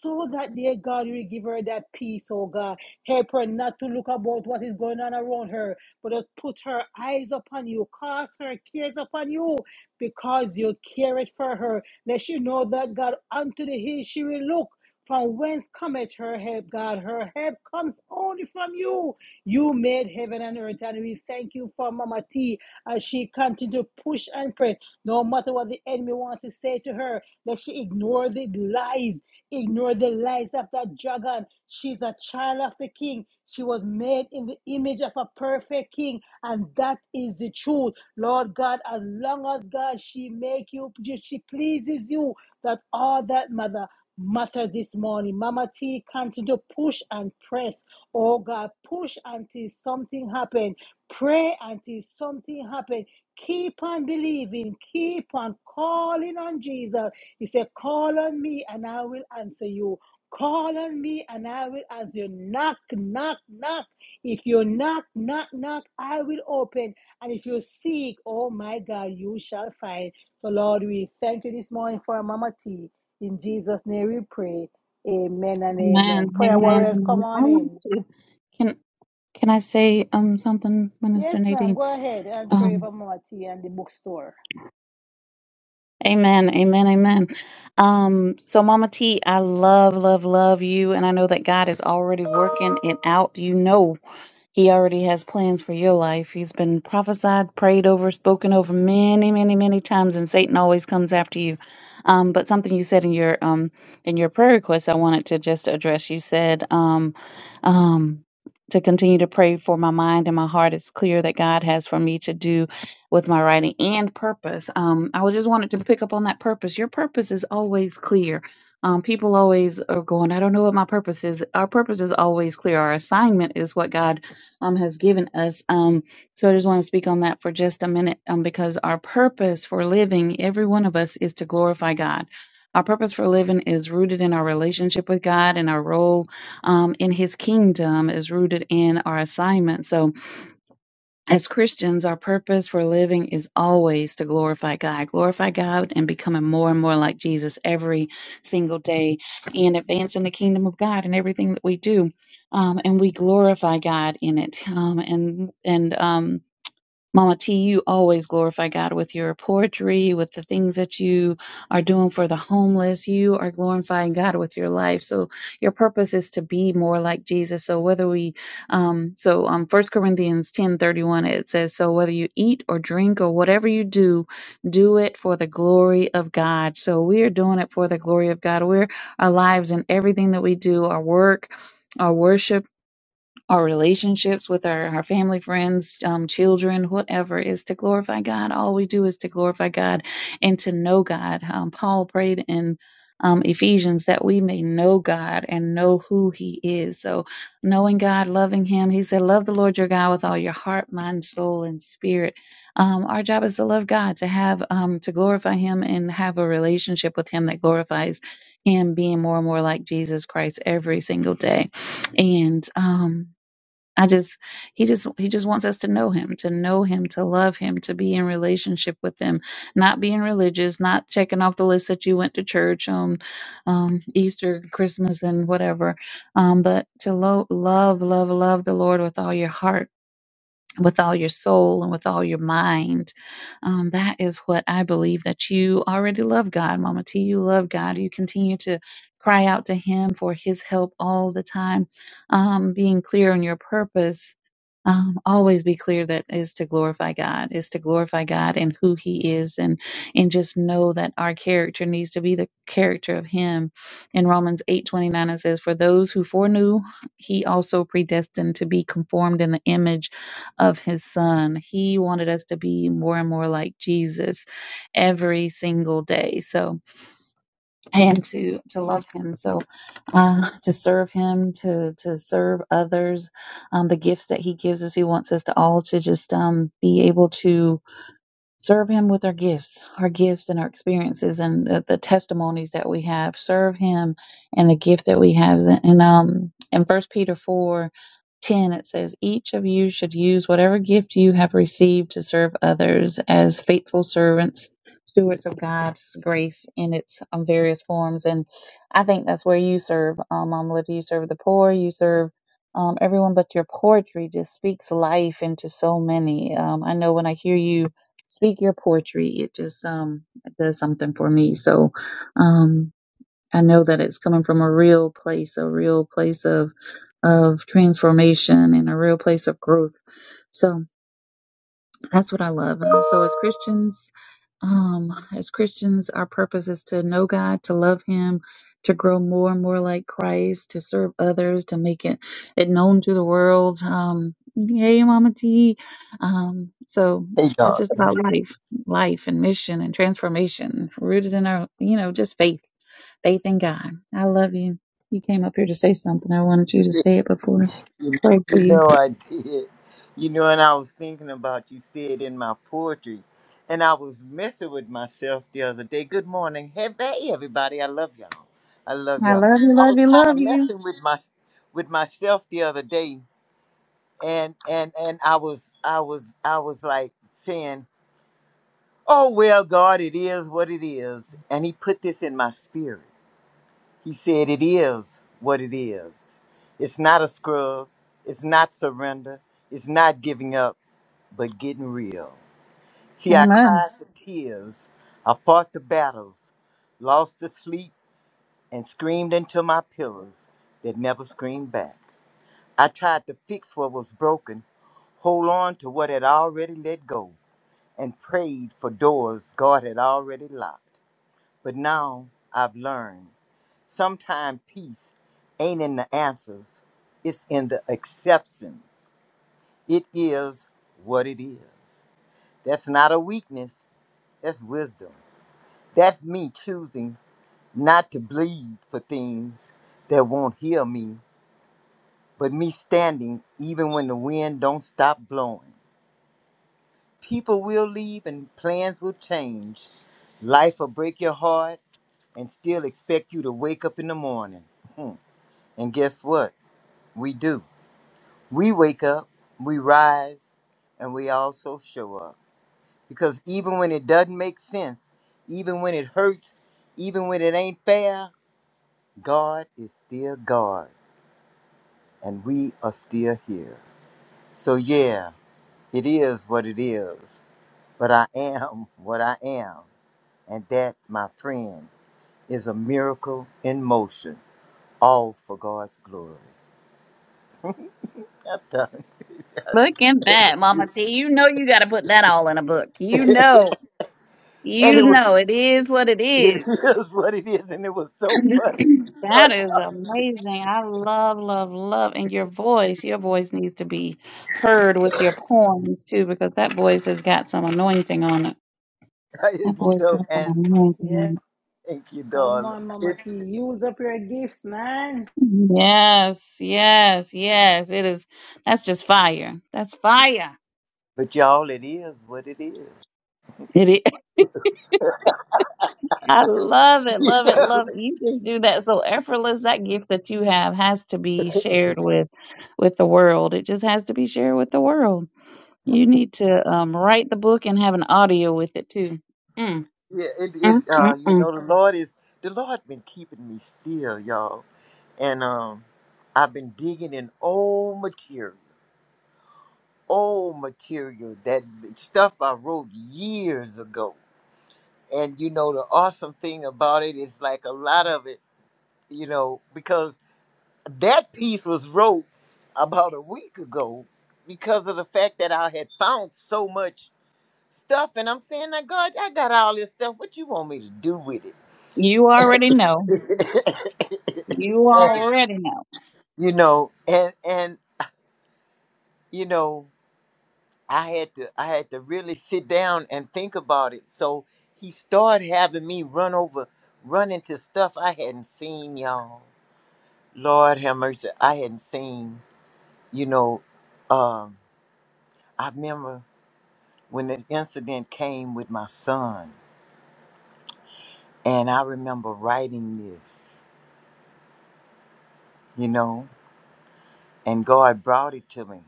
Speaker 1: So that, dear God, you will give her that peace, oh God. Help her not to look about what is going on around her, but just put her eyes upon you, cast her cares upon you, because you care it for her. Let she know that, God, unto the hill she will look. From whence cometh her help, God? Her help comes only from you. You made heaven and earth, and we thank you for Mama T as she continues to push and press. No matter what the enemy wants to say to her, that she ignore the lies Ignore the lies of that dragon. She's a child of the king. She was made in the image of a perfect king, and that is the truth. Lord God, as long as God she make you, she pleases you, that all that mother matter this morning. Mama T, continue to push and press. Oh God, push until something happens. Pray until something happens. Keep on believing. Keep on calling on Jesus. He said, Call on me and I will answer you. Call on me and I will answer you. Knock, knock, knock. If you knock, knock, knock, I will open. And if you seek, oh my God, you shall find. So, Lord, we thank you this morning for Mama T. In Jesus' name we pray. Amen and
Speaker 9: amen,
Speaker 1: amen.
Speaker 9: amen,
Speaker 1: Prayer
Speaker 9: amen.
Speaker 1: warriors, come
Speaker 9: amen. I
Speaker 1: on
Speaker 9: want
Speaker 1: in.
Speaker 9: to, can, can I say um something, Minister
Speaker 1: Yes, ma'am.
Speaker 9: Nadine?
Speaker 1: Go ahead and pray
Speaker 9: Um,
Speaker 1: for Mama T and the bookstore.
Speaker 9: Amen, amen, amen. Um, so Mama T, I love, love, love you, and I know that God is already working it out. You know he already has plans for your life. He's been prophesied, prayed over, spoken over many, many, many times, and Satan always comes after you. Um, but something you said in your um, in your prayer request, I wanted to just address. You said um, um, to continue to pray for my mind and my heart. It's clear that God has for me to do with my writing and purpose. Um, I was just wanted to pick up on that purpose. Your purpose is always clear. Um, people always are going, I don't know what my purpose is. Our purpose is always clear. Our assignment is what God um, has given us. Um, so I just want to speak on that for just a minute um, because our purpose for living, every one of us, is to glorify God. Our purpose for living is rooted in our relationship with God, and our role um, in His kingdom is rooted in our assignment. So, as Christians, our purpose for living is always to glorify God, glorify God and becoming more and more like Jesus every single day and advancing the kingdom of God in everything that we do. Um, and we glorify God in it. Um, and, and, um, Mama T, you always glorify God with your poetry, with the things that you are doing for the homeless. You are glorifying God with your life. So your purpose is to be more like Jesus. So whether we, um, so um, First Corinthians ten thirty one it says, so whether you eat or drink or whatever you do, do it for the glory of God. So we are doing it for the glory of God. We're our lives and everything that we do, our work. Our worship our relationships with our, our family, friends, um, children, whatever, is to glorify God. All we do is to glorify God and to know God. Um, Paul prayed in um, Ephesians that we may know God and know who He is. So, knowing God, loving Him, He said, Love the Lord your God with all your heart, mind, soul, and spirit. Um, our job is to love God, to have, um, to glorify Him and have a relationship with Him that glorifies Him, being more and more like Jesus Christ every single day. And, um, I just he just he just wants us to know him, to know him, to love him, to be in relationship with him, not being religious, not checking off the list that you went to church on um, Easter, Christmas, and whatever, um, but to lo- love, love, love the Lord with all your heart with all your soul and with all your mind. Um, that is what I believe that you already love God, Mama T. You love God. You continue to cry out to Him for His help all the time, um, being clear on your purpose. Um, always be clear that is to glorify God, is to glorify God and who He is, and and just know that our character needs to be the character of Him. In Romans eight twenty nine, it says, "For those who foreknew, He also predestined to be conformed in the image." of his son. He wanted us to be more and more like Jesus every single day. So, and to, to love him. So, uh, to serve him, to, to serve others, um, the gifts that he gives us. He wants us to all to just, um, be able to, Serve Him with our gifts, our gifts and our experiences and the, the testimonies that we have. Serve Him and the gift that we have. And um, in First Peter 4, 10, it says, Each of you should use whatever gift you have received to serve others as faithful servants, stewards of God's grace in its um, various forms. And I think that's where you serve, um, Mama Lydia. You serve the poor, you serve um, everyone but your poetry just speaks life into so many. Um, I know when I hear you speak your poetry it just um it does something for me so um i know that it's coming from a real place a real place of of transformation and a real place of growth so that's what I love. Um, so as Christians, um, as Christians, our purpose is to know God, to love Him, to grow more and more like Christ, to serve others, to make it it known to the world. Um, hey, Mama T. Um, so
Speaker 10: Hey,
Speaker 9: it's
Speaker 10: dog.
Speaker 9: just about life, life and mission and transformation, rooted in our, you know, just faith, faith in God. I love you. You came up here to say something. I wanted you to
Speaker 10: (laughs)
Speaker 9: say it before I
Speaker 10: You
Speaker 9: prayed for
Speaker 10: you
Speaker 9: you.
Speaker 10: know I did. You know, and I was thinking about you said in my poetry, and I was messing with myself the other day. Good morning, hey hey, everybody. I love y'all. I love
Speaker 9: I
Speaker 10: y'all.
Speaker 9: love you,
Speaker 10: I
Speaker 9: love
Speaker 10: was
Speaker 9: you,
Speaker 10: kind
Speaker 9: love
Speaker 10: of
Speaker 9: you.
Speaker 10: messing with my with myself the other day, and and and I was I was I was like saying, "Oh well, God, it is what it is," and He put this in my spirit. He said, It is what it is. It's not a scrub. It's not surrender. It's not giving up, but getting real. See, I
Speaker 9: Amen.
Speaker 10: cried the tears. I fought the battles, lost the sleep, and screamed into my pillows that never screamed back. I tried to fix what was broken, hold on to what had already let go, and prayed for doors God had already locked. But now I've learned sometimes peace ain't in the answers, it's in the exceptions. It is what it is. That's not a weakness, that's wisdom. That's me choosing not to bleed for things that won't heal me, but me standing even when the wind don't stop blowing. People will leave and plans will change. Life will break your heart and still expect you to wake up in the morning. Hmm. And guess what? We do. We wake up, we rise, and we also show up. Because even when it doesn't make sense, even when it hurts, even when it ain't fair, God is still God, and we are still here. So, yeah, it is what it is, but I am (laughs) what I am. And that, my friend, is a miracle in motion, all for God's glory. I'm done.
Speaker 9: Look at that, Mama T. You know you got to put that all in a book.
Speaker 10: (laughs)
Speaker 9: You
Speaker 10: and
Speaker 9: know, you
Speaker 10: it was.
Speaker 9: know it is what it
Speaker 10: (laughs)
Speaker 9: is.
Speaker 10: It is what it is, and it was so funny. (laughs)
Speaker 9: (clears throat) That
Speaker 10: But,
Speaker 9: is
Speaker 10: uh,
Speaker 9: amazing. I love, love, love. And your voice, your voice needs to be heard with your poems too, because that voice has got some anointing on it. That
Speaker 10: you
Speaker 9: voice
Speaker 10: know,
Speaker 9: got some
Speaker 10: and
Speaker 9: anointing
Speaker 1: Yeah.
Speaker 9: on
Speaker 10: thank you,
Speaker 1: Come
Speaker 10: darling.
Speaker 1: on,
Speaker 10: It,
Speaker 1: Mama T. Use up your gifts, man.
Speaker 9: it. Yes, yes, yes. It is. That's just fire. That's fire.
Speaker 10: but y'all, it is what it is.
Speaker 9: I love
Speaker 10: (laughs)
Speaker 9: it,
Speaker 10: You
Speaker 9: love it,
Speaker 10: know,
Speaker 9: love it. You just do that so effortless. That gift that you have has to be shared with with the world. It just has to be shared with the world. You need to um, write the book and have an audio with it too. Mm,
Speaker 10: yeah, it, it.
Speaker 9: mm, mm,
Speaker 10: Uh, you
Speaker 9: mm.
Speaker 10: know, the Lord is the Lord been keeping me still, y'all, and um, I've been digging in old material, old material that stuff I wrote years ago. And you know, the awesome thing about it is like a lot of it, you know, because that piece was wrote about a week ago because of the fact that I had found so much stuff, and I'm saying, "Now, God, I got all this stuff. What you want me to do with it?"
Speaker 9: You already know.
Speaker 10: (laughs)
Speaker 9: You
Speaker 10: And,
Speaker 9: already know.
Speaker 10: you know, and and you know, I had to I had to really sit down and think about it. So he started having me run over, run into stuff I hadn't seen, y'all. Lord have mercy, I hadn't seen. You know, um, I remember. when the incident came with my son. And I remember writing this, you know, and God brought it to me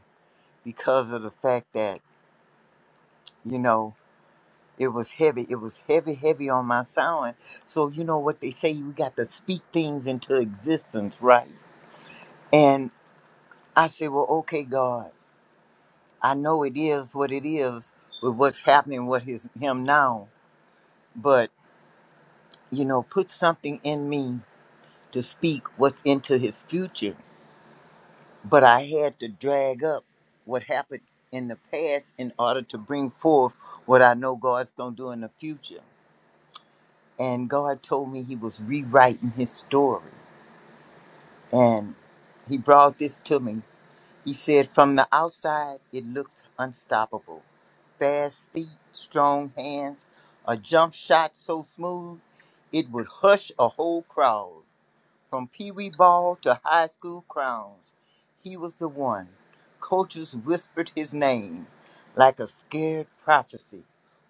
Speaker 10: because of the fact that, you know, it was heavy. It was heavy, heavy on my sound. So, you know what they say, you got to speak things into existence, right? And I said, well, okay, God, I know it is what it is with what's happening with his, him now, but, you know, put something in me to speak what's into his future but I had to drag up what happened in the past in order to bring forth what I know God's going to do in the future. And God told me He was rewriting His story. And He brought this to me. He said, From the outside, it looks unstoppable. Fast feet, strong hands, a jump shot so smooth, it would hush a whole crowd. From Pee Wee Ball to high school crowns, he was the one. Coaches whispered his name like a scared prophecy.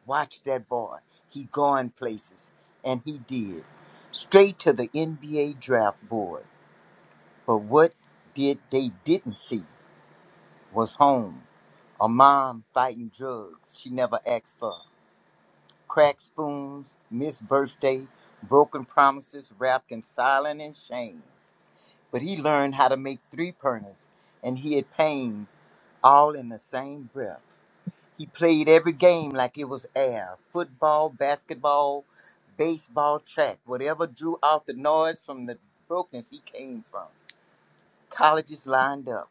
Speaker 10: Watch that boy. He going places. And he did. Straight to the NBA draft board. But what did they didn't see was home. A mom fighting drugs she never asked for. Cracked spoons, missed birthday, broken promises wrapped in silence and shame but he learned how to make three perners, and he had pain all in the same breath. He played every game like it was air football, basketball, baseball, track, whatever drew out the noise from the brokenness he came from. Colleges lined up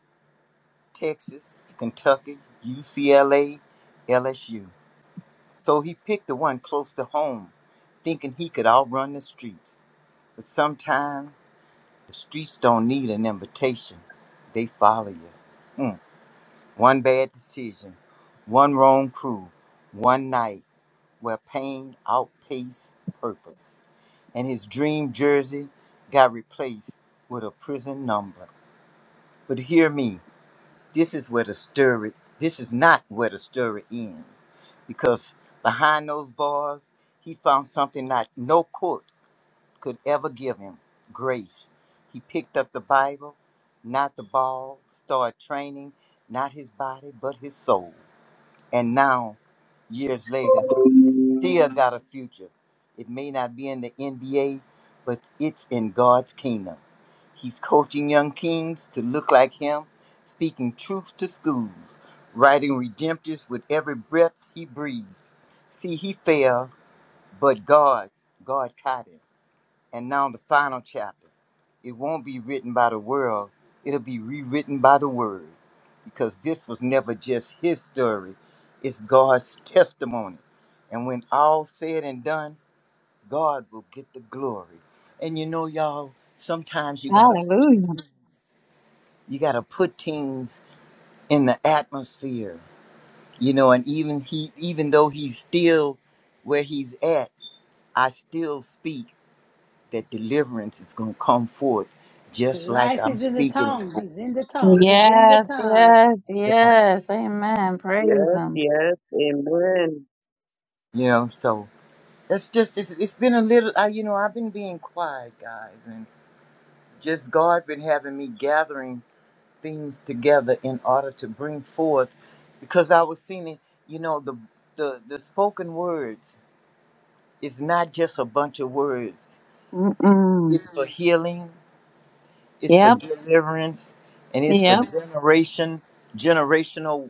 Speaker 10: Texas, Kentucky, UCLA, LSU. So he picked the one close to home, thinking he could outrun the streets. But sometime The streets don't need an invitation, they follow you. Mm. One bad decision, one wrong crew, one night where pain outpaced purpose. And his dream jersey got replaced with a prison number. But hear me, this is where the story, this is not where the story ends. Because behind those bars, he found something that no court could ever give him grace. He picked up the Bible, not the ball, started training, not his body, but his soul. And now, years later, he still got a future. It may not be in the NBA, but it's in God's kingdom. He's coaching young kings to look like him, speaking truth to schools, writing redemptives with every breath he breathes. See, he fell, but God, God caught him. And now the final chapter. It won't be written by the world, it'll be rewritten by the word. Because this was never just his story, it's God's testimony. And when all said and done, God will get the glory. And you know, y'all, sometimes you gotta
Speaker 9: Hallelujah.
Speaker 10: you gotta put things in the atmosphere. You know, and even he even though he's still where he's at, I still speak that deliverance is going to come forth just like
Speaker 1: Life
Speaker 10: I'm
Speaker 1: is in the
Speaker 10: speaking it
Speaker 1: tongue.
Speaker 10: for.
Speaker 1: It's in the tongue. It's in the
Speaker 9: Yes,
Speaker 1: tongue.
Speaker 9: yes, yes. Amen. Praise Him.
Speaker 10: You know, so that's just, it's, it's been a little, I, you know, I've been being quiet, guys, and just God been having me gathering things together in order to bring forth because I was seeing, it, you know, the, the, the spoken words is not just a bunch of words,
Speaker 9: Mm-mm.
Speaker 10: it's for healing, it's for
Speaker 9: Yep,
Speaker 10: deliverance, and it's for
Speaker 9: yep.
Speaker 10: generation, generational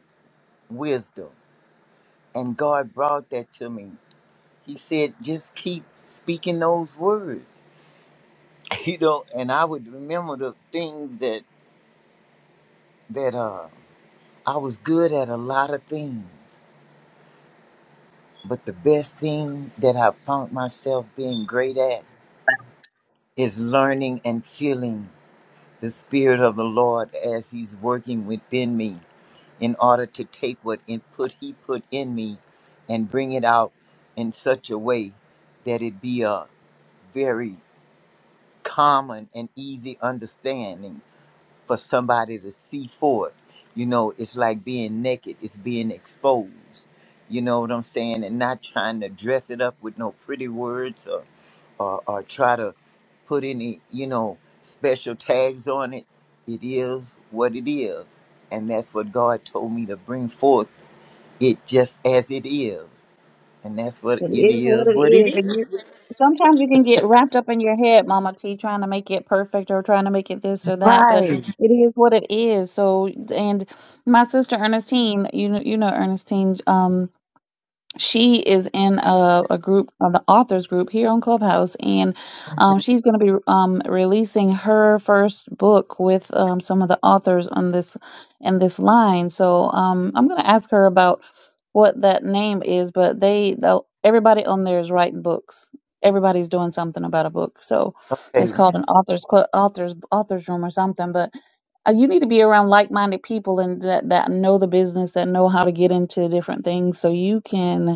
Speaker 10: wisdom And God brought that to me. He said, just keep speaking those words. (laughs) You know, and I would remember the things that that uh I was good at a lot of things. But the best thing that I found myself being great at is learning and feeling the spirit of the Lord as he's working within me in order to take what input he put in me and bring it out in such a way that it be a very common and easy understanding for somebody to see forth. You know, it's like being naked, it's being exposed. You know what I'm saying? And not trying to dress it up with no pretty words or, or, or try to put any, you know, special tags on it. It is what it is. And that's what God told me to bring forth it just as it is. And that's what
Speaker 9: It
Speaker 10: it
Speaker 9: is what
Speaker 10: is,
Speaker 9: it
Speaker 10: what it
Speaker 9: is. And you,
Speaker 10: is.
Speaker 9: sometimes you can get wrapped up in your head, Mama T, trying to make it perfect or trying to make it this or that, but
Speaker 10: Right.
Speaker 9: it is what it is. So, and my sister Ernestine, you know, you know Ernestine. Um, she is in a, a group, uh, the authors group here on Clubhouse, and um, she's going to be um, releasing her first book with um, some of the authors on this in this line. So um, I'm going to ask her about what that name is, but they the, everybody on there is writing books. Everybody's doing something about a book, so it's
Speaker 10: Okay.
Speaker 9: called an authors club, authors authors room or something. But uh, you need to be around like minded people and that, that know the business, that know how to get into different things, so you can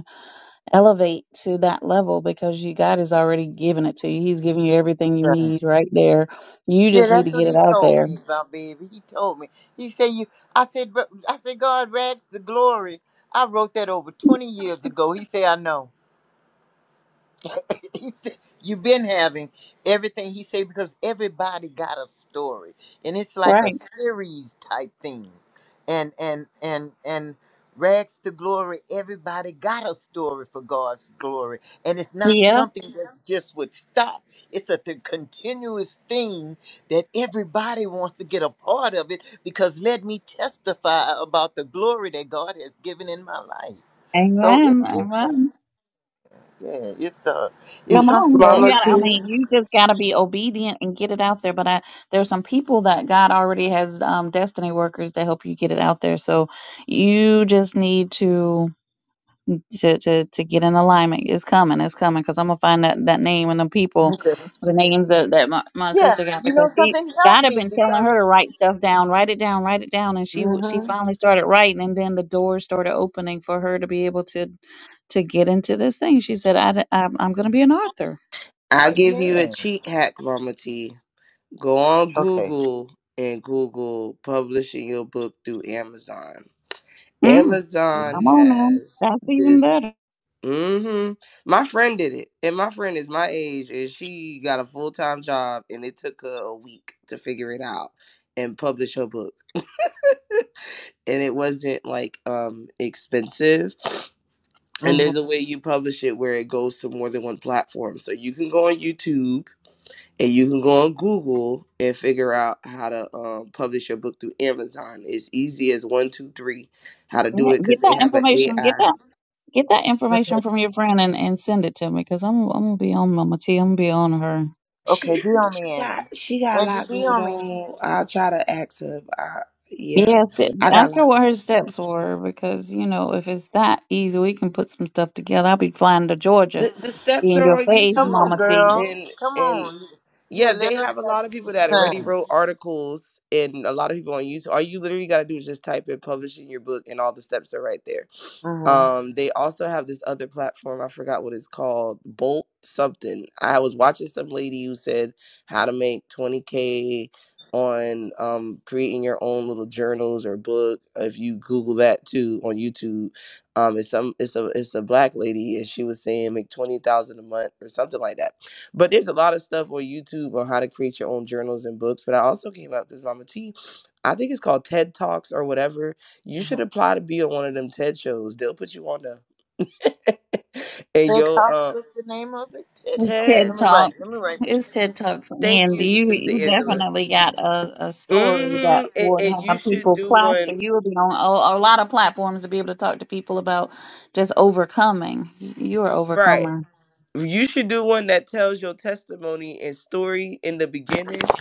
Speaker 9: elevate to that level because you God has already given it to you. He's giving you everything you need right there. You
Speaker 10: Yeah,
Speaker 9: just need to
Speaker 10: that's what
Speaker 9: get it
Speaker 10: he
Speaker 9: out
Speaker 10: told
Speaker 9: there.
Speaker 10: me about, baby. He told me. He said, "You." I said, "But-" "I said, God rags the glory." I wrote that over twenty years ago. He said, "I know." (coughs) (laughs) he said, you've been having everything he said because everybody got a story and it's like a
Speaker 9: Right.
Speaker 10: series type thing and and and and rags to glory everybody got a story for god's glory and it's not
Speaker 9: Yep.
Speaker 10: something that's just would stop it's a th- continuous thing that everybody wants to get a part of it because let me testify about the glory that god has given in my life so it's
Speaker 9: Amen.
Speaker 10: it's, uh, Amen.
Speaker 9: Amen.
Speaker 10: Yeah, it's uh, it's
Speaker 11: M-
Speaker 9: Come
Speaker 10: something
Speaker 9: on.
Speaker 10: that
Speaker 9: You
Speaker 11: Mama
Speaker 9: gotta I
Speaker 11: T,
Speaker 9: mean, you just gotta be obedient and get it out there. But I there's some people that God already has um destiny workers to help you get it out there. So you just need to to to to get in alignment. It's coming. It's coming because I'm gonna find that that name and the people, the names that that my, my
Speaker 10: yeah,
Speaker 9: sister got
Speaker 10: you know
Speaker 9: because she
Speaker 10: something helped
Speaker 9: God had
Speaker 10: me
Speaker 9: been telling
Speaker 10: because
Speaker 9: her to write stuff down, write it down, write it down, and she w- she
Speaker 10: mm-hmm.
Speaker 9: finally started writing, and then the doors started opening for her to be able to to get into this thing. She said, I, am I'm gonna be an author.
Speaker 11: I
Speaker 10: oh,
Speaker 11: give you a
Speaker 10: man.
Speaker 11: cheat hack, Mama T. Go on
Speaker 10: Okay.
Speaker 11: Google and Google publishing your book through Amazon.
Speaker 9: Mm,
Speaker 11: Amazon
Speaker 9: come on now,
Speaker 11: has
Speaker 9: that's even
Speaker 11: this.
Speaker 9: better.
Speaker 11: hmm My friend did it, and my friend is my age, and she got a full time job, and it took her a week to figure it out and publish her book. And it wasn't like um expensive. And
Speaker 10: hmm
Speaker 11: there's a way you publish it where it goes to more than one platform. So you can go on YouTube and you can go on Google and figure out how to um, publish your book through Amazon. It's easy as one, two, three, how to do
Speaker 9: Yeah,
Speaker 11: it because
Speaker 9: Get
Speaker 11: they
Speaker 9: that
Speaker 11: have an
Speaker 9: information. Get
Speaker 11: AI.
Speaker 9: that. Get that information
Speaker 10: Okay.
Speaker 9: from your friend and, and send it to me because I'm I'm gonna be on Mama T. I'm gonna be on her.
Speaker 10: Okay.
Speaker 11: She
Speaker 10: Be on
Speaker 11: she
Speaker 10: me, Angie.
Speaker 11: got she got a
Speaker 10: Angie,
Speaker 11: lot
Speaker 10: be
Speaker 11: going
Speaker 10: on me.
Speaker 11: on. I'll try to ask her. I, yeah,
Speaker 9: Yes, it-
Speaker 11: I got a
Speaker 9: ask her
Speaker 11: lot
Speaker 9: what
Speaker 11: going on.
Speaker 9: her
Speaker 11: Yeah.
Speaker 9: steps were because, you know, if it's that easy, we can put some stuff together. I'll be flying to Georgia.
Speaker 11: The, the
Speaker 9: Be
Speaker 11: steps
Speaker 9: in
Speaker 11: are
Speaker 9: your
Speaker 11: on
Speaker 9: face,
Speaker 10: Come on,
Speaker 9: Mama
Speaker 11: YouTube,
Speaker 9: T.
Speaker 10: girl.
Speaker 11: and
Speaker 10: Come
Speaker 11: and
Speaker 10: on. Yeah,
Speaker 11: yeah,
Speaker 10: let
Speaker 11: they
Speaker 10: us
Speaker 11: have a
Speaker 10: have
Speaker 11: lot of
Speaker 10: a
Speaker 11: people
Speaker 10: good
Speaker 11: that already
Speaker 10: time.
Speaker 11: wrote articles, and a lot of people on YouTube. All you literally got to do is just type in publishing your book, and all the steps are right there.
Speaker 10: Mm-hmm.
Speaker 11: Um, they also have this other platform. I forgot what it's called. Bolt something. I was watching some lady who said how to make 20k on um, creating your own little journals or book. If you Google that too on YouTube, um, it's some it's a it's a black lady and she was saying make twenty thousand a month or something like that. But there's a lot of stuff on YouTube on how to create your own journals and books. But I also came up this Mama T, I think it's called TED Talks or whatever you
Speaker 10: mm-hmm.
Speaker 11: should apply to be on one of them TED shows. They'll put you on there. (laughs) and
Speaker 10: TED
Speaker 11: yo,
Speaker 10: Talk.
Speaker 11: uh,
Speaker 10: What's the name of it? TED Talk.
Speaker 9: TED
Speaker 10: Let
Speaker 11: TED,
Speaker 10: me write. Let me
Speaker 9: Talks.
Speaker 10: write. Baby.
Speaker 9: It's TED Talks.
Speaker 11: thank
Speaker 9: And
Speaker 11: you,
Speaker 9: you,
Speaker 11: Sister
Speaker 9: you
Speaker 11: Angela.
Speaker 9: definitely got a, a story that
Speaker 11: hmm And,
Speaker 9: would
Speaker 11: and you
Speaker 9: have
Speaker 11: should
Speaker 9: people
Speaker 11: do
Speaker 9: plaster.
Speaker 11: one
Speaker 9: You would be on a, a lot of platforms to be able to talk to people about just overcoming. You're an
Speaker 11: right.
Speaker 9: overcomer.
Speaker 11: You should do one that tells your testimony and story in the beginning,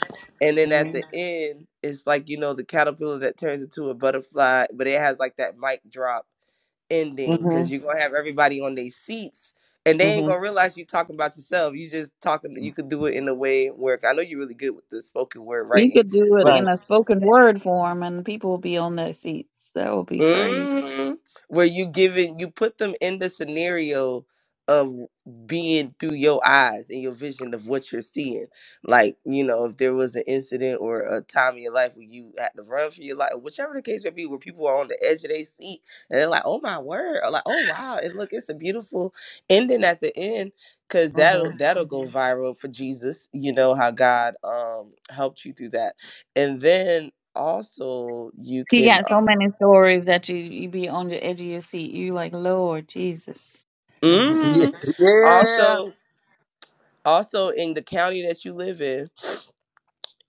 Speaker 11: and then at the
Speaker 10: Mm-hmm.
Speaker 11: end, it's like you know the caterpillar that turns into a butterfly, but it has like that mic drop ending because you're
Speaker 10: Mm-hmm.
Speaker 11: gonna have everybody on their seats and they ain't
Speaker 10: Mm-hmm.
Speaker 11: gonna realize you talking about yourself. You just talking. You could do it in a way where I know you're really good with the spoken word
Speaker 9: You
Speaker 11: writing,
Speaker 9: could do
Speaker 11: but
Speaker 9: it
Speaker 10: Right.
Speaker 9: in a spoken word form and people will be on their seats. That would be crazy.
Speaker 11: hmm Where you giving you put them in the scenario of being through your eyes and your vision of what you're seeing. Like, you know, if there was an incident or a time in your life where you had to run for your life, whichever the case may be, where people are on the edge of their seat and they're like, oh my word, or like, oh wow, and look, it's a beautiful ending at the end. Cause that'll
Speaker 10: Mm-hmm.
Speaker 11: that'll go Mhm. viral for Jesus. You know how God um helped you through that. And then also you
Speaker 9: You
Speaker 11: can
Speaker 9: got so many stories that you you be on the edge of your seat. You like, Lord Jesus.
Speaker 10: hmm (laughs) Yeah.
Speaker 11: hmm
Speaker 10: Yeah.
Speaker 11: Also, also in the county that you live in,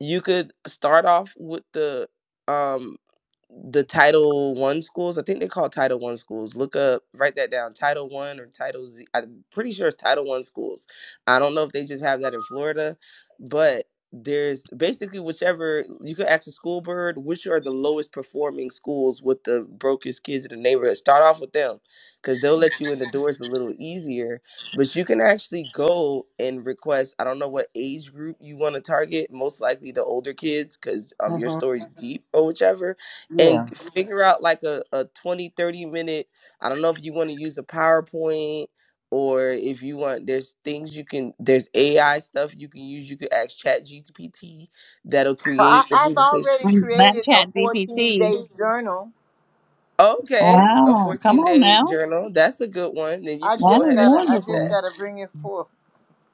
Speaker 11: you could start off with the um the Title One schools. I think they call Title One schools. Look up, write that down. Title One or Title Z. I'm pretty sure it's Title One schools. I don't know if they just have that in Florida, but there's basically whichever you could ask a school board which are the lowest performing schools with the brokest kids in the neighborhood. Start off with them because they'll let you in the doors a little easier. But you can actually go and request. I don't know what age group you want to target. Most likely the older kids because um your
Speaker 10: Mm-hmm.
Speaker 11: story's deep or whichever
Speaker 10: Yeah.
Speaker 11: and g- figure out like a, a 20 30 minute i don't know if you want to use a powerpoint or if you want there's things you can there's ai stuff you can use you could ask chat gpt that'll
Speaker 10: Well, I,
Speaker 11: create the
Speaker 10: I've
Speaker 11: presentation
Speaker 10: already
Speaker 9: Mm, That
Speaker 10: created a
Speaker 9: chat
Speaker 10: 14
Speaker 9: GPT.
Speaker 10: day journal.
Speaker 11: okay a
Speaker 9: Wow. Come
Speaker 11: 14
Speaker 9: on
Speaker 11: day
Speaker 9: now.
Speaker 11: journal that's a good one then you
Speaker 10: I
Speaker 11: could go
Speaker 9: That
Speaker 10: just
Speaker 9: is
Speaker 11: ahead and
Speaker 10: gotta, I
Speaker 11: publish
Speaker 10: just
Speaker 9: wonderful.
Speaker 11: that
Speaker 10: gotta bring it forth.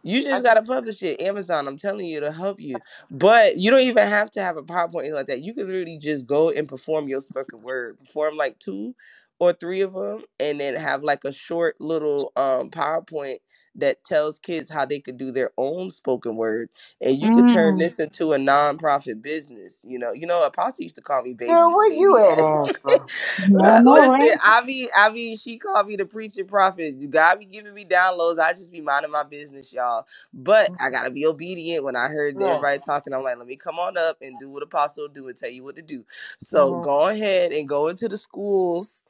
Speaker 11: You
Speaker 10: I
Speaker 11: just
Speaker 10: just,
Speaker 11: gotta publish it. Amazon, I'm telling you to help you. But you don't even have to have a PowerPoint like that. You can literally just go and perform your spoken word. Perform like two or three of them and then have like a short little um PowerPoint that tells kids how they could do their own spoken word. And you could turn
Speaker 9: Mm.
Speaker 11: this into a nonprofit business. You know, you know, Apostle used to call me
Speaker 10: girl,
Speaker 11: baby
Speaker 10: where you
Speaker 11: baby
Speaker 10: at,
Speaker 11: ass. (laughs)
Speaker 10: Angela?
Speaker 9: No,
Speaker 11: (laughs)
Speaker 9: no,
Speaker 10: What-
Speaker 11: Listen,
Speaker 9: right?
Speaker 11: I be, I be, she called me the preacher prophet. God be giving me downloads. I just be minding my business, y'all. But I gotta be obedient. When I heard
Speaker 10: Look,
Speaker 11: everybody talking, I'm like, let me come on up and do what apostle do and tell you what to do. So
Speaker 10: mhm.
Speaker 11: go ahead and go into the schools.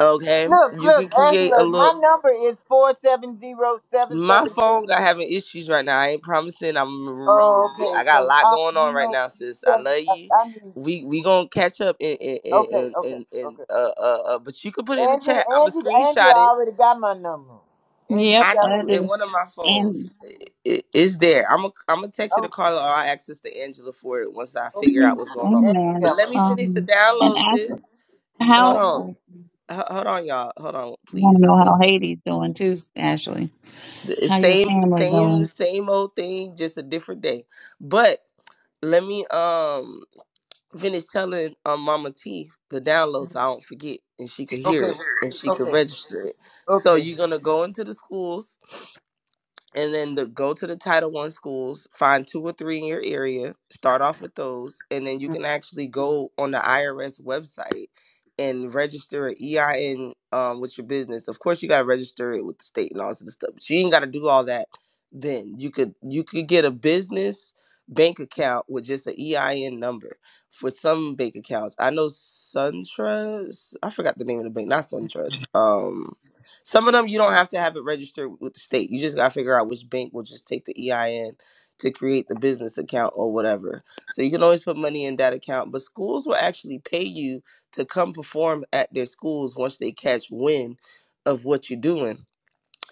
Speaker 11: Okay,
Speaker 10: look,
Speaker 11: you
Speaker 10: look,
Speaker 11: can create a
Speaker 10: Angela,
Speaker 11: little.
Speaker 10: my number is four seven zero seven
Speaker 11: My
Speaker 10: seven
Speaker 11: phone
Speaker 10: two.
Speaker 11: got having issues right now. I ain't promising. I'm remember.
Speaker 10: Oh,
Speaker 11: I
Speaker 10: okay,
Speaker 11: got a
Speaker 10: cause
Speaker 11: lot
Speaker 10: I,
Speaker 11: going
Speaker 10: you
Speaker 11: on right
Speaker 10: know,
Speaker 11: now,
Speaker 10: you
Speaker 11: sis. I
Speaker 10: said
Speaker 11: love
Speaker 10: I,
Speaker 11: you.
Speaker 10: I need.
Speaker 11: We we gonna catch up and and
Speaker 10: Okay,
Speaker 11: and
Speaker 10: okay,
Speaker 11: and, and
Speaker 10: okay.
Speaker 11: uh, uh uh. But you can put it in the
Speaker 10: Angela,
Speaker 11: chat. I'm gonna
Speaker 10: Angela, Angela
Speaker 11: screenshot it.
Speaker 10: already got my number, and you
Speaker 9: Yep,
Speaker 11: I
Speaker 10: got my
Speaker 9: I
Speaker 11: do in
Speaker 10: number.
Speaker 9: do.
Speaker 11: one of my phones.
Speaker 9: And
Speaker 11: It, it's there. I'm a, I'm gonna text it to
Speaker 10: Oh,
Speaker 11: Carla or I'll access to Angela for it once I figure
Speaker 10: okay.
Speaker 11: out
Speaker 9: (clears throat)
Speaker 11: what's going on.
Speaker 10: Angela
Speaker 11: But
Speaker 9: amen.
Speaker 10: got
Speaker 11: let
Speaker 10: my
Speaker 11: me
Speaker 10: number.
Speaker 11: finish the
Speaker 9: Um and
Speaker 11: download,
Speaker 9: Ashley,
Speaker 11: sis. Y- Hold
Speaker 9: how
Speaker 11: on.
Speaker 9: I
Speaker 11: H- Hold on, y'all. Hold on,
Speaker 9: wanna
Speaker 11: please.
Speaker 9: know
Speaker 11: One
Speaker 9: how
Speaker 11: second.
Speaker 9: Haiti's doing too, Ashley.
Speaker 11: The
Speaker 9: How your
Speaker 11: same
Speaker 9: family
Speaker 11: same
Speaker 9: doing?
Speaker 11: same old thing, just a different day. But let me um finish telling um Mama T the download so I don't forget and she could hear
Speaker 10: Okay,
Speaker 11: it and she could
Speaker 10: okay,
Speaker 11: register it. So
Speaker 10: okay.
Speaker 11: you're gonna go into the schools and then the go to the title one schools find two or three in your area start off with those and then you can actually go on the irs website and register an ein um, with your business of course you got to register it with the state and all this other stuff but you ain't got to do all that then you could you could get a business bank account with just an ein number for some bank accounts i know suntrust i forgot the name of the bank not suntrust Um, some of them you don't have to have it registered with the state. You just gotta figure out which bank will just take the EIN to create the business account or whatever. So you can always put money in that account. But schools will actually pay you to come perform at their schools once they catch wind of what you're doing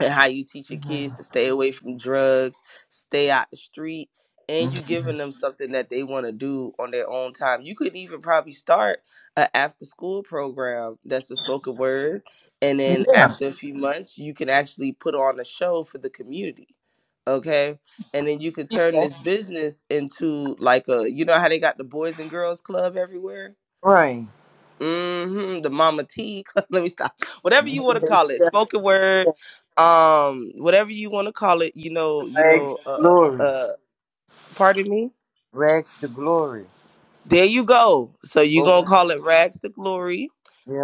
Speaker 11: and how you teach your kids to
Speaker 10: Mhm.
Speaker 11: stay away from drugs, stay out the street, and you giving them something that they want to do on their own time. You could even probably start a after school program that's a spoken word, and then
Speaker 10: Yeah.
Speaker 11: after a few months, you can actually put on a show for the community. Okay, and then you could turn
Speaker 10: That's
Speaker 11: this business into like a you know how they got the boys and girls club everywhere
Speaker 10: right.
Speaker 11: hmm the mama T. (laughs) Let me stop. Whatever you want to
Speaker 10: Mhm.
Speaker 11: call it, spoken word,
Speaker 10: Yeah,
Speaker 11: um, whatever you want to call it. You
Speaker 10: the
Speaker 11: know, you
Speaker 10: rags
Speaker 11: know.
Speaker 10: to
Speaker 11: Uh,
Speaker 10: glory.
Speaker 11: uh, pardon me.
Speaker 10: Rags to glory.
Speaker 11: There you go. So you gonna
Speaker 10: Program.
Speaker 11: call it rags to glory?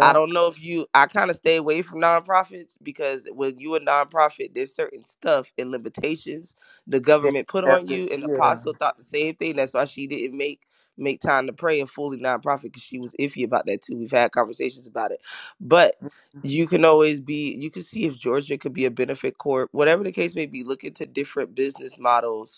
Speaker 11: I don't know if you I kind of stay away from nonprofits because when you a nonprofit, there's certain stuff and limitations the
Speaker 10: They
Speaker 11: government put
Speaker 10: have
Speaker 11: on
Speaker 10: to,
Speaker 11: you. And
Speaker 10: yeah.
Speaker 11: Apostle thought the same thing. That's why she didn't make make time to pray a fully nonprofit because she was iffy about that too. We've had conversations about it. But you can always be you can see if Georgia could be a benefit corp, whatever the case may be, look into different business models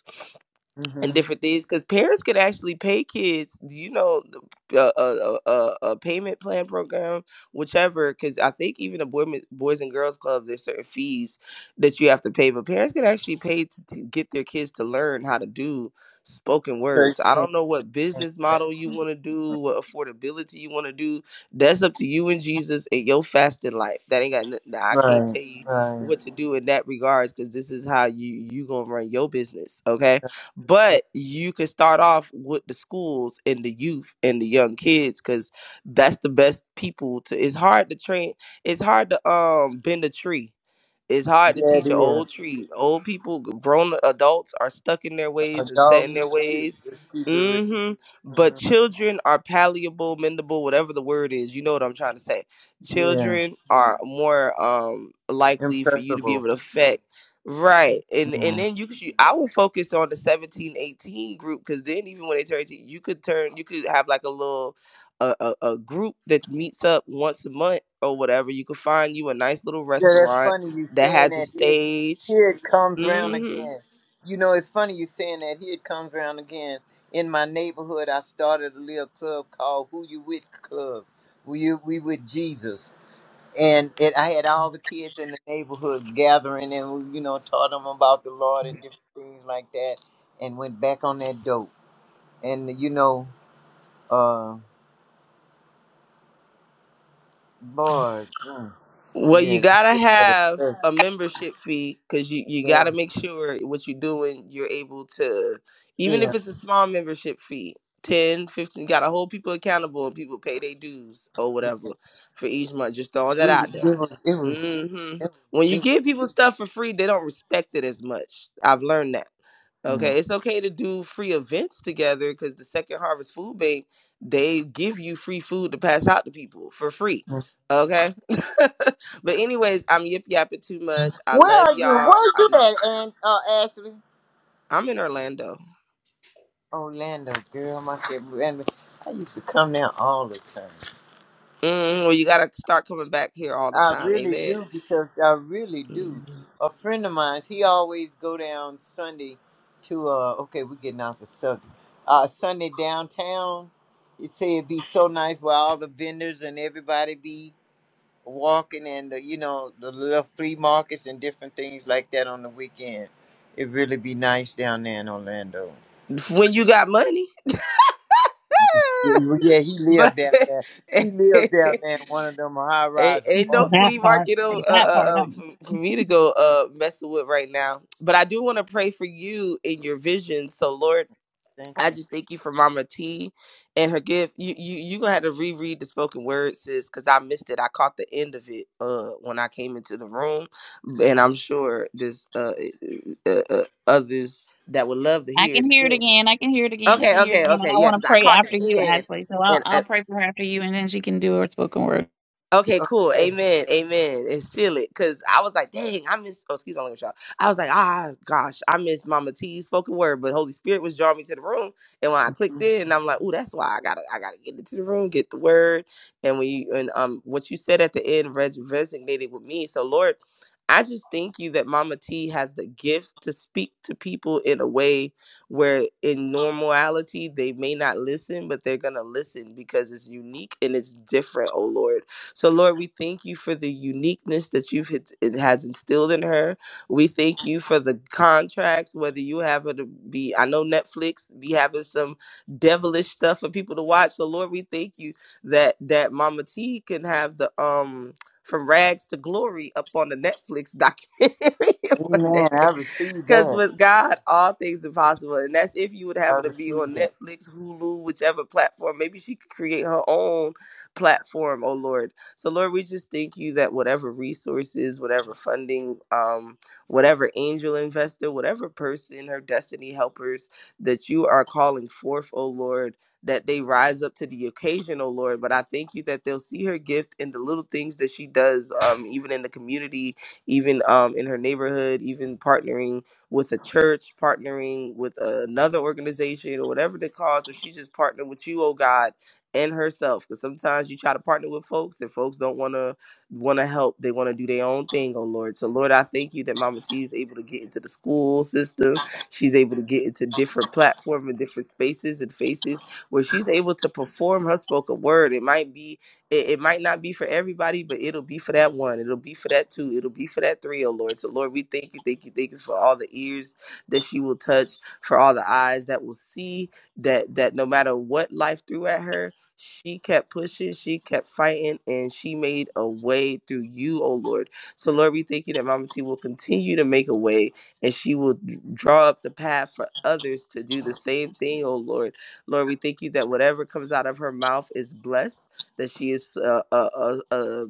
Speaker 11: and
Speaker 10: Mm-hmm.
Speaker 11: different things because parents could actually pay kids you know a, a, a, a payment plan program whichever because i think even the boy, boys and girls club there's certain fees that you have to pay but parents could actually pay to, to get their kids to learn how to do spoken
Speaker 10: Church
Speaker 11: words i
Speaker 10: can't
Speaker 11: don't know what
Speaker 10: change
Speaker 11: business
Speaker 10: that.
Speaker 11: model you want to do what affordability you want to do that's up to you and jesus and your fasted life that ain't got nothing i can't
Speaker 10: Right,
Speaker 11: tell you
Speaker 10: right.
Speaker 11: what to do in that regards because this is how you you gonna run your business okay
Speaker 10: right.
Speaker 11: but you could start off with the schools and the youth and the young kids because that's the best people to. It's hard to train. It's hard to um bend a tree it's hard to
Speaker 10: Yeah, it
Speaker 11: teach an
Speaker 10: is.
Speaker 11: old tree. Old people, grown adults are stuck in their
Speaker 10: A
Speaker 11: ways and set
Speaker 10: dog
Speaker 11: in
Speaker 10: new
Speaker 11: their
Speaker 10: shit.
Speaker 11: ways.
Speaker 10: Just keep it real.
Speaker 11: hmm But
Speaker 10: Mhm.
Speaker 11: children are palleable, mendable, whatever the word is. You know what I'm trying to say.
Speaker 10: Yeah.
Speaker 11: Children are more um likely for you to be
Speaker 10: Impressible.
Speaker 11: able to affect. Right. And and
Speaker 10: Mm-hmm.
Speaker 11: then you could you, I will focus on the 17, 18 group because then even when they turn 18, you could turn you could have like a little a, a, a group that meets up once a month or whatever. You could find you a nice little
Speaker 10: Yeah, that's
Speaker 11: restaurant
Speaker 10: funny you
Speaker 11: that
Speaker 10: saying
Speaker 11: has a
Speaker 10: that. Here,
Speaker 11: stage.
Speaker 10: here it comes round
Speaker 11: hmm
Speaker 10: again. You know, it's funny you saying that. Here it comes round again. In my neighborhood, I started a little club called Who You With Club. We You- we with Jesus, and it I had all the kids in the neighborhood gathering, and we, you know taught them about the Lord and different things like that, and went back on that dope. And you know, uh, boy, mm,
Speaker 11: Well, you
Speaker 10: yeah,
Speaker 11: gotta have a membership fee because you you
Speaker 10: yeah,
Speaker 11: gotta make sure what you're doing, you're able to, even
Speaker 10: yeah.
Speaker 11: if it's a small membership fee. ten, fifteen, you gotta hold people accountable and people pay their dues or whatever for each month. Just throwing
Speaker 10: It
Speaker 11: that
Speaker 10: was,
Speaker 11: out there.
Speaker 10: it was.
Speaker 11: hmm When you
Speaker 10: Mm.
Speaker 11: give people stuff for free, they don't respect it as much. I've learned that. Okay, it's okay to do free events together because the Second Harvest Food Bank they give you free food to pass out to people for free. Okay, (laughs) but anyways, I'm yip yapping too much. I
Speaker 10: Where
Speaker 11: love
Speaker 10: are you? Where
Speaker 11: y'all.
Speaker 10: are
Speaker 11: I
Speaker 10: you
Speaker 11: know
Speaker 10: at, and uh, Ashley?
Speaker 11: I'm in Orlando.
Speaker 10: Orlando, girl, my shit. Orlando. I used to come down all the time.
Speaker 11: Mm, well, you gotta start coming back here all the
Speaker 10: I
Speaker 11: time.
Speaker 10: really
Speaker 11: Amen.
Speaker 10: do because I really do.
Speaker 11: Mm.
Speaker 10: A friend of mine, he always go down Sunday to uh. Okay, we're getting off the subject. Uh, Sunday downtown. He said it'd be so nice where all the vendors and everybody be. walking in the you know the little flea markets and different things like that on the weekend. It really be nice down there in Orlando.
Speaker 11: When you got money,
Speaker 10: Yeah, well, yeah, he
Speaker 11: (laughs)
Speaker 10: lived
Speaker 11: but
Speaker 10: down there. He lived down
Speaker 11: (laughs)
Speaker 10: there in one of them high
Speaker 11: Ain't,
Speaker 10: rise
Speaker 11: ain't no
Speaker 10: apartments.
Speaker 9: That
Speaker 11: flea
Speaker 9: part.
Speaker 11: market uh, uh,
Speaker 9: Take that part up.
Speaker 11: uh, for, for me to go uh, messing with right now. But I do want to pray for you in your vision. So, Lord,
Speaker 10: Thank
Speaker 11: I
Speaker 10: you.
Speaker 11: just thank you for Mama T and her gift. You you you gonna have to reread the spoken word, sis, because I missed it. I caught the end of it uh, when I came into the room, and
Speaker 10: hmm
Speaker 11: I'm sure there's uh, uh, uh, uh, others that would love to
Speaker 9: I
Speaker 11: hear it
Speaker 9: can hear it
Speaker 11: again.
Speaker 9: again. I can hear it again. I
Speaker 11: Okay,
Speaker 9: can hear it
Speaker 11: okay,
Speaker 9: again. And
Speaker 11: okay,
Speaker 9: I
Speaker 11: yeah,
Speaker 9: want to
Speaker 11: because I
Speaker 9: pray
Speaker 11: caught
Speaker 9: after you,
Speaker 11: the end,
Speaker 9: Ashley. So I'll
Speaker 11: and.
Speaker 9: I'll
Speaker 11: and
Speaker 9: pray for her after you, and then she can do her spoken word.
Speaker 11: Okay, cool. Amen. Amen. And seal it. Cause I was like, dang, I miss oh excuse my language, y'all. I was like, ah gosh, I miss Mama T's spoken word, but Holy Spirit was drawing me to the room. And when I clicked in, I'm like, oh, that's why I gotta I gotta get into the room, get the word. And when you and um what you said at the end res- resonated with me. So Lord, I just thank you that Mama T has the gift to speak to people in a way where in normality they may not listen, but they're gonna listen because it's unique and it's different, oh Lord. So, Lord, we thank you for the uniqueness that you've hit, it has instilled in her. We thank you for the contracts, whether you have her to be, I know Netflix be having some devilish stuff for people to watch. So, Lord, we thank you that that Mama T can have the um from rags to glory up on the Netflix documentary (laughs) one
Speaker 10: Amen.
Speaker 11: day.
Speaker 10: I received
Speaker 11: Because
Speaker 10: that.
Speaker 11: with God, all things are possible. And that's if you would
Speaker 10: I
Speaker 11: have it to be
Speaker 10: received
Speaker 11: on
Speaker 10: that.
Speaker 11: Netflix, Hulu, whichever platform. Maybe she could create her own platform, oh Lord. So, Lord, we just thank you that whatever resources, whatever funding, um, whatever angel investor, whatever person, her destiny helpers that you are calling forth, oh Lord. That they rise up to the occasion, oh Lord. But I thank you that they'll see her gift in the little things that she does, um, even in the community, even um, in her neighborhood, even partnering with a church, partnering with another organization or whatever the cause, or she just partnered with you, oh God, and herself. Because sometimes you try to partner with folks and folks don't want to want to help. They want to do their own thing, oh Lord. So Lord, I thank you that Mama T is able to get into the school system. She's able to get into different platforms and different spaces and faces where she's able to perform her spoken word. It might be it, it might not be for everybody, but it'll be for that one. It'll be for that two. It'll be for that three, oh Lord. So, Lord, we thank you, thank you, thank you for all the ears that she will touch, for all the eyes that will see that that no matter what life threw at her, she kept pushing, she kept fighting, and she made a way through you, oh Lord. So, Lord, we thank you that Mama T will continue to make a way and she will draw up the path for others to do the same thing, oh Lord. Lord, we thank you that whatever comes out of her mouth is blessed that she is uh, a, a, a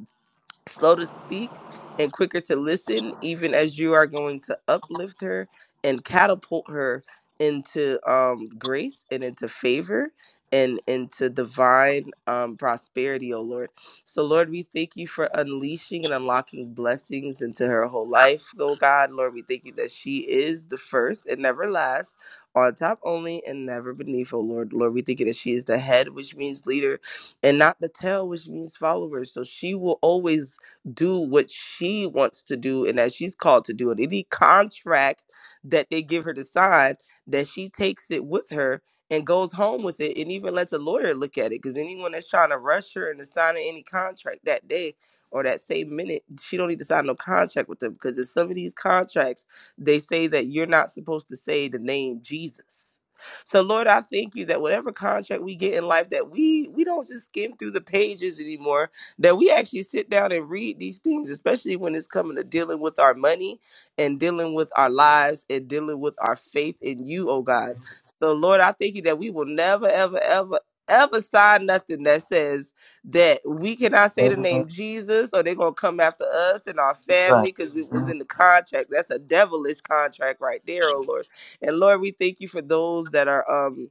Speaker 11: slow to speak and quicker to listen, even as you are going to uplift her and catapult her into um, grace and into favor and into divine um, prosperity, oh Lord. So, Lord, we thank you for unleashing and unlocking blessings into her whole life, oh God. Lord, we thank you that she is the first and never last, on top only and never beneath, oh Lord. Lord, we thank you that she is the head, which means leader, and not the tail, which means followers. So she will always do what she wants to do and that she's called to do. And any contract that they give her to sign, that she takes it with her and goes home with it and even lets a lawyer look at it. Because anyone that's trying to rush her into signing any contract that day or that same minute, she don't need to sign no contract with them. Because in some of these contracts, they say that you're not supposed to say the name Jesus. So Lord, I thank you that whatever contract we get in life that we we don't just skim through the pages anymore that we actually sit down and read these things, especially when it's coming to dealing with our money and dealing with our lives and dealing with our faith in you, oh God. So, Lord, I thank you that we will never, ever, ever, ever sign nothing that says that we cannot say the
Speaker 10: Amen.
Speaker 11: name Jesus or they're going to come after us and our
Speaker 10: Right.
Speaker 11: family because it was
Speaker 10: Mhm.
Speaker 11: in the contract. That's a devilish contract right there, oh Lord. And Lord, we thank you for those that are, um,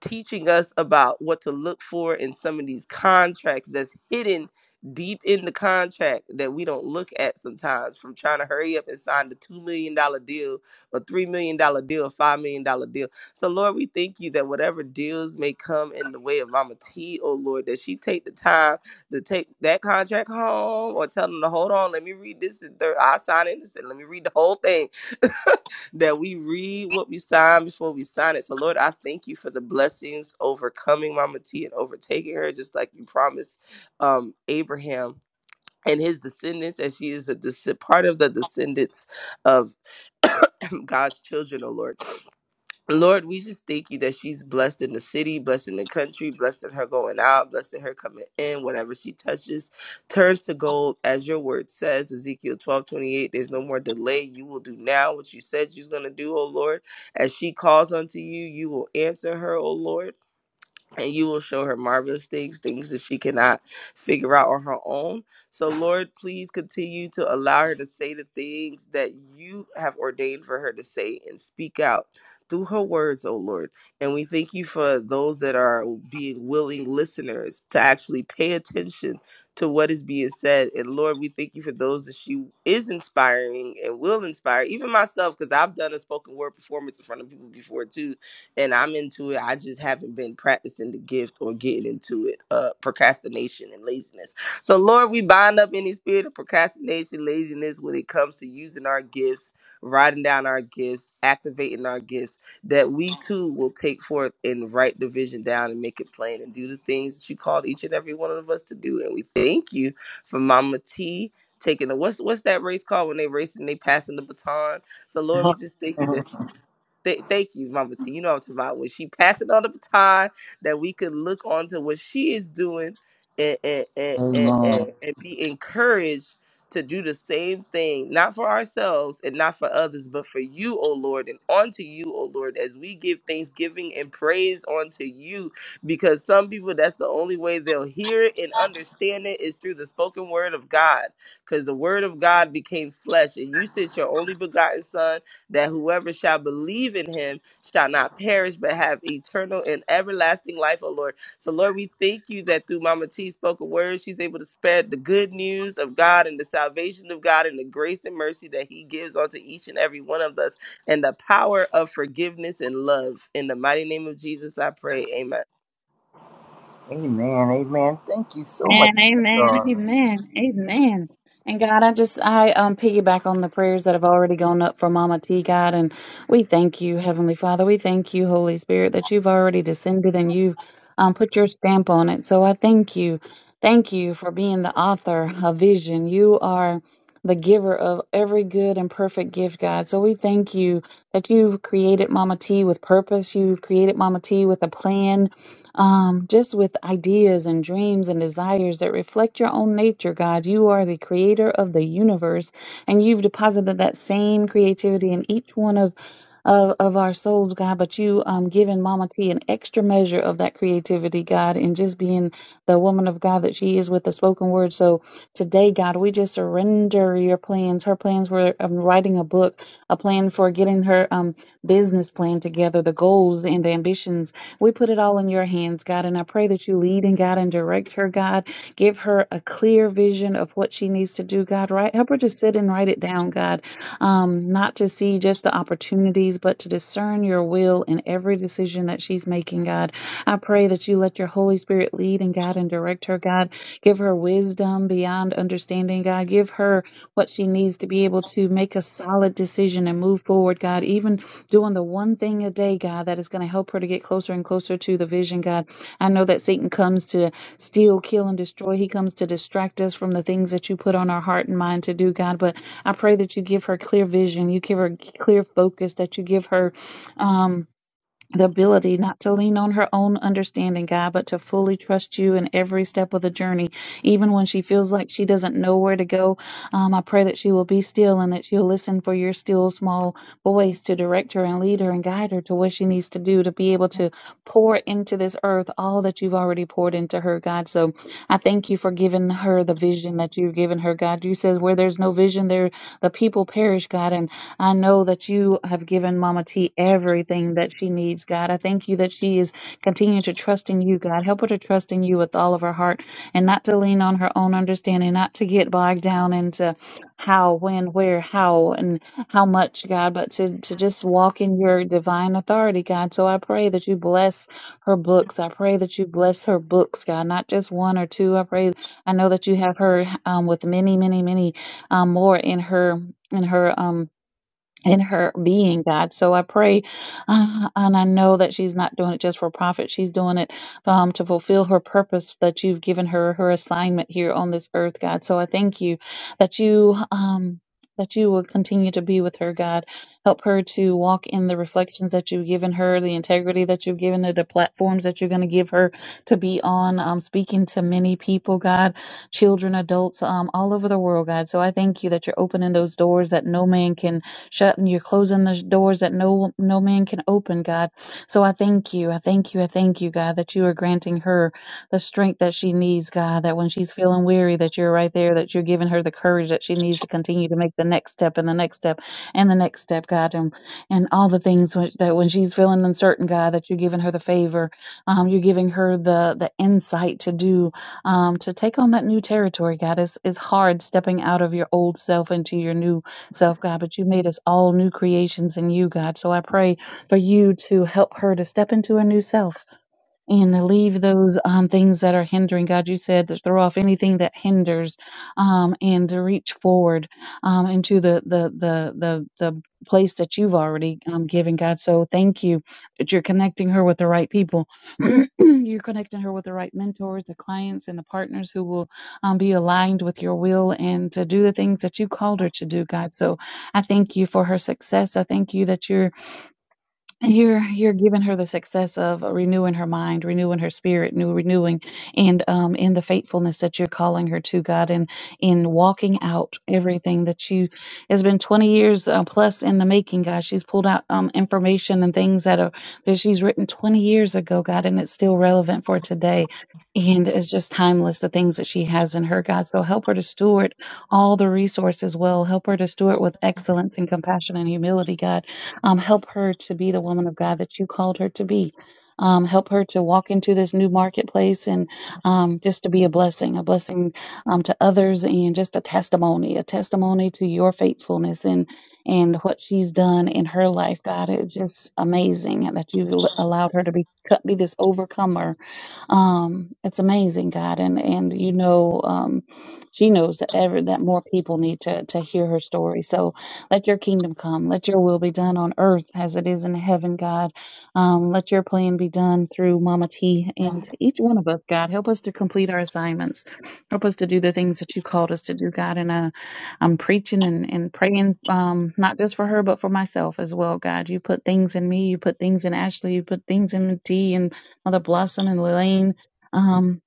Speaker 11: teaching us about what to look for in some of these contracts that's hidden deep in the contract that we don't look at sometimes from trying to hurry up and sign the $2 million dollars deal or $3 million dollars deal, $5 million dollars deal. So, Lord, we thank you that whatever deals may come in the way of Mama T, oh Lord, that she take the time to take that contract home or tell them to hold on, let me read this. And third, I'll sign it. and Let me read the whole thing (laughs) that we read what we sign before we sign it. So, Lord, I thank you for the blessings overcoming Mama T and overtaking her, just like you promised um, Abraham and his descendants, as she is a descend- part of the descendants of (clears throat) God's children, oh Lord. Lord, we just thank you that she's blessed in the city, blessed in the country, blessed in her going out, blessed in her coming in. Whatever she touches turns to gold, as your word says, Ezekiel twelve twenty eight. There's no more delay. You will do now what you said you're going to do, O Lord. As she calls unto you, you will answer her, O Lord and you will show her marvelous things, things that she cannot figure out on her own. So, Lord, please continue to allow her to say the things that you have ordained for her to say and speak out through her words, oh Lord. And we thank you for those that are being willing listeners to actually pay attention to what is being said. And Lord, we thank you for those that she is inspiring and will inspire, even myself, because I've done a spoken word performance in front of people before too and I'm into it. I just haven't been practicing the gift or getting into it. Uh, procrastination and laziness. So Lord, we bind up any spirit of procrastination, laziness when it comes to using our gifts, writing down our gifts, activating our gifts. That we too will take forth and write the vision down and make it plain and do the things that you called each and every one of us to do. And we thank you for Mama T. Taking the what's what's that race called when they racing and they passing the baton? So Lord, we just thank you that
Speaker 10: (laughs)
Speaker 11: Th- thank you, Mama T. You know what I'm talking about. When she passing on the baton, that we could look onto what she is doing and, and, and, and,
Speaker 10: Amen.
Speaker 11: and, and be encouraged to do the same thing, not for ourselves and not for others, but for you, O Lord, and unto you, O Lord, as we give thanksgiving and praise unto you. Because some people, that's the only way they'll hear it and understand it is through the spoken word of God. Because the word of God became flesh, and you sent your only begotten Son that whoever shall believe in him shall not perish but have eternal and everlasting life, O Lord. So, Lord, we thank you that through Mama T's spoken a word, she's able to spread the good news of God and the salvation of God and the grace and mercy that he gives unto each and every one of us and the power of forgiveness and love. In the mighty name of Jesus, I pray. Amen.
Speaker 10: Amen. Amen. (laughs) Thank you so much,
Speaker 9: And
Speaker 10: my
Speaker 9: amen,
Speaker 10: darling.
Speaker 9: amen, amen. And God, I just I um piggyback on the prayers that have already gone up for Mama T, God, and we thank you, Heavenly Father. We thank you, Holy Spirit, that you've already descended and you've um put your stamp on it. So I thank you. Thank you for being the author of vision. You are the giver of every good and perfect gift, God. So we thank you that you've created Mama T with purpose. You've created Mama T with a plan um, just with ideas and dreams and desires that reflect your own nature, God. You are the creator of the universe, and you've deposited that same creativity in each one of. Of, of our souls, God, but you um given Mama T an extra measure of that creativity, God, and just being the woman of God that she is with the spoken word. So today, God, we just surrender your plans. Her plans were um, writing a book, a plan for getting her um business plan together, the goals and the ambitions we put it all in your hands, God, and I pray that you lead and guide and direct her, God. Give her a clear vision of what she needs to do, God, right? Help her to sit and write it down, God, um, not to see just the opportunities, but to discern your will in every decision that she's making, God. I pray that you let your Holy Spirit lead and guide and direct her, God. Give her wisdom beyond understanding, God. Give her what she needs to be able to make a solid decision and move forward, God, even doing the one thing a day, God, that is going to help her to get closer and closer to the vision, God. I know that Satan comes to steal, kill, and destroy. He comes to distract us from the things that you put on our heart and mind to do, God. But I pray that you give her clear vision, you give her clear focus, that you give her. Um, the ability not to lean on her own understanding, God, but to fully trust you in every step of the journey, even when she feels like she doesn't know where to go. Um, I pray that she will be still and that she'll listen for your still small voice to direct her and lead her and guide her to what she needs to do to be able to pour into this earth all that you've already poured into her, God. So I thank you for giving her the vision that you've given her, God. You said where there's no vision, there the people perish, God. And I know that you have given Mama T everything that she needs, God. I thank you that she is continuing to trust in you, God. Help her to trust in you with all of her heart and not to lean on her own understanding, not to get bogged down into how, when, where, how, and how much, God, but to, to just walk in your divine authority, God. So I pray that you bless her books. I pray that you bless her books, God, not just one or two. I pray, I know that you have her um, with many, many, many um, more in her in her um, in her being, God. So I pray, uh, and I know that she's not doing it just for profit. She's doing it um, to fulfill her purpose that you've given her, her assignment here on this earth, God. So I thank you that you. Um, that you will continue to be with her, God. Help her to walk in the reflections that you've given her, the integrity that you've given her, the platforms that you're going to give her to be on, um, speaking to many people, God, children, adults, um, all over the world, God. So I thank you that you're opening those doors that no man can shutting you're closing the doors that no no man can open god so i thank you i thank you i thank you god that you are granting her the strength that she needs god that when she's feeling weary that you're right there that you're giving her the courage that she needs to continue to make the next step and the next step and the next step god and and all the things which, that when she's feeling uncertain god that you're giving her the favor um, you're giving her the the insight to do um, to take on that new territory god it's, it's hard stepping out of your old self into your new self, God, but you made us all new creations in you, God. So I pray for you to help her to step into a new self and leave those um, things that are hindering. God, you said to throw off anything that hinders, um, and to reach forward um, into the the the the the place that you've already um, given. God, so thank you that you're connecting her with the right people. (clears throat) you're connecting her with the right mentors, the clients, and the partners who will um, be aligned with your will and to do the things that you called her to do. God, so I thank you for her success. I thank you that you're and you're you're giving her the success of renewing her mind, renewing her spirit, new renewing, and um, in the faithfulness that you're calling her to God, and in walking out everything that you has been 20 years uh, plus in the making, God. She's pulled out um, information and things that are that she's written 20 years ago, God, and it's still relevant for today. And it's just timeless, the things that she has in her, God. So help her to steward all the resources well. Help her to steward with excellence and compassion and humility, God um, help her to be the woman of God that you called her to be. Um, help her to walk into this new marketplace and um, just to be a blessing, a blessing um, to others, and just a testimony, a testimony to your faithfulness and and what she's done in her life. God, it's just amazing that you allowed her to be be this overcomer um, it's amazing, God, and and you know, um, she knows that ever that more people need to to hear her story. So let your kingdom come, let your will be done on earth as it is in heaven, God. Um, let your plan be done through Mama T and each one of us, God. Help us to complete our assignments. Help us to do the things that you called us to do, God. And uh, I'm preaching and and praying, um, not just for her but for myself as well, God. You put things in me, you put things in Ashley, you put things in T and Mother Blossom and Lillian, um,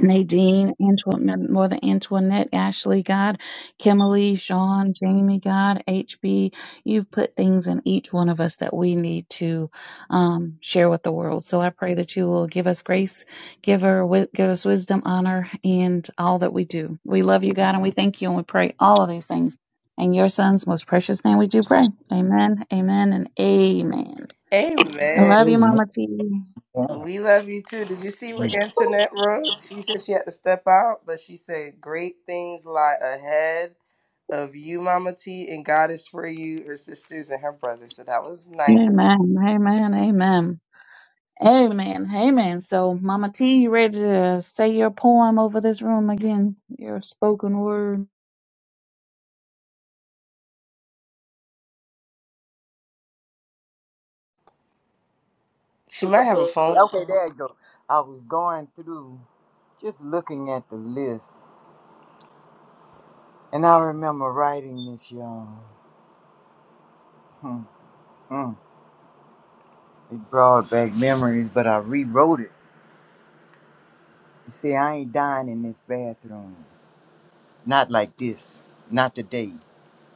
Speaker 9: Nadine, Antoinette, Mother Antoinette, Ashley, God, Kimberly, Sean, Jamie, God, HB. You've put things in each one of us that we need to um, share with the world. So I pray that you will give us grace, give her, wi- give us wisdom, honor, and all that we do. We love you, God, and we thank you, and we pray all of these things. In your son's most precious name we do pray. Amen, amen, and amen. I
Speaker 11: Amen.
Speaker 9: love you,
Speaker 10: Amen.
Speaker 9: Mama T.
Speaker 11: We love you too. Did you see what Internet wrote? She said she had to step out, but she said great things lie ahead of you, Mama T, and God is for you, her sisters and her brother. So that was nice of her.
Speaker 9: Amen. Amen. Amen. Amen. Amen. So, Mama T, you ready to say your poem over this room again? Your spoken word.
Speaker 11: She might have a phone.
Speaker 10: Okay, there you go. I was going through. Just looking at the list, and I remember writing this, y'all. Hmm, hmm. It brought back memories, but I rewrote it. You see, I ain't dying in this bathroom. Not like this. Not today.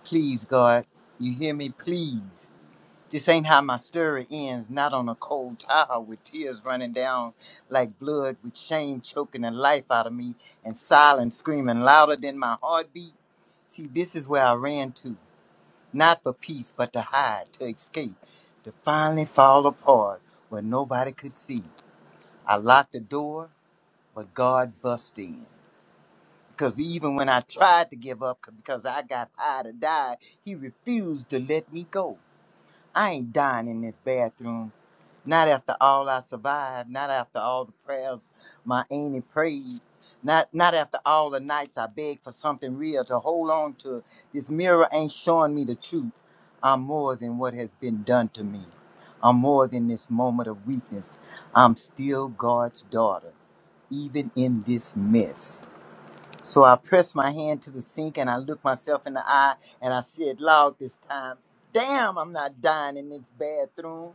Speaker 10: Please, God. You hear me? Please. This ain't how my story ends, not on a cold towel with tears running down like blood, with shame choking the life out of me and silence screaming louder than my heartbeat. See, this is where I ran to. not for peace, but to hide, to escape, to finally fall apart where nobody could see. I locked the door, but God bust in. Because even when I tried to give up because I got high to die, He refused to let me go. I ain't dying in this bathroom. Not after all I survived. Not after all the prayers my auntie prayed. Not not after all the nights I begged for something real to hold on to. This mirror ain't showing me the truth. I'm more than what has been done to me. I'm more than this moment of weakness. I'm still God's daughter, even in this mess. So I pressed my hand to the sink and I looked myself in the eye and I said loud this time, Damn, I'm not dying in this bathroom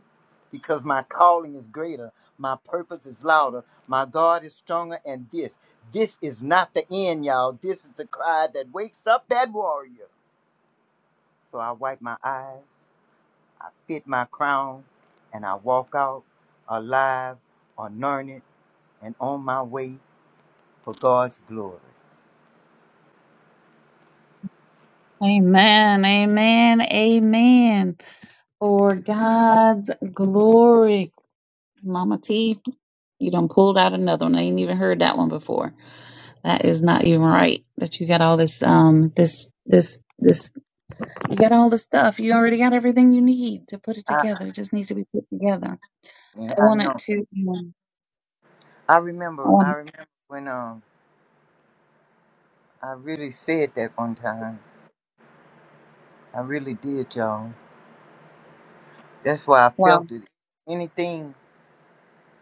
Speaker 10: because my calling is greater, my purpose is louder, my God is stronger, and this, this is not the end, y'all. This is the cry that wakes up that warrior. So I wipe my eyes, I fit my crown, and I walk out alive, anointed, and on my way for God's glory.
Speaker 9: Amen. Amen. Amen. For God's glory. Mama T, you done pulled out another one. I ain't even heard that one before. That is not even right. That you got all this, um, this, this, this, you got all the stuff. You already got everything you need to put it
Speaker 10: I,
Speaker 9: together. It just needs to be put together.
Speaker 10: I
Speaker 9: I
Speaker 10: I
Speaker 9: want it
Speaker 10: know.
Speaker 9: to, um,
Speaker 10: I
Speaker 9: I
Speaker 10: remember,
Speaker 9: want
Speaker 10: I remember when um I really said that one time. I really did, y'all. That's why I
Speaker 9: Wow.
Speaker 10: felt it. Anything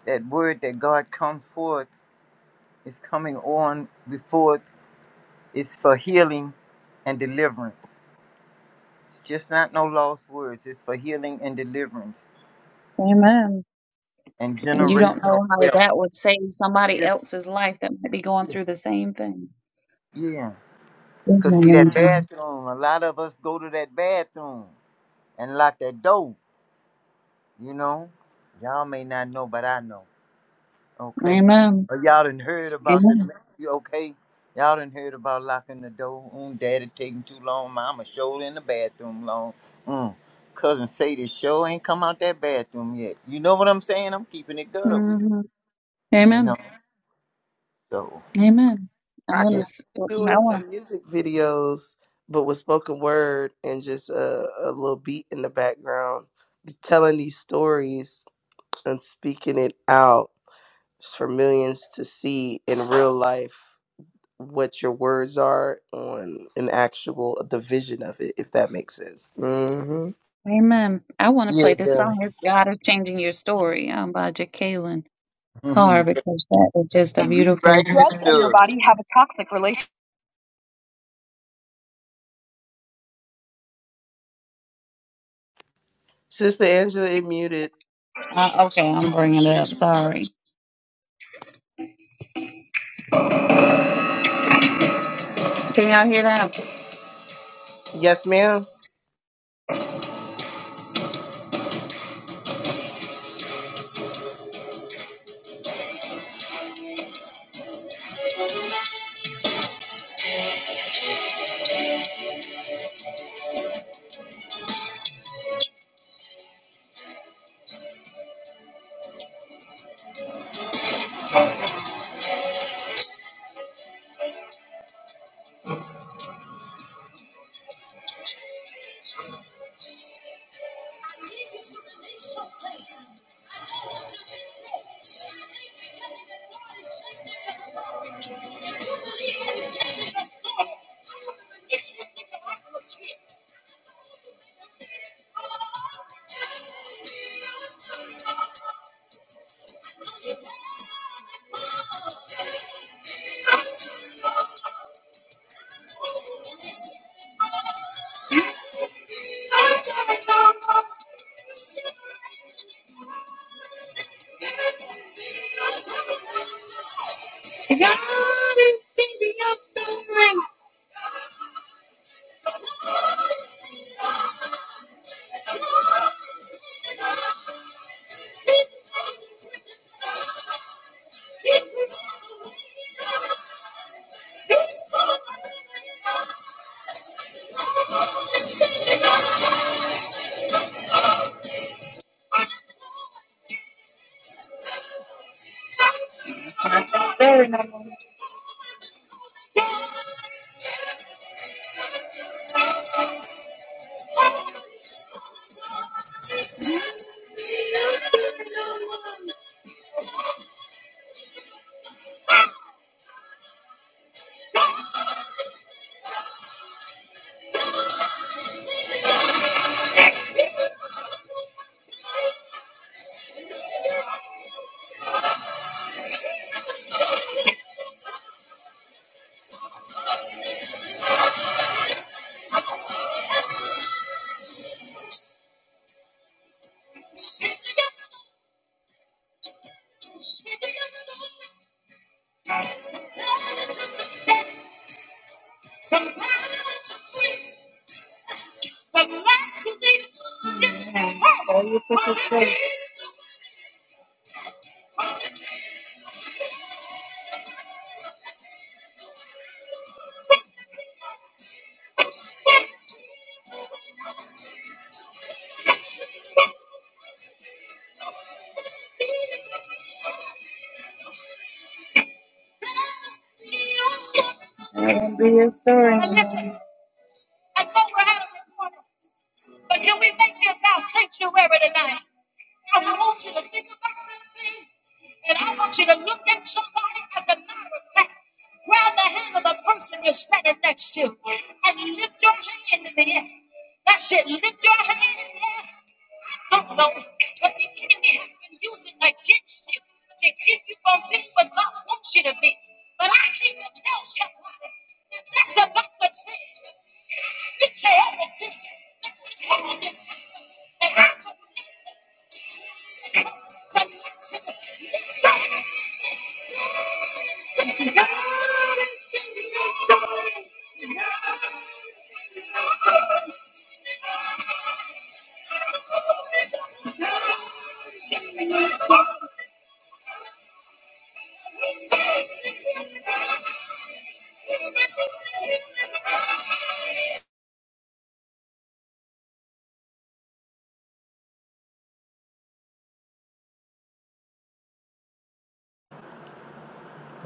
Speaker 10: that word that God comes forth is coming on before it's for healing and deliverance. It's just not no lost words. It's for healing and deliverance
Speaker 9: Amen.
Speaker 10: and
Speaker 9: And you don't
Speaker 10: generational
Speaker 9: know how
Speaker 10: wealth.
Speaker 9: that would save somebody
Speaker 10: Gen-
Speaker 9: else's life that might be going through the same thing.
Speaker 10: Yeah,
Speaker 9: This
Speaker 10: cause see
Speaker 11: You
Speaker 9: moment
Speaker 11: know,
Speaker 9: in
Speaker 10: that
Speaker 9: time.
Speaker 10: bathroom. A lot of us go to that bathroom and lock that door. You know, y'all may not know, but I know. Okay.
Speaker 9: Amen.
Speaker 10: Uh, y'all done heard about the
Speaker 9: Amen.
Speaker 10: you okay? Y'all done heard about locking the door. Mm, daddy taking too long. Mama showed in the bathroom long. Mm. Cousin Sadie show ain't come out that bathroom yet. You know what I'm saying? I'm keeping it gutter with
Speaker 9: hmm
Speaker 10: you. You know.
Speaker 9: Amen.
Speaker 10: So
Speaker 9: Amen. I'm
Speaker 11: I can
Speaker 9: gonna.
Speaker 10: yeah.
Speaker 11: see
Speaker 9: s-
Speaker 11: you doing
Speaker 9: I want.
Speaker 11: some music videos, but with spoken word and just a, a little beat in the background, telling these stories and speaking it out for millions to see in real life. what your words are on an actual division of it, if that makes sense. hmm
Speaker 9: Amen. I want to
Speaker 10: Yeah,
Speaker 9: play
Speaker 10: it
Speaker 9: this
Speaker 10: does. (laughs)
Speaker 9: song. It's God is changing your story. Um, by Jacqueline Carr
Speaker 10: Mhm. So,
Speaker 9: because that is just a
Speaker 10: you
Speaker 9: beautiful.
Speaker 10: Rewriting the
Speaker 9: Drugs and your body
Speaker 10: story.
Speaker 9: have a toxic relationship.
Speaker 11: Sister Angela, it muted.
Speaker 9: Uh, okay, I'm bringing it up. Sorry. Can y'all hear that?
Speaker 11: Yes, ma'am.
Speaker 9: It's gonna be a story.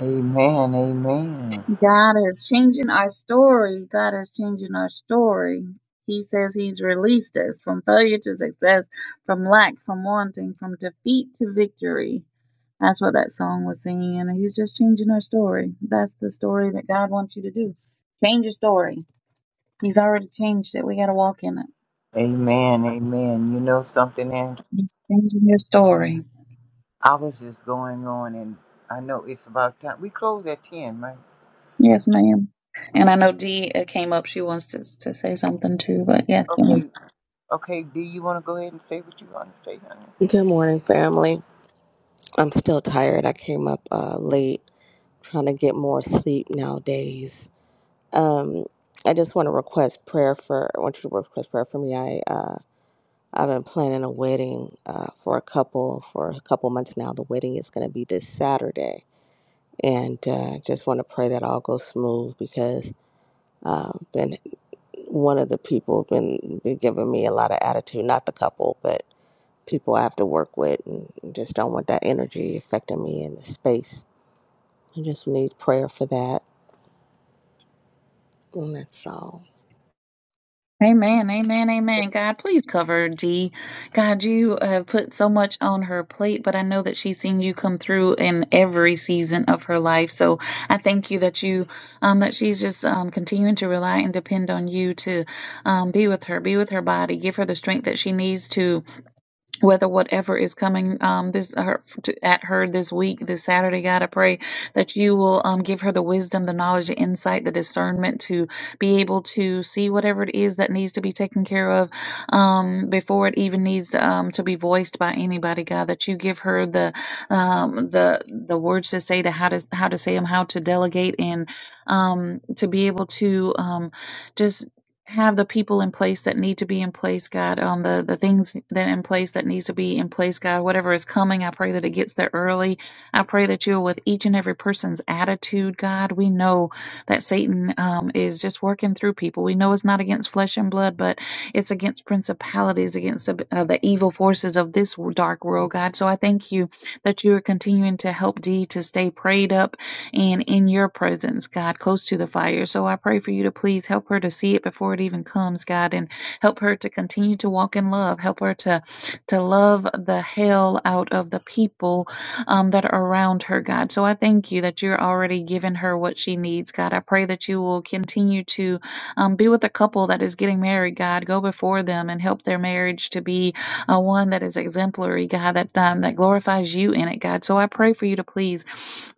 Speaker 10: Amen, amen.
Speaker 9: God is changing our story. God is changing our story. He says He's released us from failure to success, from lack, from wanting, from defeat to victory. That's what that song was singing. And He's just changing our story. That's the story that God wants you to do. Change your story. He's already changed it. We got to walk in it.
Speaker 10: Amen, amen. You know something, and
Speaker 9: He's changing your story.
Speaker 10: I was just going on and I know it's about time. We close at ten, right?
Speaker 9: Yes, ma'am. And I know Dee uh, came up. She wants to, to say something too, but yes, ma'am.
Speaker 10: Okay, Okay, do you want to go ahead and say what you want to say, honey?
Speaker 12: Good morning, family. I'm still tired. I came up uh, late trying to get more sleep nowadays. Um, I just want to request prayer for, I want you to request prayer for me. I, uh, I've been planning a wedding uh, for a couple for a couple months now. The wedding is going to be this Saturday. And uh, just want to pray that all goes smooth because uh, been one of the people been, been giving me a lot of attitude, not the couple, but people I have to work with and just don't want that energy affecting me in the space. I just need prayer for that. And that's all.
Speaker 9: Amen, amen, amen. God, please cover D. God, you have put so much on her plate, but I know that she's seen you come through in every season of her life. So I thank you that you, um, that she's just um, continuing to rely and depend on you to um, be with her, be with her body, give her the strength that she needs to whether whatever is coming um, this uh, her, to, at her this week, this Saturday, God, I pray that you will um, give her the wisdom, the knowledge, the insight, the discernment to be able to see whatever it is that needs to be taken care of um, before it even needs um, to be voiced by anybody, God. That you give her the um, the the words to say to how to how to say them, how to delegate, and um, to be able to um, just have the people in place that need to be in place, God, um, the, the things that in place that needs to be in place, God, whatever is coming, I pray that it gets there early. I pray that you're with each and every person's attitude, God. We know that Satan um, is just working through people. We know it's not against flesh and blood, but it's against principalities, against the, uh, the evil forces of this dark world, God. So I thank you that you are continuing to help D to stay prayed up and in your presence, God, close to the fire. So I pray for you to please help her to see it before it even comes, God, and help her to continue to walk in love. Help her to to love the hell out of the people um, that are around her, God. So I thank you that you're already giving her what she needs, God. I pray that you will continue to um, be with a couple that is getting married, God. Go before them and help their marriage to be uh, one that is exemplary, God, that um, that glorifies you in it, God. So I pray for you to please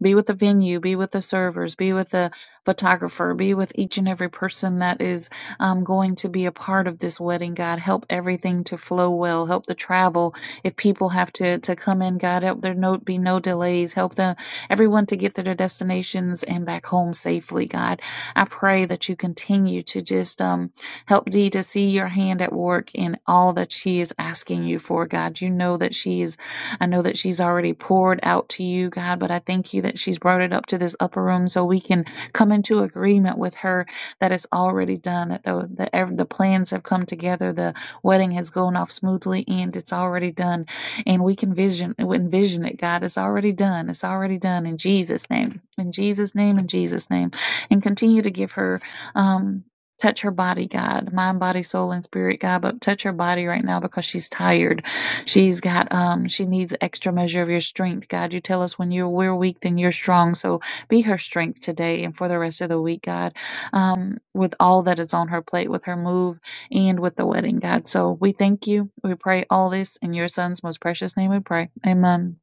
Speaker 9: be with the venue, be with the servers, be with the photographer, be with each and every person that is um, going to be a part of this wedding, God. Help everything to flow well. Help the travel. If people have to to come in, God, help there no be no delays. Help the everyone to get to their destinations and back home safely, God. I pray that you continue to just um, Help Dee to see your hand at work in all that she is asking you for, God. You know that she's, I know that she's already poured out to you, God, but I thank you that she's brought it up to this upper room so we can come into agreement with her that it's already done, that the, the, the plans have come together, the wedding has gone off smoothly and it's already done. And we can vision, envision it, God. It's already done. It's already done in Jesus' name. In Jesus' name, in Jesus' name. And continue to give her. Um, touch her body, God, mind, body, soul, and spirit, God, but touch her body right now because she's tired. She's got, um, she needs extra measure of your strength, God. You tell us when you're, we're weak, then you're strong. So be her strength today and for the rest of the week, God, um, with all that is on her plate, with her move and with the wedding, God. So we thank you. We pray all this in your son's most precious name we pray. Amen.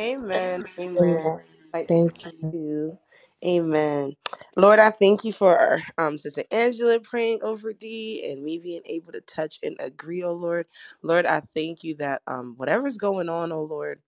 Speaker 11: Amen. Amen.
Speaker 12: Amen.
Speaker 11: Like to
Speaker 12: Thank you.
Speaker 11: you. Amen. Lord, I thank you for our um, Sister Angela praying over D and me being able to touch and agree, oh Lord. Lord, I thank you that um, whatever's going on, oh Lord.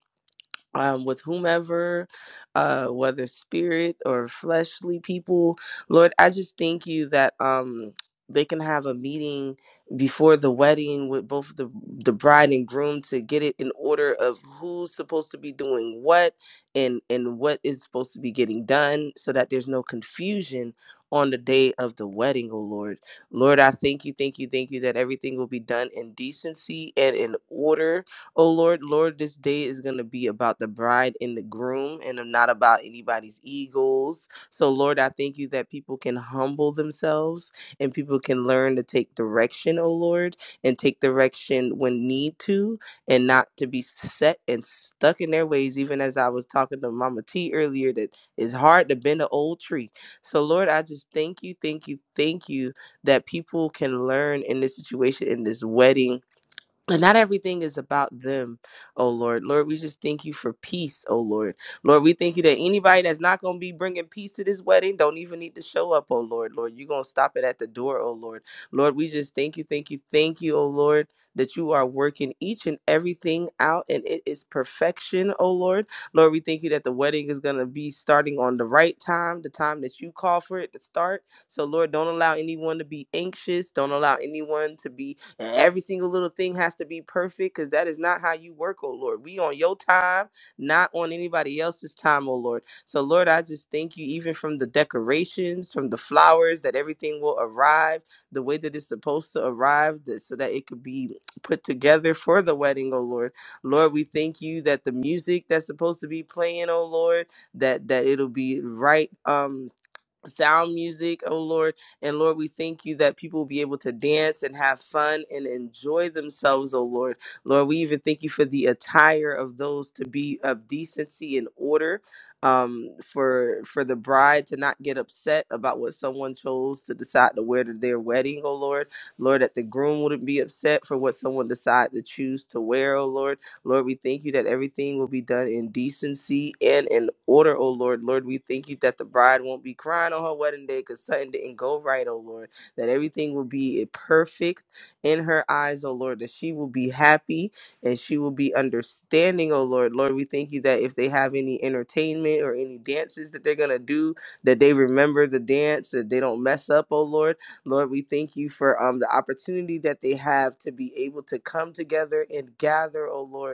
Speaker 11: um, with whomever, uh, whether spirit or fleshly people. Lord, I just thank you that um, they can have a meeting before the wedding with both the, the bride and groom to get it in order of who's supposed to be doing what and, and what is supposed to be getting done so that there's no confusion on the day of the wedding, oh Lord. Lord, I thank you, thank you, thank you that everything will be done in decency and in order Oh Lord, Lord, this day is going to be about the bride and the groom and not about anybody's egos. So, Lord, I thank you that people can humble themselves and people can learn to take direction, oh Lord, and take direction when need to and not to be set and stuck in their ways. Even as I was talking to Mama T earlier, that it's hard to bend an old tree. So, Lord, I just thank you, thank you, thank you that people can learn in this situation, in this wedding and not everything is about them, oh Lord. Lord, we just thank you for peace, oh Lord. Lord, we thank you that anybody that's not going to be bringing peace to this wedding don't even need to show up, oh Lord. Lord, you're going to stop it at the door, oh Lord. Lord, we just thank you, thank you, thank you, oh Lord, that you are working each and everything out and it is perfection, oh Lord. Lord, we thank you that the wedding is going to be starting on the right time, the time that you call for it to start. So, Lord, don't allow anyone to be anxious. Don't allow anyone to be and every single little thing has to be perfect because that is not how you work, oh Lord. We on your time, not on anybody else's time, oh Lord. So, Lord, I just thank you, even from the decorations, from the flowers, that everything will arrive the way that it's supposed to arrive, that, so that it could be put together for the wedding, oh Lord. Lord, we thank you that the music that's supposed to be playing, oh Lord, that that it'll be right. Um, sound music, oh Lord. And Lord, we thank you that people will be able to dance and have fun and enjoy themselves, oh Lord. Lord, we even thank you for the attire of those to be of decency and order. Um, for for the bride to not get upset about what someone chose to decide to wear to their wedding, oh Lord. Lord, that the groom wouldn't be upset for what someone decided to choose to wear, oh Lord. Lord, we thank you that everything will be done in decency and in order, oh Lord. Lord, we thank you that the bride won't be crying on her wedding day because something didn't go right, oh Lord. That everything will be perfect in her eyes, oh Lord. That she will be happy and she will be understanding, oh Lord. Lord, we thank you that if they have any entertainment or any dances that they're going to do, that they remember the dance, that they don't mess up, oh Lord Lord, we thank you for um, the opportunity that they have to be able to come together and gather, oh Lord,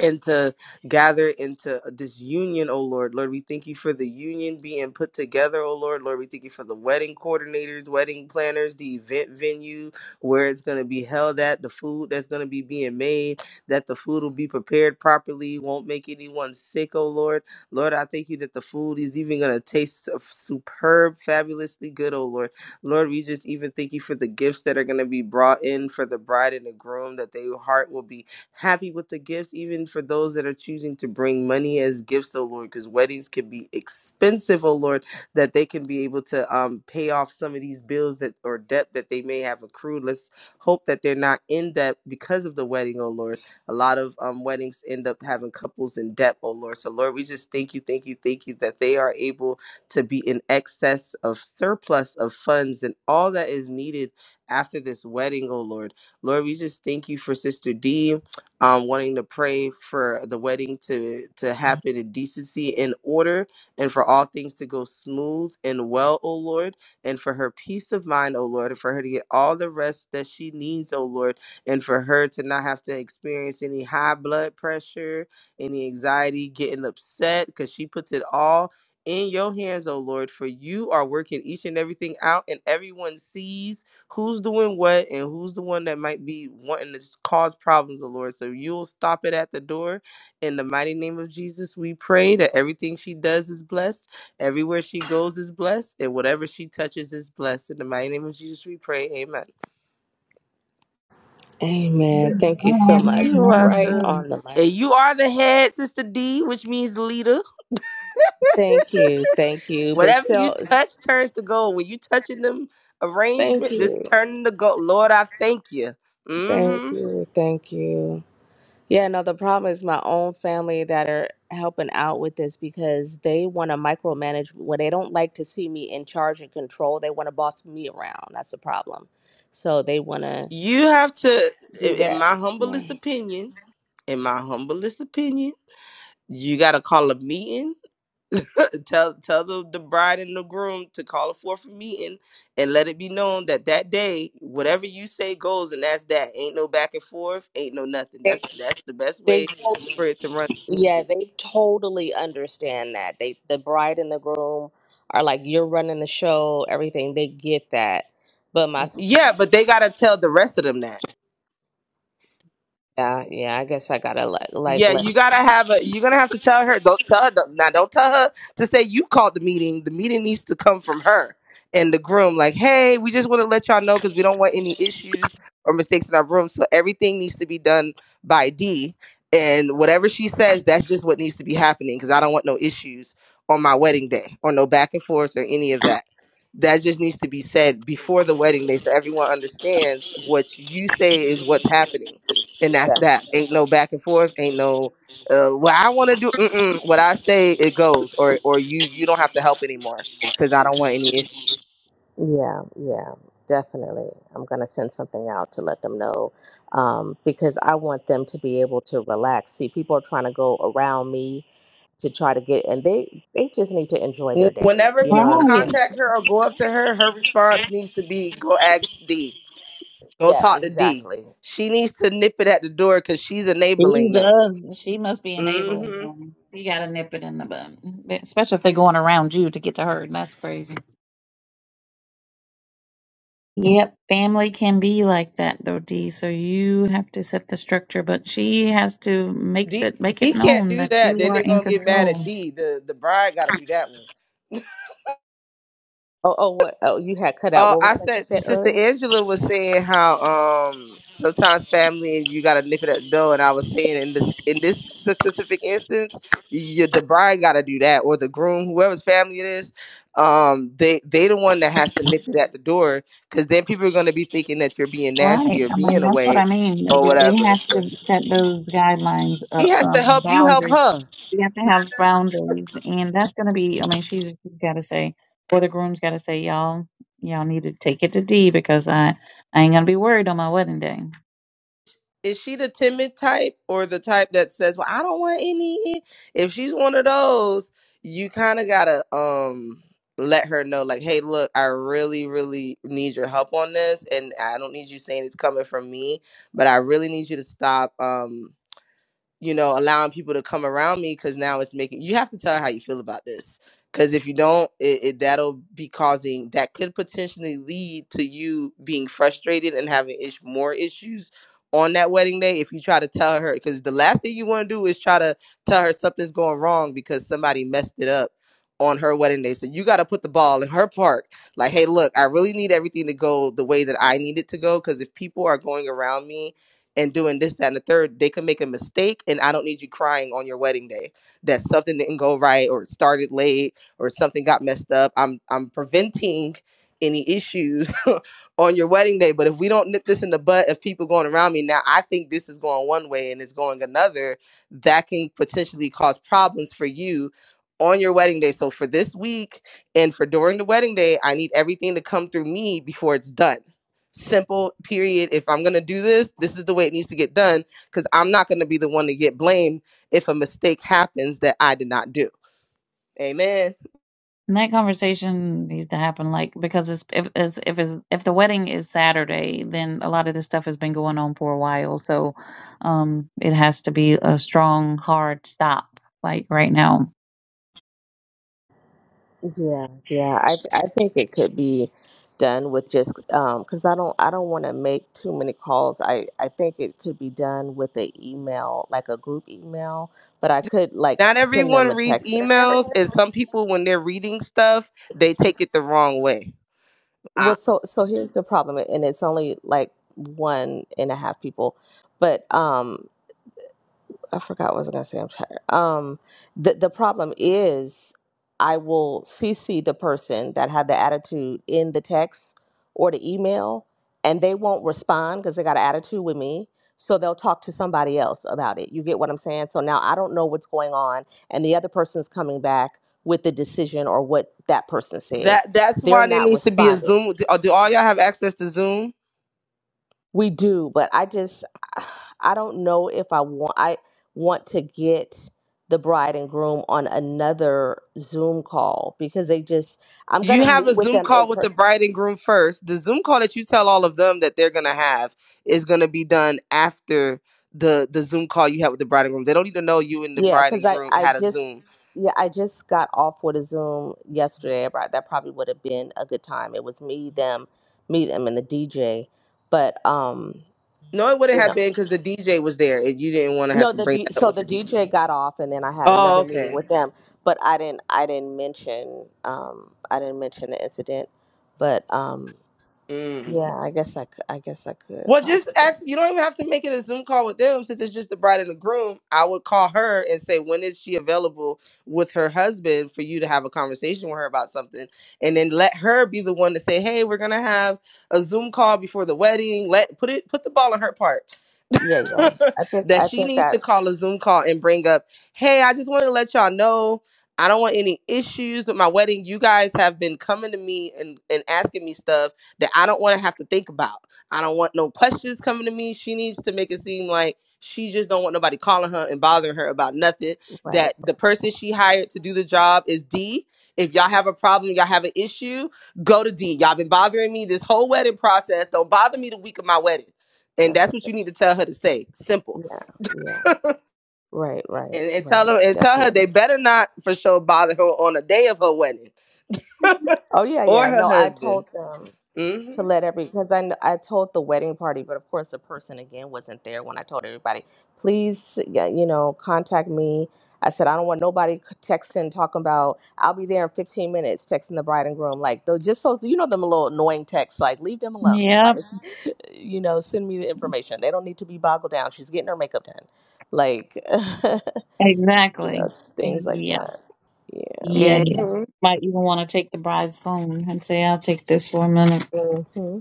Speaker 11: and to gather into this union, O Lord. Lord, we thank you for the union being put together, O Lord. Lord, we thank you for the wedding coordinators, wedding planners, the event venue, where it's going to be held at, the food that's going to be being made, that the food will be prepared properly, won't make anyone sick, O Lord. Lord, I thank you that the food is even going to taste su- superb, fabulously good, O Lord. Lord, we just even thank you for the gifts that are going to be brought in for the bride and the groom, that their heart will be happy with the gifts, even for those that are choosing to bring money as gifts, oh Lord, because weddings can be expensive, oh Lord, that they can be able to um, pay off some of these bills that or debt that they may have accrued. Let's hope that they're not in debt because of the wedding, oh Lord. A lot of um, weddings end up having couples in debt, oh Lord. So, Lord, we just thank you, thank you, thank you that they are able to be in excess of surplus of funds and all that is needed after this wedding, oh Lord. Lord, we just thank you for Sister D um, wanting to pray for the wedding to to happen in decency and order, and for all things to go smooth and well, O Lord, and for her peace of mind, O Lord, and for her to get all the rest that she needs, O Lord, and for her to not have to experience any high blood pressure, any anxiety, getting upset, because she puts it all. In your hands, O Lord, for you are working each and everything out, and everyone sees who's doing what and who's the one that might be wanting to s- cause problems, O Lord. So you'll stop it at the door. In the mighty name of Jesus, we pray that everything she does is blessed, everywhere she goes is blessed, and whatever she touches is blessed. In the mighty name of Jesus, we pray. Amen.
Speaker 12: Amen. Thank you so
Speaker 9: Amen.
Speaker 12: much.
Speaker 11: You're
Speaker 9: Amen.
Speaker 12: Right
Speaker 11: welcome.
Speaker 9: Amen.
Speaker 12: on the money.
Speaker 11: And you are the head, Sister D, which means leader. (laughs)
Speaker 12: Thank you. Thank you. But
Speaker 11: Whatever you
Speaker 12: so
Speaker 11: touch turns to gold. When you touching them
Speaker 12: thank
Speaker 11: arrangement, this
Speaker 12: you.
Speaker 11: turning to gold. Lord, I thank you.
Speaker 12: Thank
Speaker 11: Mm-hmm.
Speaker 12: you. Thank you. Yeah, no, the problem is my own family that are helping out with this because they want to micromanage when they don't like to see me in charge and control. They want to boss me around. That's the problem. So they want to
Speaker 11: You have to, i-
Speaker 12: do
Speaker 11: in
Speaker 12: that.
Speaker 11: my
Speaker 12: Yeah.
Speaker 11: humblest opinion, in my humblest opinion, you got to call a meeting. (laughs) tell tell the, the bride and the groom to call forth a meeting and let it be known that that day, whatever you say goes, and that's that. Ain't no back and forth. Ain't no nothing.
Speaker 12: They,
Speaker 11: That's that's the best
Speaker 12: they,
Speaker 11: way
Speaker 12: totally-
Speaker 11: for it to run
Speaker 12: yeah,
Speaker 11: smoothly.
Speaker 12: they totally understand that. They, the bride and the groom are like, you're running the show, everything. They get that. But my,
Speaker 11: Y- Yeah, but they got to tell the rest of them that.
Speaker 12: yeah, yeah, I guess I gotta like, like
Speaker 11: Yeah, you
Speaker 12: let.
Speaker 11: gotta have a. You're gonna have to tell her. Don't tell her. Don't, now, don't tell her to say you called the meeting. The meeting needs to come from her and the groom. Like, hey, we just want to let y'all know because we don't want any issues or mistakes in our room. So everything needs to be done by D. And whatever she says, that's just what needs to be happening because I don't want no issues on my wedding day or no back and forth or any of that. That just needs to be said before the wedding day so everyone understands what you say is what's happening and that's that. Ain't no back and forth. Ain't no uh, what I want to do. Mm-mm. What I say, it goes. Or or you you don't have to help anymore because I don't want any issues.
Speaker 12: Yeah, yeah, definitely. I'm going to send something out to let them know um, because I want them to be able to relax. See, people are trying to go around me to try to get, and they they just need to enjoy their
Speaker 11: Wh-
Speaker 12: day.
Speaker 11: Whenever
Speaker 12: You know what
Speaker 11: people
Speaker 12: I'm
Speaker 9: Right.
Speaker 12: saying?
Speaker 11: contact her or go up to her, her response needs to be go ask D. Go
Speaker 12: Yeah,
Speaker 11: talk to D.
Speaker 12: exactly.
Speaker 11: She needs to nip it at the door because she's
Speaker 9: She
Speaker 11: enabling them.
Speaker 9: does. She must be an evil
Speaker 11: hmm
Speaker 9: woman. You gotta nip it in the bud, especially if they're going around you to get to her. That's crazy. Yep, family can be like that though, Dee. So you have to set the structure, but she has to make
Speaker 11: D
Speaker 9: that make
Speaker 11: D
Speaker 9: it
Speaker 11: can't
Speaker 9: known
Speaker 11: do
Speaker 9: that
Speaker 11: that.
Speaker 9: you
Speaker 11: Then
Speaker 9: are
Speaker 11: they
Speaker 9: in
Speaker 11: gonna get mad at
Speaker 9: control.
Speaker 11: D. The the bride got to do that one.
Speaker 12: Oh, oh, what? Oh, you had cut out.
Speaker 11: Oh,
Speaker 12: What was
Speaker 11: I
Speaker 12: that you
Speaker 11: said
Speaker 12: said
Speaker 11: Sister
Speaker 12: earlier?
Speaker 11: Angela was saying how um sometimes family and you gotta nip it at the door, and I was saying in this in this specific instance, you, the bride gotta do that, or the groom, whoever's family it is, um they they the one that has to nip it at the door, because then people are gonna be thinking that you're being nasty
Speaker 9: Right.
Speaker 11: or
Speaker 9: I mean,
Speaker 11: being
Speaker 9: that's what I
Speaker 11: away
Speaker 9: mean.
Speaker 11: or
Speaker 9: They they
Speaker 11: whatever.
Speaker 9: have
Speaker 11: So
Speaker 9: to set those guidelines
Speaker 11: she
Speaker 9: up,
Speaker 11: has
Speaker 9: um,
Speaker 11: to help you help
Speaker 9: boundaries.
Speaker 11: her.
Speaker 9: you have to have boundaries and that's going to be i mean she's, she's got to say or the groom's got to say y'all y'all need to take it to d because i i ain't going to be worried on my wedding day
Speaker 11: is she the timid type or the type that says, "Well, I don't want any"? If she's one of those, you kind of gotta um let her know, like, "Hey, look, I really, really need your help on this, and I don't need you saying it's coming from me, but I really need you to stop." Um, you know, allowing people to come around me because now it's making you have to tell her how you feel about this. Because if you don't, it, it that'll be causing that could potentially lead to you being frustrated and having ish, more issues on that wedding day if you try to tell her. Because the last thing you want to do is try to tell her something's going wrong because somebody messed it up on her wedding day. So you got to put the ball in her park. Like, hey, look, I really need everything to go the way that I need it to go. Because if people are going around me and doing this, that, and the third, they could make a mistake. And I don't need you crying on your wedding day that something didn't go right or it started late or something got messed up. I'm I'm preventing any issues (laughs) on your wedding day. But if we don't nip this in the butt of people going around me now, I think this is going one way and it's going another, that can potentially cause problems for you on your wedding day. So for this week and for during the wedding day, I need everything to come through me before it's done simple period if i'm going to do this this is the way it needs to get done because i'm not going to be the one to get blamed if a mistake happens that i did not do amen
Speaker 9: and that conversation needs to happen like because it's if it's, if it's if the wedding is saturday then a lot of this stuff has been going on for a while so um it has to be a strong hard stop like right now
Speaker 12: Yeah, yeah. I I think it could be done with just um because I don't I don't want to make too many calls. I I think it could be done with an email, like a group email. But I could like
Speaker 11: not
Speaker 12: send
Speaker 11: everyone
Speaker 12: them a
Speaker 11: reads
Speaker 12: text. And
Speaker 11: emails
Speaker 12: everyone.
Speaker 11: and some people when they're reading stuff they take it the wrong way I,
Speaker 12: Well, so so here's the problem, and it's only like one and a half people, but um I forgot what I was gonna say. I'm tired. Um, the the problem is, I will CC the person that had the attitude in the text or the email, and they won't respond because they got an attitude with me. So they'll talk to somebody else about it. You get what I'm saying? So now I don't know what's going on, and the other person's coming back with the decision or what that person said.
Speaker 11: that that's
Speaker 12: They're
Speaker 11: why there
Speaker 12: not
Speaker 11: needs to be a
Speaker 12: responding.
Speaker 11: zoom do, uh, do all y'all have access to zoom
Speaker 12: We do, but I just I don't know if I want I want to get the bride and groom on another Zoom call because they just I'm
Speaker 11: You
Speaker 12: gonna
Speaker 11: have a
Speaker 12: meet with
Speaker 11: Zoom
Speaker 12: them in
Speaker 11: call with the
Speaker 12: person.
Speaker 11: bride and groom first. The Zoom call that you tell all of them that they're gonna have is gonna be done after the the Zoom call you had with the bride and groom. They don't need to know you and the
Speaker 12: Yeah,
Speaker 11: bride
Speaker 12: because
Speaker 11: and
Speaker 12: I
Speaker 11: groom
Speaker 12: I
Speaker 11: had a
Speaker 12: just
Speaker 11: Zoom.
Speaker 12: yeah I just got off with a Zoom yesterday. About that probably would have been a good time. It was me, them, me, them, and the DJ. But um,
Speaker 11: No, it wouldn't
Speaker 12: you
Speaker 11: have
Speaker 12: know.
Speaker 11: been because the DJ was there and you didn't want to have
Speaker 12: No,
Speaker 11: to
Speaker 12: the
Speaker 11: bring
Speaker 12: D,
Speaker 11: that up
Speaker 12: so
Speaker 11: with
Speaker 12: the
Speaker 11: the DJ.
Speaker 12: DJ got off, and then I had
Speaker 11: Oh,
Speaker 12: another meeting
Speaker 11: okay.
Speaker 12: with them. But I didn't I didn't mention um I didn't mention the incident. But um
Speaker 11: Mm.
Speaker 12: yeah, I guess I c- I guess I could
Speaker 11: Well, just
Speaker 12: possibly.
Speaker 11: ask. You don't even have to make it a Zoom call with them since it's just the bride and the groom. I would call her and say, when is she available with her husband for you to have a conversation with her about something? And then let her be the one to say, hey, we're gonna have a Zoom call before the wedding. Let put it put the ball in her park.
Speaker 12: Yeah, yeah.
Speaker 11: (laughs)
Speaker 12: I think
Speaker 11: that
Speaker 12: I
Speaker 11: she
Speaker 12: think
Speaker 11: needs to
Speaker 12: that
Speaker 11: call a Zoom call and bring up, hey, I just want to let y'all know I don't want any issues with my wedding. You guys have been coming to me and, and asking me stuff that I don't want to have to think about. I don't want no questions coming to me. She needs to make it seem like she just don't want nobody calling her and bothering her about nothing.
Speaker 12: right.
Speaker 11: That the person she hired to do the job is D. If y'all have a problem, y'all have an issue, go to D. Y'all been bothering me this whole wedding process. Don't bother me the week of my wedding and
Speaker 12: That's
Speaker 11: that's what
Speaker 12: right.
Speaker 11: you need to tell her to say. Simple.
Speaker 12: Yeah, yeah. Right, right,
Speaker 11: And, and tell
Speaker 12: right.
Speaker 11: her and tell her they
Speaker 12: Definitely.
Speaker 11: better not for sure bother her on the day of her wedding
Speaker 12: Oh yeah,
Speaker 11: (laughs) or
Speaker 12: yeah.
Speaker 11: her
Speaker 12: No, I
Speaker 11: husband.
Speaker 12: told them. to
Speaker 11: hmm
Speaker 12: let every because I kn- I told the wedding party, but of course the person again wasn't there when I told everybody. Please, yeah, you know, contact me. I said I don't want nobody c- texting talking about I'll be there in 15 minutes texting the bride and groom like though just so you know them little annoying texts like leave them alone like
Speaker 9: Yep,
Speaker 12: (laughs) you know send me the information they don't need to be boggled down she's getting her makeup done like (laughs) you
Speaker 9: exactly.
Speaker 12: know things like
Speaker 9: Yeah,
Speaker 12: that yeah
Speaker 9: yeah, yeah.
Speaker 11: hmm
Speaker 9: Might even want to take the bride's phone and say, "I'll take this for a minute."
Speaker 12: hmm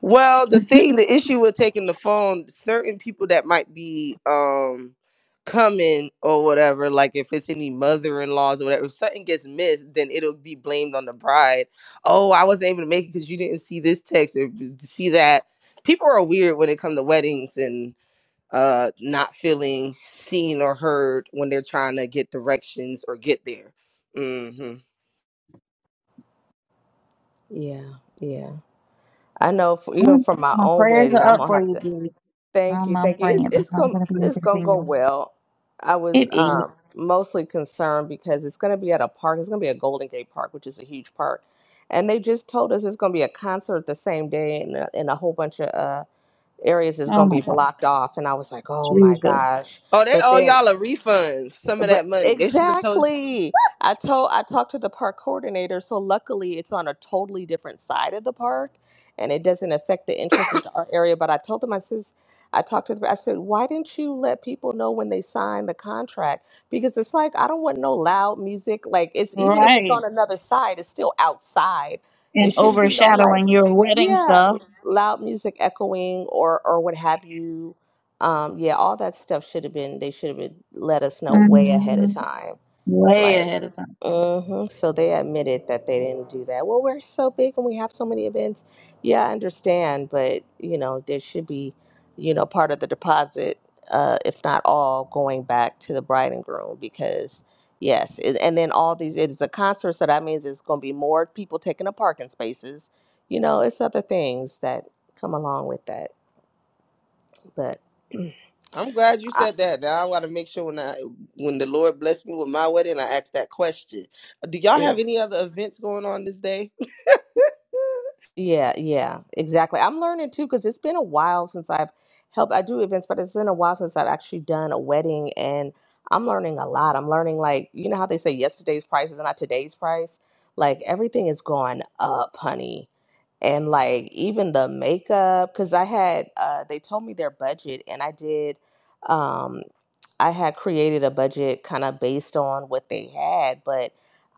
Speaker 11: Well, the thing,
Speaker 9: (laughs)
Speaker 11: the issue with taking the phone, certain people that might be um coming or whatever, like if it's any mother-in-laws or whatever, if something gets missed, then it'll be blamed on the bride. Oh, I wasn't able to make it because you didn't see this text or see that. People are weird when it comes to weddings and uh not feeling seen or heard when they're trying to get directions or get there. hmm
Speaker 12: yeah yeah I know f even for my
Speaker 9: My
Speaker 12: own
Speaker 9: prayers
Speaker 12: wedding
Speaker 9: are
Speaker 12: I'm
Speaker 9: up
Speaker 12: gonna
Speaker 9: for
Speaker 12: have
Speaker 9: you,
Speaker 12: to.
Speaker 9: dude.
Speaker 12: Thank
Speaker 9: I'm,
Speaker 12: you,
Speaker 9: I'm
Speaker 12: thank you.
Speaker 9: praying.
Speaker 12: It's it's
Speaker 9: I'm
Speaker 12: gonna
Speaker 9: going to be
Speaker 12: it's gonna go
Speaker 9: continuing.
Speaker 12: well. I was
Speaker 9: It
Speaker 12: um,
Speaker 9: is.
Speaker 12: mostly concerned because it's gonna be at a park. It's gonna be a Golden Gate Park, which is a huge park, and they just told us it's gonna be a concert the same day, and a- and a whole bunch of uh, areas is
Speaker 9: Oh
Speaker 12: gonna be
Speaker 9: my God,
Speaker 12: blocked off. And I was like, oh my
Speaker 9: Jesus.
Speaker 12: gosh!
Speaker 11: Oh, they
Speaker 12: But
Speaker 11: owe
Speaker 12: then
Speaker 11: y'all a refund. for Some of
Speaker 12: but
Speaker 11: that money they should have told. You.
Speaker 12: exactly. I told I talked to the park coordinator, so luckily it's on a totally different side of the park and it doesn't affect the entrances to our area. But I told him I says I talked to the I said, why didn't you let people know when they signed the contract? Because it's like I don't want no loud music. Like it's even if it's
Speaker 9: Right.
Speaker 12: on another side, it's still outside. It
Speaker 9: and
Speaker 12: shouldn't be no like
Speaker 9: overshadowing your wedding
Speaker 12: yeah,
Speaker 9: stuff
Speaker 12: loud music echoing or or what have you um, yeah, all that stuff should have been, they should have been let us know way ahead
Speaker 9: hmm
Speaker 12: of time.
Speaker 9: way
Speaker 12: Like,
Speaker 9: ahead of time.
Speaker 12: hmm So they admitted that they didn't do that. Well, we're so big and we have so many events. Yeah, I understand, but you know, there should be, you know, part of the deposit, uh, if not all, going back to the bride and groom because yes, it, and then all these it is a concert, so that means there's going to be more people taking up parking spaces. You know, it's other things that come along with that, but (clears throat)
Speaker 11: I'm glad you
Speaker 12: I,
Speaker 11: said that. Now I want to make sure when I when the Lord blessed me with my wedding, I asked that question. Uh, Do y'all
Speaker 12: yeah.
Speaker 11: have any other events going on this day? (laughs)
Speaker 12: Yeah, yeah, exactly. I'm learning too because it's been a while since I've helped. I do events, but it's been a while since I've actually done a wedding, and I'm learning a lot. I'm learning like you know how they say yesterday's price is not today's price. Like everything is going up, honey, and like even the makeup because I had uh they told me their budget, and I did. Um, I had created a budget kind of based on what they had, but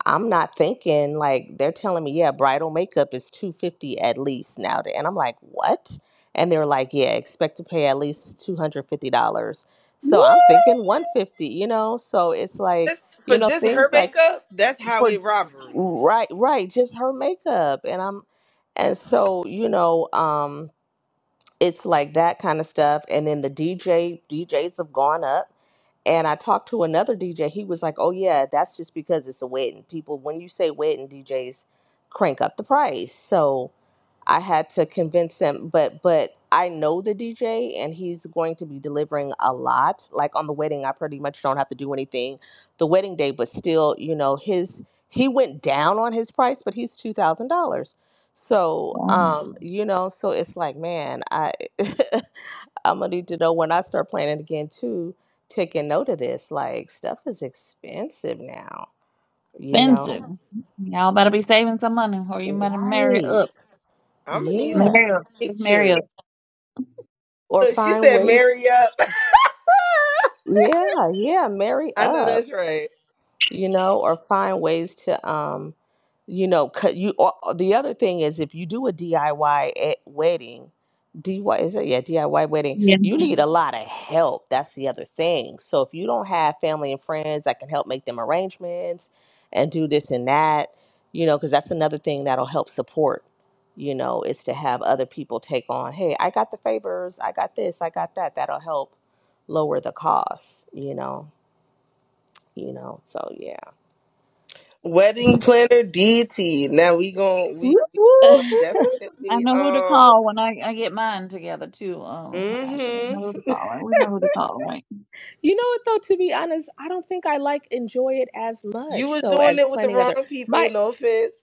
Speaker 12: I'm not thinking like they're telling me, yeah, bridal makeup is 250 at least now. And I'm like, what? And they're like, yeah, expect to pay at least $250.
Speaker 9: Woo!
Speaker 12: So I'm thinking 150, you know? So it's like,
Speaker 11: This- for
Speaker 12: you know,
Speaker 11: just her
Speaker 12: things like
Speaker 11: makeup, that's
Speaker 12: for
Speaker 11: highway robbery.
Speaker 12: right, right, just her makeup. And I'm and so, you know, um it's like that kind of stuff. And then the DJ DJs have gone up. And I talked to another DJ. He was like, "Oh yeah, that's just because it's a wedding. People, when you say wedding, DJs crank up the price." So I had to convince him, but but I know the DJ and he's going to be delivering a lot. Like on the wedding, I pretty much don't have to do anything the wedding day, but still, you know, his he went down on his price, but he's two thousand dollars. So
Speaker 9: Wow.
Speaker 12: um, Mm. you know, so it's like, man, I (laughs) I'm gonna need to know when I start planning again too, taking note of this. Like stuff is expensive now, you
Speaker 9: Expensive.
Speaker 12: know.
Speaker 9: Y'all better be saving some money or you better marry
Speaker 12: Right.
Speaker 9: up.
Speaker 11: I'm gonna need some
Speaker 12: Yeah.
Speaker 9: Marry up. Just marry
Speaker 11: pictures.
Speaker 9: up.
Speaker 12: Or
Speaker 11: Look, she
Speaker 12: find
Speaker 11: said
Speaker 12: ways
Speaker 11: marry up.
Speaker 12: Yeah, yeah, marry
Speaker 11: (laughs) I know
Speaker 12: up
Speaker 11: that's right.
Speaker 12: you know, or find ways to, um, you know, cut you. Or, or the other thing is, if you do a DIY at wedding, DIY is it? Yeah, DIY wedding.
Speaker 9: Yeah.
Speaker 12: You need a lot of help. That's the other thing. So if you don't have family and friends that can help make them arrangements and do this and that, you know, because that's another thing that'll help support. You know, is to have other people take on. Hey, I got the favors. I got this. I got that. That'll help lower the cost. You know. You know. So yeah.
Speaker 11: Wedding planner deity. Now we gon' we
Speaker 9: Whoop,
Speaker 12: (laughs)
Speaker 11: Oh,
Speaker 9: whoop, whoop, whoop. I
Speaker 11: definitely.
Speaker 9: know who to
Speaker 11: Um.
Speaker 9: call when I, I get mine together too. Um, Ashley, I
Speaker 11: Mm-hmm.
Speaker 9: know who to call. Right? We know who to call, right?
Speaker 12: You know what though, to be honest, I don't think I like enjoy it as
Speaker 11: You
Speaker 12: much
Speaker 11: was
Speaker 12: though
Speaker 11: doing
Speaker 12: as
Speaker 11: it with the
Speaker 12: planning other
Speaker 11: wrong people.
Speaker 12: my
Speaker 11: No offense.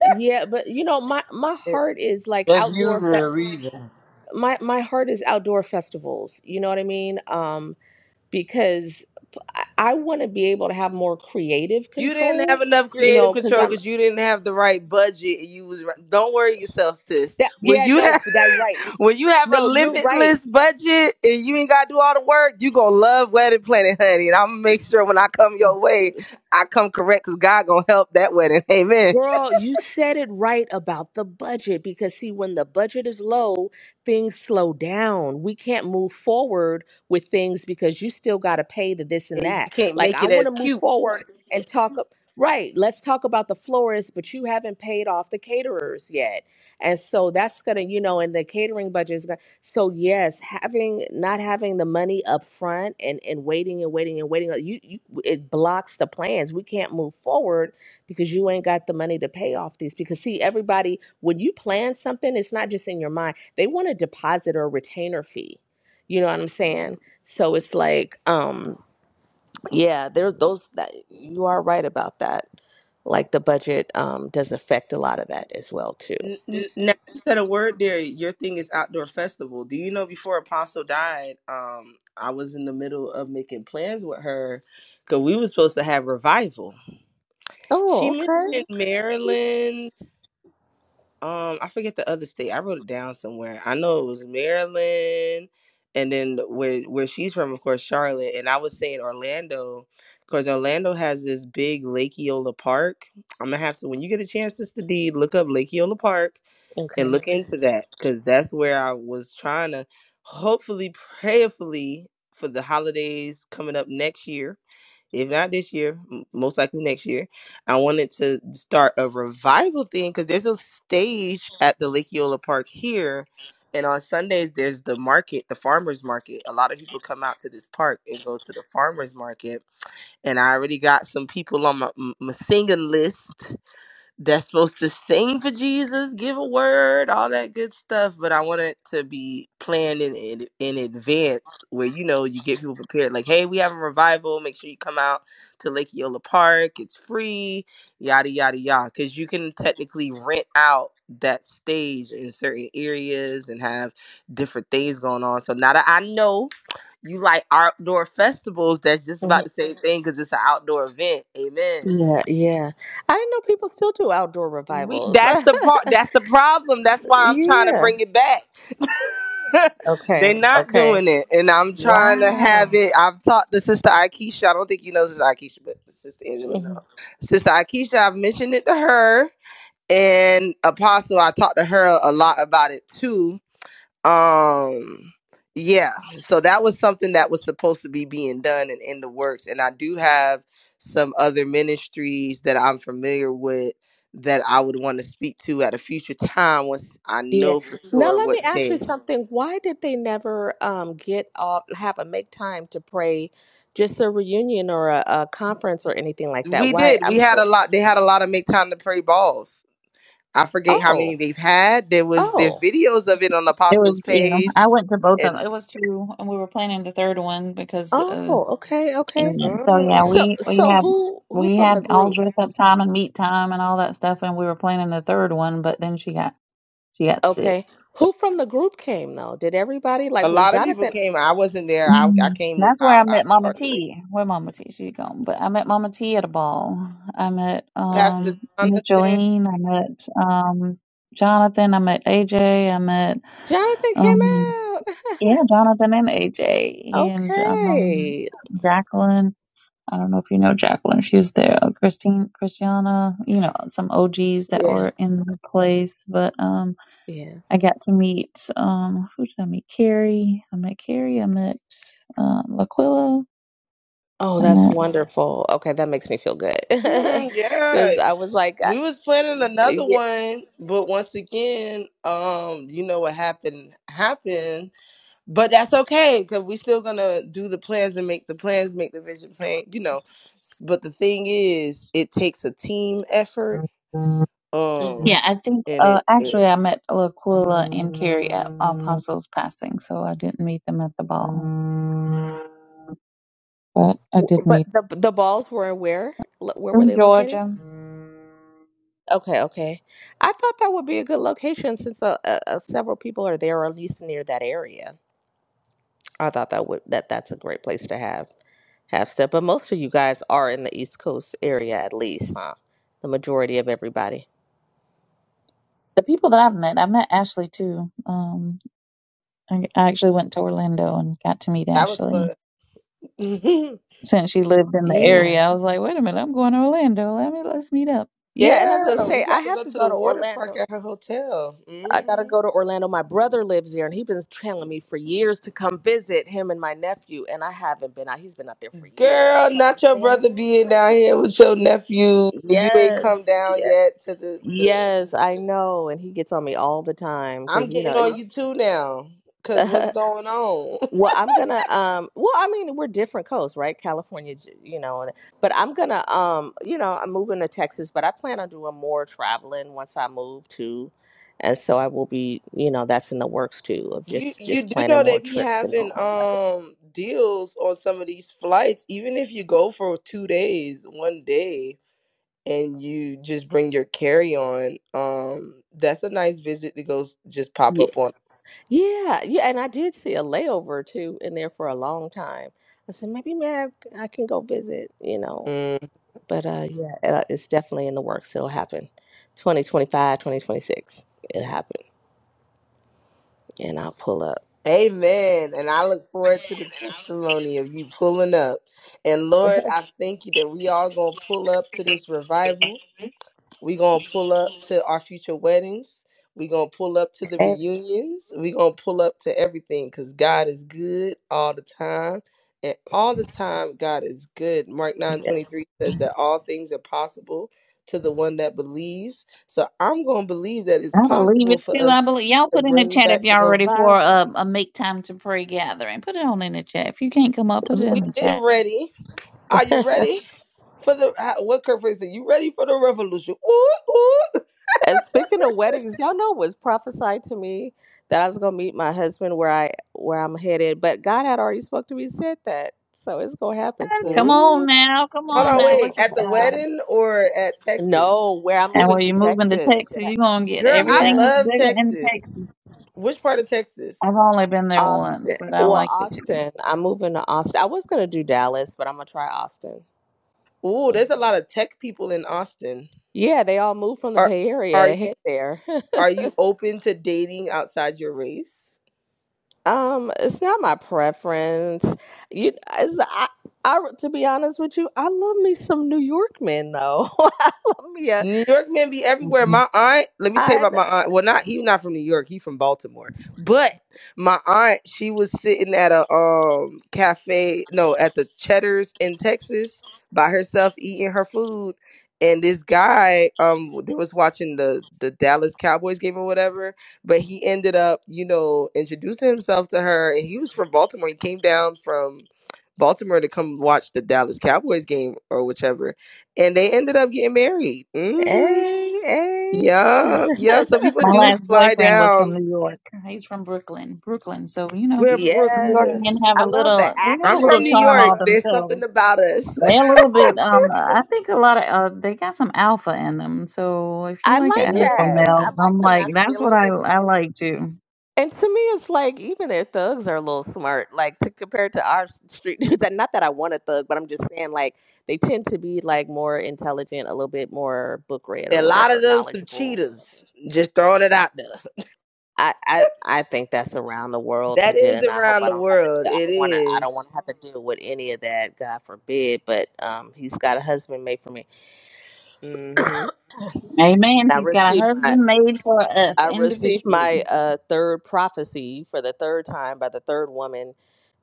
Speaker 12: yeah, but you know my my
Speaker 11: It-
Speaker 12: heart is like
Speaker 10: That's
Speaker 12: outdoor
Speaker 10: usually
Speaker 12: fe-
Speaker 10: a reason.
Speaker 12: my my heart is outdoor festivals. You know what I mean? Um because I, I want to be able to have more creative
Speaker 11: You didn't have
Speaker 12: control,
Speaker 11: enough
Speaker 12: you
Speaker 11: creative
Speaker 12: know, cuz
Speaker 11: control
Speaker 12: I'm
Speaker 11: because you didn't have the right budget. and You was right. don't worry yourself, sis.
Speaker 12: that
Speaker 11: When
Speaker 12: yeah,
Speaker 11: you
Speaker 12: no,
Speaker 11: (laughs)
Speaker 12: but that right.
Speaker 11: When you have a
Speaker 12: No, you're right.
Speaker 11: limitless budget and you ain't gotta do all the work, you gonna love Wedding Planet, honey. And I'm gonna make sure when I come your way, I come correct because God gonna help that wedding. Amen.
Speaker 12: Girl, you said it right about the budget because, see, when the budget is low, things slow down. We can't move forward with things because you still got to pay the this
Speaker 11: And
Speaker 12: and
Speaker 11: you
Speaker 12: that.
Speaker 11: can't
Speaker 12: Like,
Speaker 11: make
Speaker 12: I
Speaker 11: it
Speaker 12: want to
Speaker 11: as
Speaker 12: move
Speaker 11: cute.
Speaker 12: forward and talk. ab- Right, let's talk about the florist, but you haven't paid off the caterers yet. And so that's going to, you know, and the catering budget is going to. So, yes, having not having the money up front and, and waiting and waiting and waiting, like, you, you, it blocks the plans. We can't move forward because you ain't got the money to pay off these. Because see, everybody, when you plan something, it's not just in your mind. They want a deposit or a retainer fee. You know what I'm saying? So it's like, um, yeah, there those that you are right about that. Like the budget um does affect a lot of that as well too.
Speaker 11: N- n- Now you said a word there. Your thing is outdoor festival. Do you know before Apostle died, um, I was in the middle of making plans with her because we was supposed to have revival. She
Speaker 12: Oh,
Speaker 11: mentioned
Speaker 12: okay.
Speaker 11: Maryland Um, I forget the other state. I wrote it down somewhere. I know it was Maryland, and then where where she's from, of course, Charlotte. And I was saying Orlando, because Orlando has this big Lake Eola Park. I'm gonna have to when you get a chance, Sister D, look up Lake Eola Park and
Speaker 12: Okay.
Speaker 11: look into that, because that's where I was trying to, hopefully, prayerfully for the holidays coming up next year if not this year, m- most likely next year, I wanted to start a revival thing because there's a stage at the Lake Eola Park here. And on Sundays, there's the market, the farmer's market. A lot of people come out to this park and go to the farmer's market. And I already got some people on my, m- my singing list that's supposed to sing for Jesus, give a word, all that good stuff. But I want it to be planned in in, in advance, where you know you get people prepared. Like, hey, we have a revival. Make sure you come out to Lake Eola Park. It's free, yada yada yada. Because you can technically rent out that stage in certain areas and have different things going on. So now that I know you like outdoor festivals, that's just
Speaker 12: hmm
Speaker 11: about the same thing because it's an outdoor event. Amen
Speaker 12: Yeah, yeah. I didn't know people still do outdoor
Speaker 11: we,
Speaker 12: revivals.
Speaker 11: that's the part. That's the problem. That's
Speaker 12: (laughs)
Speaker 11: why I'm trying to
Speaker 12: yeah.
Speaker 11: bring it back. (laughs) They're
Speaker 12: Okay.
Speaker 11: not
Speaker 12: Okay.
Speaker 11: doing it, and I'm trying to
Speaker 12: Wow.
Speaker 11: have it. I've talked to sister Aikisha. I don't think you know sister Aikisha, but sister Angela
Speaker 12: Mhm.
Speaker 11: know. Sister Aikisha, I've mentioned it to her, and Apostle. I talked to her a lot about it too um yeah so that was something that was supposed to be being done and in the works and i do have some other ministries that i'm familiar with that i would want to speak to at a future time once i know for
Speaker 12: Now
Speaker 11: sure
Speaker 12: let
Speaker 11: what
Speaker 12: me ask you
Speaker 11: day
Speaker 12: something. Why did they never um, get off, have a make time to pray, just a reunion or a, a conference or anything like that?
Speaker 11: we
Speaker 12: Why?
Speaker 11: did we
Speaker 12: I'm
Speaker 11: had
Speaker 12: sure.
Speaker 11: a lot they had a lot of make time to pray balls i forget how many
Speaker 12: Oh,
Speaker 11: they've had there was there's
Speaker 12: oh,
Speaker 11: videos of it on
Speaker 9: It was
Speaker 11: apostles
Speaker 9: yeah.
Speaker 11: page
Speaker 9: I went to both of them.
Speaker 11: and
Speaker 9: It was two, and we were planning the third one because uh,
Speaker 12: oh. Okay, okay.
Speaker 9: And so
Speaker 11: Mhm.
Speaker 9: yeah,
Speaker 12: So,
Speaker 9: we we
Speaker 12: so
Speaker 9: had
Speaker 12: who who
Speaker 9: we
Speaker 12: from the
Speaker 9: had all
Speaker 12: group?
Speaker 9: dress up time and meet time and all that stuff, and we were planning the third one, but then she got she got sick.
Speaker 12: Okay, who from the group came though? Did everybody
Speaker 11: a
Speaker 12: like? Was
Speaker 11: lot of people
Speaker 12: Jonathan?
Speaker 11: came i wasn't there i,
Speaker 9: Mm.
Speaker 11: I came
Speaker 9: That's where
Speaker 11: I
Speaker 9: I
Speaker 11: i
Speaker 9: met Mama
Speaker 11: started late
Speaker 9: T. Where Mama T? She gone, but I met Mama T at a ball. I met
Speaker 11: pastor
Speaker 12: Okay,
Speaker 9: um
Speaker 11: jonathan
Speaker 9: Micheline. I met um Jonathan. I met AJ. I met
Speaker 12: Jonathan came
Speaker 9: um
Speaker 12: out.
Speaker 9: yeah Jonathan and AJ
Speaker 12: (laughs)
Speaker 9: and um
Speaker 12: okay.
Speaker 9: Jacqueline I don't know if you know Jacqueline. She's there. Uh, Christine, Christiana, you know, some OGs that
Speaker 12: Yeah.
Speaker 9: were in the place. But um,
Speaker 12: Yeah.
Speaker 9: I got to meet, um, who did I meet? Carrie. I met Carrie. I met um, Laquilla.
Speaker 12: Oh,
Speaker 9: I
Speaker 12: that's
Speaker 9: met,
Speaker 12: wonderful. Okay, that makes me feel good. (laughs)
Speaker 11: Mm, yeah.
Speaker 12: Because I was like,
Speaker 11: We was planning another
Speaker 12: Yeah.
Speaker 11: one, but once again, um, you know what happened happened. But that's okay, cause we still gonna do the plans and make the plans, make the vision plan, you know. But the thing is, it takes a team effort. Um,
Speaker 9: yeah, I think,
Speaker 11: and
Speaker 9: uh,
Speaker 11: it, it
Speaker 9: actually, I met Laquilla and Carrie at Apostles Passing. So I didn't meet them at the But I
Speaker 12: W-
Speaker 9: did meet.
Speaker 12: But the the balls were where? Lo- Where were
Speaker 9: from
Speaker 12: they located?
Speaker 9: Georgia.
Speaker 12: Okay, okay. I thought that would be a good location since uh, uh, uh, several people are there, or at least near that area. I thought that would that that's a great place to have have stuff. But most of you guys are in the East Coast area, at least, huh? The majority of everybody.
Speaker 9: The people that I've met, I met Ashley too. Um, I, I actually went to Orlando and got to meet
Speaker 11: that was
Speaker 9: Ashley
Speaker 11: fun. (laughs) Mhm.
Speaker 9: since she lived in the
Speaker 11: Mm.
Speaker 12: Yeah,
Speaker 9: area. I was like, wait a minute, I'm going to Orlando. Let me let's meet up.
Speaker 12: yeah. And I was gonna
Speaker 11: Yeah, we
Speaker 12: say I
Speaker 11: got to
Speaker 12: have
Speaker 11: go
Speaker 12: to
Speaker 11: to the
Speaker 12: go to
Speaker 11: water park
Speaker 12: Orlando.
Speaker 11: at her hotel.
Speaker 12: I gotta
Speaker 11: hmm
Speaker 12: go to Orlando. My brother lives there, and he's been telling me for years to come visit him and my nephew. And I haven't been out. He's been out there for years, and I
Speaker 11: Girl,
Speaker 12: kept on
Speaker 11: not your
Speaker 12: saying, "I
Speaker 11: brother
Speaker 12: am
Speaker 11: being
Speaker 12: gonna
Speaker 11: down
Speaker 12: come."
Speaker 11: here with your nephew. and You ain't come
Speaker 12: Yes,
Speaker 11: down
Speaker 12: yeah,
Speaker 11: yet to the. the-
Speaker 12: yes, I know. And he gets on me all the time
Speaker 11: I'm
Speaker 12: because you know.
Speaker 11: getting on you
Speaker 12: it-
Speaker 11: too now. Cause what's
Speaker 12: (laughs)
Speaker 11: going on? (laughs)
Speaker 12: Well, I'm gonna um well I mean we're different coasts, right? California, j- you know, and- but I'm gonna um you know, I'm moving to Texas, but I plan on doing more traveling once I move too. And so I will be, you know, that's in the works too of
Speaker 11: You
Speaker 12: just
Speaker 11: you
Speaker 12: just
Speaker 11: do
Speaker 12: planning
Speaker 11: know they
Speaker 12: more
Speaker 11: be
Speaker 12: trips and doing
Speaker 11: having
Speaker 12: more travel.
Speaker 11: um deals on some of these flights. Even if you go for two days, one day, and you just bring your carry on, um, that's a nice visit to go s- just pop
Speaker 12: Yeah.
Speaker 11: up on.
Speaker 12: Yeah, yeah, and I did see a layover too in there for a long time. I said maybe man I can go visit, you know. But uh yeah, uh, it's definitely in the works. It'll happen. 2025, 2026. It'll happen and I'll pull up.
Speaker 11: Amen. And I look forward to the testimony of you pulling up. And Lord,
Speaker 12: (laughs)
Speaker 11: I thank you that we all gonna pull up to this revival. We gonna pull up to our future weddings. We gonna pull up to the
Speaker 12: Hey.
Speaker 11: reunions. We gonna pull up to everything because God is good all the time. And all the time, God is good. Mark 9 23 says that all things are possible to the one that believes. So I'm gonna believe that it's
Speaker 9: I believe
Speaker 11: possible
Speaker 9: it
Speaker 11: for
Speaker 9: too.
Speaker 11: us
Speaker 9: I believe y'all
Speaker 11: to
Speaker 9: put in the
Speaker 11: bring
Speaker 9: chat if
Speaker 11: back the
Speaker 9: y'all ready for
Speaker 11: revival.
Speaker 9: a, a make time to pray gathering. Put it on in the chat. If you can't come up, put it in
Speaker 11: We
Speaker 9: the
Speaker 11: did
Speaker 9: chat.
Speaker 11: ready. Are you ready for the how- what Kurt Franklin said? You ready for the revolution? Ooh, ooh,
Speaker 12: And speaking of weddings, y'all know it was prophesied to me that I was gonna meet my husband where I where I'm headed, but God had already spoke to me and said that. So it's gonna happen
Speaker 9: Come
Speaker 12: soon.
Speaker 9: on
Speaker 11: ooh.
Speaker 9: now, come
Speaker 12: It's
Speaker 11: Hold
Speaker 9: on
Speaker 11: on,
Speaker 9: now.
Speaker 12: definitely
Speaker 11: wait.
Speaker 9: Look
Speaker 11: At
Speaker 9: at
Speaker 12: gonna
Speaker 11: the
Speaker 12: happen.
Speaker 9: God.
Speaker 11: wedding or at Texas?
Speaker 12: No, where I'm
Speaker 9: And
Speaker 12: moving
Speaker 9: when
Speaker 12: to
Speaker 9: you're moving to
Speaker 12: Texas. It
Speaker 9: Texas,
Speaker 12: ha-
Speaker 9: you're gonna get
Speaker 11: Girl, I
Speaker 9: everything
Speaker 12: Yeah.
Speaker 9: that's
Speaker 11: love
Speaker 9: bigger in
Speaker 11: Texas.
Speaker 9: Texas.
Speaker 11: Which part of Texas?
Speaker 9: I've only been there once,
Speaker 12: Austin.
Speaker 9: but I
Speaker 12: Well,
Speaker 9: like it too.
Speaker 12: Austin. I'm moving to Austin. I was gonna do Dallas, but I'm gonna try Austin.
Speaker 11: Ooh,
Speaker 12: Mm.
Speaker 11: there's a lot of tech people in Austin.
Speaker 12: Yeah, they all moved from the
Speaker 11: Are
Speaker 12: Bay
Speaker 11: are
Speaker 12: Area to
Speaker 11: you
Speaker 12: hit there.
Speaker 11: are you open to dating outside your race?
Speaker 12: Um, it's not my preference. You, it's, I, I, to be honest with you, I love me some New York men though. (laughs) I love me a,
Speaker 11: New York men be everywhere.
Speaker 9: Mhm.
Speaker 11: My aunt, let me tell you
Speaker 12: I,
Speaker 11: about my aunt. Well, not he not from New York. He from Baltimore. But my aunt, she was sitting at a um cafe, no, at the Cheddar's in Texas by herself eating her food. And this guy, um, they was watching the the Dallas Cowboys game or whatever. But he ended up, you know, introducing himself to her. And he was from Baltimore. He came down from Baltimore to come watch the Dallas Cowboys game or whichever and they ended up getting married. hmm
Speaker 12: hey,
Speaker 11: yeah.
Speaker 12: hey.
Speaker 11: yep. So
Speaker 12: (laughs)
Speaker 11: people
Speaker 9: My
Speaker 11: do
Speaker 9: last
Speaker 11: fly
Speaker 9: boyfriend was from
Speaker 11: down.
Speaker 9: New York. He's from Brooklyn, Brooklyn. So you know,
Speaker 11: Where
Speaker 9: New
Speaker 11: Brooklyn
Speaker 9: York
Speaker 11: at?
Speaker 9: men
Speaker 12: Yes,
Speaker 9: have a
Speaker 12: I love the
Speaker 9: little. They have a
Speaker 11: I'm
Speaker 9: little
Speaker 11: from New
Speaker 12: accents. I
Speaker 9: charm
Speaker 11: York.
Speaker 9: all
Speaker 12: love.
Speaker 11: There's something
Speaker 9: themselves.
Speaker 11: about us. (laughs)
Speaker 9: They're a little
Speaker 12: I,
Speaker 9: bit. Um, I think a lot of uh, they got some alpha in them. So if you
Speaker 12: I
Speaker 9: like an
Speaker 12: like
Speaker 9: alpha
Speaker 12: that.
Speaker 11: Mhm.
Speaker 9: male,
Speaker 12: I like
Speaker 9: I'm
Speaker 12: the
Speaker 9: like that's what I
Speaker 12: masculinity.
Speaker 9: I like too.
Speaker 12: And to me, it's like even their thugs are a little smart, like to compare to our street dudes. And not that I want a thug, but I'm just saying, like they tend to be like more intelligent, a little bit more book read
Speaker 11: A
Speaker 12: or
Speaker 11: lot of
Speaker 12: whatever,
Speaker 11: them some
Speaker 12: knowledgeable.
Speaker 11: cheaters. Just throwing it out there.
Speaker 12: I, I I think that's around the world to
Speaker 11: That
Speaker 12: do,
Speaker 11: is
Speaker 12: and I hope
Speaker 11: around
Speaker 12: I
Speaker 11: the
Speaker 12: don't have to
Speaker 11: world.
Speaker 12: do. I
Speaker 11: It
Speaker 12: don't want to. I don't
Speaker 11: is.
Speaker 12: want to have to deal with any of that. God forbid. But um, he's got a husband made for me,
Speaker 11: Mm-hmm.
Speaker 9: Amen.
Speaker 12: and I
Speaker 9: He's got a
Speaker 12: received my
Speaker 9: husband made for us
Speaker 12: I received
Speaker 9: individually.
Speaker 12: my uh, third prophecy for the third time by the third woman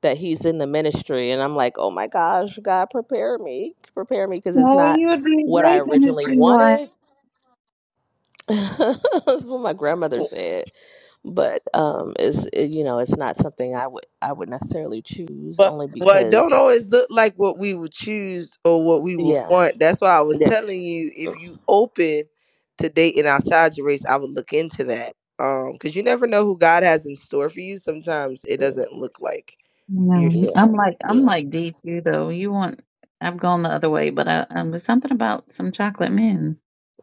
Speaker 12: that he's in the ministry. And I'm like, oh my gosh, God, prepare me. Prepare me because it's
Speaker 9: Oh,
Speaker 12: not
Speaker 9: you would be a
Speaker 12: what I
Speaker 9: great
Speaker 12: originally
Speaker 9: ministry wife.
Speaker 12: wanted. (laughs) That's what my grandmother said. But um, it's, it, you know, it's not something I would I would necessarily choose
Speaker 11: But
Speaker 12: only
Speaker 11: what don't
Speaker 12: because,
Speaker 11: always look like what we would choose or what we would
Speaker 12: yeah,
Speaker 11: want. That's why I was
Speaker 12: yeah,
Speaker 11: telling you if
Speaker 12: mm,
Speaker 11: you open to dating outside your race, I would look into that. Um, because you never know who God has in store for you. Sometimes it
Speaker 12: yeah,
Speaker 11: doesn't look like you.
Speaker 9: No,
Speaker 12: yeah.
Speaker 9: I'm like I'm
Speaker 12: yeah. (laughs)
Speaker 9: like D two though. You want? I've gone the other way, but I, um, there's something about some chocolate men.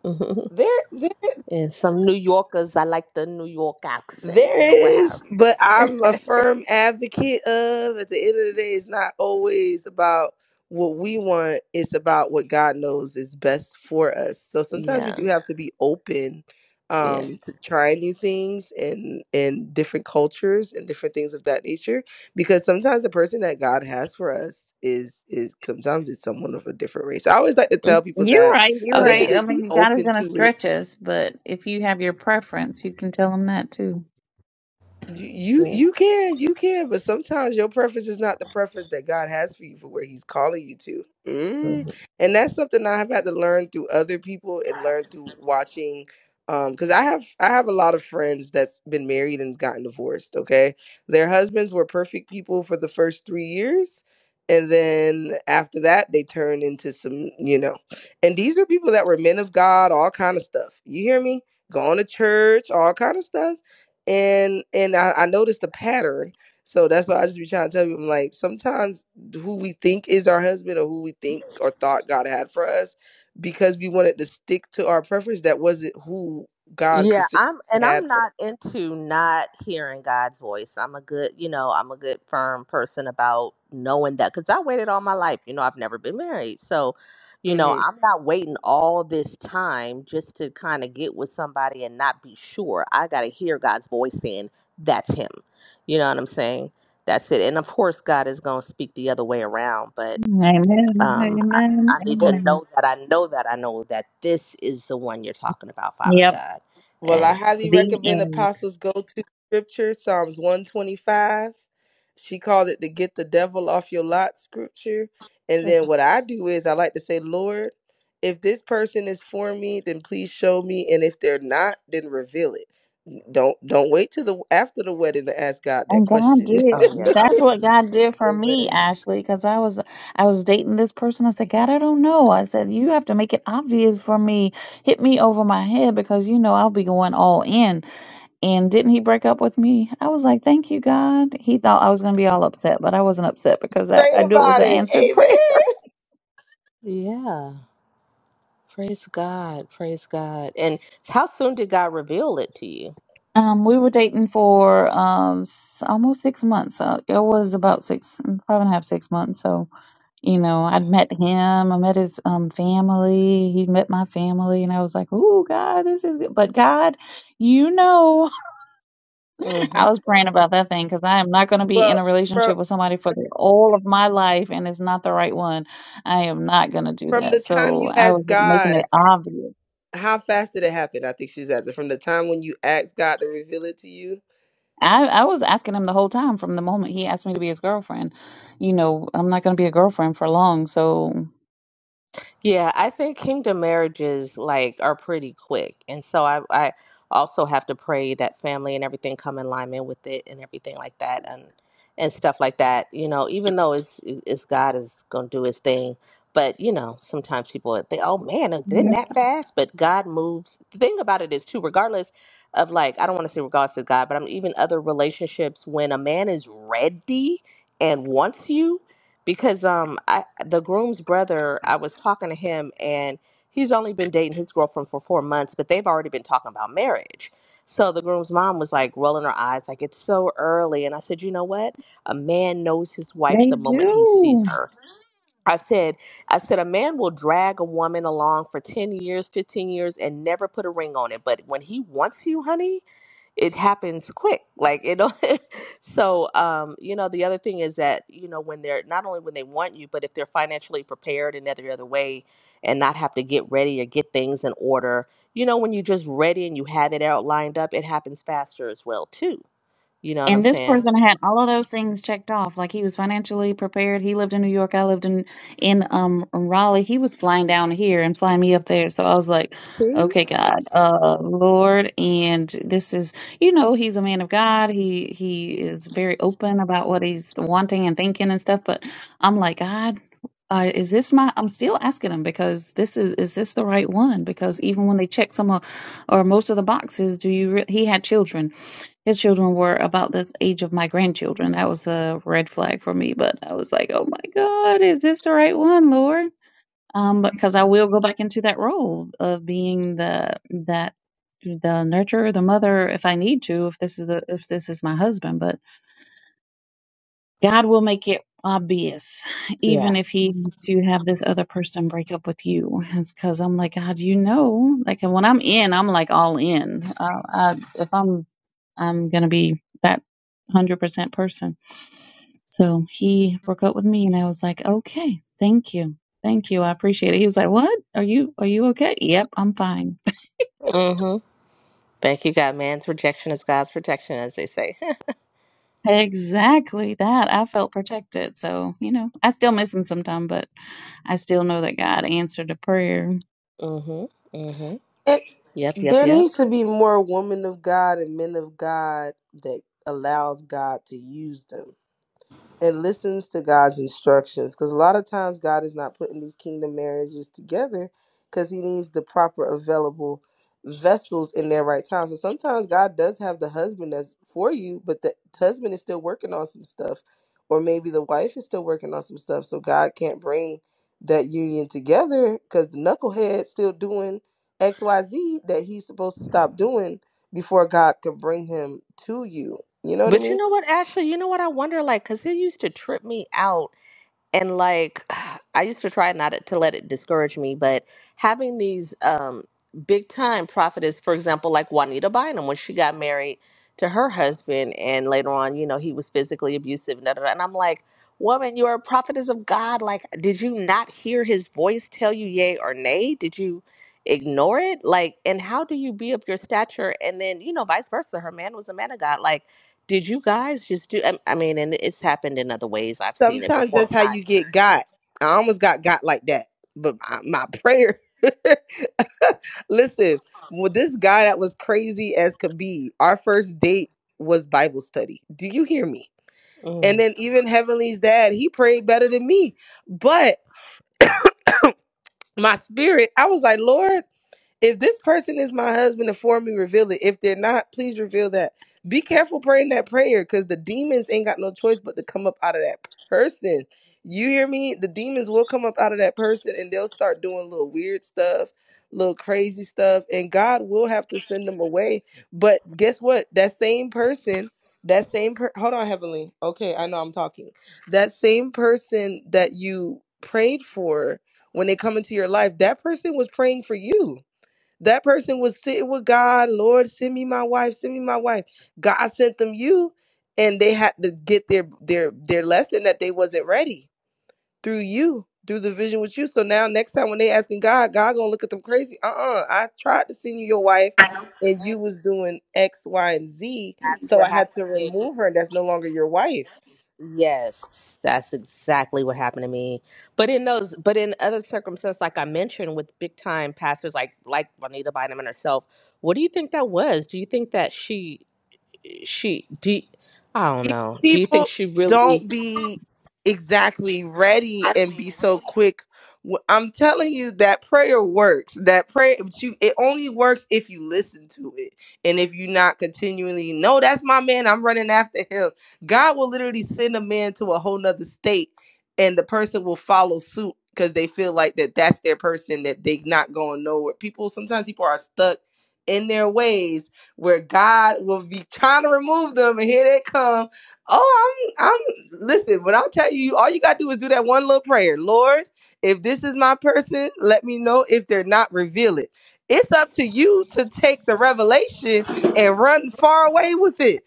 Speaker 12: Mhm.
Speaker 11: There, there.
Speaker 12: And some New Yorkers, I like the New York accent,
Speaker 11: There
Speaker 12: you know, what have
Speaker 11: is,
Speaker 12: you.
Speaker 11: but I'm a firm advocate of at the end of the day, it's not always about what we want, it's about what God knows is best for us. So sometimes we
Speaker 12: Yeah,
Speaker 11: do have to be open
Speaker 12: yeah.
Speaker 11: um to try new things and and different cultures and different things of that nature because sometimes the person that God has for us is is sometimes it's someone of a different race. I always like to tell
Speaker 12: Mm.
Speaker 11: people
Speaker 9: You're
Speaker 11: that
Speaker 9: right. You're
Speaker 11: so
Speaker 12: Oh
Speaker 11: they can
Speaker 9: right.
Speaker 12: yeah.
Speaker 9: I
Speaker 11: just be
Speaker 9: mean, God is
Speaker 11: open
Speaker 9: going to
Speaker 11: to it
Speaker 9: stretch us, but if you have your preference, you can tell him that too.
Speaker 11: You you
Speaker 12: Yeah.
Speaker 11: you can you can, but sometimes your preference is not the preference that God has for you for where He's calling you to. Mm.
Speaker 12: Mhm.
Speaker 11: And that's something I have had to learn through other people and learn through watching. Um, because I have I have a lot of friends that's been married and gotten divorced. Okay, their husbands were perfect people for the first three years, and then after that they turn into some you know. And these are people that were men of God, all kind of stuff. You hear me? Going to church, all kind of stuff and and I, I noticed the pattern. So that's why I just be trying to tell you, I'm like, sometimes who we think is our husband or who we think or thought God had for us, because we wanted to stick to our preference, that wasn't who God
Speaker 12: Yeah,
Speaker 11: specifically
Speaker 12: I'm and I'm
Speaker 11: had for.
Speaker 12: not into not hearing God's voice. I'm a good, you know, I'm a good firm person about knowing that cuz I waited all my life. You know, I've never been married. So,
Speaker 11: us.
Speaker 12: you know,
Speaker 11: Mm-hmm.
Speaker 12: I'm not waiting all this time just to kind of get with somebody and not be sure. I got to hear God's voice in that's him. You know what I'm saying? That's it. And of course God is going to speak the other way around, but
Speaker 9: Amen.
Speaker 12: Um, I,
Speaker 9: Amen.
Speaker 12: I need
Speaker 11: Well,
Speaker 12: to
Speaker 9: Amen.
Speaker 12: know that I know that I know that this is the one you're talking about, Father
Speaker 9: Yep.
Speaker 12: God.
Speaker 11: Well, I
Speaker 12: And
Speaker 11: highly
Speaker 9: The
Speaker 11: recommend
Speaker 9: end.
Speaker 11: Apostles Go to Scripture, Psalms 125. She called it the Get the Devil Off Your Lot scripture. And
Speaker 12: oh
Speaker 11: then what I do is I like to say, Lord, if this person is for me, then please show me. And if they're not, then reveal it. Don't don't wait till the after the wedding to ask God that
Speaker 9: And God
Speaker 11: question. (laughs)
Speaker 9: did.
Speaker 12: yeah, oh
Speaker 9: That's
Speaker 12: yeah,
Speaker 9: what God did for me,
Speaker 11: Amen.
Speaker 9: Ashley, because I was I was dating this person. I said, God, I don't know. I said, you have to make it obvious for me. Hit me over my head because you know I'll be going all in. And didn't he break up with me? I was like, Thank you, God. He thought I was gonna be all upset, but I wasn't upset because I,
Speaker 11: Prayed
Speaker 9: I knew it was
Speaker 11: about
Speaker 9: an
Speaker 11: it.
Speaker 9: answered (laughs) prayer.
Speaker 11: Amen.
Speaker 12: yeah. Praise God, praise God. And how soon did God reveal it to
Speaker 9: Um, we were dating for um s- almost six months. Uh, it was about six, five and a half, six months. So you know, I'd met him, I met his um, family, he met my family, and I was like, oh, God, this is good. But God, you know,
Speaker 12: you?
Speaker 9: (laughs) I was praying about that thing because I am not going to be in
Speaker 11: Well,
Speaker 9: a
Speaker 11: from
Speaker 9: relationship with somebody for the, all of my life, and it's not the right one. I am not going to do
Speaker 11: from
Speaker 9: that.
Speaker 11: the time
Speaker 9: So
Speaker 11: you
Speaker 9: I
Speaker 11: ask
Speaker 9: was making
Speaker 11: God
Speaker 9: it obvious.
Speaker 11: how fast did it happen? I think she's asking from the time when you asked God to reveal it to you.
Speaker 9: I, I was asking him the whole time from the moment he asked me to be his girlfriend. You know, I'm not going to be a girlfriend for long. So
Speaker 12: Yeah, I think kingdom marriages like are pretty quick. And so I I also have to pray that family and everything come in alignment with it and everything like that and and stuff like that. You know, even though it's it's God is going to do his thing, but you know, sometimes people think, "Oh man, it didn't
Speaker 9: yeah,
Speaker 12: that fast?" But God moves. The thing about it is too regardless of like I don't want to say regardless of God, but I'm even other relationships when a man is ready and wants you, because um I, the groom's brother i was talking to him and he's only been dating his girlfriend for four months but they've already been talking about marriage so the groom's mom was like rolling her eyes like it's so early and i said you know what a man knows his wife
Speaker 9: they
Speaker 12: the moment he sees
Speaker 9: do.
Speaker 12: her i said i said a man will drag a woman along for 10 years 15 years and never put a ring on it but when he wants you honey it happens quick like it don't (laughs) so um you know the other thing is that you know when they're not only when they want you but if they're financially prepared in every other way and not have to get ready or get things in order you know when you're just ready and you have it out lined up it happens faster as well too you know what i'm
Speaker 9: And this
Speaker 12: saying
Speaker 9: person had all of those things checked off. Like he was financially prepared. He lived in New York. I lived in in um Raleigh. He was flying down here and flying me up there. So I was like,
Speaker 12: See?
Speaker 9: okay, God, uh, Lord, and this is you know he's a man of God. He he is very open about what he's wanting and thinking and stuff. But I'm like, God. Uh, is this my? I'm still asking him because this is is this the right one? Because even when they check some of, or most of the boxes, do you? Re- he had children his children were about this age of my grandchildren. That was a red flag for me, but I was like, oh my God, is this the right one, Lord? Um, because I will go back into that role of being the that the nurturer, the mother, if I need to, if this is the if this is my husband. But God will make it obvious,
Speaker 12: Yeah.
Speaker 9: even if He has to have this other person break up with you. It's because I'm like, God, you know, like and when I'm in, I'm like all in. Uh, I, if I'm, I'm gonna be that one hundred percent person. So he broke up with me, and I was like, okay, thank you, thank you, I appreciate it. He was like, what? Are you are you okay? Yep, I'm fine.
Speaker 12: mm-hmm thank you god man's rejection is god's protection as they say (laughs)
Speaker 9: Exactly that. I felt protected. So, you know, I still miss him sometime, but I still know that God answered a prayer.
Speaker 12: mm-hmm mm-hmm
Speaker 11: It,
Speaker 12: yep yep
Speaker 11: there
Speaker 12: yep
Speaker 11: needs to be more women of God and men of God that allows God to use them. and listens to God's instructions. Because a lot of times God is not putting these kingdom marriages together because He needs the proper available vessels in their right time. So sometimes God does have the husband that's for you, but the husband is still working on some stuff, or maybe the wife is still working on some stuff. So God can't bring that union together because the knucklehead's still doing X, Y, Z that he's supposed to stop doing before God can bring him to you. You know what I
Speaker 12: but you
Speaker 11: mean?
Speaker 12: know what ashley you know what i wonder like because it used to trip me out and like (sighs) i used to try not to let it discourage me but having these um big time prophetess for example like juanita bynum when she got married to her husband and later on you know he was physically abusive and, da, da, da. and i'm like woman you're a prophetess of god like did you not hear his voice tell you yay or nay did you ignore it like and how do you be of your stature and then you know vice versa her man was a man of god like did you guys just do i I mean and it's happened in other ways i've seen it
Speaker 11: sometimes
Speaker 12: before
Speaker 11: that's how you get got. I almost got got like that, but my, my prayer. (laughs) Listen, well, this guy that was crazy as could be, our first date was Bible study. Do you hear me? And
Speaker 12: Mm.
Speaker 11: then even Heavenly's dad, he prayed better than me. But my spirit, I was like, Lord. If this person is my husband, inform me, reveal it. If they're not, please reveal that. Be careful praying that prayer because the demons ain't got no choice but to come up out of that person. You hear me? The demons will come up out of that person and they'll start doing little weird stuff, little crazy stuff, and God will have to send them away. But guess what? That same person, that same per- hold on, Heavenly. Okay, I know I'm talking. That same person that you prayed for when they come into your life, that person was praying for you that person was sitting with God, Lord, send me my wife, send me my wife. God sent them you, and they had to get their their their lesson that they wasn't ready through you, through the vision with you. So now next time when they asking God, God gonna look at them crazy. Uh-uh. I tried to send you your wife and you was doing X, Y, and Z.
Speaker 12: That's
Speaker 11: So I
Speaker 12: what
Speaker 11: had
Speaker 12: happened
Speaker 11: to
Speaker 12: to me.
Speaker 11: remove her, and that's no longer your wife.
Speaker 12: Yes, that's exactly what happened to me. But in those, but in other circumstances, like I mentioned, with big time pastors like like Juanita Bynum and herself, what do you think that was? Do you think that she she do? you- I don't
Speaker 11: These
Speaker 12: know. Do you think
Speaker 11: people
Speaker 12: she really?
Speaker 11: don't be exactly ready and be so quick. Wh- I'm telling you that prayer works. That prayer, but you it only works if you listen to it and if you're not continually. No, that's my man. I'm running after him. God will literally send a man to a whole nother state, and the person will follow suit because they feel like that that's their person that they not going nowhere. People sometimes people are stuck in their ways where God will be trying to remove them, and here they come Oh, I'm I'm listen, when I tell you, all you gotta do is do that one little prayer. Lord, if this is my person, let me know. If they're not, reveal it. It's up to you to take the revelation and run far away with it.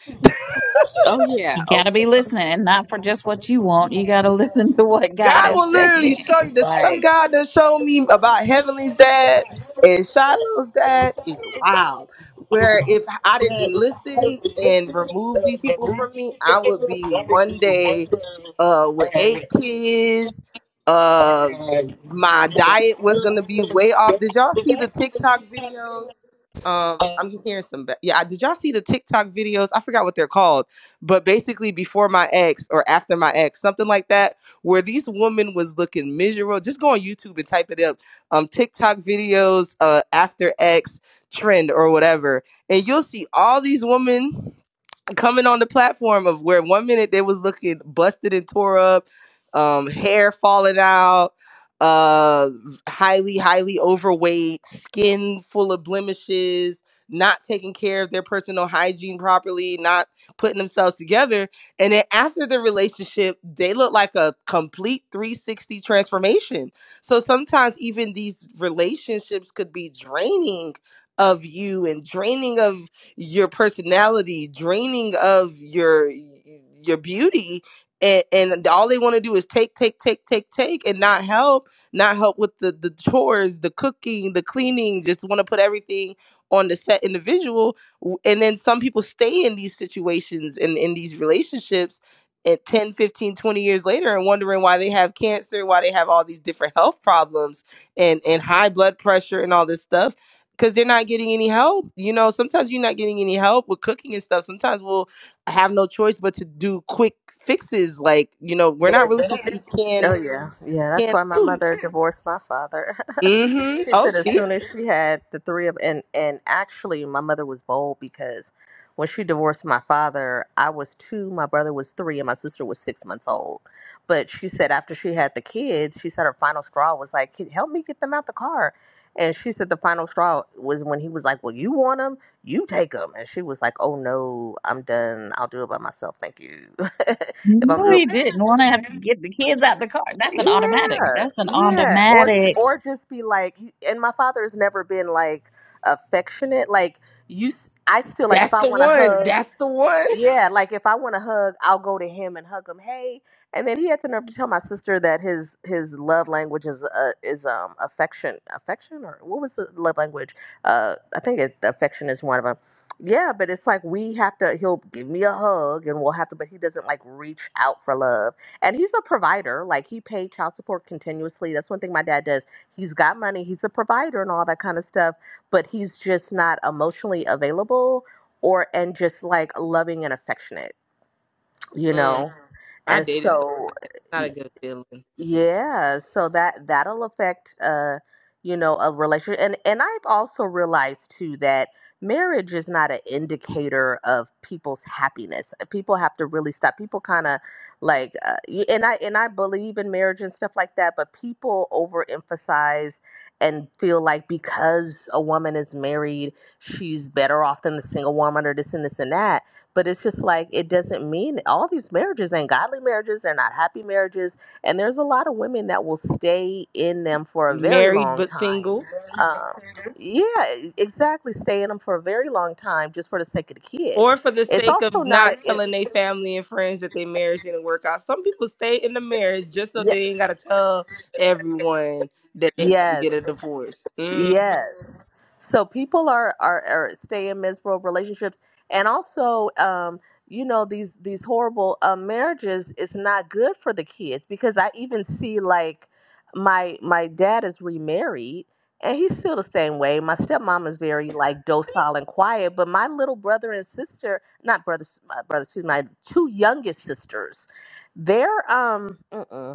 Speaker 12: Oh yeah,
Speaker 9: You
Speaker 12: oh
Speaker 9: got to
Speaker 12: yeah,
Speaker 9: be listening and not for just what you want. You got to (laughs) listen to what God
Speaker 11: God
Speaker 9: is
Speaker 11: will literally
Speaker 9: saying.
Speaker 11: show
Speaker 9: (laughs)
Speaker 11: you the stuff God done showed me about Heavenly's dad and Shiloh's dad is wild. Where
Speaker 12: right.
Speaker 11: if I didn't listen and remove these people from me, I would be one day uh with eight kids. Uh my diet was gonna be way off. Did y'all see the TikTok videos? Um, I'm hearing some. Ba- yeah, did y'all see the TikTok videos? I forgot what they're called, but basically before my ex or after my ex, something like that where these women was looking miserable. Just go on YouTube and type it up. Um, TikTok videos, uh, After X trend or whatever, and you'll see all these women coming on the platform of where one minute they was looking busted and tore up, um, hair falling out, uh, highly, highly overweight, skin full of blemishes, not taking care of their personal hygiene properly, not putting themselves together. And then after the relationship, they look like a complete 360 transformation. So sometimes even these relationships could be draining of you and draining of your personality, draining of your your beauty, and, and all they want to do is take, take, take, take, take, and not help, not help with the the chores, the cooking, the cleaning. Just want to put everything on the set individual, and then some people stay in these situations and in these relationships. At 10, 15, 20 years later, and wondering why they have cancer, why they have all these different health problems and, and high blood pressure and all this stuff because they're not getting any help. You know, sometimes you're not getting any help with cooking and stuff. Sometimes we'll have no choice but to do quick fixes. Like, you know, we're not really supposed to eat
Speaker 12: Oh
Speaker 11: canned
Speaker 12: yeah, yeah. That's
Speaker 11: canned
Speaker 12: why my
Speaker 11: food.
Speaker 12: mother divorced my father. (laughs)
Speaker 11: Mm-hmm.
Speaker 12: she
Speaker 11: Oh,
Speaker 12: said as
Speaker 11: see,
Speaker 12: soon as she had the three of and and actually my mother was bold because when she divorced my father, I was two, my brother was three, and my sister was six months old. But she said after she had the kids, she said her final straw was like, "Can help me get them out the car?" And she said the final straw was when he was like, "Well, you want them, you take them," and she was like, "Oh no, I'm done. I'll do it by myself. Thank you." (laughs) If I'm
Speaker 9: No,
Speaker 12: doing,
Speaker 9: he didn't want to have to get the kids out the car. That's an automatic.
Speaker 12: yeah,
Speaker 9: That's an
Speaker 12: yeah, or sh-
Speaker 9: automatic.
Speaker 12: or just be like, he- and my father has never been like affectionate. Like you, s- I still like if
Speaker 11: that's
Speaker 12: I
Speaker 11: the
Speaker 12: want to
Speaker 11: one.
Speaker 12: hug.
Speaker 11: That's the one.
Speaker 12: Yeah, like if I want a hug, I'll go to him and hug him. Hey, and then he had the nerve to tell my sister that his his love language is uh, is um affection, affection or what was the love language? Uh, I think it, affection is one of them. Yeah, but it's like we have to. He'll give me a hug, and we'll have to. But he doesn't like reach out for love. And he's a provider. Like he paid child support continuously. That's one thing my dad does. He's got money. He's a provider and all that kind of stuff. But he's just not emotionally available or and just like loving and affectionate, you
Speaker 11: Mm,
Speaker 12: know.
Speaker 11: I
Speaker 12: And
Speaker 11: dated, so
Speaker 12: so,
Speaker 11: it's not a good feeling.
Speaker 12: yeah, so that that'll affect uh you know a relationship and and I've also realized too that marriage is not an indicator of people's happiness. uh, People have to really stop. People kind of like uh, you- and I and I believe in marriage and stuff like that, but people overemphasize and feel like because a woman is married, she's better off than the single woman or this and this and that. But it's just like it doesn't mean all these marriages ain't godly marriages, they're not happy marriages and there's a lot of women that will stay in them for a very
Speaker 11: Married
Speaker 12: long
Speaker 11: but
Speaker 12: time.
Speaker 11: single.
Speaker 12: Um, yeah, e- exactly. Stay in them for a very long time just for the sake of the kids.
Speaker 11: Or for the
Speaker 12: It's
Speaker 11: sake
Speaker 12: also
Speaker 11: of
Speaker 12: not.
Speaker 11: not
Speaker 12: It,
Speaker 11: telling their family and friends that their marriage didn't work out. Some people stay in the marriage just so
Speaker 12: yeah,
Speaker 11: they ain't gotta tell everyone that they had to get a
Speaker 12: yes.
Speaker 11: divorce. Mm.
Speaker 12: Yes. So people are are, are stay in miserable relationships, and also, um, you know, these these horrible um, marriages is not good for the kids because I even see like my my dad is remarried and he's still the same way. My stepmom is very like docile and quiet, but my little brother and sister, not brothers, my brother, excuse me, my two youngest sisters, they're um. mm-mm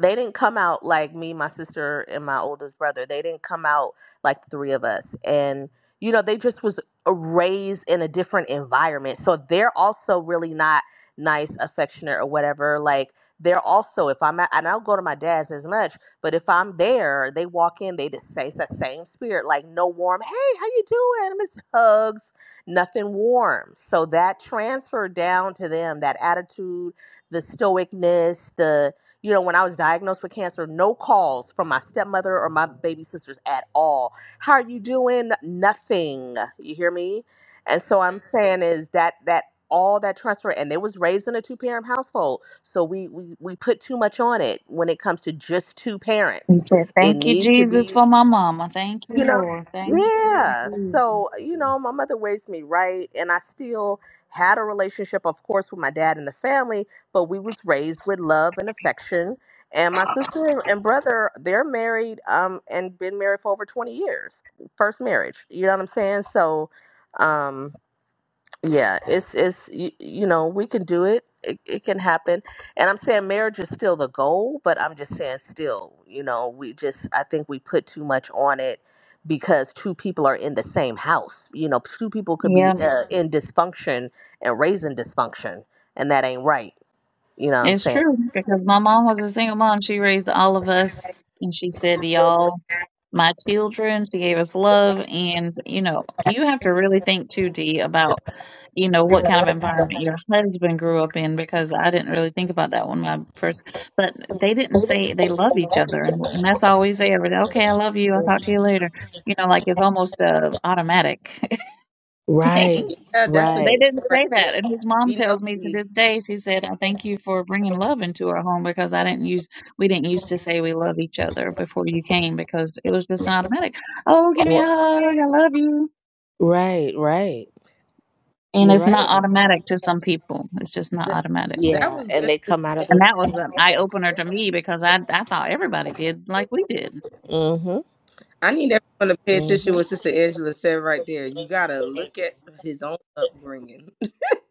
Speaker 12: they didn't come out like me, my sister, and my oldest brother. They didn't come out like the three of us. And you know, they just was raised in a different environment. So they're also really not nice, affectionate, or whatever. Like they're also, if I'm at, and I don't go to my dad's as much, but if I'm there, they walk in, they just say it's that same spirit, like no warm, hey, how you doing? i hugs, nothing warm. So that transferred down to them, that attitude, the stoicness, the you know, when I was diagnosed with cancer, no calls from my stepmother or my baby sisters at all. How are you doing? Nothing. You hear me? And so I'm saying is that that all that transfer and they was raised in a two parent household. So we, we we put too much on it when it comes to just two
Speaker 9: He
Speaker 12: parents.
Speaker 9: said,
Speaker 12: It
Speaker 9: Thank you,
Speaker 12: needs to
Speaker 9: Jesus,
Speaker 12: be
Speaker 9: for my mama. Thank you,
Speaker 12: you know
Speaker 9: Lord. Thank you,
Speaker 12: yeah
Speaker 9: Jesus.
Speaker 12: so you know my mother raised me right and i still had a relationship of course with my dad and the family but we was raised with love and affection and my sister and and brother they're married um and been married for over 20 years first marriage you know what i'm saying so um yeah it's it's you, you know we can do it. it it can happen and i'm saying marriage is still the goal but i'm just saying still you know we just i think we put too much on it because two people are in the same house you know two people could
Speaker 9: Yeah.
Speaker 12: be uh, Mhm. in dysfunction and raising dysfunction and that ain't right you know what i'm
Speaker 9: It's
Speaker 12: saying
Speaker 9: true because my mom was a single mom. She raised all of us, and she said, "Y'all, my children." She gave us love, and you know, you have to really think too, D, about you know what kind of environment your husband grew up in because I didn't really think about that when my first. But they didn't say they love each other, and, and that's all we say every day. Okay, I love you. I'll talk to you later. You know, like it's almost a automatic (laughs) thing.
Speaker 12: Right,
Speaker 11: Yeah, that's a good
Speaker 9: They
Speaker 12: right,
Speaker 11: one
Speaker 9: didn't
Speaker 11: right
Speaker 9: say
Speaker 11: there.
Speaker 9: that. And his mom
Speaker 11: Be
Speaker 9: tells me to
Speaker 11: nosy.
Speaker 9: this day, she said, I thank you for bringing love into our home because I didn't use, we didn't used to say we love each other before you came because it was just automatic. Oh, give me a
Speaker 12: Wha-
Speaker 9: hug. I love you.
Speaker 12: right, right.
Speaker 9: And
Speaker 12: You're
Speaker 9: it's
Speaker 12: right
Speaker 9: not
Speaker 12: about that.
Speaker 9: automatic to some people. It's just not
Speaker 11: Th-
Speaker 9: automatic.
Speaker 11: That
Speaker 12: Yeah,
Speaker 11: was
Speaker 12: and
Speaker 11: good.
Speaker 12: they come out of
Speaker 9: And
Speaker 12: those.
Speaker 9: that was an eye opener to me because I I thought everybody did like we did.
Speaker 12: Mm-hmm.
Speaker 11: I need everyone to pay attention to what Sister Angela said right there. You gotta look at his own upbringing.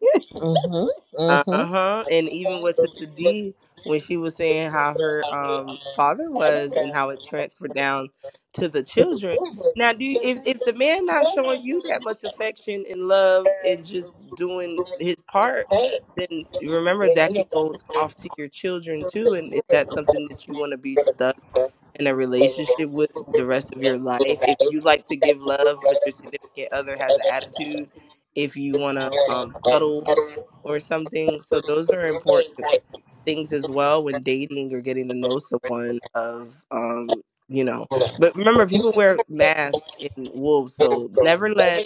Speaker 11: (laughs)
Speaker 12: Mm-hmm.
Speaker 11: Uh
Speaker 12: Mm-hmm.
Speaker 11: huh. And even with Sister D, when she was saying how her um father was and how it transferred down to the children. Now, do you, if if the man not showing you that much affection and love and just doing his part, then remember that could go off to your children too. And is that something that you want to be stuck in a relationship with the rest of your life? If you like to give love, but your significant other has an attitude, if you want to um, cuddle or something. So those are important things as well when dating or getting to know someone of um you know. But remember people wear masks in wolves, so never let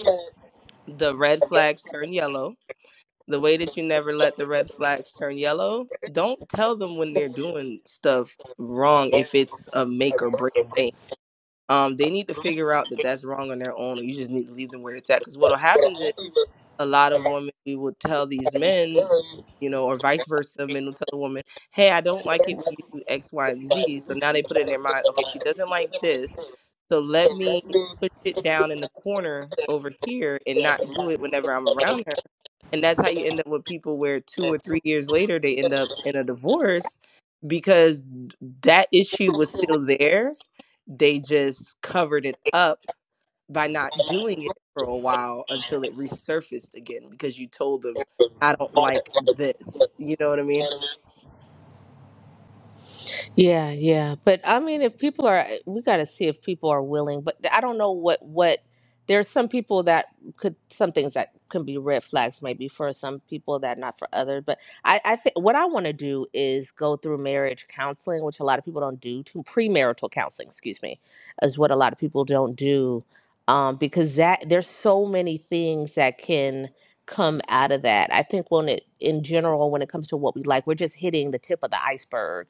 Speaker 11: the red flags turn yellow. The way that you never let the red flags turn yellow, don't tell them when they're doing stuff wrong if it's a make or break thing. Um, they need to figure out that that's wrong on their own, or you just need to leave them where it's at. Because what'll happen is a lot of women we would tell these men you know or vice versa men will tell the woman hey i don't like it when you do x y and z so now they put it in their mind okay she doesn't like this so let me push it down in the corner over here and not do it whenever i'm around her and that's how you end up with people where two or three years later they end up in a divorce because that issue was still there they just covered it up by not doing it for a while until it resurfaced again because you told them I don't like this. You know what I mean?
Speaker 12: Yeah, yeah. But I mean, if people are, eh, we got to see if people are willing. But I don't know what what. There's some people that could some things that can be red flags, maybe for some people that not for others. But I, I think what I want to do is go through marriage counseling, which a lot of people don't do. To premarital counseling, excuse me, is what a lot of people don't do, um, because that there's so many things that can come out of that. I think when it in general, when it comes to what we like, we're just hitting the tip of the iceberg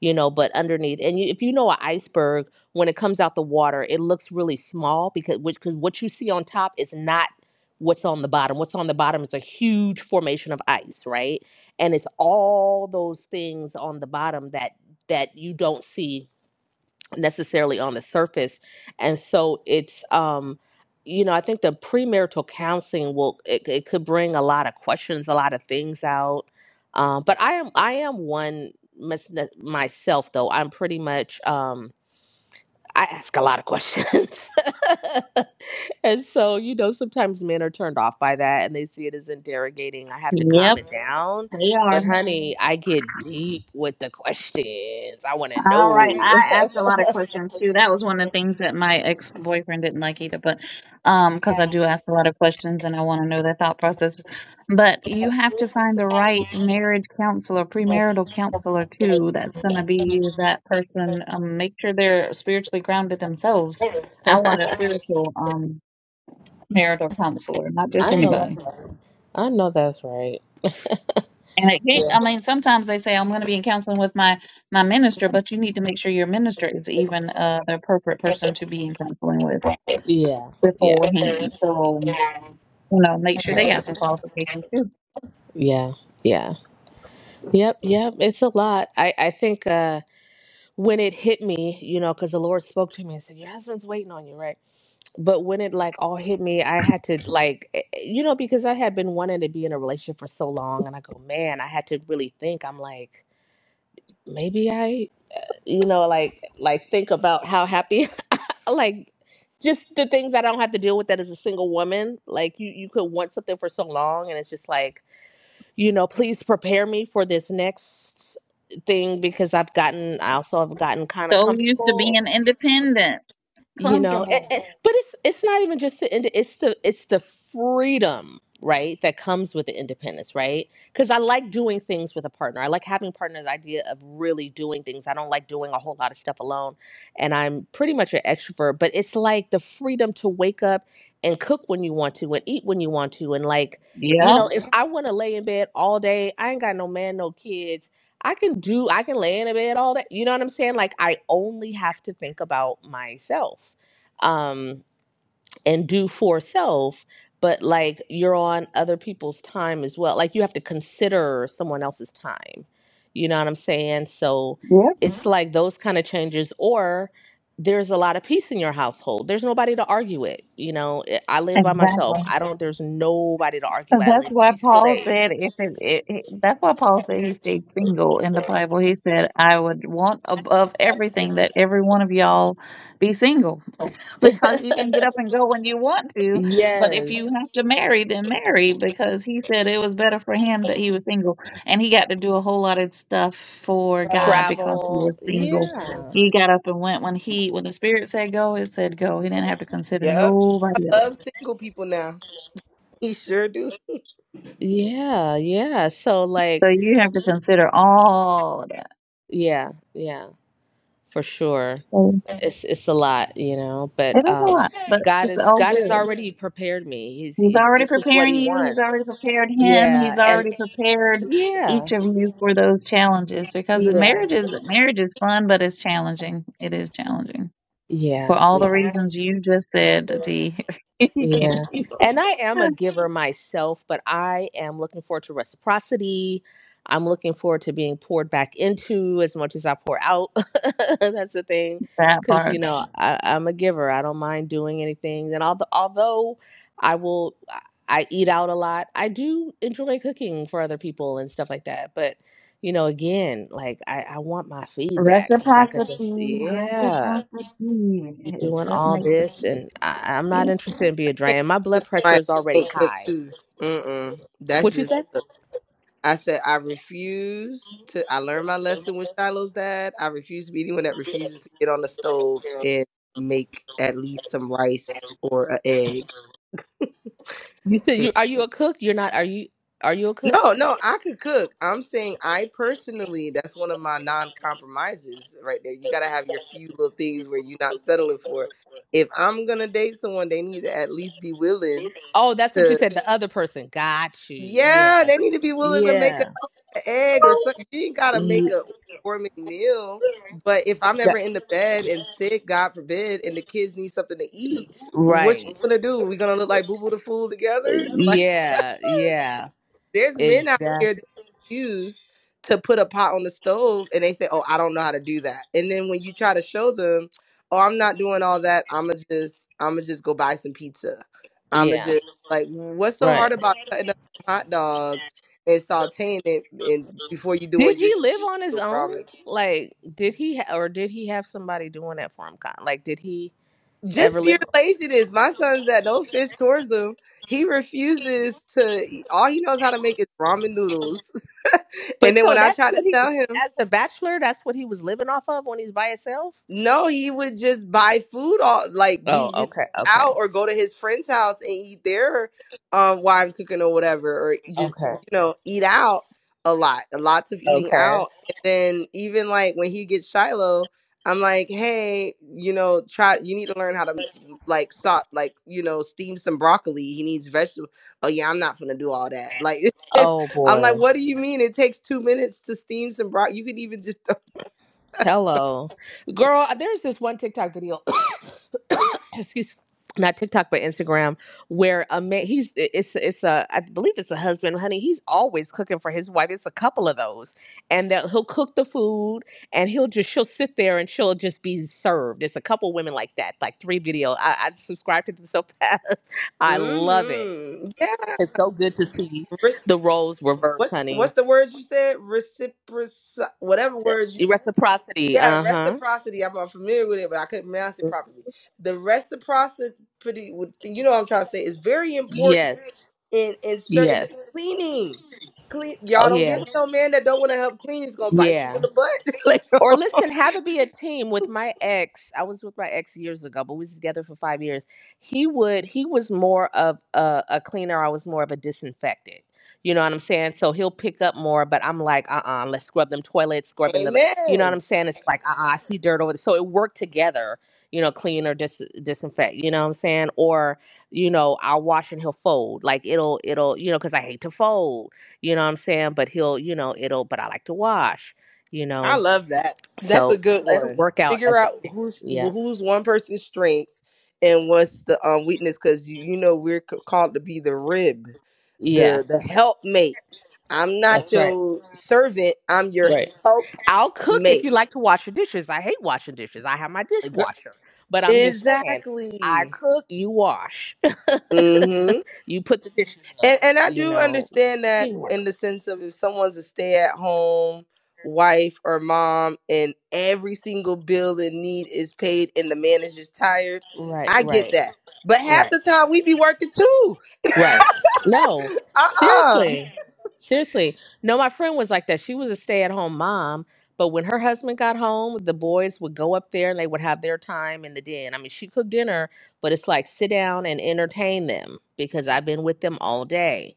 Speaker 12: you know, but underneath. And you, if you know an iceberg, when it comes out the water, it looks really small because which because what you see on top is not what's on the bottom. What's on the bottom is a huge formation of ice, right? And it's all those things on the bottom that that you don't see necessarily on the surface and so it's um you know i think the premarital counseling will it, it could bring a lot of questions a lot of things out um but i am i am one mys- myself though i'm pretty much um i ask a lot of questions (laughs) And so, you know, sometimes men are turned off by that and they see it as interrogating. I have to calm
Speaker 9: Yep,
Speaker 12: it down.
Speaker 9: they are.
Speaker 12: But, honey, I get deep with the questions. I want to
Speaker 9: All
Speaker 12: know.
Speaker 9: right. I asked a lot of questions too. That was one of the things that my ex boyfriend didn't like either, but um, because I do ask a lot of questions and I want to know their thought process. But you have to find the right marriage counselor, premarital counselor too. That's going to be that person. Um, make sure they're spiritually grounded themselves. I want a spiritual um marital counselor, not
Speaker 12: (laughs) I
Speaker 9: just
Speaker 12: know
Speaker 9: anybody.
Speaker 12: that's right. I know that's right.
Speaker 9: And it can't, I mean, sometimes they say I'm going to be in counseling with my my minister, but you need to make sure your minister is even uh, the appropriate person to be in counseling with
Speaker 12: Yeah. Yeah.
Speaker 9: beforehand. So you know, make sure they
Speaker 12: Right.
Speaker 9: got some qualifications too.
Speaker 12: Yeah. Yeah. Yep. Yep. It's a lot. I, I think uh, when it hit me, you know, because the Lord spoke to me and said, Your husband's waiting on you, right? but when it like all hit me i had to like eh, eh, you know because i had been wanting to be in a relationship for so long and i go man i had to really think i'm like maybe i you know like like think about how happy (laughs) like just the things i don't have to deal with that as a single woman like you you could want something for so long and it's just like you know please prepare me for this next thing because i've gotten i also have gotten kind of
Speaker 9: So used to being
Speaker 12: comfortable
Speaker 9: independent,
Speaker 12: you know and,
Speaker 9: comfortable.
Speaker 12: and- but it's it's not even just the ind- it's the it's the freedom right that comes with the independence right because i like doing things with a partner i like having partners idea of really doing things i don't like doing a whole lot of stuff alone and i'm pretty much an extrovert but it's like the freedom to wake up and cook when you want to and eat when you want to and like you
Speaker 9: Yep.
Speaker 12: know if Mhm. i want to lay in bed all day i ain't got no man no kids I can do, I can lay in a bed all day. You know what I'm saying? Like I only have to think about myself. Um, and do for self, but like you're on other people's time as well. Like you have to consider someone else's time. You know what I'm saying? So
Speaker 9: Yep.
Speaker 12: it's Mhm. like those kind of changes or there's a lot of peace in your household. There's nobody to argue with. You know, I I live by
Speaker 9: Exactly.
Speaker 12: myself. I don't there's nobody to argue
Speaker 9: And
Speaker 12: with. I
Speaker 9: That's
Speaker 12: live
Speaker 9: why
Speaker 12: peaceful
Speaker 9: Paul
Speaker 12: days.
Speaker 9: said, if it, it, it- that's why Paul said he stayed single in the Bible. He said, I would want above everything that every one of y'all be single (laughs) because you can get up and go when you want to. But if you
Speaker 12: Yes.
Speaker 9: have to marry, then marry because he said it was better for him that he was single and he got to do a whole lot of stuff for God because he
Speaker 12: Travel.
Speaker 9: was single.
Speaker 12: Yeah.
Speaker 9: He got up and went when he, when the spirit said go, it said go. He didn't have to consider
Speaker 11: Yep.
Speaker 9: nobody
Speaker 11: I love
Speaker 9: else.
Speaker 11: single people now. (laughs) He sure do.
Speaker 12: Yeah, yeah. So
Speaker 9: So
Speaker 12: like
Speaker 9: you have to consider all that.
Speaker 12: Yeah, yeah, for sure.
Speaker 9: So
Speaker 12: It's it's a lot, you know,
Speaker 9: it
Speaker 12: but
Speaker 9: is a
Speaker 12: um
Speaker 9: lot, but
Speaker 12: God
Speaker 9: it's
Speaker 12: is
Speaker 9: all
Speaker 12: God has
Speaker 9: good.
Speaker 12: already prepared me. He's
Speaker 9: He's
Speaker 12: he's
Speaker 9: already
Speaker 12: this is what
Speaker 9: preparing
Speaker 12: he
Speaker 9: you. He's
Speaker 12: wants.
Speaker 9: already prepared him.
Speaker 12: Yeah,
Speaker 9: He's
Speaker 12: and
Speaker 9: already prepared
Speaker 12: yeah.
Speaker 9: each of you for those challenges because
Speaker 12: Yeah.
Speaker 9: marriage is marriage is fun, but it's challenging. It is challenging for
Speaker 12: Yeah,
Speaker 9: all the
Speaker 12: yeah.
Speaker 9: reasons you just said, D. (laughs) you can
Speaker 12: Yeah. (laughs)
Speaker 9: feel
Speaker 12: And I am a giver myself, but I am looking forward to reciprocity. I'm looking forward to being poured back into as much as I pour out. (laughs) That's the thing.
Speaker 9: that
Speaker 12: Cause you
Speaker 9: part.
Speaker 12: know, I, I'm a giver. I don't mind doing anything. And although although I will I eat out a lot, I do enjoy cooking for other people and stuff like that. But you know, again, like I, I want my feedback because I could just (laughs)
Speaker 9: Reciprocity,
Speaker 12: yeah
Speaker 9: reciprocity.
Speaker 12: you doing
Speaker 9: It's, it
Speaker 12: all
Speaker 9: makes it.
Speaker 12: this and I, i'm not
Speaker 9: Yeah.
Speaker 12: interested in being
Speaker 11: (laughs) Can't cook
Speaker 12: drained my blood
Speaker 11: with
Speaker 12: pressure
Speaker 11: somebody
Speaker 12: is
Speaker 11: that
Speaker 12: already
Speaker 11: can't cook
Speaker 12: high
Speaker 11: too. Mm-mm. That's
Speaker 12: what you
Speaker 11: just
Speaker 12: said
Speaker 11: uh, I said I refuse to I learned my lesson with Shiloh's dad. I refuse to be anyone that refuses to get on the stove and make at least some rice or an egg.
Speaker 12: you said you are you a cook you're not are you are you a cook
Speaker 11: No, no, I could cook. I'm saying I personally, that's one of my non-compromises right there. You gotta have your few little things where you're not settling for. If I'm gonna date someone, they need to at least be willing
Speaker 12: oh that's what you
Speaker 11: to,
Speaker 12: said the other person got you
Speaker 11: yeah,
Speaker 12: yeah
Speaker 11: they need to be willing to make a,
Speaker 12: yeah
Speaker 11: a egg or something. You ain't gotta make
Speaker 12: You
Speaker 11: a gourmet meal, but if I'm
Speaker 12: got-
Speaker 11: ever in the bed and sick, God forbid, and the kids need something to eat, what you
Speaker 12: right
Speaker 11: gonna do? We gonna look like Boo Boo the Fool together? (laughs) like?
Speaker 12: yeah yeah
Speaker 11: There's men out here that
Speaker 12: exactly
Speaker 11: use to put a pot on the stove and they say, Oh, I don't know how to do that. And then when you try to show them, Oh, I'm not doing all that, I'ma just I'ma just go buy some pizza. I'ma
Speaker 12: yeah
Speaker 11: just like what's so hard
Speaker 12: right
Speaker 11: about cutting up hot dogs and sauteing it and before you doing
Speaker 12: did he
Speaker 11: just
Speaker 12: live on his own
Speaker 11: ramen?
Speaker 12: like did he ha- or did he have somebody doing that for him Con- like did he
Speaker 11: just
Speaker 12: ever
Speaker 11: pure
Speaker 12: live.
Speaker 11: laziness. My son's that no fish towards him. He refuses to. eat- All he knows how to make is ramen noodles. (laughs) and
Speaker 12: But
Speaker 11: then
Speaker 12: so
Speaker 11: when I
Speaker 12: that's
Speaker 11: try to
Speaker 12: what he
Speaker 11: tell him,
Speaker 12: as a bachelor. That's what he was living off of when he's by himself.
Speaker 11: No, he would just buy food all like
Speaker 12: Oh,
Speaker 11: he just
Speaker 12: okay,
Speaker 11: out
Speaker 12: okay,
Speaker 11: or go to his friend's house and eat their um wives cooking or whatever, or just
Speaker 12: okay,
Speaker 11: you know eat out a lot, lots of eating
Speaker 12: okay.
Speaker 11: out. And then even like when he gets Shiloh, I'm like, hey, you know, try. You need to learn how to like salt, like you know, steam some broccoli. He needs vegetable. Oh yeah, I'm not gonna do all that. Like (laughs) it's,
Speaker 12: Oh
Speaker 11: I'm
Speaker 12: boy.
Speaker 11: like, what do you mean? It takes two minutes to steam some broccoli. You can even just. (laughs)
Speaker 12: Hello, girl. There's this one TikTok video. (coughs) Excuse, not TikTok, but Instagram, where a man. He's it's it's a I believe it's a husband, honey. He's always cooking for his wife. It's a couple of those, and that he'll cook the food, and he'll just she'll sit there and she'll just be served. It's a couple women like that, like three video. I, I subscribe to them so (laughs) fast. I love it.
Speaker 11: hmm
Speaker 12: It's so good to see
Speaker 11: Rec-
Speaker 12: the roles reversed,
Speaker 11: what's what's
Speaker 12: honey.
Speaker 11: the words you said? Reciproc whatever words you
Speaker 12: Reciprocity.
Speaker 11: yeah,
Speaker 12: Uh huh.
Speaker 11: reciprocity. I'm not familiar with it, but I couldn't pronounce it properly. The reciprocity, would- you know, what I'm trying to say, is very important
Speaker 12: Yes.
Speaker 11: in in certain
Speaker 12: Yes.
Speaker 11: cleaning. Clean, y'all
Speaker 12: Oh
Speaker 11: don't get
Speaker 12: yeah.
Speaker 11: with no man that don't want to help clean. He's gonna bite you
Speaker 12: Yeah.
Speaker 11: in the
Speaker 12: Or
Speaker 11: butt. (laughs) like,
Speaker 12: listen, have it be a team with my ex. I was with my ex years ago, but we was together for five years. He would he was more of a, a cleaner. I was more of a disinfectant. You know what I'm saying? So he'll pick up more, but I'm like, uh uh-uh, uh, let us scrub them toilets, scrubbing the you know what
Speaker 11: amen.
Speaker 12: I'm saying? It's like uh uh I see dirt over there. So it worked together, you know, clean or dis disinfect, you know what I'm saying? Or, you know, I'll wash and he'll fold. Like it'll it'll, you know, because I hate to fold, you know what I'm saying? But he'll, you know, it'll but I like to wash, you know.
Speaker 11: I love that. That's a
Speaker 12: So
Speaker 11: good
Speaker 12: it'll
Speaker 11: one.
Speaker 12: work out
Speaker 11: Figure
Speaker 12: as
Speaker 11: out
Speaker 12: a team.
Speaker 11: who's
Speaker 12: Yeah.
Speaker 11: who's one person's strengths and what's the um weakness because you, you know we're c- called to be the rib,
Speaker 12: Yeah.
Speaker 11: the the helpmate. I'm not
Speaker 12: That's right.
Speaker 11: your servant. I'm your
Speaker 12: Right. I'll cook if
Speaker 11: helpmate.
Speaker 12: you like to wash your dishes. I hate washing dishes. I have my
Speaker 11: Gir-
Speaker 12: dishwasher. But I'm just saying, I
Speaker 11: Exactly.
Speaker 12: cook, you wash. (laughs)
Speaker 11: Mm-hmm.
Speaker 12: you put the dishes up,
Speaker 11: And and I
Speaker 12: you
Speaker 11: do
Speaker 12: know.
Speaker 11: understand that in
Speaker 12: Teamwork.
Speaker 11: the sense of if someone's a stay at home wife or mom and every single bill and need is paid and the manager's tired,
Speaker 12: Right,
Speaker 11: I get
Speaker 12: right,
Speaker 11: that. But half
Speaker 12: right.
Speaker 11: the time we be working too.
Speaker 12: Right. No,
Speaker 11: (laughs) Uh uh
Speaker 12: seriously. Seriously. No, my friend was like that. She was a stay at home mom, but when her husband got home, the boys would go up there and they would have their time in the den. I mean, she cooked dinner, but it's like sit down and entertain them because I've been with them all day,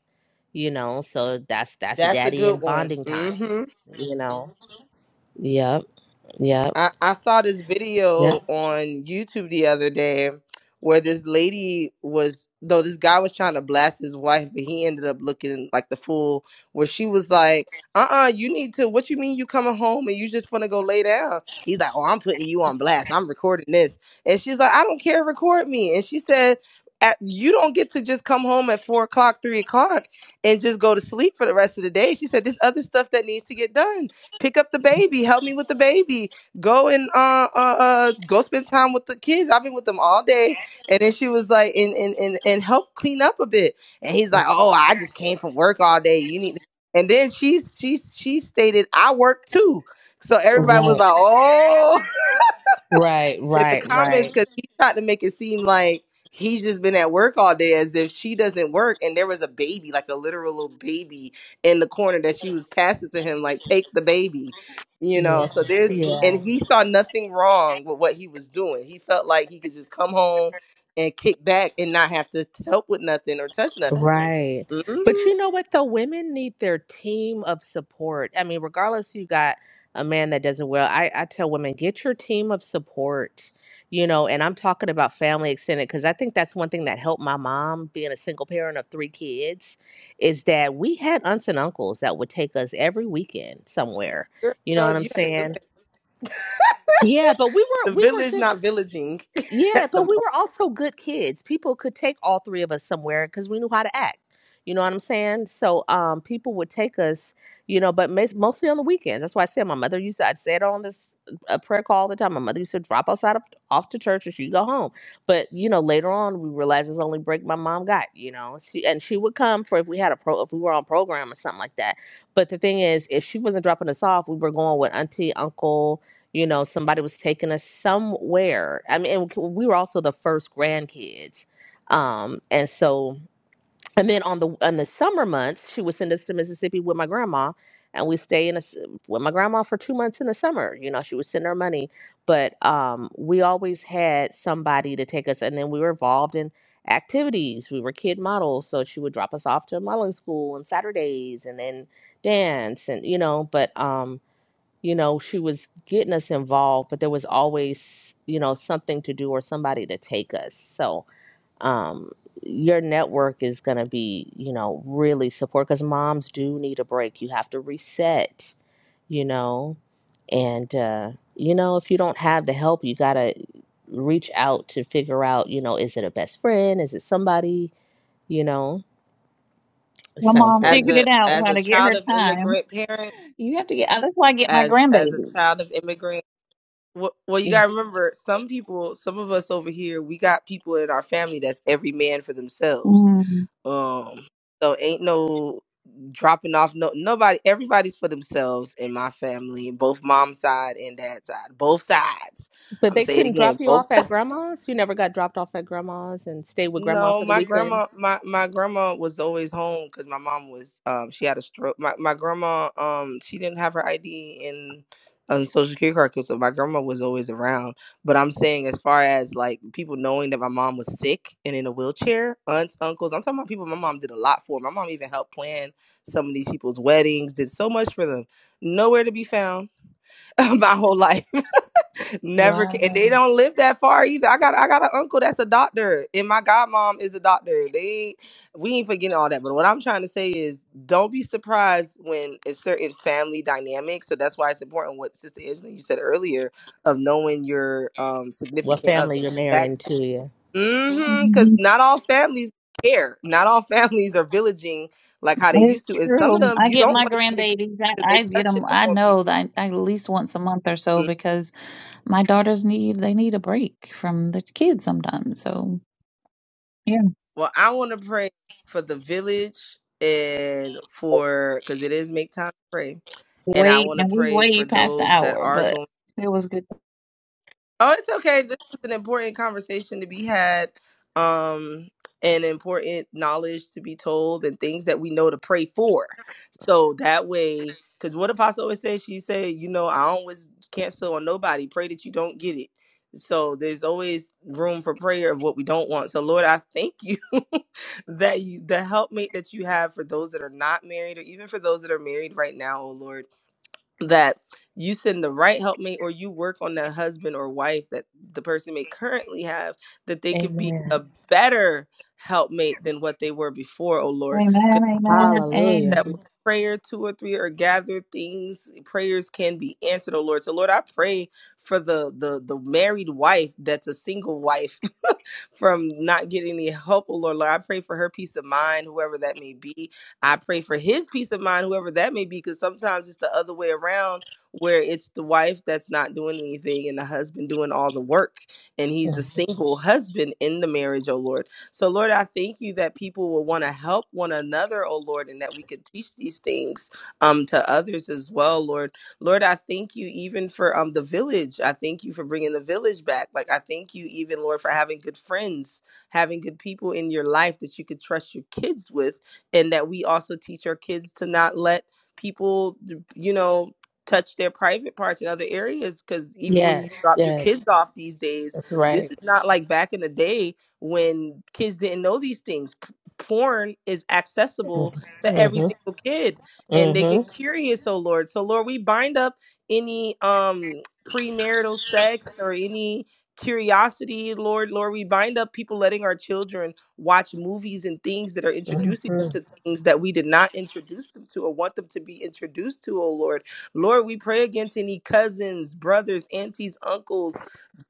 Speaker 12: you know? So that's that's
Speaker 11: That's a
Speaker 12: daddy
Speaker 11: good
Speaker 12: and
Speaker 11: one.
Speaker 12: bonding time,
Speaker 11: Hmm.
Speaker 12: you know? Yep. Yep.
Speaker 11: I, I saw this video
Speaker 12: Yep.
Speaker 11: on YouTube the other day where this lady was though this guy was trying to blast his wife, but he ended up looking like the fool where she was like, uh-uh, you need to what you mean you coming home and you just wanna go lay down? He's like, Oh, I'm putting you on blast. I'm recording this. And she's like, I don't care, record me. And she said at, you don't get to just come home at four o'clock, three o'clock, and just go to sleep for the rest of the day. She said, "There's other stuff that needs to get done. Pick up the baby, help me with the baby, go and uh, uh uh go spend time with the kids. I've been with them all day. And then she was like, and and and, and help clean up a bit. And he's like, oh, I just came from work all day. You need. to-" And then she she she stated, I work too. So everybody was
Speaker 12: Right.
Speaker 11: like, oh
Speaker 12: Right.
Speaker 11: in the
Speaker 12: Right.
Speaker 11: comments
Speaker 12: Right.
Speaker 11: because he tried to make it seem like he's just been at work all day as if she doesn't work and there was a baby like a literal little baby in the corner that she was passing to him like take the baby you know
Speaker 12: Yeah.
Speaker 11: so there's
Speaker 12: Yeah.
Speaker 11: and he saw nothing wrong with what he was doing he felt like he could just come home and kick back and not have to help with nothing or touch nothing
Speaker 12: Right. But
Speaker 11: Mhm.
Speaker 12: you know what though? Women need their team of support. I mean, regardless you got a man that doesn't well, I, I tell women, get your team of support, you know, and I'm talking about family extended because I think that's one thing that helped my mom being a single parent of three kids is that we had aunts and uncles that would take us every weekend somewhere. You know
Speaker 11: Girl,
Speaker 12: what I'm
Speaker 11: you
Speaker 12: saying? Yeah, but we were
Speaker 11: the
Speaker 12: we were
Speaker 11: village
Speaker 12: good
Speaker 11: not villaging (laughs)
Speaker 12: yeah,
Speaker 11: at the
Speaker 12: but we were also good kids. People could take all three of us somewhere because we knew how to act. You know what I'm saying? So um, people would take us, you know, but mes- mostly on the weekends. That's why I said my mother used to, I said on this a prayer call all the time. My mother used to drop us out of, off to church and she'd go home. But, you know, later on we realized it was the only break my mom got, you know, she, and she would come for if we had a pro, if we were on program or something like that. But the thing is, if she wasn't dropping us off, we were going with auntie, uncle, you know somebody was taking us somewhere i mean and we were also the first grandkids um and so and then on the on the summer months she would send us to mississippi with my grandma and we stay in a, s- with my grandma for two months in the summer you know she would send her money but um we always had somebody to take us and then we were involved in activities we were kid models so she would drop us off to modeling school on saturdays and then dance and you know but um you know, she was getting us involved, but there was always, you know, something to do or somebody to take us. So, um, your network is going to be, you know, really support because moms do need a break. You have to reset, you know, and, uh, you know, if you don't have the help, you got to reach out to figure out, you know, is it a best friend? Is it somebody, you know, it's
Speaker 9: My
Speaker 12: so
Speaker 11: moment.
Speaker 9: mom
Speaker 11: as
Speaker 12: important.
Speaker 9: figured
Speaker 11: a
Speaker 9: it out
Speaker 11: as
Speaker 9: how
Speaker 11: a
Speaker 9: to get her
Speaker 11: child of
Speaker 9: time.
Speaker 11: immigrant parents
Speaker 9: You have to get. That's why I get my
Speaker 11: as as a
Speaker 9: grandbabies.
Speaker 11: child of immigrants, well, well you
Speaker 12: Yeah.
Speaker 11: gotta remember some people some of us over here we got people in our family that's every man for themselves um so ain't no dropping off no nobody everybody's for themselves in my family both mom's side and dad's side both sides i'm
Speaker 12: But
Speaker 11: gonna
Speaker 12: they
Speaker 11: say it
Speaker 12: couldn't
Speaker 11: again
Speaker 12: drop you off
Speaker 11: both (laughs)
Speaker 12: at grandma's? You never got dropped off at grandma's and stayed with grandma
Speaker 11: No,
Speaker 12: for the
Speaker 11: my
Speaker 12: weekend?
Speaker 11: grandma, my my grandma was always home because my mom was um she had a stroke. My my grandma um she didn't have her ID and and social security card 'cause so my grandma was always around. But I'm saying as far as like people knowing that my mom was sick and in a wheelchair, aunts, uncles, I'm talking about people my mom did a lot for. My mom even helped plan some of these people's weddings, did so much for them. Nowhere to be found (laughs) my whole life. Never can. And they don't live that far either. I got I got an uncle that's a doctor, and my godmom is a doctor. They ain't, we ain't forgetting all that. But what I'm trying to say is, don't be surprised when it's certain family dynamics. So that's why it's important what Sister Angela you said earlier of knowing your um
Speaker 12: What
Speaker 11: significant
Speaker 12: family you're
Speaker 11: others
Speaker 12: marrying
Speaker 11: backstory.
Speaker 12: to you.
Speaker 11: Mm-hmm. Because
Speaker 9: Mhm.
Speaker 11: not all families care. Not all (laughs) families are villaging like how they
Speaker 9: It's
Speaker 11: used to. And some
Speaker 9: true.
Speaker 11: of them
Speaker 9: I
Speaker 11: you
Speaker 9: get
Speaker 11: don't
Speaker 9: my
Speaker 11: want to see your kids
Speaker 9: grandbabies.
Speaker 11: because they
Speaker 9: I, I get
Speaker 11: touching
Speaker 9: them. I
Speaker 11: upon
Speaker 9: know
Speaker 11: people.
Speaker 9: that I, at least once a month or so because my daughters need they need a break from the kids sometimes. So yeah,
Speaker 11: Well, I want to pray for the village and for because it is make time to pray, and I
Speaker 9: wait,
Speaker 11: want to
Speaker 9: and we
Speaker 11: pray
Speaker 9: way
Speaker 11: for
Speaker 9: past the
Speaker 11: those that
Speaker 9: hour,
Speaker 11: are going.
Speaker 9: but it was good.
Speaker 11: Oh, it's okay. This is an important conversation to be had, um, and important knowledge to be told, and things that we know to pray for. So that way, because what Apostle always says, she said, you know, I always cancel on nobody. Pray that you don't get it. So there's always room for prayer of what we don't want. So Lord, I thank you (laughs) that you the helpmate that you have for those that are not married, or even for those that are married right now, oh Lord that you send the right helpmate or you work on the husband or wife that the person may currently have that they could be a
Speaker 12: Amen.
Speaker 11: better helpmate than what they were before oh lord
Speaker 9: Amen.
Speaker 11: Because
Speaker 9: Amen.
Speaker 11: that
Speaker 12: Hallelujah.
Speaker 11: when
Speaker 9: And
Speaker 11: prayer two or three are gathered things prayers can be answered oh lord so lord i pray for the the the married wife that's a single wife (laughs) from not getting any help oh lord, lord i pray for her peace of mind whoever that may be i pray for his peace of mind whoever that may be because sometimes it's the other way around where it's the wife that's not doing anything and the husband doing all the work and he's a
Speaker 12: Mm.
Speaker 11: single husband in the marriage oh lord so, Lord, I thank you that people will want to help one another, oh Lord, and that we could teach these things um, to others as well, Lord. Lord, I thank you even for um, the village. I thank you for bringing the village back. Like, I thank you even, Lord, for having good friends, having good people in your life that you could trust your kids with, and that we also teach our kids to not let people, you know, touch their private parts in other areas because even when you
Speaker 12: Yes,
Speaker 11: drop your
Speaker 12: yes.
Speaker 11: kids off these days
Speaker 12: That's
Speaker 11: this
Speaker 12: right.
Speaker 11: is not like back in the day when kids didn't know these things. Porn is accessible
Speaker 12: Mm-hmm.
Speaker 11: to every single kid and they get
Speaker 12: Mm-hmm.
Speaker 11: curious, oh Lord. So Lord, we bind up any um premarital sex or any curiosity, Lord. Lord, we bind up people letting our children watch movies and things that are introducing them
Speaker 12: Mm-hmm.
Speaker 11: to things that we did not introduce them to or want them to be introduced to, oh Lord. Lord, we pray against any cousins, brothers, aunties, uncles,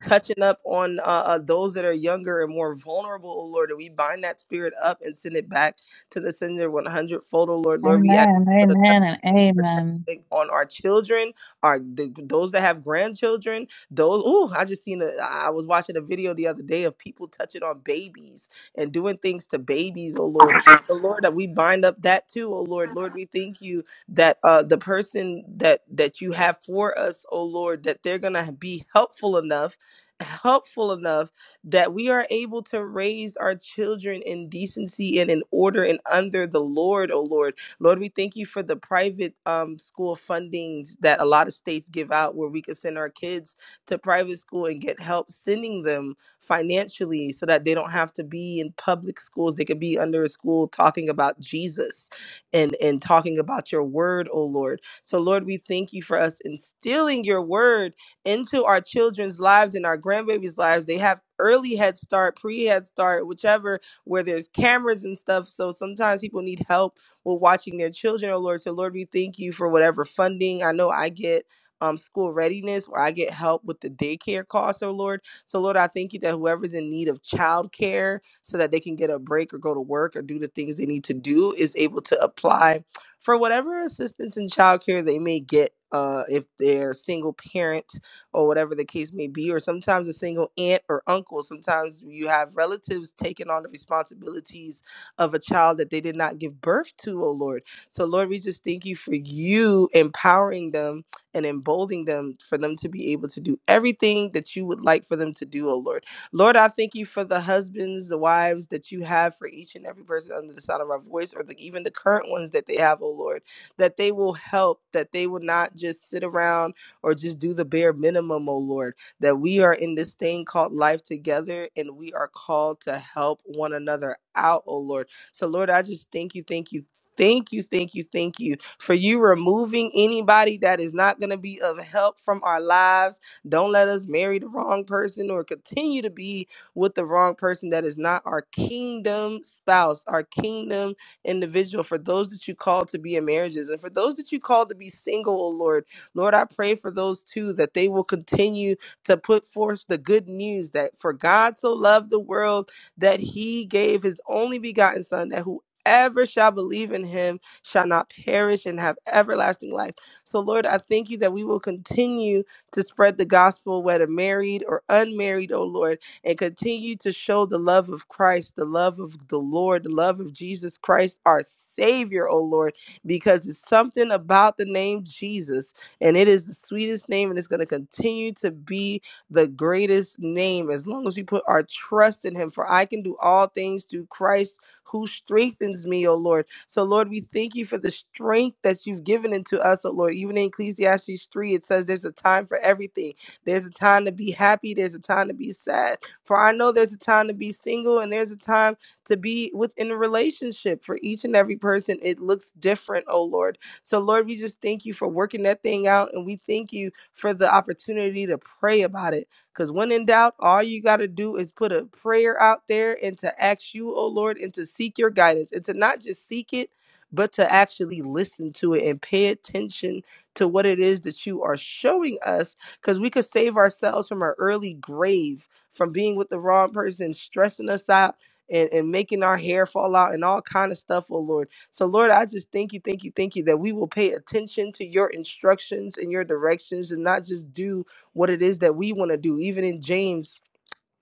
Speaker 11: touching up on uh, uh, those that are younger and more vulnerable, oh Lord. And we bind that spirit up and send it back to the sender 100 fold, oh Lord. Lord, we
Speaker 9: amen. Amen.
Speaker 11: ask
Speaker 9: Amen. And amen.
Speaker 11: protecting on our children, our the, those that have grandchildren. Those, ooh, I just seen a. I was watching a video the other day of people touching on babies and doing things to babies. Oh Lord, the Lord that we bind up that too. Oh Lord, Lord, we thank you that uh the person that that you have for us. Oh Lord, that they're gonna be helpful enough, helpful enough that we are able to raise our children in decency and in order and under the Lord, oh Lord Lord, we thank you for the private um, school fundings that a lot of states give out where we could send our kids to private school and get help sending them financially so that they don't have to be in public schools. They could be under a school talking about Jesus and, and talking about your word, oh Lord. So, Lord, we thank you for us instilling your word into our children's lives and our grandbabies' lives. They have early head start, pre head start, whichever, where there's cameras and stuff. So sometimes people need help were watching their children, oh Lord. So, Lord, we thank you for whatever funding. I know I get um, school readiness where I get help with the daycare costs, oh Lord. So, Lord, I thank you that whoever's in need of childcare so that they can get a break or go to work or do the things they need to do is able to apply for whatever assistance in childcare they may get. Uh, if they're single parent or whatever the case may be, or sometimes a single aunt or uncle, sometimes you have relatives taking on the responsibilities of a child that they did not give birth to, oh Lord. So, Lord, we just thank you for you empowering them and emboldening them for them to be able to do everything that you would like for them to do, oh Lord. Lord, I thank you for the husbands, the wives that you have for each and every person under the sound of my voice, or the, even the current ones that they have, oh Lord, that they will help, that they will not just sit around or just do the bare minimum, oh Lord, that we are in this thing called life together and we are called to help one another out, oh Lord so, Lord, I just thank you, thank you. Thank you, thank you, thank you for you removing anybody that is not going to be of help from our lives. Don't let us marry the wrong person or continue to be with the wrong person that is not our kingdom spouse, our kingdom individual. For those that you call to be in marriages and for those that you call to be single, oh Lord, Lord, I pray for those too that they will continue to put forth the good news that for God so loved the world that he gave his only begotten son that whoever shall believe in him shall not perish and have everlasting life. So Lord, I thank you that we will continue to spread the gospel whether married or unmarried, oh Lord, and continue to show the love of Christ, the love of the Lord, the love of Jesus Christ our savior, oh Lord, because it's something about the name Jesus and it is the sweetest name and it's going to continue to be the greatest name as long as we put our trust in him. For I can do all things through Christ who strengthens me, O Lord. So, Lord, we thank you for the strength that you've given into us, O Lord. Even in Ecclesiastes 3, it says there's a time for everything. There's a time to be happy, there's a time to be sad. For I know there's a time to be single and there's a time to be within a relationship. For each and every person, it looks different, O Lord. So, Lord, we just thank you for working that thing out. And we thank you for the opportunity to pray about it. Because when in doubt, all you got to do is put a prayer out there and to ask you, oh Lord, and to seek your guidance and to not just seek it, but to actually listen to it and pay attention to what it is that you are showing us. Because we could save ourselves from our early grave, from being with the wrong person, stressing us out. And, and making our hair fall out and all kind of stuff, oh Lord. So, Lord, I just thank you, thank you, thank you that we will pay attention to your instructions and your directions and not just do what it is that we want to do. Even in James,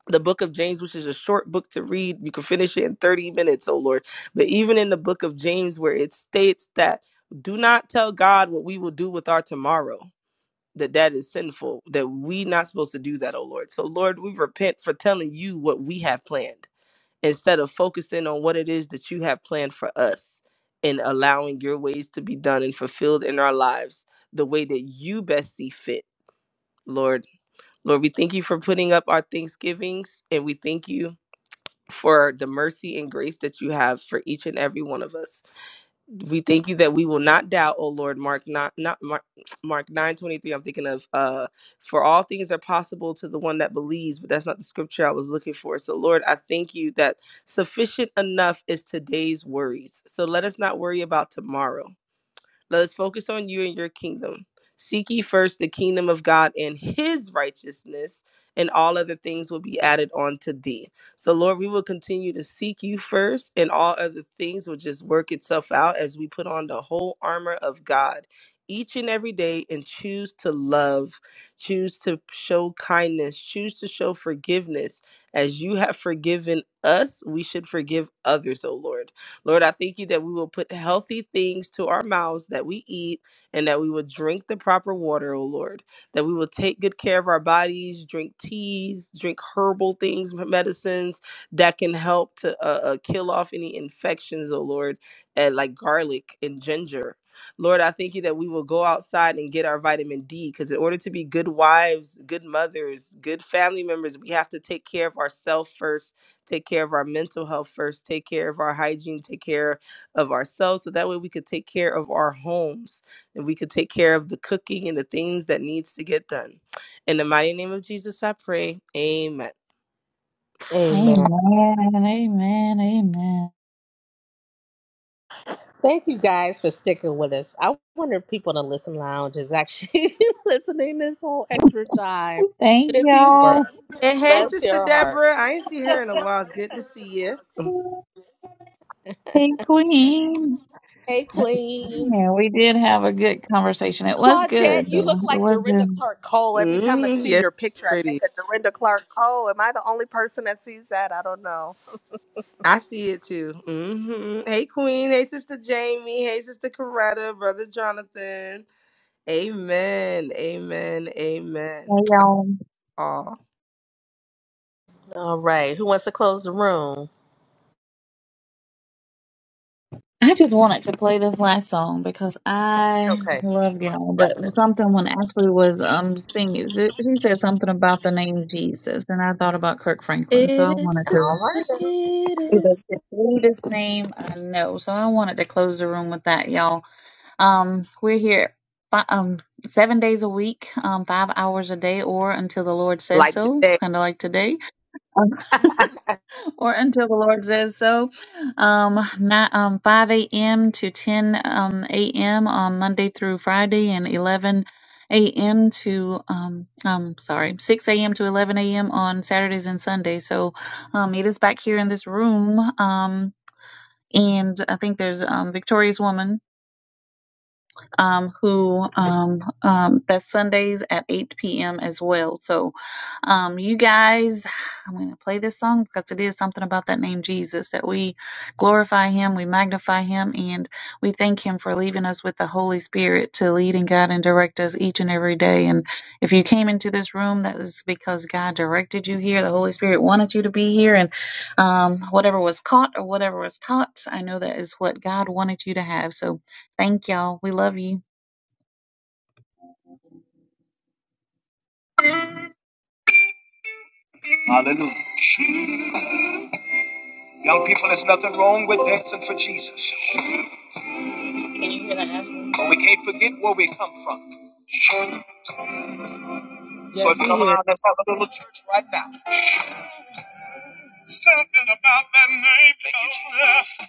Speaker 11: the book of James, which is a short book to read, you can finish it in 30 minutes, oh Lord. But even in the book of James, where it states that do not tell God what we will do with our tomorrow. That that is sinful. That we not supposed to do that, oh Lord. So Lord, we repent for telling you what we have planned instead of focusing on what it is that you have planned for us and allowing your ways to be done and fulfilled in our lives the way that you best see fit, Lord. Lord, we thank you for putting up our Thanksgivings and we thank you for the mercy and grace that you have for each and every one of us we thank you that we will not doubt, O Lord. Mark not not Mark Mark nine twenty three. I'm thinking of uh, for all things are possible to the one that believes, but that's not the scripture I was looking for. So Lord, I thank you that sufficient enough is today's worries. So let us not worry about tomorrow. Let us focus on you and your kingdom. Seek ye first the kingdom of God and his righteousness, and all other things will be added on to thee. So, Lord, we will continue to seek you first, and all other things will just work itself out as we put on the whole armor of God each and every day and choose to love, choose to show kindness, choose to show forgiveness. As you have forgiven us, we should forgive others, O Lord. Lord, I thank you that we will put healthy things to our mouths that we eat and that we will drink the proper water, oh Lord, that we will take good care of our bodies, drink teas, drink herbal things, medicines that can help to uh, uh, kill off any infections, oh Lord, and like garlic and ginger. Lord, I thank you that we will go outside and get our vitamin D because in order to be good wives, good mothers, good family members, we have to take care of ourselves first take care of our mental health first, take care of our hygiene, take care of ourselves. So that way we could take care of our homes and we could take care of the cooking and the things that needs to get done. In the mighty name of Jesus, I pray. Amen.
Speaker 12: Amen.
Speaker 9: Amen. Amen. Amen.
Speaker 12: Thank you guys for sticking with us. I wonder if people in the listen lounge is actually (laughs) listening this whole extra time. But
Speaker 9: Thank
Speaker 12: if you were,
Speaker 9: y'all.
Speaker 11: And hey,
Speaker 12: bless
Speaker 11: Sister
Speaker 12: your heart.
Speaker 11: Deborah, I ain't see her in a while. It's good to see you.
Speaker 9: Hey, Queen.
Speaker 12: Hey, Queen.
Speaker 9: Yeah, we did have a good conversation. It was good
Speaker 12: Claudette, you
Speaker 9: though.
Speaker 12: look
Speaker 9: It
Speaker 12: like
Speaker 9: was
Speaker 12: Dorinda
Speaker 9: good.
Speaker 12: Clark Cole. Every time I
Speaker 11: hmm
Speaker 12: see
Speaker 11: Yes,
Speaker 12: your picture, I think
Speaker 11: pretty.
Speaker 12: of Dorinda Clark Cole. Am I the only person that sees that? I don't know.
Speaker 11: I see it too. hmm Hey, Queen. Hey, Sister Jamie. Hey, Sister Coretta. Brother Jonathan. Amen. Amen. Amen.
Speaker 9: Hey y'all.
Speaker 11: Aw.
Speaker 12: All right. Who wants to close the room?
Speaker 9: I just wanted to play this last song because I
Speaker 12: Okay.
Speaker 9: love y'all.
Speaker 12: Definitely.
Speaker 9: But something when Ashley was um singing, th- she said something about the name Jesus, and I thought about Kirk Franklin, so I
Speaker 11: It is
Speaker 9: wanted
Speaker 11: the
Speaker 9: to.
Speaker 12: All right.
Speaker 9: It's
Speaker 11: sweetest.
Speaker 9: the sweetest name I know, so I wanted to close the room with that, y'all. Um, we're here fi- um seven days a week, um five hours a day, or until the Lord says
Speaker 11: Like
Speaker 9: so.
Speaker 11: today.
Speaker 9: Kind of like today.
Speaker 11: (laughs)
Speaker 9: or until the Lord says so. Um, ni- um, 5 a.m. to 10 um, a.m. on Monday through Friday, and 11 a.m. to um, um, sorry, 6 a.m. to 11 a.m. on Saturdays and Sundays. So, um, meet us back here in this room. Um, and I think there's um, Victorious Woman um, who um, um, that's Sundays at 8 p.m. as well. So, um, you guys, I'm going to play this song because it is something about that name Jesus that we glorify him, we magnify him, and we thank him for leaving us with the Holy Spirit to lead and guide and direct us each and every day. And if you came into this room, that is because God directed you here. The Holy Spirit wanted you to be here, and um, whatever was caught or whatever was taught, I know that is what God wanted you to have. So, thank y'all. We love you. Hallelujah. Young people, there's nothing wrong with dancing for Jesus, but we can't forget where we come from. So if
Speaker 11: yes,
Speaker 9: you
Speaker 11: we
Speaker 9: come
Speaker 11: here.
Speaker 9: around, let's have a little church right now. Something about that name. Thank you, Jesus.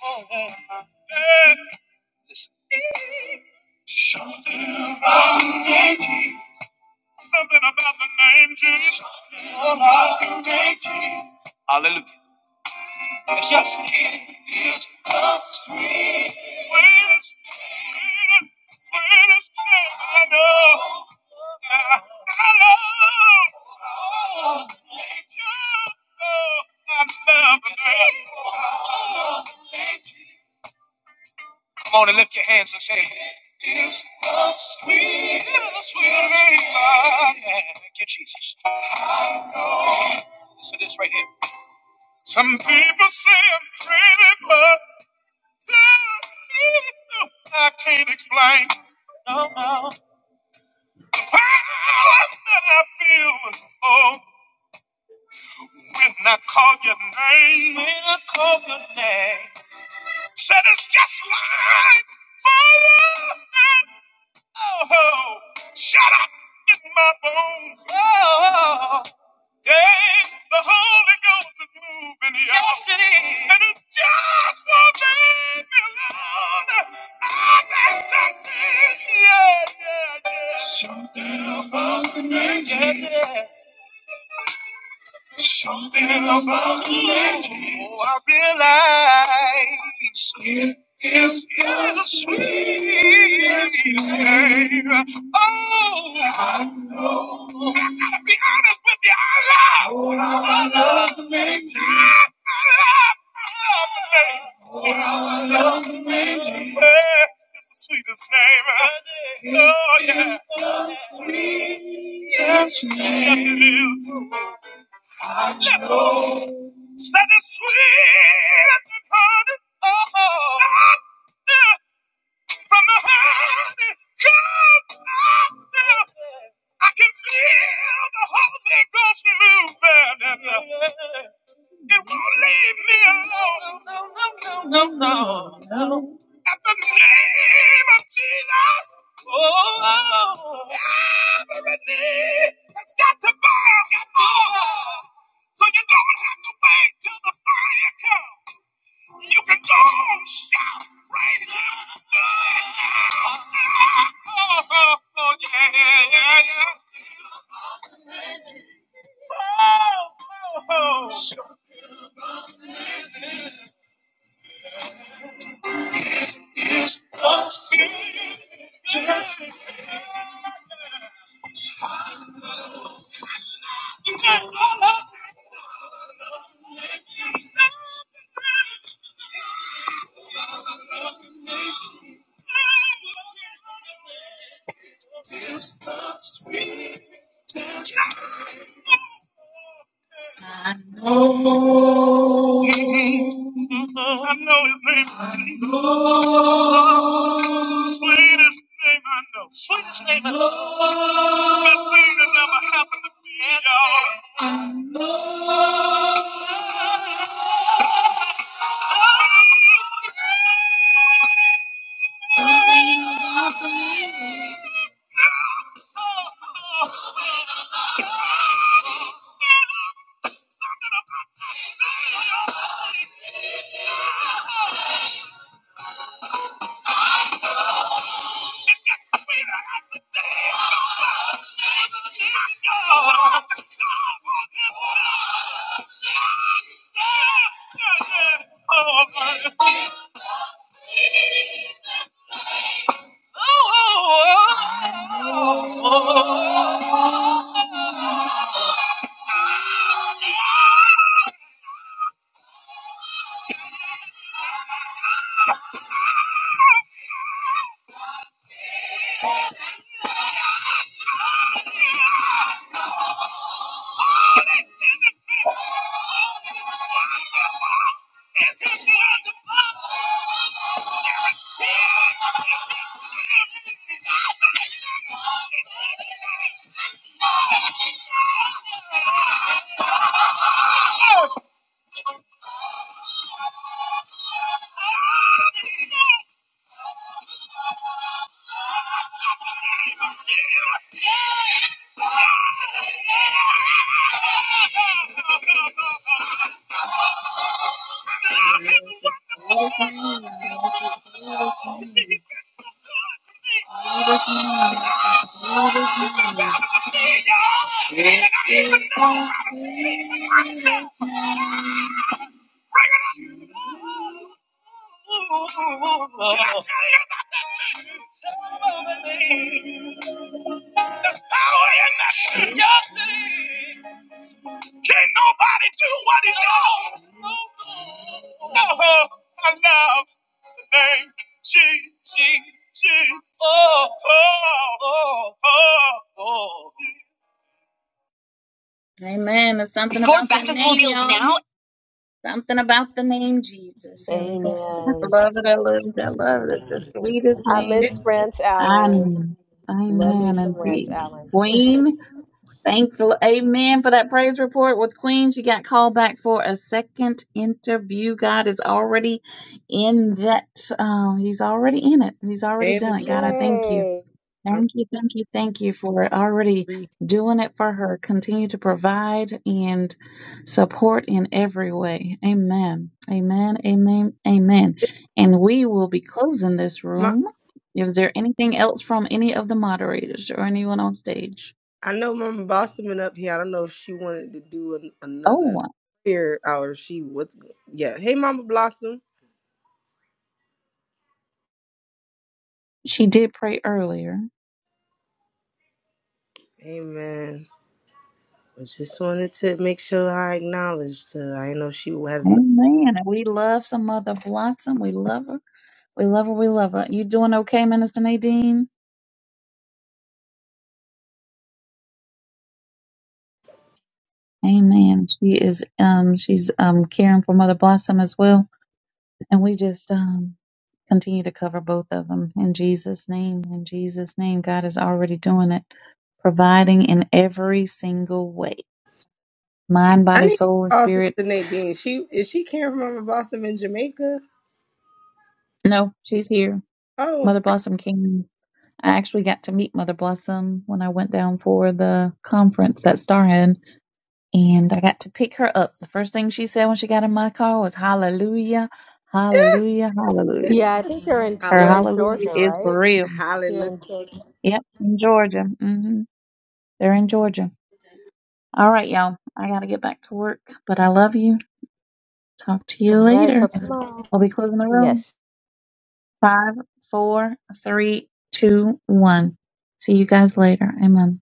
Speaker 9: Yeah. Listen. Something about the name Jesus. Something about the name Jesus. Something about the name Jesus. Hallelujah. It's just it's the sweet, sweetest, sweetest, sweetest thing I know. I, I love you. I love you. Come on and lift your hands and say It's the sweetest, sweetest thing I know. Thank you, Jesus. Listen to this right here. Some people say I'm crazy, but No, I can't explain no, no. how I feel oh, when I call your name. Said it's just like fire. Oh, shut up in my bones. Dang, the Holy Ghost is moving, y'all. Yes, it is. And it just won't leave me alone. I got something. Yeah, yeah, yeah. Something about the lady. Yes, yes. Something about the lady. Oh, I realize. It is is a sweet name. Oh, I be honest with you. I love. Oh, I love the main Jesus. I love, I love the main Jesus. Oh, I love the main Jesus. Eh, It's the sweetest name. Oh, yeah. Yes, it is. I Listen. know. Said it's sweet. as honey. Oh, oh. Ah, yeah. From the holy jump I can feel the Holy Ghost moving, and uh, it won't leave me alone. No, no, no, no, no. no. At the name of Jesus, oh, every knee has got to bow. Oh, so you don't have to wait till the fire comes. You can go south right now. Good Oh, oh, yeah, yeah, yeah. Oh, oh, oh. I know his name. I know. Sweetest name I know. Sweetest name I know. Best thing that's ever happened to me, y'all. Oh, my. God. There's power in that name. Can't nobody do what he does. Oh, I love the name Jesus. Oh, oh, oh. Amen. Something about the name Jesus. And I
Speaker 12: Amen.
Speaker 9: love it. I love it. I love it. It's the sweetest
Speaker 12: I
Speaker 9: name.
Speaker 11: It,
Speaker 12: miss Rance Allen.
Speaker 9: Amen.
Speaker 12: Love me
Speaker 9: Amen. And
Speaker 12: some Rance
Speaker 9: the
Speaker 12: Allen.
Speaker 9: Queen, thankful. Amen for that praise report with Queen. She got called back for a second interview. God is already in that. Um, he's already in it. He's already
Speaker 11: amen.
Speaker 9: done it. God, I thank you.
Speaker 12: Yay.
Speaker 11: I'm
Speaker 9: Thank you, thank you, thank you for already
Speaker 11: free.
Speaker 9: doing it for her. Continue to provide and support in every way. Amen. Amen. Amen. Amen.
Speaker 11: It-
Speaker 9: And we will be closing this
Speaker 11: My,
Speaker 9: room. Is there anything else from any of the moderators or anyone on stage?
Speaker 11: I know Mama Blossoming up here. I don't know if she wanted to do an, another
Speaker 9: Oh,
Speaker 11: prayer or she what's yeah. Hey Mama Blossom.
Speaker 9: she did pray earlier.
Speaker 11: Amen. I just wanted to make sure I acknowledged her. I didn't know she had enough.
Speaker 9: Amen. And We love some mother blossom. We love her. We love her. We love her. You doing okay, Minister Nadine? Amen. She is um she's um caring for Mother Blossom as well. And we just um continue to cover both of them in Jesus' name. In Jesus' name, God is already doing it, providing in every single way. Mind,
Speaker 11: I
Speaker 9: body,
Speaker 11: need to
Speaker 9: soul, and
Speaker 11: call Sister
Speaker 9: spirit.
Speaker 11: Nadine. She is she came from Mama Blossom in Jamaica?
Speaker 9: No, she's here.
Speaker 11: Oh
Speaker 9: Mother Blossom came. I actually got to meet Mother Blossom when I went down for the conference that Star had, and I got to pick her up. The first thing she said when she got in my car was, Hallelujah, hallelujah, hallelujah.
Speaker 11: (laughs)
Speaker 12: Yeah, I think they're in
Speaker 11: I
Speaker 9: Her
Speaker 12: they're
Speaker 11: love
Speaker 12: in
Speaker 9: hallelujah
Speaker 12: Georgia,
Speaker 9: is
Speaker 12: right?
Speaker 9: for real.
Speaker 12: They're
Speaker 11: that.
Speaker 12: in Georgia.
Speaker 9: Yep, in Georgia. hmm They're in Georgia. All right, y'all. I got to get back to work, but I love you. Talk to you
Speaker 12: All right. Till
Speaker 9: later.
Speaker 12: tomorrow.
Speaker 9: We'll be closing the room.
Speaker 12: Yes.
Speaker 9: Five, four, three, two, one. See you guys later. Amen.